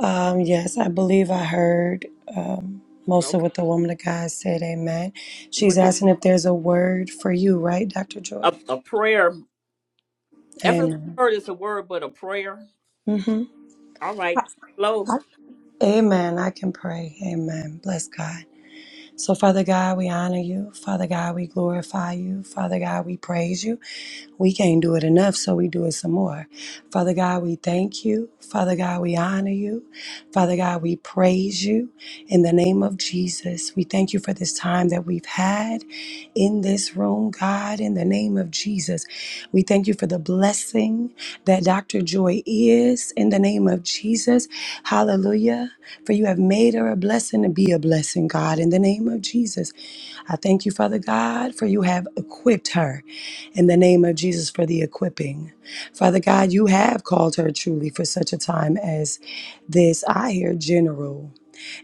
Speaker 16: Um, yes, I believe I heard um, most of
Speaker 1: Okay.
Speaker 16: what the woman of God said. Amen. She's
Speaker 1: Would you
Speaker 16: asking if there's a word for you, right, Dr. Joy?
Speaker 1: a, a prayer? If it's a
Speaker 16: Amen.
Speaker 1: word, it's a word, but a prayer.
Speaker 16: Mm-hmm.
Speaker 1: All right.
Speaker 16: I-
Speaker 1: Hello.
Speaker 16: I- Amen. I can pray. Amen. Bless God. So, Father God, we honor you. Father God, we glorify you. Father God, we praise you. We can't do it enough, so we do it some more. Father God, we thank you. Father God, we honor you. Father God, we praise you in the name of Jesus. We thank you for this time that we've had in this room, God, in the name of Jesus. We thank you for the blessing that Dr. Joy is in the name of Jesus. Hallelujah. For you have made her a blessing to be a blessing, God, in the name of Jesus. I thank you, Father God, for you have equipped her in the name of Jesus for the equipping. Father God, you have called her truly for such a time as this. I hear general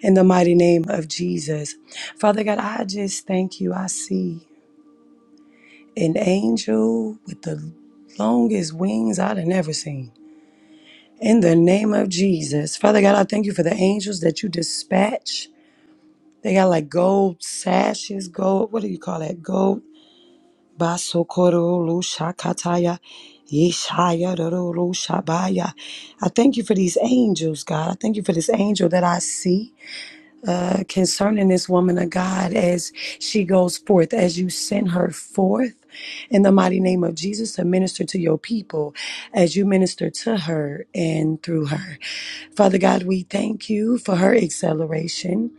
Speaker 16: in the mighty name of Jesus. Father God, I just thank you. I see an angel with the longest wings I'd have never seen. In the name of Jesus. Father God, I thank you for the angels that you dispatch. They got like gold sashes, gold, what do you call that? Gold Basokorolu shakataya, ishayarolu shabaya. I thank you for these angels, God. I thank you for this angel that I see uh, concerning this woman of God as she goes forth, as you send her forth in the mighty name of Jesus to minister to your people, as you minister to her and through her. Father God, we thank you for her acceleration.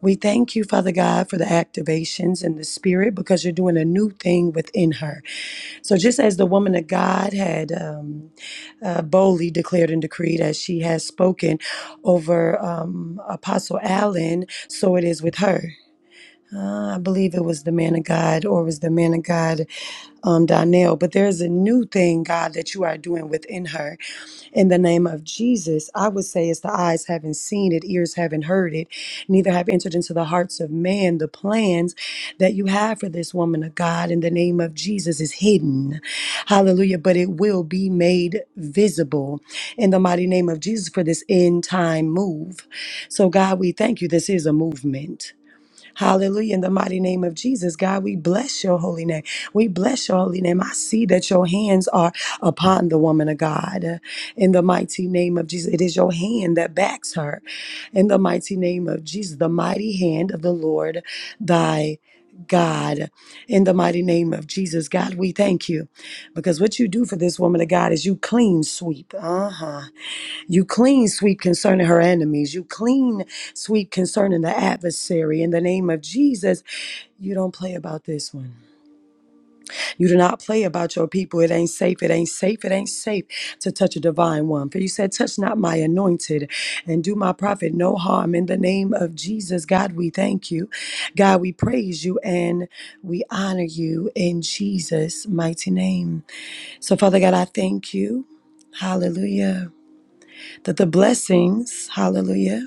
Speaker 16: We thank you, Father God, for the activations in the spirit because you're doing a new thing within her. So, just as the woman of God had um, uh, boldly declared and decreed, as she has spoken over um, Apostle Allen, so it is with her. Uh, I believe it was the man of God, or it was the man of God, um, Donnell. But there's a new thing, God, that you are doing within her in the name of Jesus. I would say it's the eyes haven't seen it, ears haven't heard it, neither have entered into the hearts of man the plans that you have for this woman of God in the name of Jesus is hidden. Hallelujah. But it will be made visible in the mighty name of Jesus for this end time move. So, God, we thank you. This is a movement. Hallelujah. In the mighty name of Jesus, God, we bless your holy name. We bless your holy name. I see that your hands are upon the woman of God. In the mighty name of Jesus, it is your hand that backs her. In the mighty name of Jesus, the mighty hand of the Lord thy God. In the mighty name of Jesus, God, we thank you because what you do for this woman of God is you clean sweep. Uh huh. You clean sweep concerning her enemies. You clean sweep concerning the adversary. In the name of Jesus, you don't play about this one. You do not play about your people. It ain't safe. It ain't safe. It ain't safe to touch a divine one. For you said, Touch not my anointed and do my prophet no harm. In the name of Jesus, God, we thank you. God, we praise you and we honor you in Jesus' mighty name. So, Father God, I thank you. Hallelujah. That the blessings, hallelujah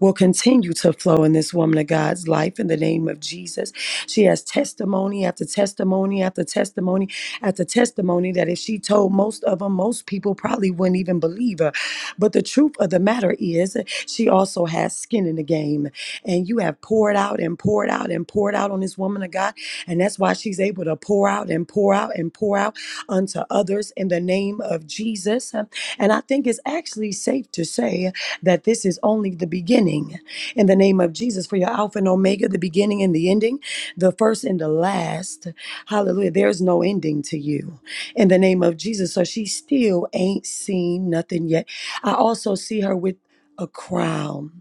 Speaker 16: will continue to flow in this woman of God's life in the name of Jesus. She has testimony after testimony after testimony after testimony that if she told most of them, most people probably wouldn't even believe her. But the truth of the matter is, she also has skin in the game. And you have poured out and poured out and poured out on this woman of God. And that's why she's able to pour out and pour out and pour out unto others in the name of Jesus. And I think it's actually safe to say, that this is only the beginning. In the name of Jesus, for your Alpha and Omega, the beginning and the ending, the first and the last. Hallelujah. There's no ending to you. In the name of Jesus. So she still ain't seen nothing yet. I also see her with a crown.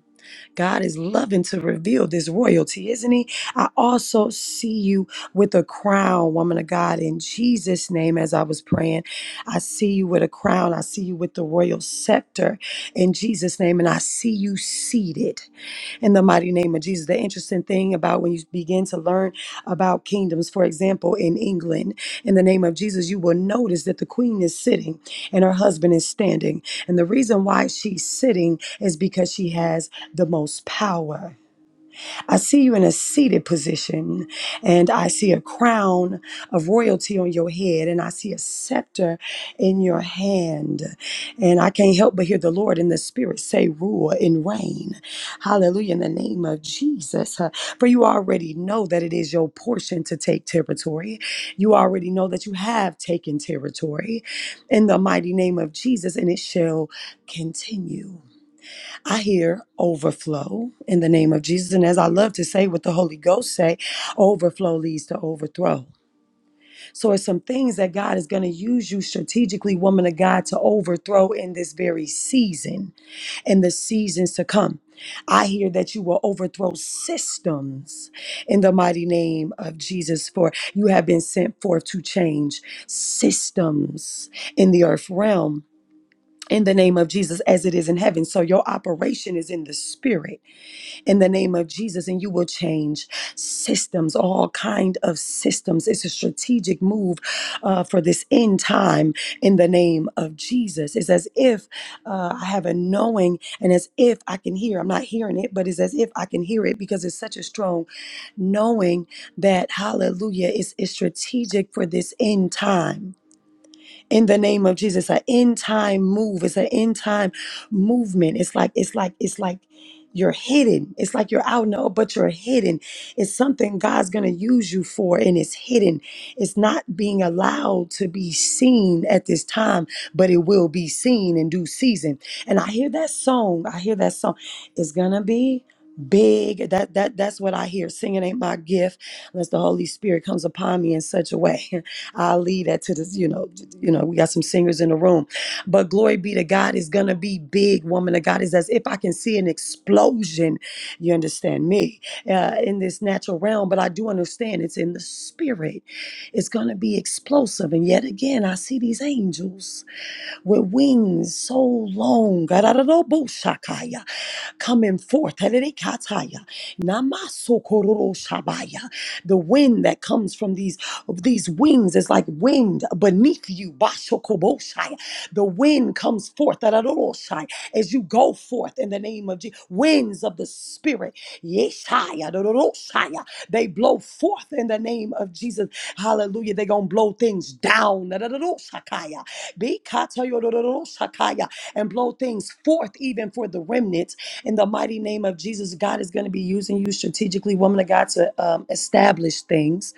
Speaker 16: God is loving to reveal this royalty, isn't He? I also see you with a crown, woman of God, in Jesus' name, as I was praying. I see you with a crown. I see you with the royal scepter in Jesus' name, and I see you seated in the mighty name of Jesus. The interesting thing about when you begin to learn about kingdoms, for example, in England, in the name of Jesus, you will notice that the queen is sitting and her husband is standing. And the reason why she's sitting is because she has the most power. I see you in a seated position, and I see a crown of royalty on your head, and I see a scepter in your hand. And I can't help but hear the Lord in the Spirit say, Rule and reign. Hallelujah, in the name of Jesus. Uh, For you already know that it is your portion to take territory. You already know that you have taken territory in the mighty name of Jesus, and it shall continue. I hear overflow in the name of Jesus. And as I love to say what the Holy Ghost say, overflow leads to overthrow. So it's some things that God is going to use you strategically, woman of God, to overthrow in this very season and the seasons to come. I hear that you will overthrow systems in the mighty name of Jesus, for you have been sent forth to change systems in the earth realm in the name of Jesus as it is in heaven. So your operation is in the spirit in the name of Jesus and you will change systems, all kind of systems. It's a strategic move uh, for this end time in the name of Jesus. It's as if uh, I have a knowing and as if I can hear. I'm not hearing it, but it's as if I can hear it because it's such a strong knowing that hallelujah is, is strategic for this end time in the name of Jesus. An end time move. It's an end time movement. It's like it's like it's like you're hidden. It's like you're out now, but you're hidden. It's something God's gonna use you for, and it's hidden. It's not being allowed to be seen at this time, but it will be seen in due season. And I hear that song. I hear that song. It's gonna be big. That that that's what I hear. Singing ain't my gift unless the Holy Spirit comes upon me in such a way. I'll leave that to this, you know, you know, we got some singers in the room. But glory be to God is gonna be big, woman of God. Is as if I can see an explosion, you understand me, uh, in this natural realm, but I do understand it's in the spirit. It's gonna be explosive. And yet again, I see these angels with wings so long, Garararabosakaya, coming forth. Ererikataya, Namasokororoshabaya. The wind that comes from these, of these wings is like wind beneath you. Bashokoboshaya. The wind comes forth Dararoroshai, as you go forth in the name of Jesus. Winds of the Spirit, Yeshaya, Dororoshaya. they blow forth in the name of Jesus. Hallelujah. They're going to blow things down. Bikatayodorodosakaya, and blow things forth even for the remnants. In the mighty name of Jesus, God is going to be using you strategically, woman of God, to um, establish things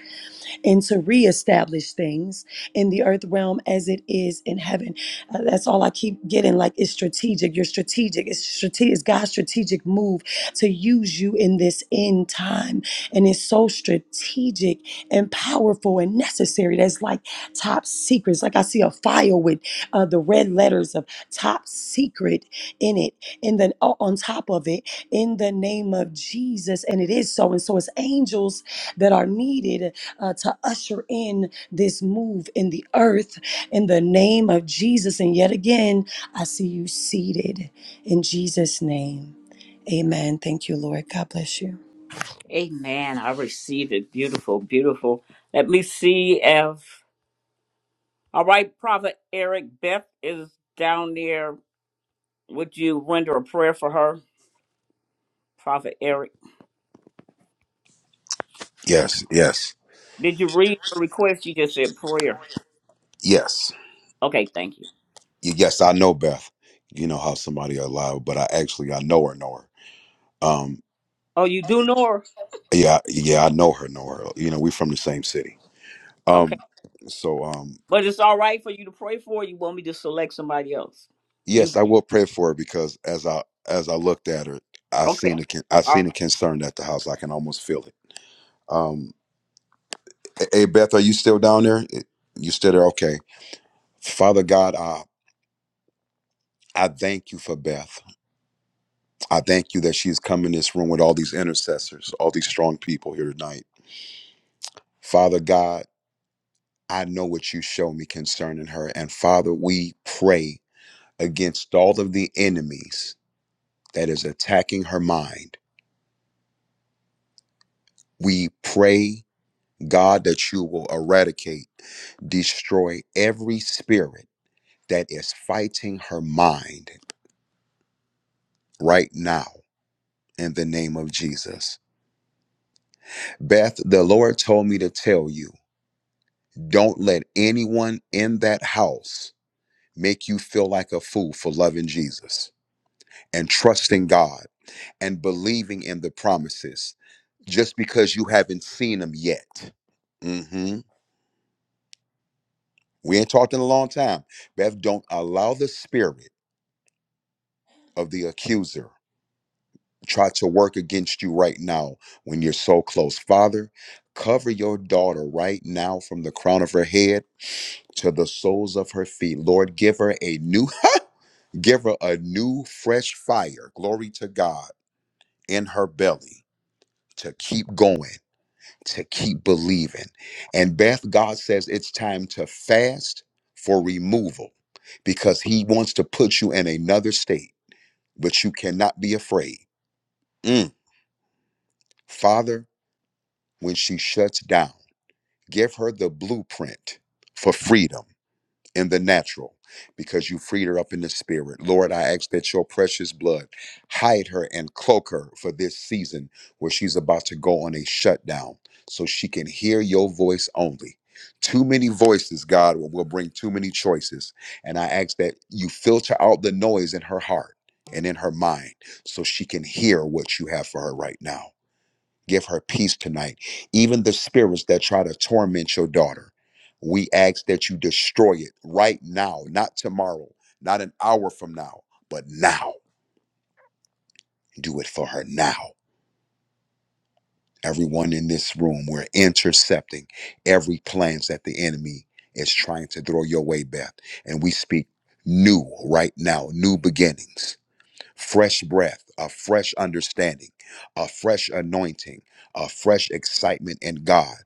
Speaker 16: and to reestablish things in the earth realm as it is in heaven. Uh, that's all I keep getting. Like it's strategic. You're strategic. It's strategic. It's God's strategic move to use you in this end time, and it's so strategic and powerful and necessary. That's like top secrets. Like I see a file with uh, the red letters of top secret in it, and then o- on top of it, in the name of Jesus. And it is so. And so it's angels that are needed uh, to usher in this move in the earth in the name of Jesus. And yet again, I see you seated in Jesus' name. Amen. Thank you, Lord. God bless you.
Speaker 1: Amen. I received it. Beautiful, beautiful. Let me see if all right, Prophet Eric Beth is down there. Would you render a prayer for her? Prophet Eric.
Speaker 20: Yes, yes,
Speaker 1: Did you read her request? You just said prayer.
Speaker 20: yes.
Speaker 1: Okay, thank you.
Speaker 20: Y- yes, I know Beth. You know how somebody alive, but I actually I know her, know her. Um,
Speaker 1: Oh, you do know her?
Speaker 20: yeah, yeah, I know her, know her. You know, we from the same city.
Speaker 1: Okay.
Speaker 20: Um, so um,
Speaker 1: But it's all right for you to pray for. You want me to select somebody else? You
Speaker 20: yes, I will pray for her because as I as I looked at her, I
Speaker 1: okay?
Speaker 20: seen a con- I
Speaker 1: All right.
Speaker 20: seen a concern at the house. I can almost feel it. Um, hey Beth, are you still down there? You still there? Okay, Father God, I I thank you for Beth. I thank you that she's come in this room with all these intercessors, all these strong people here tonight. Father God. I know what you show me concerning her. And Father, we pray against all of the enemies that is attacking her mind. We pray, God, that you will eradicate, destroy every spirit that is fighting her mind right now in the name of Jesus. Beth, the Lord told me to tell you don't let anyone in that house make you feel like a fool for loving Jesus and trusting God and believing in the promises just because you haven't seen them yet. hmm We ain't talked in a long time. Bev, don't allow the spirit of the accuser try to work against you right now when you're so close. Father, cover your daughter right now from the crown of her head to the soles of her feet. Lord, give her a new, give her a new fresh fire. Glory to God in her belly to keep going to keep believing. And Beth, God says it's time to fast for removal because He wants to put you in another state, but you cannot be afraid. Mm. Father, when she shuts down, give her the blueprint for freedom in the natural because you freed her up in the spirit. Lord, I ask that your precious blood hide her and cloak her for this season where she's about to go on a shutdown so she can hear your voice only. Too many voices, God, will will bring too many choices. And I ask that you filter out the noise in her heart and in her mind so she can hear what you have for her right now. Give her peace tonight. Even the spirits that try to torment your daughter, we ask that you destroy it right now, not tomorrow, not an hour from now, but now. Do it for her now. Everyone in this room, we're intercepting every plans that the enemy is trying to throw your way, Beth. And we speak new right now, new beginnings. fresh breath, a fresh understanding, a fresh anointing, a fresh excitement in God,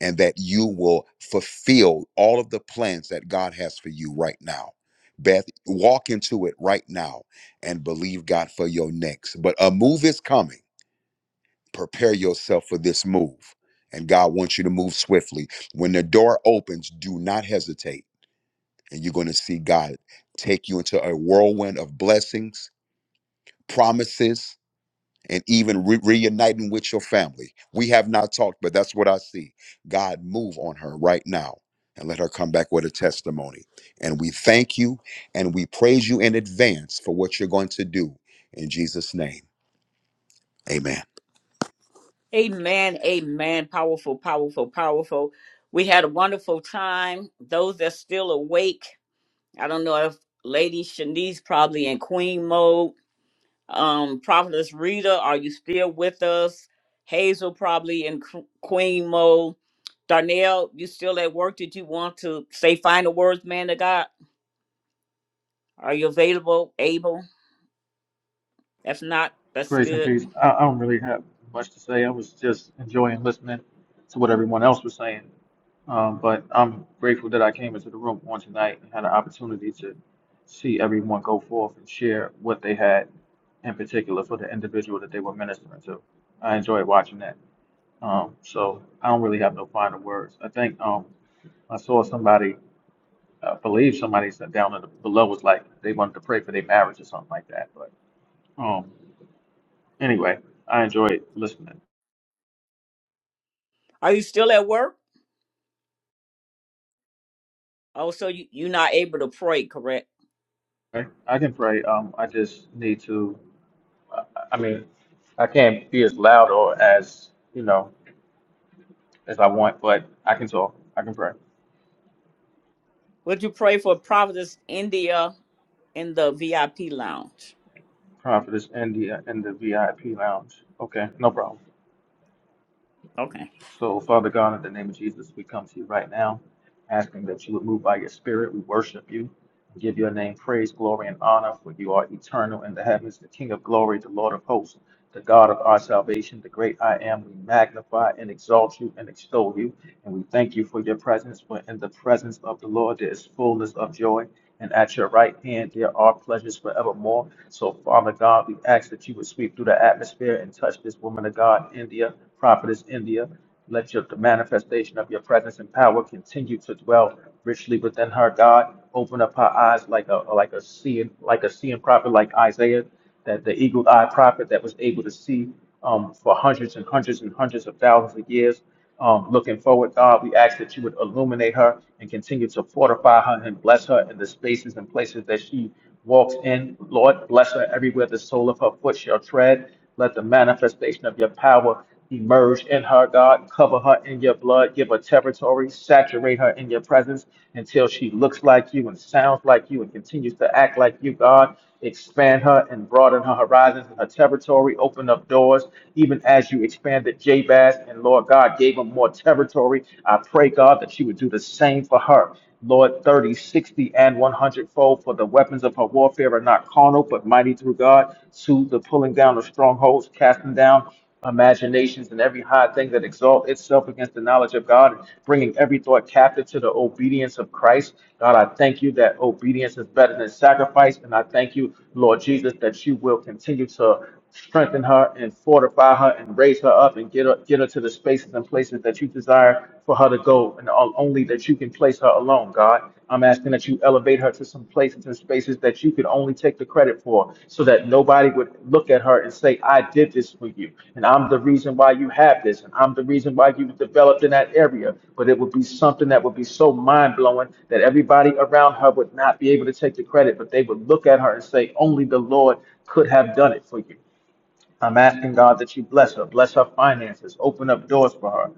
Speaker 20: and that you will fulfill all of the plans that God has for you right now. Beth, walk into it right now and believe God for your next. But a move is coming. Prepare yourself for this move. And God wants you to move swiftly. When the door opens, do not hesitate. And you're going to see God take you into a whirlwind of blessings, promises, and even re- reuniting with your family. We have not talked, but that's what I see. God, move on her right now and let her come back with a testimony. And we thank you and we praise you in advance for what you're going to do in Jesus' name. Amen.
Speaker 1: Amen. Amen. Powerful. Powerful. Powerful. We had a wonderful time. Those that's still awake, I don't know if Lady Shanice probably in Queen mode. Um, Prophetess Rita, are you still with us? Hazel probably in qu- Queen mode. Darnell, you still at work? Did you want to say final words, man of God? Are you available? Able? If not, that's
Speaker 18: Grace and
Speaker 1: good.
Speaker 18: peace. I, I don't really have much to say. I was just enjoying listening to what everyone else was saying. Um, but I'm grateful that I came into the room on tonight and had an opportunity to see everyone go forth and share what they had in particular for the individual that they were ministering to. I enjoyed watching that. Um, so I don't really have no final words. I think um, I saw somebody, I believe somebody said down in the below was like they wanted to pray for their marriage or something like that. But um, anyway, I enjoyed listening.
Speaker 1: Are you still at work? Oh, so you, you're not able to pray, correct?
Speaker 18: Okay? I can pray. Um, I just need to. I I mean, I can't be as loud or as you know as I want, but I can talk. I can pray.
Speaker 1: Would you pray for Providence, India in the VIP lounge?
Speaker 18: Pray for this in the in the VIP lounge. Okay, no problem.
Speaker 1: Okay.
Speaker 18: So, Father God, in the name of Jesus, we come to you right now, asking that you would move by your spirit. We worship you and give your name praise, glory, and honor, for you are eternal in the heavens, the King of glory, the Lord of hosts, the God of our salvation, the great I am. We magnify and exalt you and extol you. And we thank you for your presence. For in the presence of the Lord there is fullness of joy. And at your right hand there are pleasures forevermore. So, Father God, we ask that you would sweep through the atmosphere and touch this woman of God, India, prophetess India. Let your, the manifestation of your presence and power continue to dwell richly within her, God. Open up her eyes like a like a seeing like a seeing prophet like Isaiah, that the eagle eyed prophet that was able to see um, for hundreds and hundreds and hundreds of thousands of years. Um, looking forward, God, we ask that you would illuminate her and continue to fortify her and bless her in the spaces and places that she walks in. Lord, bless her everywhere the sole of her foot shall tread. Let the manifestation of your power emerge in her, God. Cover her in your blood. Give her territory. Saturate her in your presence until she looks like you and sounds like you and continues to act like you, God. Expand her and broaden her horizons and her territory. Open up doors, even as you expanded Jabez and Lord God gave him more territory. I pray, God, that you would do the same for her. Lord, 30, 60, and 100 one hundredfold. For the weapons of her warfare are not carnal, but mighty through God to the pulling down of strongholds, casting down imaginations and every high thing that exalts itself against the knowledge of God, bringing every thought captive to the obedience of Christ. God, I thank you that obedience is better than sacrifice, and I thank you, Lord Jesus, that you will continue to strengthen her and fortify her and raise her up and get her get her to the spaces and places that you desire for her to go and o- only that you can place her alone god i'm asking that you elevate her to some places and spaces that you could only take the credit for so that nobody would look at her and say i did this for you and i'm the reason why you have this and i'm the reason why you developed in that area but it would be something that would be so mind-blowing that everybody around her would not be able to take the credit but they would look at her and say only the lord could have done it for you I'm asking God that you bless her, bless her finances, open up doors for her.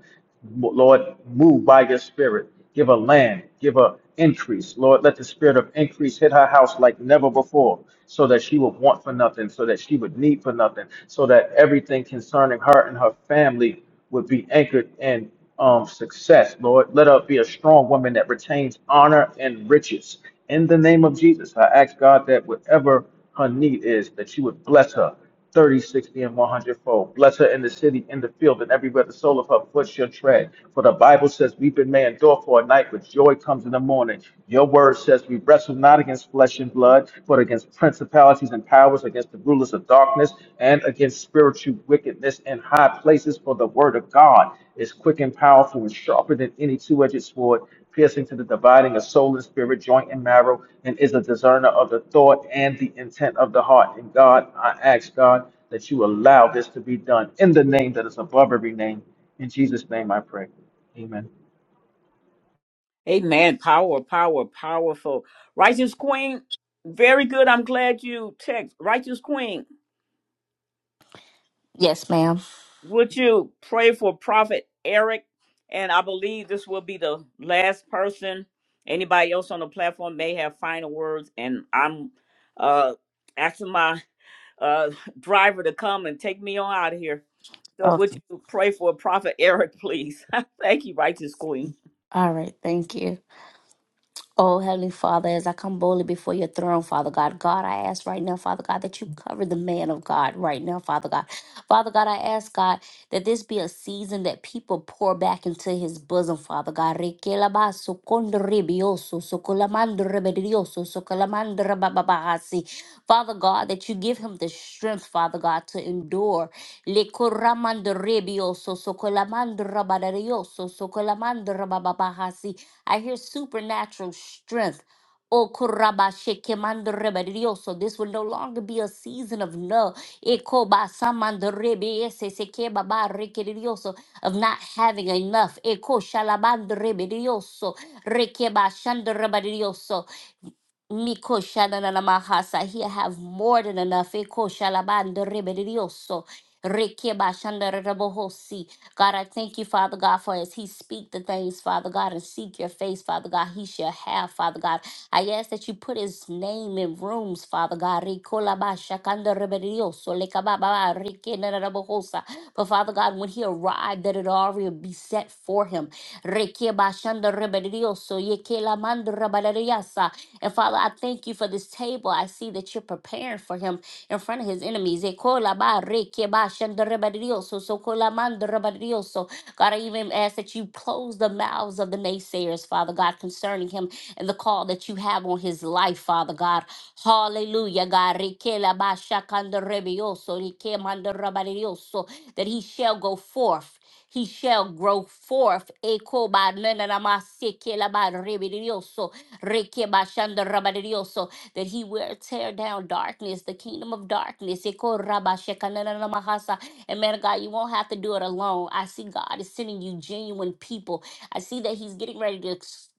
Speaker 18: Lord, move by your spirit. Give her land, give her increase. Lord, let the spirit of increase hit her house like never before, so that she would want for nothing, so that she would need for nothing, so that everything concerning her and her family would be anchored in um, success. Lord, let her be a strong woman that retains honor and riches. In the name of Jesus, I ask God that whatever her need is, that you would bless her 30, 60, and one hundredfold. Bless her in the city, in the field, and everywhere the sole of her foot shall tread. For the Bible says, Weeping may endure for a night, but joy comes in the morning. Your word says, We wrestle not against flesh and blood, but against principalities and powers, against the rulers of darkness, and against spiritual wickedness in high places. For the word of God is quick and powerful and sharper than any two edged sword piercing to the dividing of soul and spirit, joint and marrow, and is a discerner of the thought and the intent of the heart. And God, I ask God that you allow this to be done in the name that is above every name. In Jesus' name I pray. Amen.
Speaker 1: Amen. Power, power, powerful. Righteous Queen, very good. I'm glad you text. Righteous Queen,
Speaker 17: Yes, ma'am.
Speaker 1: would you pray for Prophet Eric? And I believe this will be the last person. Anybody else on the platform may have final words. And I'm uh asking my uh driver to come and take me on out of here. So would
Speaker 17: Okay.
Speaker 1: you pray for Prophet Eric, please? Thank you, righteous queen.
Speaker 17: All right. Thank you. Oh, Heavenly Father, as I come boldly before your throne, Father God, God, I ask right now, Father God, that you cover the man of God right now, Father God. Father God, I ask, God, that this be a season that people pour back into his bosom, Father God. Rekelabaso kondoribioso, sokolamandoribidioso, sokolamandarababahasi. Father God, that you give him the strength, Father God, to endure le coramando rebioso socolamando rabadarioso socolamando rabababahasi. I hear supernatural strength. O korabashe kemando rebadirioso. This will no longer be a season of no. Eko basamando rebe ese se kebaba rekedirioso of not having enough. Eko shalabando rebadirioso. Rekeba shando rebadirioso. Miko shanana mahasa. He'll have more than enough. Eko shalabando rebelioso. Rekeba shandarabbohosi. God, I thank you, Father God, for as He speak the things, Father God, and seek your face, Father God, He shall have, Father God. I ask that you put His name in rooms, Father God. Rekolaba shakanda rebelioso. Rekenarabakosha. But Father God, when he arrived, that it already be set for him. Rekebashandarebedioso, yekelamandarabalariasa. And Father, I thank you for this table. I see that you're preparing for him in front of his enemies. Ekolabarekebashandarebedioso, sokolamandarebedioso. God, I even ask that you close close the mouths of the naysayers, Father God, concerning him and the call that you have on his life, Father God. Hallelujah, God. Rikela ba shakanda rebioso, rikemanda rabarioso, That he shall go forth. He shall grow forth. Eko ba nananamase kela ba rebirioso, reke ba shanda rabarioso, That he will tear down darkness, the kingdom of darkness. Eko raba shekananamahasa. And man of God, you won't have to do it alone. I see God is sending you genuine people I see that he's getting ready to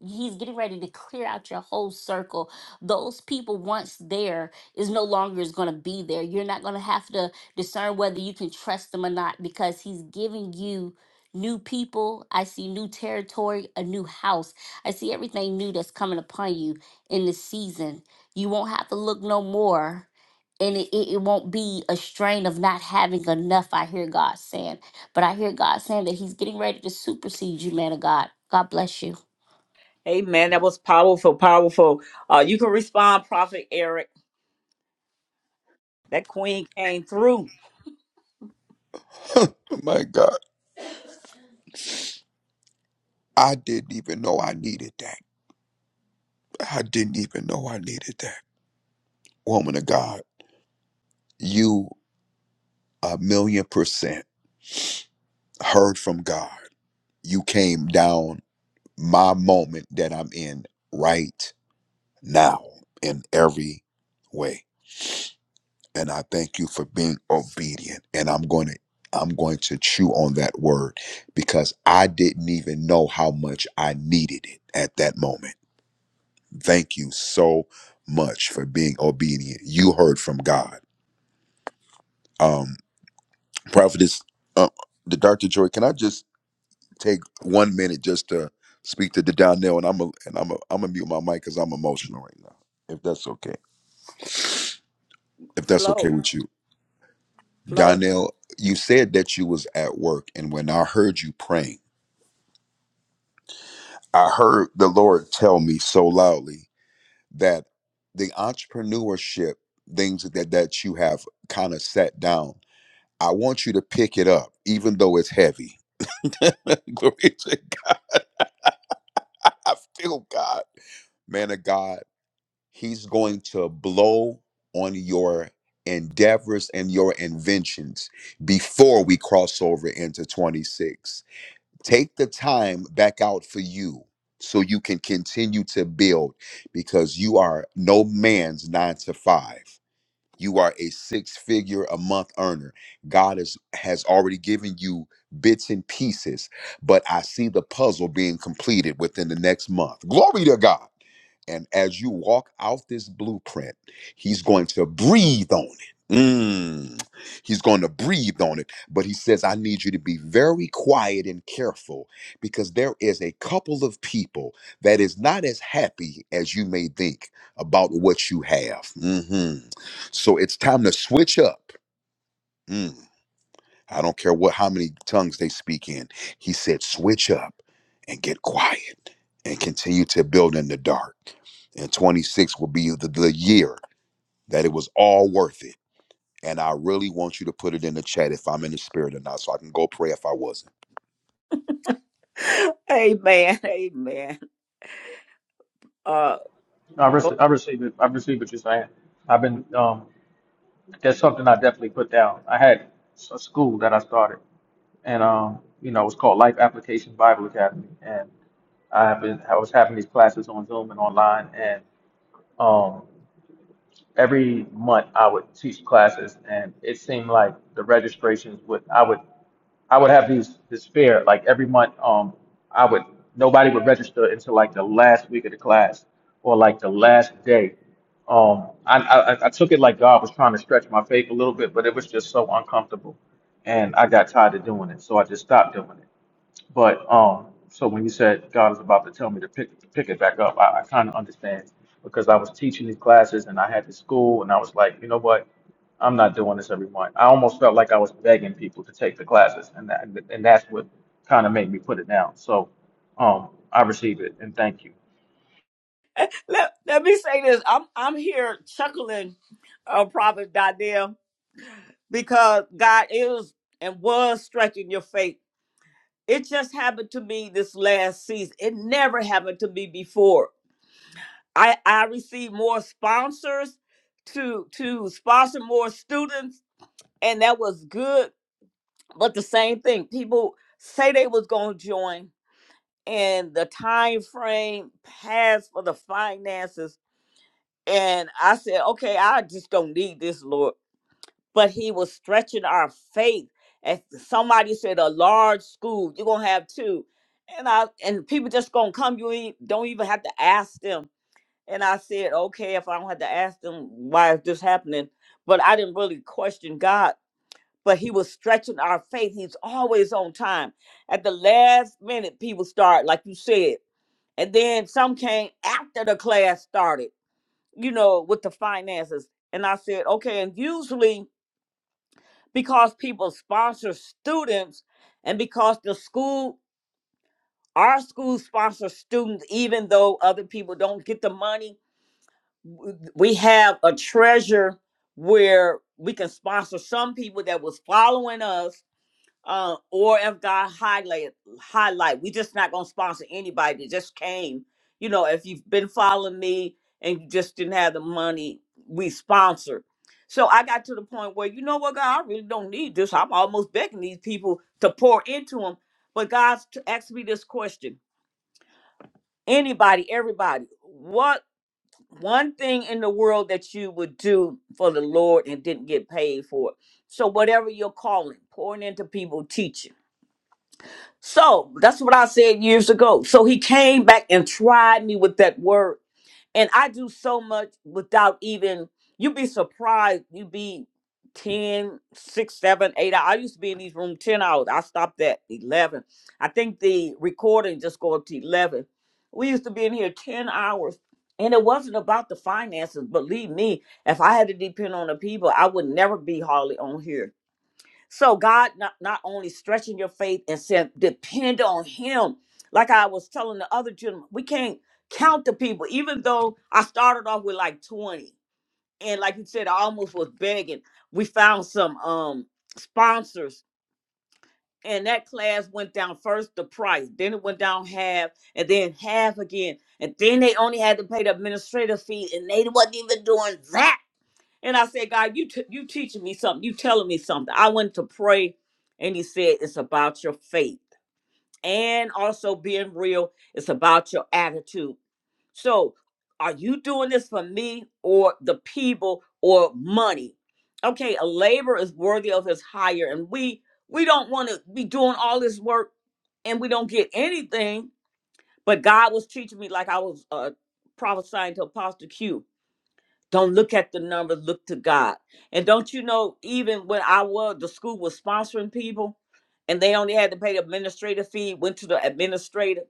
Speaker 17: he's getting ready to clear out your whole circle. Those people once there is no longer is going to be there. You're not going to have to discern whether you can trust them or not because he's giving you new people. I see new territory, a new house. I see everything new that's coming upon you in this season. You won't have to look no more and it, it, it won't be a strain of not having enough. I hear God saying. But I hear God saying that He's getting ready to supersede you, man of God. God bless you.
Speaker 1: Amen. That was powerful, powerful. Uh, you can respond, Prophet Eric. That queen came through.
Speaker 20: My God, I didn't even know I needed that. I didn't even know I needed that. Woman of God, you a million percent heard from God. You came down my moment that I'm in right. now in every way. And I thank you for being obedient. And I'm going to I'm going to chew on that word because I didn't even know how much I needed it at that moment. Thank you so much for being obedient. You heard from God. Um prophetess uh, the Dr. Joy, can I just take 1 minute just to speak to the Donnell and I'm a, and I'm a, I'm going to mute my mic cuz I'm emotional right now. If that's okay. If that's
Speaker 1: Flow,
Speaker 20: okay with you.
Speaker 1: flow.
Speaker 20: Donnell, you said that you was at work, and when I heard you praying, I heard the Lord tell me so loudly that the entrepreneurship things that that you have kind of set down, I want you to pick it up, even though it's heavy. Glory to God. I feel God, man of God. He's going to blow on your endeavors and your inventions before we cross over into 26 take the time back out for you so you can continue to build because you are no man's nine to five you are a six figure a month earner god is, has already given you bits and pieces but i see the puzzle being completed within the next month glory to god and as you walk out this blueprint, he's going to breathe on it. Mm. He's going to breathe on it. But he says, I need you to be very quiet and careful because there is a couple of people that is not as happy as you may think about what you have. Mhm. So it's time to switch up. Mm. I don't care what how many tongues they speak in. He said, switch up and get quiet and continue to build in the dark. And 26 will be the, the year that it was all worth it. And I really want you to put it in the chat if I'm in the spirit or not, so I can go pray if I wasn't.
Speaker 1: Amen. Amen. Uh,
Speaker 18: No, I,
Speaker 1: go.
Speaker 18: rece- I receive it. I receive what you're saying. I've been, um, that's something I definitely put down. I had s- a school that I started, and, um, you know, it was called Life Application Bible Academy. And I have been, I was having these classes on Zoom and online, and um, every month I would teach classes, and it seemed like the registrations would I would I would have these this fear like every month um I would nobody would register until like the last week of the class or like the last day. Um, I I, I took it like God was trying to stretch my faith a little bit, but it was just so uncomfortable, and I got tired of doing it, so I just stopped doing it. But um, so when you said God is about to tell me to pick pick it back up, I, I kind of understand because I was teaching these classes and I had to school and I was like, you know what, I'm not doing this every month. I almost felt like I was begging people to take the classes, and that and that's what kind of made me put it down. So um, I receive it and thank you.
Speaker 1: Let, let me say this. I'm I'm here chuckling, uh, Prophet Daniel, because God is and was stretching your faith. It just happened to me this last season. It never happened to me before I I received more sponsors to to sponsor more students, and that was good. But the same thing, people say they was gonna join, and the time frame passed for the finances, and I said, okay, I just don't need this, Lord. But He was stretching our faith. As somebody said, a large school, you're gonna have two, and I and people just gonna come. You ain't, don't even have to ask them and I said, okay, if I don't have to ask them why is this happening, but I didn't really question God. But He was stretching our faith. He's always on time. At the last minute, people start, like you said, and then some came after the class started. You know, with the finances. And I said, okay. And usually, because people sponsor students, and because the school, our school sponsors students, even though other people don't get the money we have a treasure where we can sponsor some people that was following us uh, or if god highlight highlight we just not gonna sponsor anybody that just came you know if you've been following me and you just didn't have the money we sponsor so i got to the point where you know what god i really don't need this i'm almost begging these people to pour into them but God asked me this question anybody everybody what one thing in the world that you would do for the Lord and didn't get paid for it. So whatever you're calling, pouring into people, teaching. So that's what I said years ago. So he came back and tried me with that word. And I do so much without even, you'd be surprised. You'd be 10, 6, 7, 8 hours. I used to be in these rooms 10 hours. I stopped at 11. I think the recording just go up to 11. We used to be in here 10 hours. And it wasn't about the finances. Believe me, if I had to depend on the people, I would never be hardly on here so God not, not only stretching your faith and said, depend on him. Like I was telling the other gentleman, we can't count the people, even though I started off with like 20. And like you said, I almost was begging. We found some um sponsors and that class went down first the price, then it went down half, and then half again. And then they only had to pay the administrative fee, and they wasn't even doing that. And I said, God, you t- you teaching me something. You telling me something. I went to pray, and He said, it's about your faith and also being real. It's about your attitude. So, are you doing this for me or the people or money? Okay, a labor is worthy of his hire, and we we don't want to be doing all this work and we don't get anything. But God was teaching me, like I was uh, prophesying to Apostle Q don't look at the numbers, look to God. And don't you know, even when I was, the school was sponsoring people and they only had to pay the administrative fee, went to the administrator.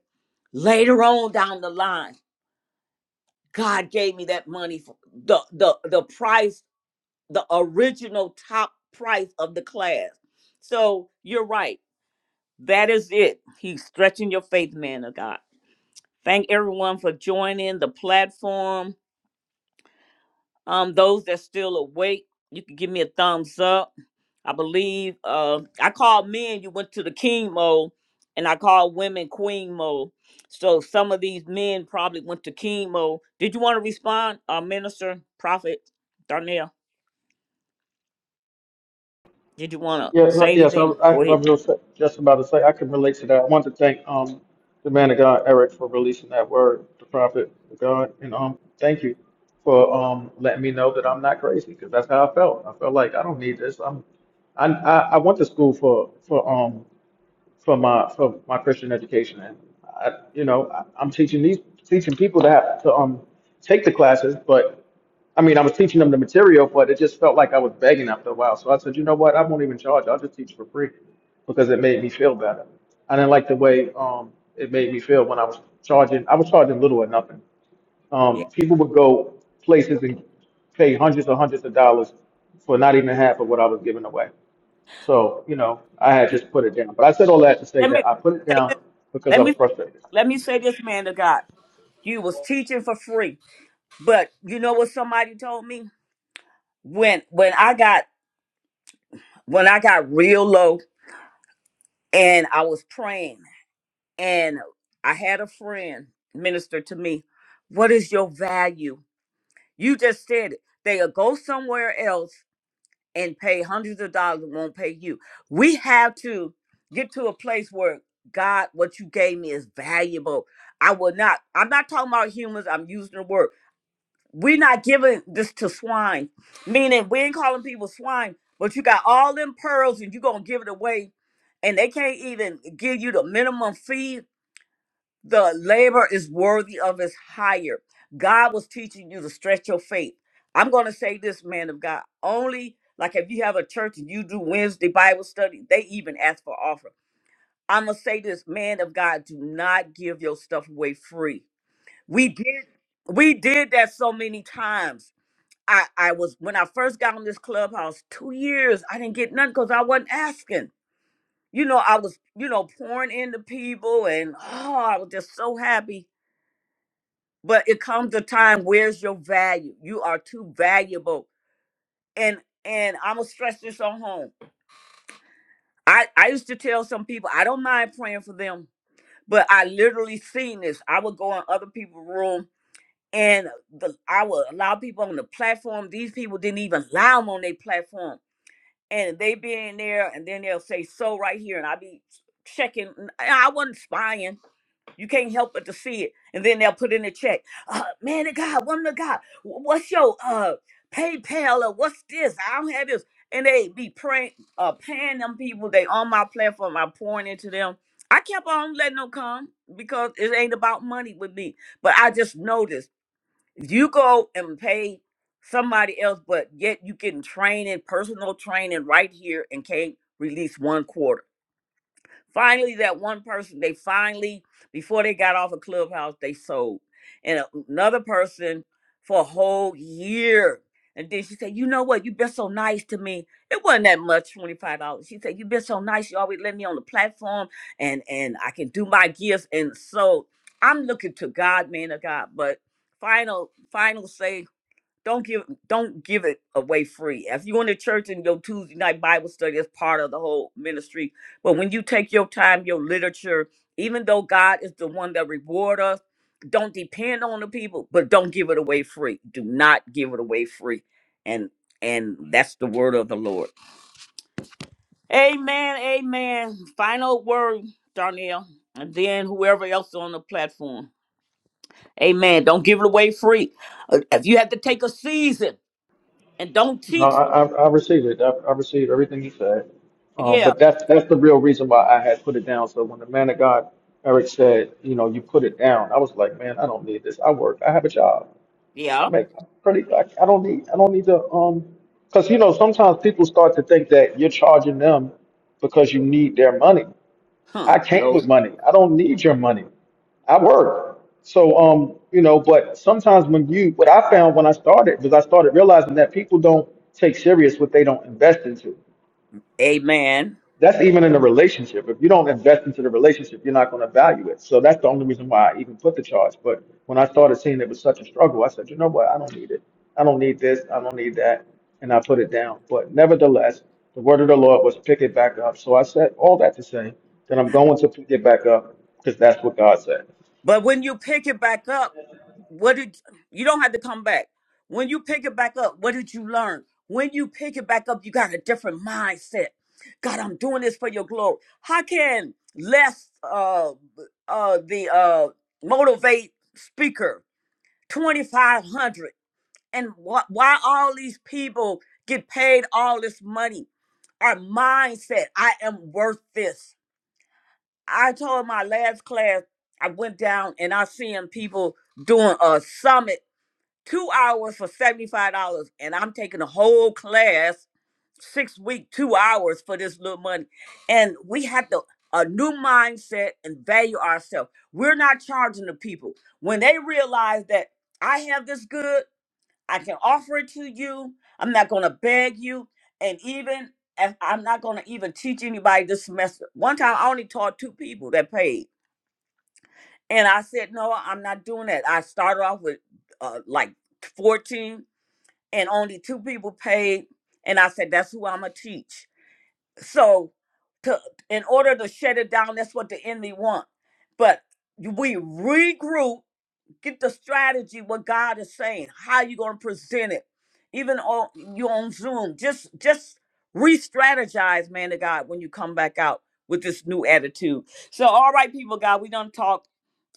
Speaker 1: Later on down the line, God gave me that money for the, the, the price, the original top price of the class. So you're right. That is it. He's stretching your faith, man of God. Thank everyone for joining the platform. Um, those that still awake, you can give me a thumbs up I believe uh, I called men, you went to the king mode, and I called women queen mode. So some of these men probably went to king mode. Did you want to respond, uh, minister, prophet, Darnell? Did you want to
Speaker 18: Yes, uh,
Speaker 1: say
Speaker 18: yes, I,
Speaker 1: anything?
Speaker 18: I,
Speaker 1: Go
Speaker 18: I
Speaker 1: ahead.
Speaker 18: was just just about to say, I can relate to that. I want to thank, um, the man of God, Eric, for releasing that word, the prophet of God, and, um, thank you for, um, letting me know that I'm not crazy, because that's how I felt. I felt like I don't need this. I'm, I, I, I went to school for, for, um, for my, for my Christian education, and I, you know, I, I'm teaching these, teaching people to have to, um, take the classes, but I mean, I was teaching them the material, but it just felt like I was begging after a while. So I said, you know what? I won't even charge. I'll just teach for free because it made me feel better. I didn't like the way um, it made me feel when I was charging. I was charging little or nothing.
Speaker 1: Yeah.
Speaker 18: Um, people would go places and pay hundreds or hundreds of dollars for not even half of what I was giving away. So, you know, I had just put it down. But I said all that to say
Speaker 1: Let me
Speaker 18: that I put it
Speaker 1: say this.
Speaker 18: down because
Speaker 1: Let
Speaker 18: I
Speaker 1: me
Speaker 18: was
Speaker 1: say,
Speaker 18: frustrated.
Speaker 1: let me say this, man of God. You was teaching for free, but you know what somebody told me when when I got when I got real low and I was praying. And I had a friend minister to me, What is your value? You just said it. They'll go somewhere else and pay hundreds of dollars and won't pay you. We have to get to a place where God, what you gave me is valuable. I will not, I'm not talking about humans, I'm using the word. We're not giving this to swine, meaning we ain't calling people swine, but you got all them pearls and you're going to give it away and they can't even give you the minimum fee the labor is worthy of his hire. God was teaching you to stretch your faith. I'm going to say this, man of God. Only like if you have a church and you do Wednesday Bible study, they even ask for offer. I'm going to say this, man of God, do not give your stuff away free. We did we did that so many times. I I was when I first got on this clubhouse 2 years, I didn't get none cuz I wasn't asking. You know, I was, you know, pouring into people and oh, I was just so happy but it comes a time where's your value you are too valuable and and i'm gonna stress this on home i i used to tell some people i don't mind praying for them but i literally seen this i would go in other people's room and the, i would allow people on the platform these people didn't even allow them on their platform and they be in there and then they'll say so right here and i be checking i wasn't spying You can't help but to see it. And then they'll put in a check. Uh, man of God, woman of God, wh- what's your uh, PayPal or what's this? I don't have this. And they be praying, uh, paying them people. They on my platform. I'm pouring into them. I kept on letting them come because it ain't about money with me. But I just noticed if you go and pay somebody else, but yet you getting training, personal training right here and can't release one quarter. Finally, that one person, they finally, before they got off a clubhouse, they sold. And a- another person for a whole year. And then she said, You know what? You've been so nice to me. It wasn't that much, $25. She said, You've been so nice. You always let me on the platform and and I can do my gifts. And so I'm looking to God, man of God. But final, final say don't give don't give it away free. If you in the church and your Tuesday night Bible study is part of the whole ministry, but when you take your time, your literature, even though God is the one that reward us, don't depend on the people, but don't give it away free. Do not give it away free, and and that's the word of the Lord. Amen. Amen. Final word, Darnell, and then whoever else on the platform. Amen. Don't give it away free. Uh, If you have to take a season and don't
Speaker 18: No,
Speaker 1: teach.
Speaker 18: I, I, I received it. I, I received everything you said. Um,
Speaker 1: Yeah,
Speaker 18: but that's that's the real reason why I had put it down. So when the man of God Eric said, you know, you put it down, I was like, man, I don't need this. I work. I have a job. I
Speaker 1: yeah.
Speaker 18: make I'm pretty. I, I don't need. I don't need to. Um, because you know, sometimes people start to think that you're charging them because you need their money.
Speaker 1: Huh.
Speaker 18: I came
Speaker 1: No.
Speaker 18: with money. I don't need your money. I work. So um, you know, but sometimes when you what I found when I started was I started realizing that people don't take serious what they don't invest into.
Speaker 1: Amen.
Speaker 18: That's even in a relationship. If you don't invest into the relationship, you're not going to value it. So that's the only reason why I even put the charge. But when I started seeing it was such a struggle, I said, you know what? I don't need it. I don't need this. I don't need that. And I put it down. But nevertheless, the word of the Lord was pick it back up. So I said all that to say that I'm going to pick it back up because that's what God said.
Speaker 1: But when you pick it back up, what did you don't have to come back. When you pick it back up, what did you learn? When you pick it back up, you got a different mindset. God, I'm doing this for your glory. How can less uh uh the uh motivate speaker 2500 and wh- why all these people get paid all this money? Our mindset, I am worth this. I told my last class, I went down and I seen people doing a summit, two hours for $75. And I'm taking a whole class, six week, two hours for this little money. And we have to a new mindset and value ourselves. We're not charging the people. When they realize that I have this good, I can offer it to you. I'm not gonna beg you. And even if I'm not gonna even teach anybody this semester. One time I only taught two people that paid and I said, no, I'm not doing that. I started off with uh, like 14 and only two people paid. And I said, that's who I'm going to teach. So to, in order to shut it down, that's what the enemy want. But we regroup, get the strategy, what God is saying, how you going to present it. Even on you on Zoom, just just re-strategize, man of God, when you come back out with this new attitude. So, all right, people, of God, we done talk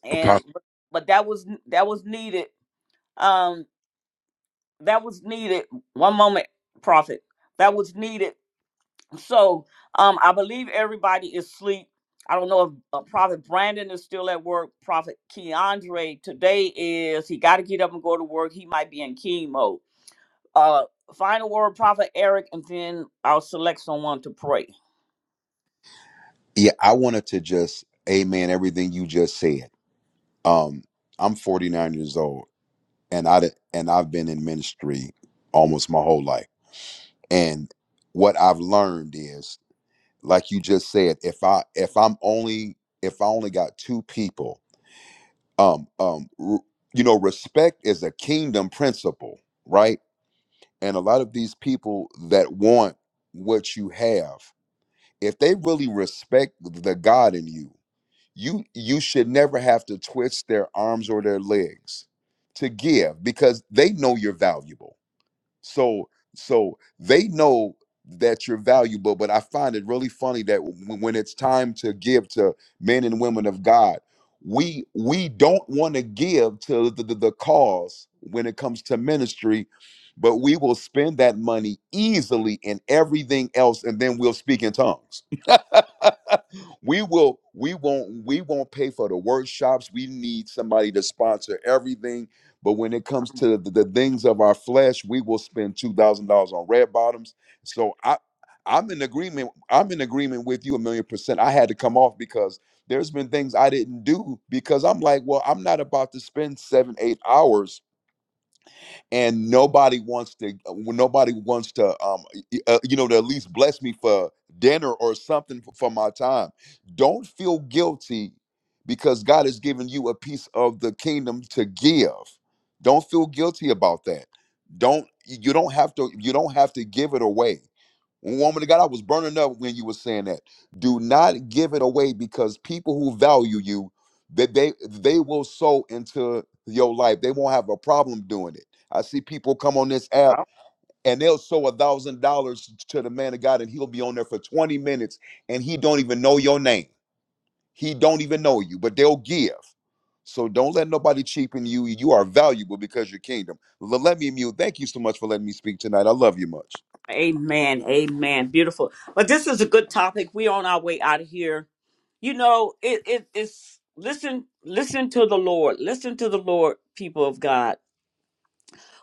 Speaker 1: and
Speaker 20: Apostle.
Speaker 1: but that was that was needed um that was needed one moment prophet that was needed so um i believe everybody is asleep i don't know if uh, prophet brandon is still at work prophet keandre today is he got to get up and go to work he might be in chemo uh final word prophet eric and then i'll select someone to pray
Speaker 20: Yeah, I wanted to just amen everything you just said. Um, I'm 49 years old, and I and I've been in ministry almost my whole life. And what I've learned is, like you just said, if I if I'm only if I only got two people um um r- you know respect is a kingdom principle right and a lot of these people that want what you have if they really respect the god in you you you should never have to twist their arms or their legs to give because they know you're valuable so so they know that you're valuable, but I find it really funny that w- when it's time to give to men and women of God, we we don't want to give to the, the, the cause when it comes to ministry, but we will spend that money easily in everything else, and then we'll speak in tongues. We will we won't we won't pay for the workshops. We need somebody to sponsor everything. But when it comes to the, the things of our flesh, we will spend two thousand dollars on red bottoms. So I I'm in agreement. I'm in agreement with you a million percent. I had to come off because there's been things I didn't do because I'm like, well, I'm not about to spend seven, eight hours and nobody wants to nobody wants to um uh, you know to at least bless me for dinner or something f- for my time don't feel guilty because god has given you a piece of the kingdom to give don't feel guilty about that don't you don't have to you don't have to give it away Woman of God, I was burning up when you were saying that. Do not give it away because people who value you, that they they will sow into your life. They won't have a problem doing it. I see people come on this app and they'll sow a thousand dollars to the man of God, and he'll be on there for 20 minutes and he don't even know your name. He don't even know you, but they'll give. So don't let nobody cheapen you. You are valuable because your kingdom. L- Let me mute. Thank you so much for letting me speak tonight. I love you much.
Speaker 1: Amen. Amen. Beautiful. But this is a good topic. We're on our way out of here. You know, it, it it's listen, listen to the Lord. Listen to the Lord, people of God.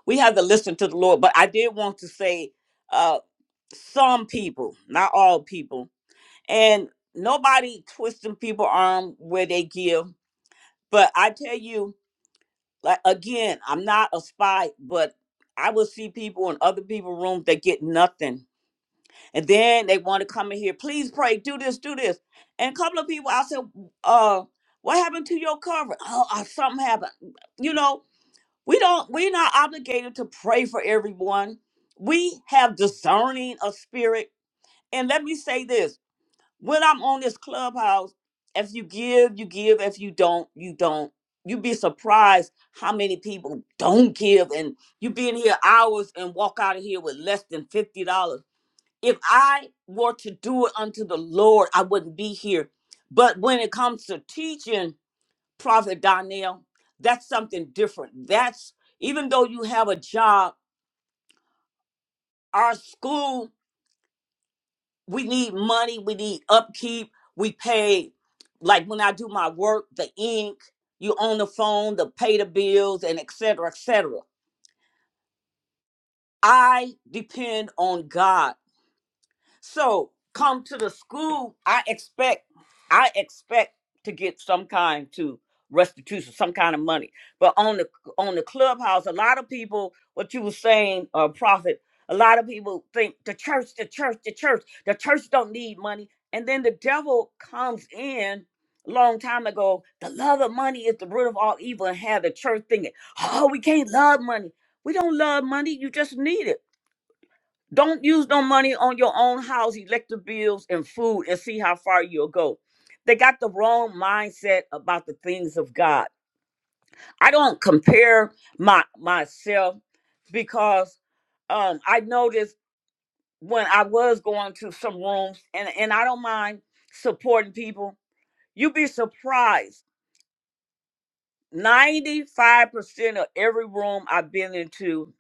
Speaker 1: We have to listen to the Lord. But I did want to say uh some people, not all people, and nobody twisting people arm where they give. But I tell you, like again, I'm not a spy, but I will see people in other people's rooms that get nothing And then they want to come in here, please pray, do this, do this. And a couple of people, I said, uh, what happened to your covering? Oh, uh, something happened. You know, we don't, we're not obligated to pray for everyone. We have discerning of spirit. And let me say this when I'm on this clubhouse, if you give, you give. If you don't, you don't. You'd be surprised how many people don't give. And you be in here hours and walk out of here with less than $50 if I were to do it unto the Lord, I wouldn't be here. But when it comes to teaching, Prophet Donnell, that's something different. That's even though you have a job, our school, we need money, we need upkeep, we pay. Like when I do my work, the ink, you on the phone, the pay the bills, and et cetera, et cetera. I depend on God. So come to the school. I expect, I expect to get some kind to restitution, some kind of money. But on the on the clubhouse, a lot of people, what you were saying, uh, prophet, a lot of people think the church, the church, the church, the church don't need money. And then the devil comes in a long time ago. The love of money is the root of all evil, and had the church thinking, oh, we can't love money. We don't love money. You just need it. Don't use no money on your own house, electric bills, and food and see how far you'll go. They got the wrong mindset about the things of God. I don't compare my myself because um, I noticed when I was going to some rooms and, and I don't mind supporting people. You'd be surprised. 95% of every room I've been into,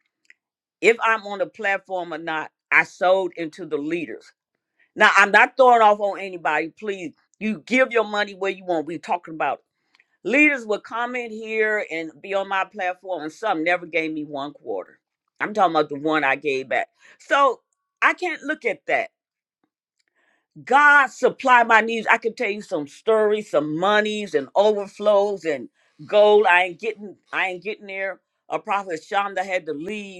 Speaker 1: if I'm on the platform or not, I sold into the leaders. Now, I'm not throwing off on anybody. Please, you give your money where you want. We're talking about leaders will comment here and be on my platform, and some never gave me one quarter. I'm talking about the one I gave back. So I can't look at that. God supply my needs. I can tell you some stories, some monies, and overflows and gold. I ain't getting. I ain't getting there. A prophet Shonda had to leave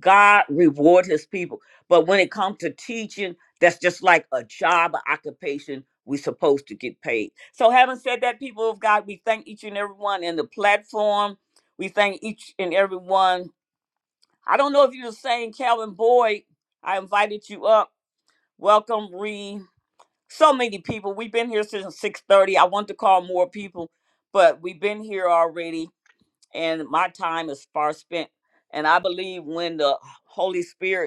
Speaker 1: God reward his people. But when it comes to teaching, that's just like a job or occupation we are supposed to get paid. So having said that, people of God, we thank each and every one in the platform. We thank each and every one. I don't know if you're the same, Calvin Boyd. I invited you up. Welcome, Reed. So many people. We've been here since 6:30. I want to call more people, but we've been here already, and my time is far spent. And I believe when the Holy Spirit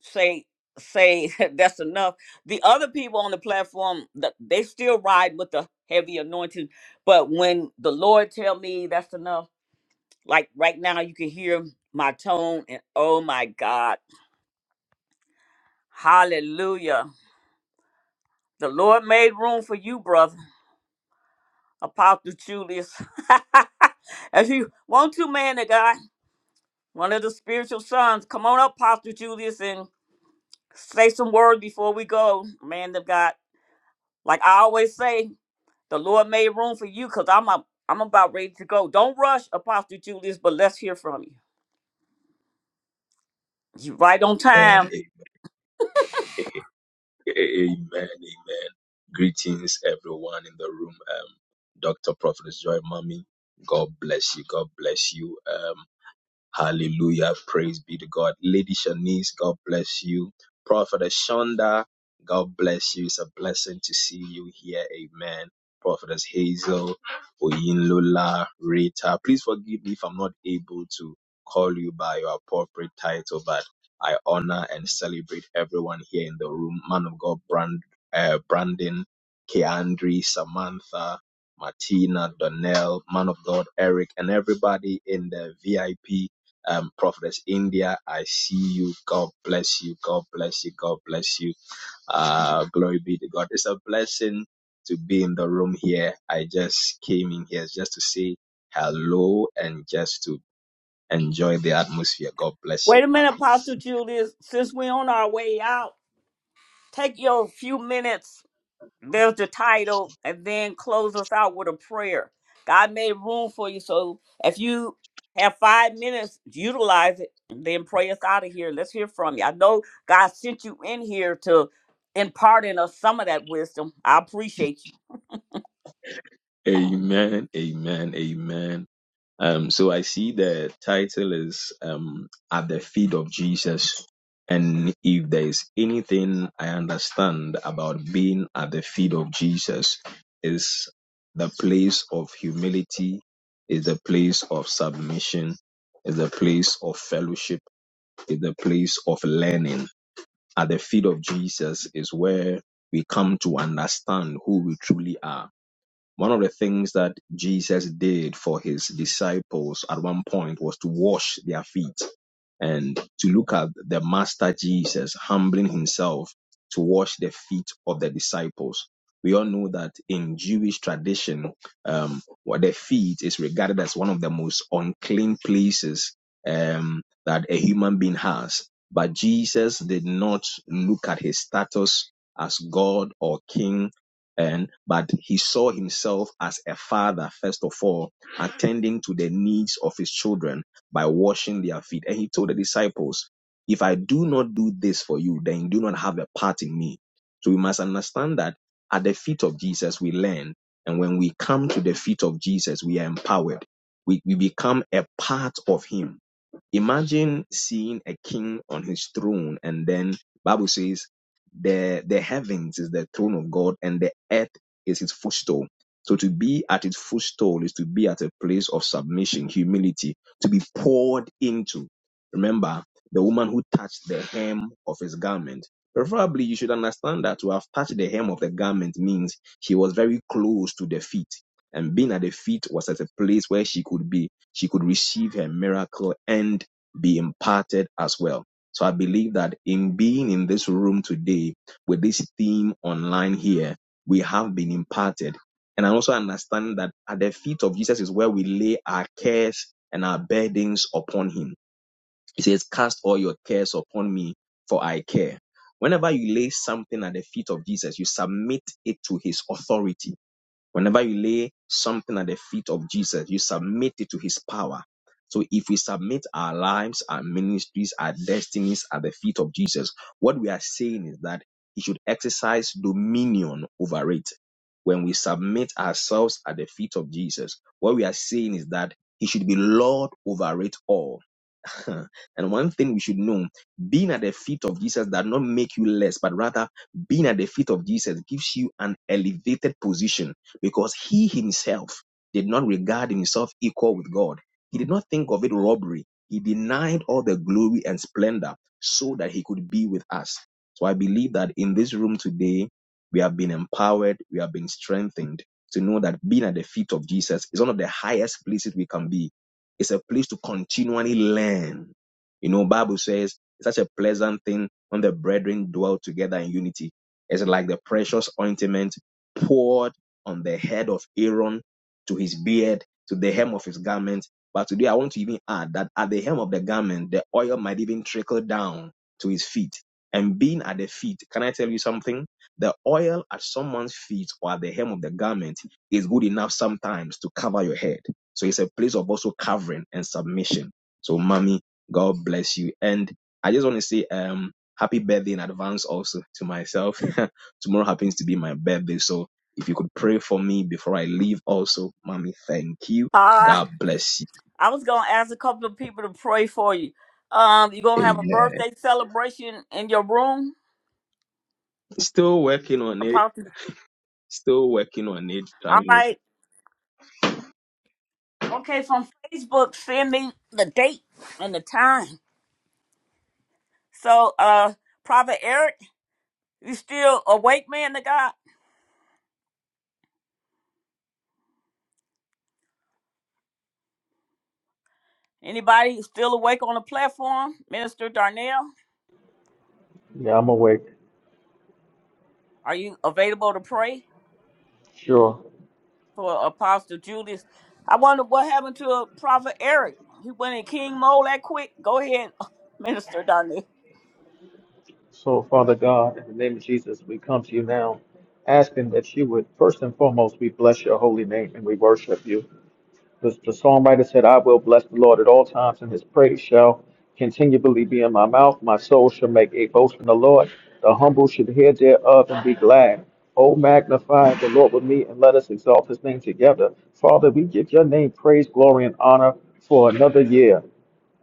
Speaker 1: say say that's enough. The other people on the platform, th- they still ride with the heavy anointing, but when the Lord tell me that's enough, like right now you can hear my tone and oh my God, hallelujah. The Lord made room for you, brother, Apostle Julius. if you want to, man of God, one of the spiritual sons, come on up, Apostle Julius, and say some words before we go, man of God. Like I always say, The Lord made room for you because I'm up, I'm about ready to go. Don't rush, Apostle Julius, but let's hear from you. You right on
Speaker 21: Amen.
Speaker 1: time.
Speaker 21: amen, amen. Amen. Greetings, everyone in the room. Um, Dr. Prophet Joy Mommy, God bless you. God bless you. Um. Hallelujah. Praise be to God. Lady Shanice, God bless you. Prophet Shonda, God bless you. It's a blessing to see you here. Amen. Prophetess Hazel, Oyinlola, Rita. Please forgive me if I'm not able to call you by your appropriate title, but I honor and celebrate everyone here in the room. Man of God, Brand, uh, Brandon, Keandri, Samantha, Martina, Donnell, Man of God, Eric, and everybody in the VIP um, Prophetess India, I see you. God bless you. God bless you. God bless you. Uh, glory be to God. It's a blessing to be in the room here. I just came in here just to say hello and just to enjoy the atmosphere. God bless
Speaker 1: Wait
Speaker 21: you,
Speaker 1: a minute,
Speaker 21: mommy.
Speaker 1: Apostle Julius. Since we're on our way out, take your few minutes. There's the title, and then close us out with a prayer. God made room for you, so if you have five minutes, utilize it, and then pray us out of here. Let's hear from you. I know God sent you in here to impart in us some of that wisdom. I appreciate you.
Speaker 21: Amen. Amen. Amen. Um, so I see the title is um, At the Feet of Jesus. And if there is anything I understand about being at the feet of Jesus, is the place of humility, is the place of submission, is the place of fellowship, is the place of learning. At the feet of Jesus is where we come to understand who we truly are one of the things that Jesus did for his disciples at one point was to wash their feet and to look at the Master Jesus humbling himself to wash the feet of the disciples. We all know that in Jewish tradition, um, what the feet is regarded as one of the most unclean places um, that a human being has. But Jesus did not look at his status as God or king and but he saw himself as a father first of all attending to the needs of his children by washing their feet and he told the disciples if i do not do this for you then you do not have a part in me so we must understand that at the feet of jesus we learn and when we come to the feet of jesus we are empowered we, we become a part of him Imagine seeing a king on his throne, and then Bible says the the heavens is the throne of God, and the earth is his footstool. So to be at his footstool is to be at a place of submission, humility, to be poured into. Remember the woman who touched the hem of his garment. Preferably, you should understand that to have touched the hem of the garment means she was very close to the feet and being at the feet was at a place where she could be she could receive her miracle and be imparted as well. So I believe that in being in this room today with this theme online here, we have been imparted. And I also understand that at the feet of Jesus is where we lay our cares and our burdens upon him. He says, Cast all your cares upon me, for I care. Whenever you lay something at the feet of Jesus, you submit it to his authority Whenever you lay something at the feet of Jesus, you submit it to his power. So if we submit our lives, our ministries, our destinies at the feet of Jesus, what we are saying is that he should exercise dominion over it. When we submit ourselves at the feet of Jesus, what we are saying is that he should be Lord over it all and one thing we should know being at the feet of Jesus does not make you less, but rather being at the feet of Jesus gives you an elevated position because he himself did not regard himself equal with God. He did not think of it robbery. He denied all the glory and splendor so that he could be with us. So I believe that in this room today, we have been empowered, we have been strengthened to know that being at the feet of Jesus is one of the highest places we can be it's a place to continually learn. You know, Bible says it's such a pleasant thing when the brethren dwell together in unity. It's like the precious ointment poured on the head of Aaron to his beard, to the hem of his garment. But today I want to even add that at the hem of the garment, the oil might even trickle down to his feet. And being at the feet, can I tell you something? The oil at someone's feet or at the hem of the garment is good enough sometimes to cover your head so it's a place of also covering and submission. So mommy, God bless you. And I just want to say um happy birthday in advance also to myself. Tomorrow happens to be my birthday. So if you could pray for me before I leave also, mommy, thank you.
Speaker 1: Ah.
Speaker 21: God bless you.
Speaker 1: I was gonna ask a couple of people to pray for you. Um, you gonna have a
Speaker 21: Amen.
Speaker 1: birthday celebration in your room?
Speaker 21: Still working on it.
Speaker 1: Apostle.
Speaker 21: Still working on it.
Speaker 1: All right. Okay, from Facebook, send me the date and the time. So, uh, Prophet Eric, you still awake, man? To God, anybody still awake on the platform? Minister Darnell,
Speaker 18: Yeah, I'm awake.
Speaker 1: are you available to pray?
Speaker 18: Sure.
Speaker 1: for Apostle Julius. I wonder what happened to uh, Prophet Eric. He went in King mode that quick. Go ahead, Minister Darnell.
Speaker 18: So, Father God, in the name of Jesus, we come to you now asking that you would, first and foremost, we bless your holy name and we worship you. The, the songwriter said, I will bless the Lord at all times, and his praise shall continually be in my mouth. My soul shall make a boast in the Lord. The humble should hear thereof and be glad. Oh, magnify the Lord with me, and let us exalt his name together. Father, we give your name praise, glory, and honor for another year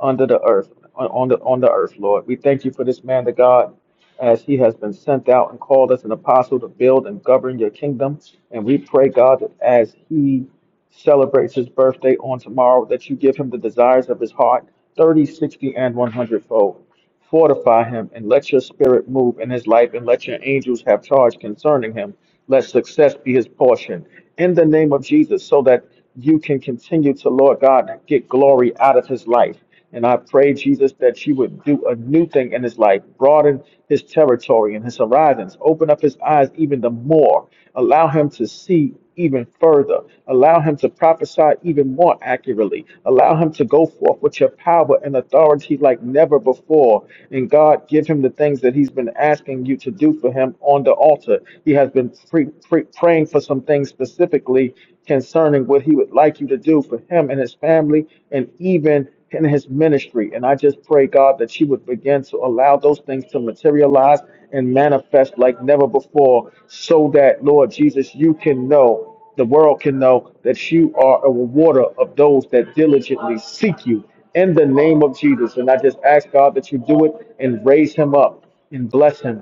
Speaker 18: under the earth, on on the on the earth, Lord. We thank you for this man to God, as he has been sent out and called as an apostle to build and govern your kingdom. And we pray, God, that as he celebrates his birthday on tomorrow, that you give him the desires of his heart, 30, 60, and 100 fold. Fortify him and let your spirit move in his life and let your angels have charge concerning him. Let success be his portion in the name of Jesus so that you can continue to, Lord God, get glory out of his life. And I pray, Jesus, that you would do a new thing in his life, broaden his territory and his horizons, open up his eyes even the more, allow him to see even further. Allow him to prophesy even more accurately. Allow him to go forth with your power and authority like never before. And God, give him the things that he's been asking you to do for him on the altar. He has been pre- pre- praying for some things specifically, concerning what he would like you to do for him and his family and even in his ministry. And I just pray, God, that you would begin to allow those things to materialize and manifest like never before, so that, Lord Jesus, you can know, the world can know that you are a rewarder of those that diligently seek you in the name of Jesus. And I just ask, God, that you do it and raise him up and bless him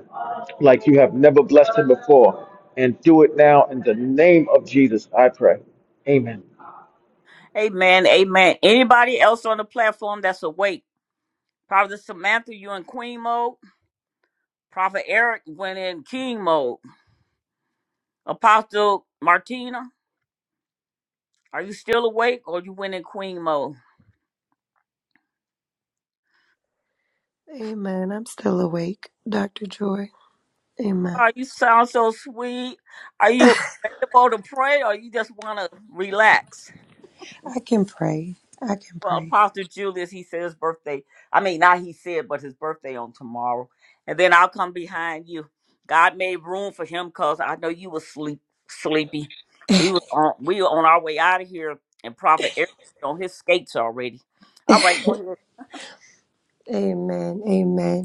Speaker 18: like you have never blessed him before and do it now in the name of Jesus, I pray. Amen.
Speaker 1: Amen. Amen. Anybody else on the platform that's awake? Prophet Samantha, you in Queen mode. Prophet Eric went in King mode. Apostle Martina, are you still awake or you went in Queen mode?
Speaker 16: Amen. I'm still awake, Dr. Joy. Amen.
Speaker 1: Oh, you sound so sweet. Are you able to pray or you just want to relax?
Speaker 16: I can pray. I can
Speaker 1: Well,
Speaker 16: pray.
Speaker 1: Apostle Julius, he said his birthday. I mean, not he said, but his birthday on tomorrow. And then I'll come behind you. God made room for him because I know you was sleep sleepy. We was on we were on our way out of here and Prophet Eric on his skates already. All right, go ahead.
Speaker 16: Amen. Amen.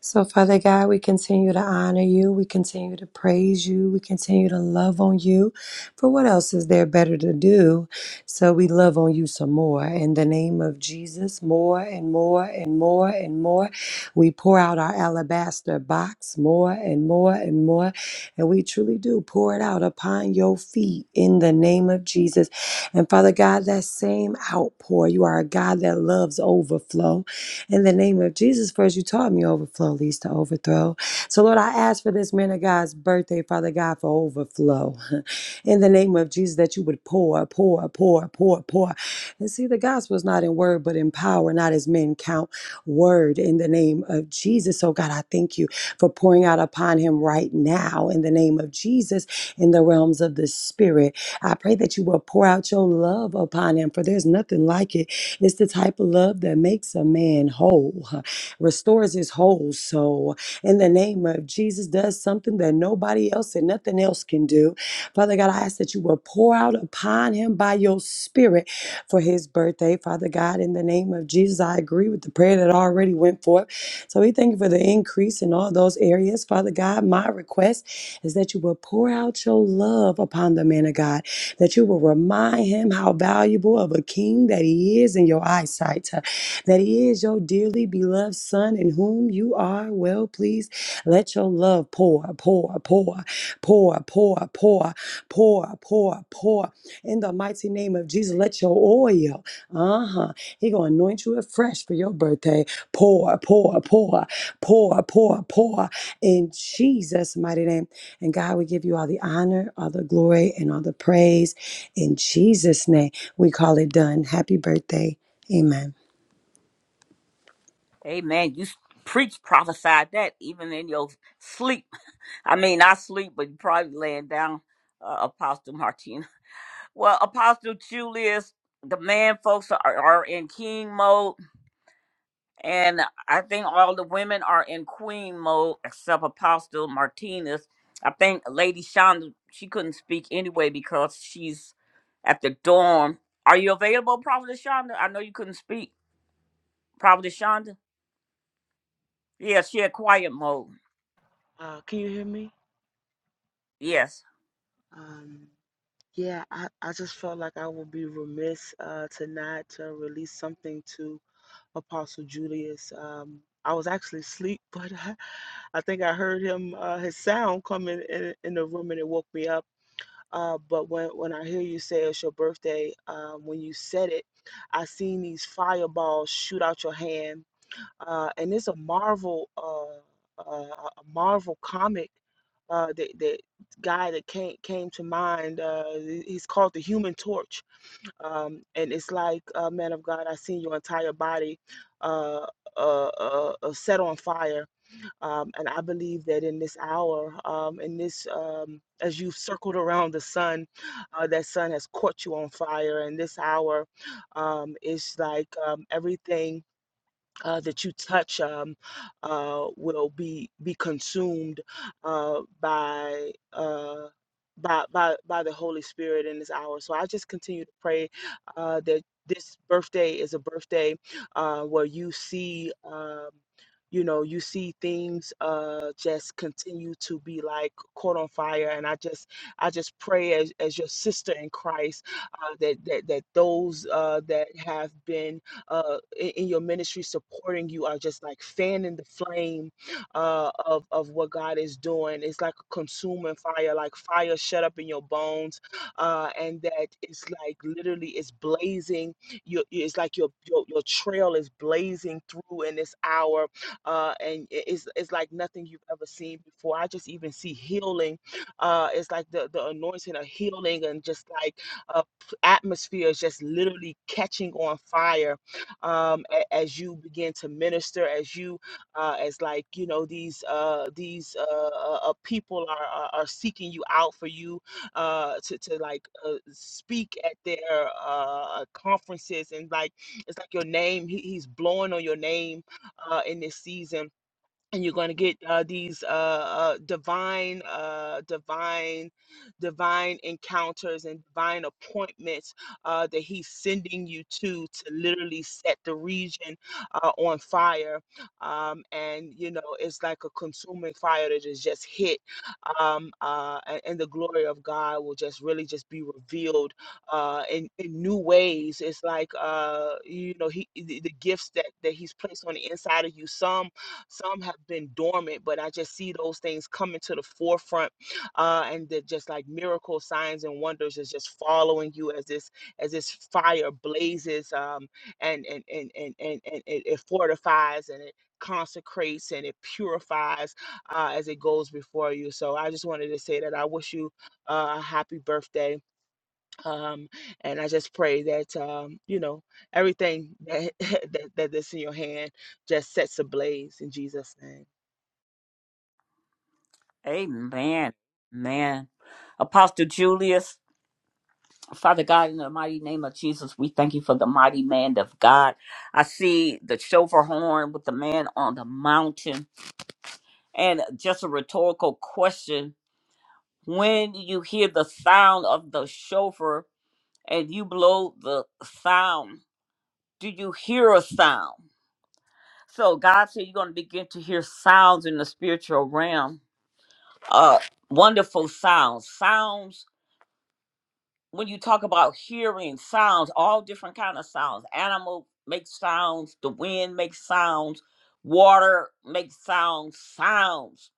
Speaker 16: So, Father God, we continue to honor you. We continue to praise you. We continue to love on you. For what else is there better to do? So, we love on you some more. In the name of Jesus, more and more and more and more. We pour out our alabaster box more and more and more. And we truly do pour it out upon your feet in the name of Jesus. And Father God, that same outpour, you are a God that loves overflow. In the name of Jesus, first you taught me overflow leads to overthrow. So, Lord, I ask for this man of God's birthday, Father God, for overflow. In the name of Jesus, that you would pour, pour, pour, pour, pour. And see, the gospel is not in word, but in power, not as men count word. In the name of Jesus. So, God, I thank you for pouring out upon him right now. In the name of Jesus, in the realms of the spirit. I pray that you will pour out your love upon him, for there's nothing like it it's the type of love that makes a man whole, restores his whole soul. In the name of Jesus, does something that nobody else and nothing else can do. Father God, I ask that you will pour out upon him by your spirit for his birthday. Father God, in the name of Jesus, I agree with the prayer that already went forth. So we thank you for the increase in all those areas. Father God, my request is that you will pour out your love upon the man of God that you will remind him how valuable of a king that he is in your eyesight, uh, that he is your dearly beloved son in whom you are well pleased. Let your love pour, pour, pour, pour, pour, pour, pour, pour, pour. In the mighty name of Jesus, let your oil, uh-huh, he gonna anoint you afresh for your birthday. Pour, pour, pour, pour, pour, pour. In Jesus' mighty name. And God, we give you all the honor, all the glory, and all the praise. In Jesus' name, we call it done. Happy birthday. Amen.
Speaker 1: Amen. You s- preach, prophesied that even in your sleep. I mean, not sleep, but you probably laying down, uh, Apostle Martina. Well, Apostle Julius, the man folks are, are in king mode, and I think all the women are in queen mode except Apostle Martinez. I think Lady Shonda, she couldn't speak anyway because she's at the dorm. Are you available, Prophet Shonda? I know you couldn't speak. Prophet Shonda? Yeah, she had quiet mode.
Speaker 8: Uh, can you hear me?
Speaker 1: Yes.
Speaker 8: Um, yeah, I, I just felt like I would be remiss uh, to not to release something to Apostle Julius. Um, I was actually asleep, but I, I think I heard him uh, his sound coming in, in in the room and it woke me up. Uh, but when when I hear you say it's your birthday, um, when you said it, I seen these fireballs shoot out your hand uh, and it's a Marvel uh, uh, a Marvel comic uh, that that guy that came came to mind. Uh, he's called the Human Torch, um, and it's like, uh, man of God, I seen your entire body. Uh, uh, uh, uh, set on fire, um, and I believe that in this hour, um, in this, um, as you've circled around the sun, uh, that sun has caught you on fire. And this hour, um, it's like um, everything uh, that you touch um, uh, will be be consumed uh, by. Uh, by, by by the Holy Spirit in this hour. So I just continue to pray uh, that this birthday is a birthday uh, where you see, um, you know, you see things uh, just continue to be like caught on fire. And I just I just pray as, as your sister in Christ uh, that, that that those uh, that have been uh, in, in your ministry supporting you are just like fanning the flame uh, of, of what God is doing. It's like a consuming fire, like fire shut up in your bones. Uh, and that it's like literally it's blazing. Your it's like your, your, your trail is blazing through in this hour. Uh, and it- it's, it's like nothing you've ever seen before. I just even see healing. Uh, it's like the, the anointing of healing and just like uh, atmosphere is just literally catching on fire um, a- as you begin to minister, as you, uh, as like you know, these uh, these uh, uh, uh, people are, are are seeking you out for you uh, to to like uh, speak at their uh, conferences and like it's like your name, he, he's blowing on your name uh, in this season and you're going to get uh, these uh, uh, divine, uh, divine, divine encounters and divine appointments uh, that He's sending you to to literally set the region uh, on fire. Um, and you know, it's like a consuming fire that is just hit, um, uh, and, and the glory of God will just really just be revealed uh, in, in new ways. It's like uh, you know, He the, the gifts that that He's placed on the inside of you. Some some have been dormant, but I just see those things coming to the forefront, uh, and that just like miracle signs and wonders is just following you as this as this fire blazes, um, and and and and and, and it, it fortifies and it consecrates and it purifies uh, as it goes before you. So I just wanted to say that I wish you uh, a happy birthday um, and I just pray that um, you know everything that, that that that's in your hand just sets ablaze in Jesus' name.
Speaker 1: Amen. Man. Apostle Julius, Father God, in the mighty name of Jesus, we thank you for the mighty man of God. I see the chauffeur horn with the man on the mountain. And just a rhetorical question. When you hear the sound of the chauffeur and you blow the sound, do you hear a sound? So God said you're going to begin to hear sounds in the spiritual realm. Uh wonderful sounds. Sounds when you talk about hearing sounds, all different kind of sounds. Animal makes sounds, the wind makes sounds, water makes sounds, sounds.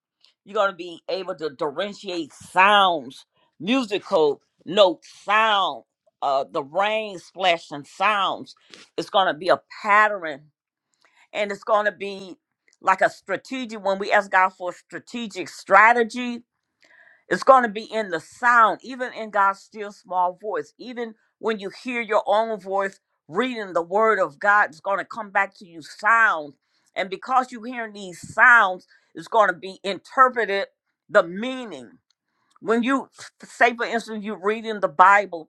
Speaker 1: You're gonna be able to differentiate sounds, musical notes, sound, uh, the rain splashing sounds. It's gonna be a pattern and it's gonna be like a strategic when we ask God for strategic strategies it's going to be in the sound, even in God's still small voice. Even when you hear your own voice reading the word of God, it's going to come back to you sound. And because you're hearing these sounds, it's going to be interpreted the meaning. When you, say for instance, you're reading the Bible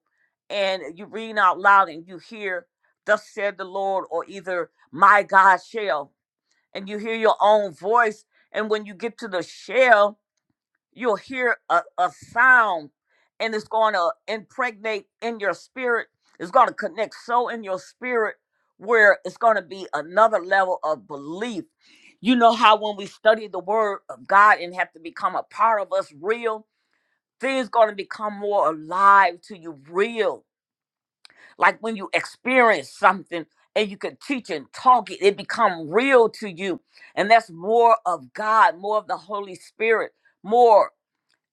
Speaker 1: and you're reading out loud and you hear, Thus said the Lord, or either, My God shall, and you hear your own voice. And when you get to the "shall." You'll hear a, a sound and it's going to impregnate in your spirit. It's going to connect so in your spirit where it's going to be another level of belief. You know how when we study the word of God and have to become a part of us real, things going to become more alive to you real. Like when you experience something and you can teach and talk it, it become real to you. And that's more of God, more of the Holy Spirit, more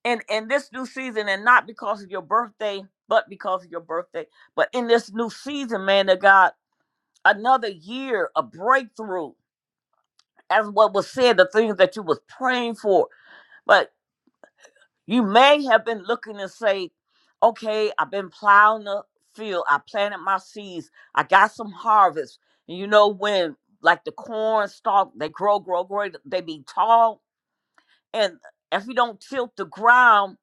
Speaker 1: in in this new season and not because of your birthday but because of your birthday but in this new season man that god another year of breakthrough as what was said the things that you was praying for but you may have been looking and say okay i've been plowing the field i planted my seeds i got some harvest and you know when like the corn stalk they grow grow grow they be tall and if you don't tilt the ground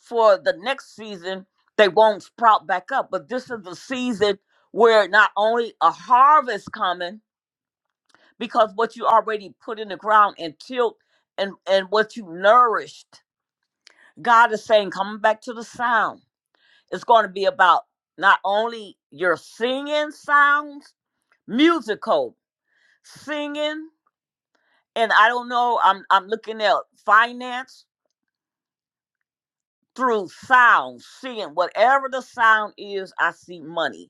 Speaker 1: for the next season, they won't sprout back up. But this is the season where not only a harvest coming, because what you already put in the ground and tilt and, and what you nourished, God is saying, coming back to the sound, it's going to be about not only your singing sounds, musical, singing, and I don't know, I'm I'm looking at finance through sound, seeing whatever the sound is, I see money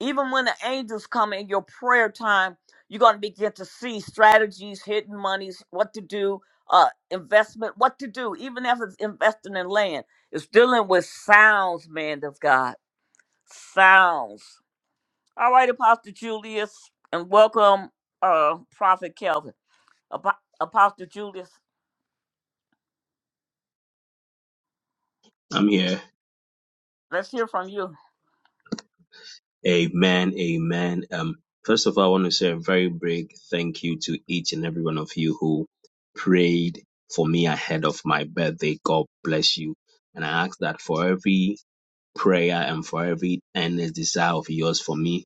Speaker 1: Even when the angels come in your prayer time, you're going to begin to see strategies, hidden monies, what to do, uh, investment, what to do. Even if it's investing in land, it's dealing with sounds, man of God. Sounds. All right, Apostle Julius, and welcome, uh, Prophet Kelvin. Apo- Apostle Julius,
Speaker 21: I'm here.
Speaker 1: let's hear from you.
Speaker 21: Amen. Amen. Um, first of all, I want to say a very big thank you to each and every one of you who prayed for me ahead of my birthday. God bless you. And I ask that for every prayer and for every earnest desire of yours for me.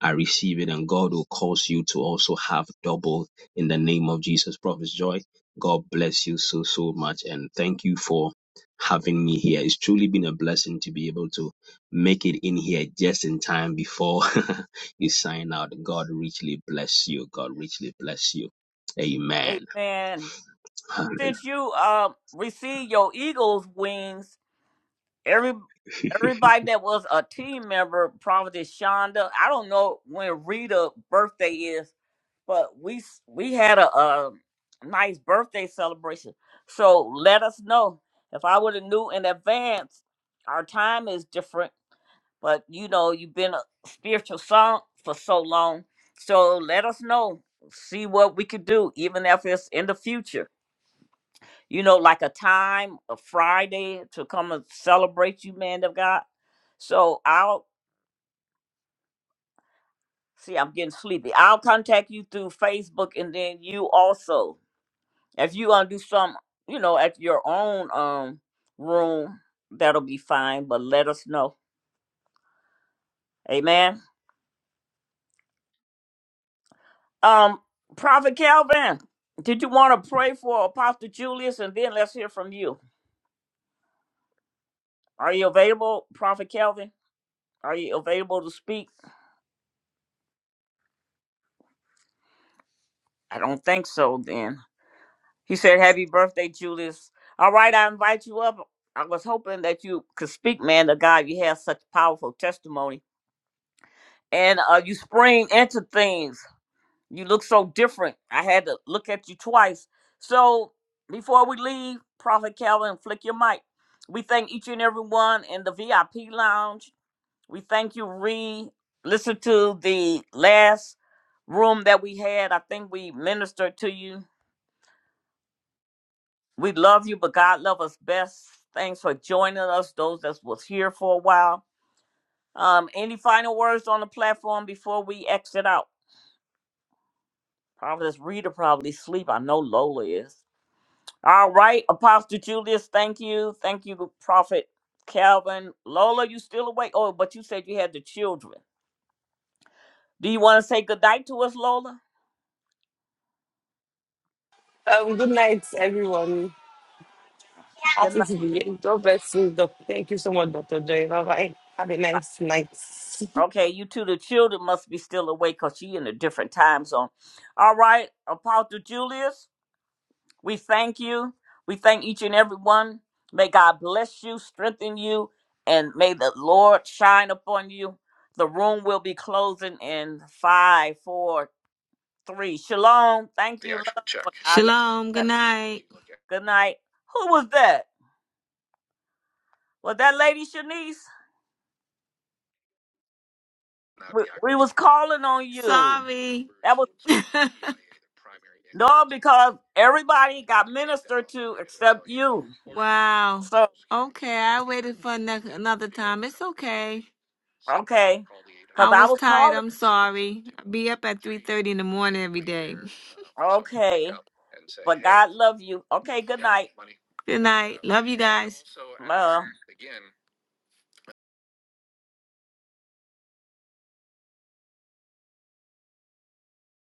Speaker 21: I receive it, and God will cause you to also have double in the name of Jesus. Prophet Joy, God bless you so, so much, and thank you for having me here. It's truly been a blessing to be able to make it in here just in time before you sign out. God richly bless you. God richly bless you. Amen.
Speaker 1: Amen.
Speaker 21: Amen.
Speaker 1: Since you uh, received your eagle's wings, every everybody that was a team member, Prophetess Shonda. I don't know when Rita's birthday is, but we s- we had a, a nice birthday celebration. So let us know. If I would have knew in advance, our time is different. But you know, you've been a spiritual son for so long. So let us know. See what we could do, even if it's in the future you know, like a time, a Friday to come and celebrate you, man of God. So I'll see, I'm getting sleepy. I'll contact you through Facebook and then you also, if you want to do some, you know, at your own um room, that'll be fine, but let us know. Amen. Um, Prophet Calvin, did you want to pray for Apostle Julius and then let's hear from you? Are you available, Prophet Calvin? Are you available to speak? I don't think so then. He said, Happy birthday, Julius. All right, I invite you up. I was hoping that you could speak, man, The God. You have such powerful testimony. And uh, you spring into things. You look so different. I had to look at you twice. So before we leave, Prophet Calvin, flick your mic. We thank each and every one in the VIP lounge. We thank you, Ree. Listen to the last room that we had. I think we ministered to you We love you, but God love us best. Thanks for joining us, those that was here for a while. Um, any final words on the platform before we exit out? Probably this reader probably sleep. I know Lola is. All right, Apostle Julius, thank you. Thank you, Prophet Calvin. Lola, you still awake? Oh, but you said you had the children. Do you want to say good night to us, Lola?
Speaker 10: Um, good night, everyone.
Speaker 1: Good
Speaker 10: Happy
Speaker 1: night.
Speaker 10: to be here. God bless you, Doc. Thank you so much, Dr. Joy. Bye bye. Have a nice night.
Speaker 1: Okay, you two, the children must be still awake because she in a different time zone. All right, Apostle Julius. We thank you. We thank each and every one. May God bless you, strengthen you, and may the Lord shine upon you. The room will be closing in five, four, three. Shalom. Thank
Speaker 3: The
Speaker 1: you,
Speaker 3: actual check.
Speaker 1: love. I love
Speaker 3: Shalom.
Speaker 1: you.
Speaker 3: Good night.
Speaker 1: Good night. Who was that? Was that lady Shanice? We, we was calling on you.
Speaker 3: Sorry.
Speaker 1: That was no, because everybody got ministered to except you.
Speaker 3: wow.
Speaker 1: So
Speaker 3: Okay, I waited for ano- another time. It's okay.
Speaker 1: okay, because
Speaker 3: I
Speaker 1: I
Speaker 3: was
Speaker 1: was
Speaker 3: tired.
Speaker 1: calling.
Speaker 3: I'm sorry. I be up at 3.30 in the morning every day.
Speaker 1: Okay. But God love you. Okay, good night.
Speaker 3: Good night. Love you guys.
Speaker 1: Uh,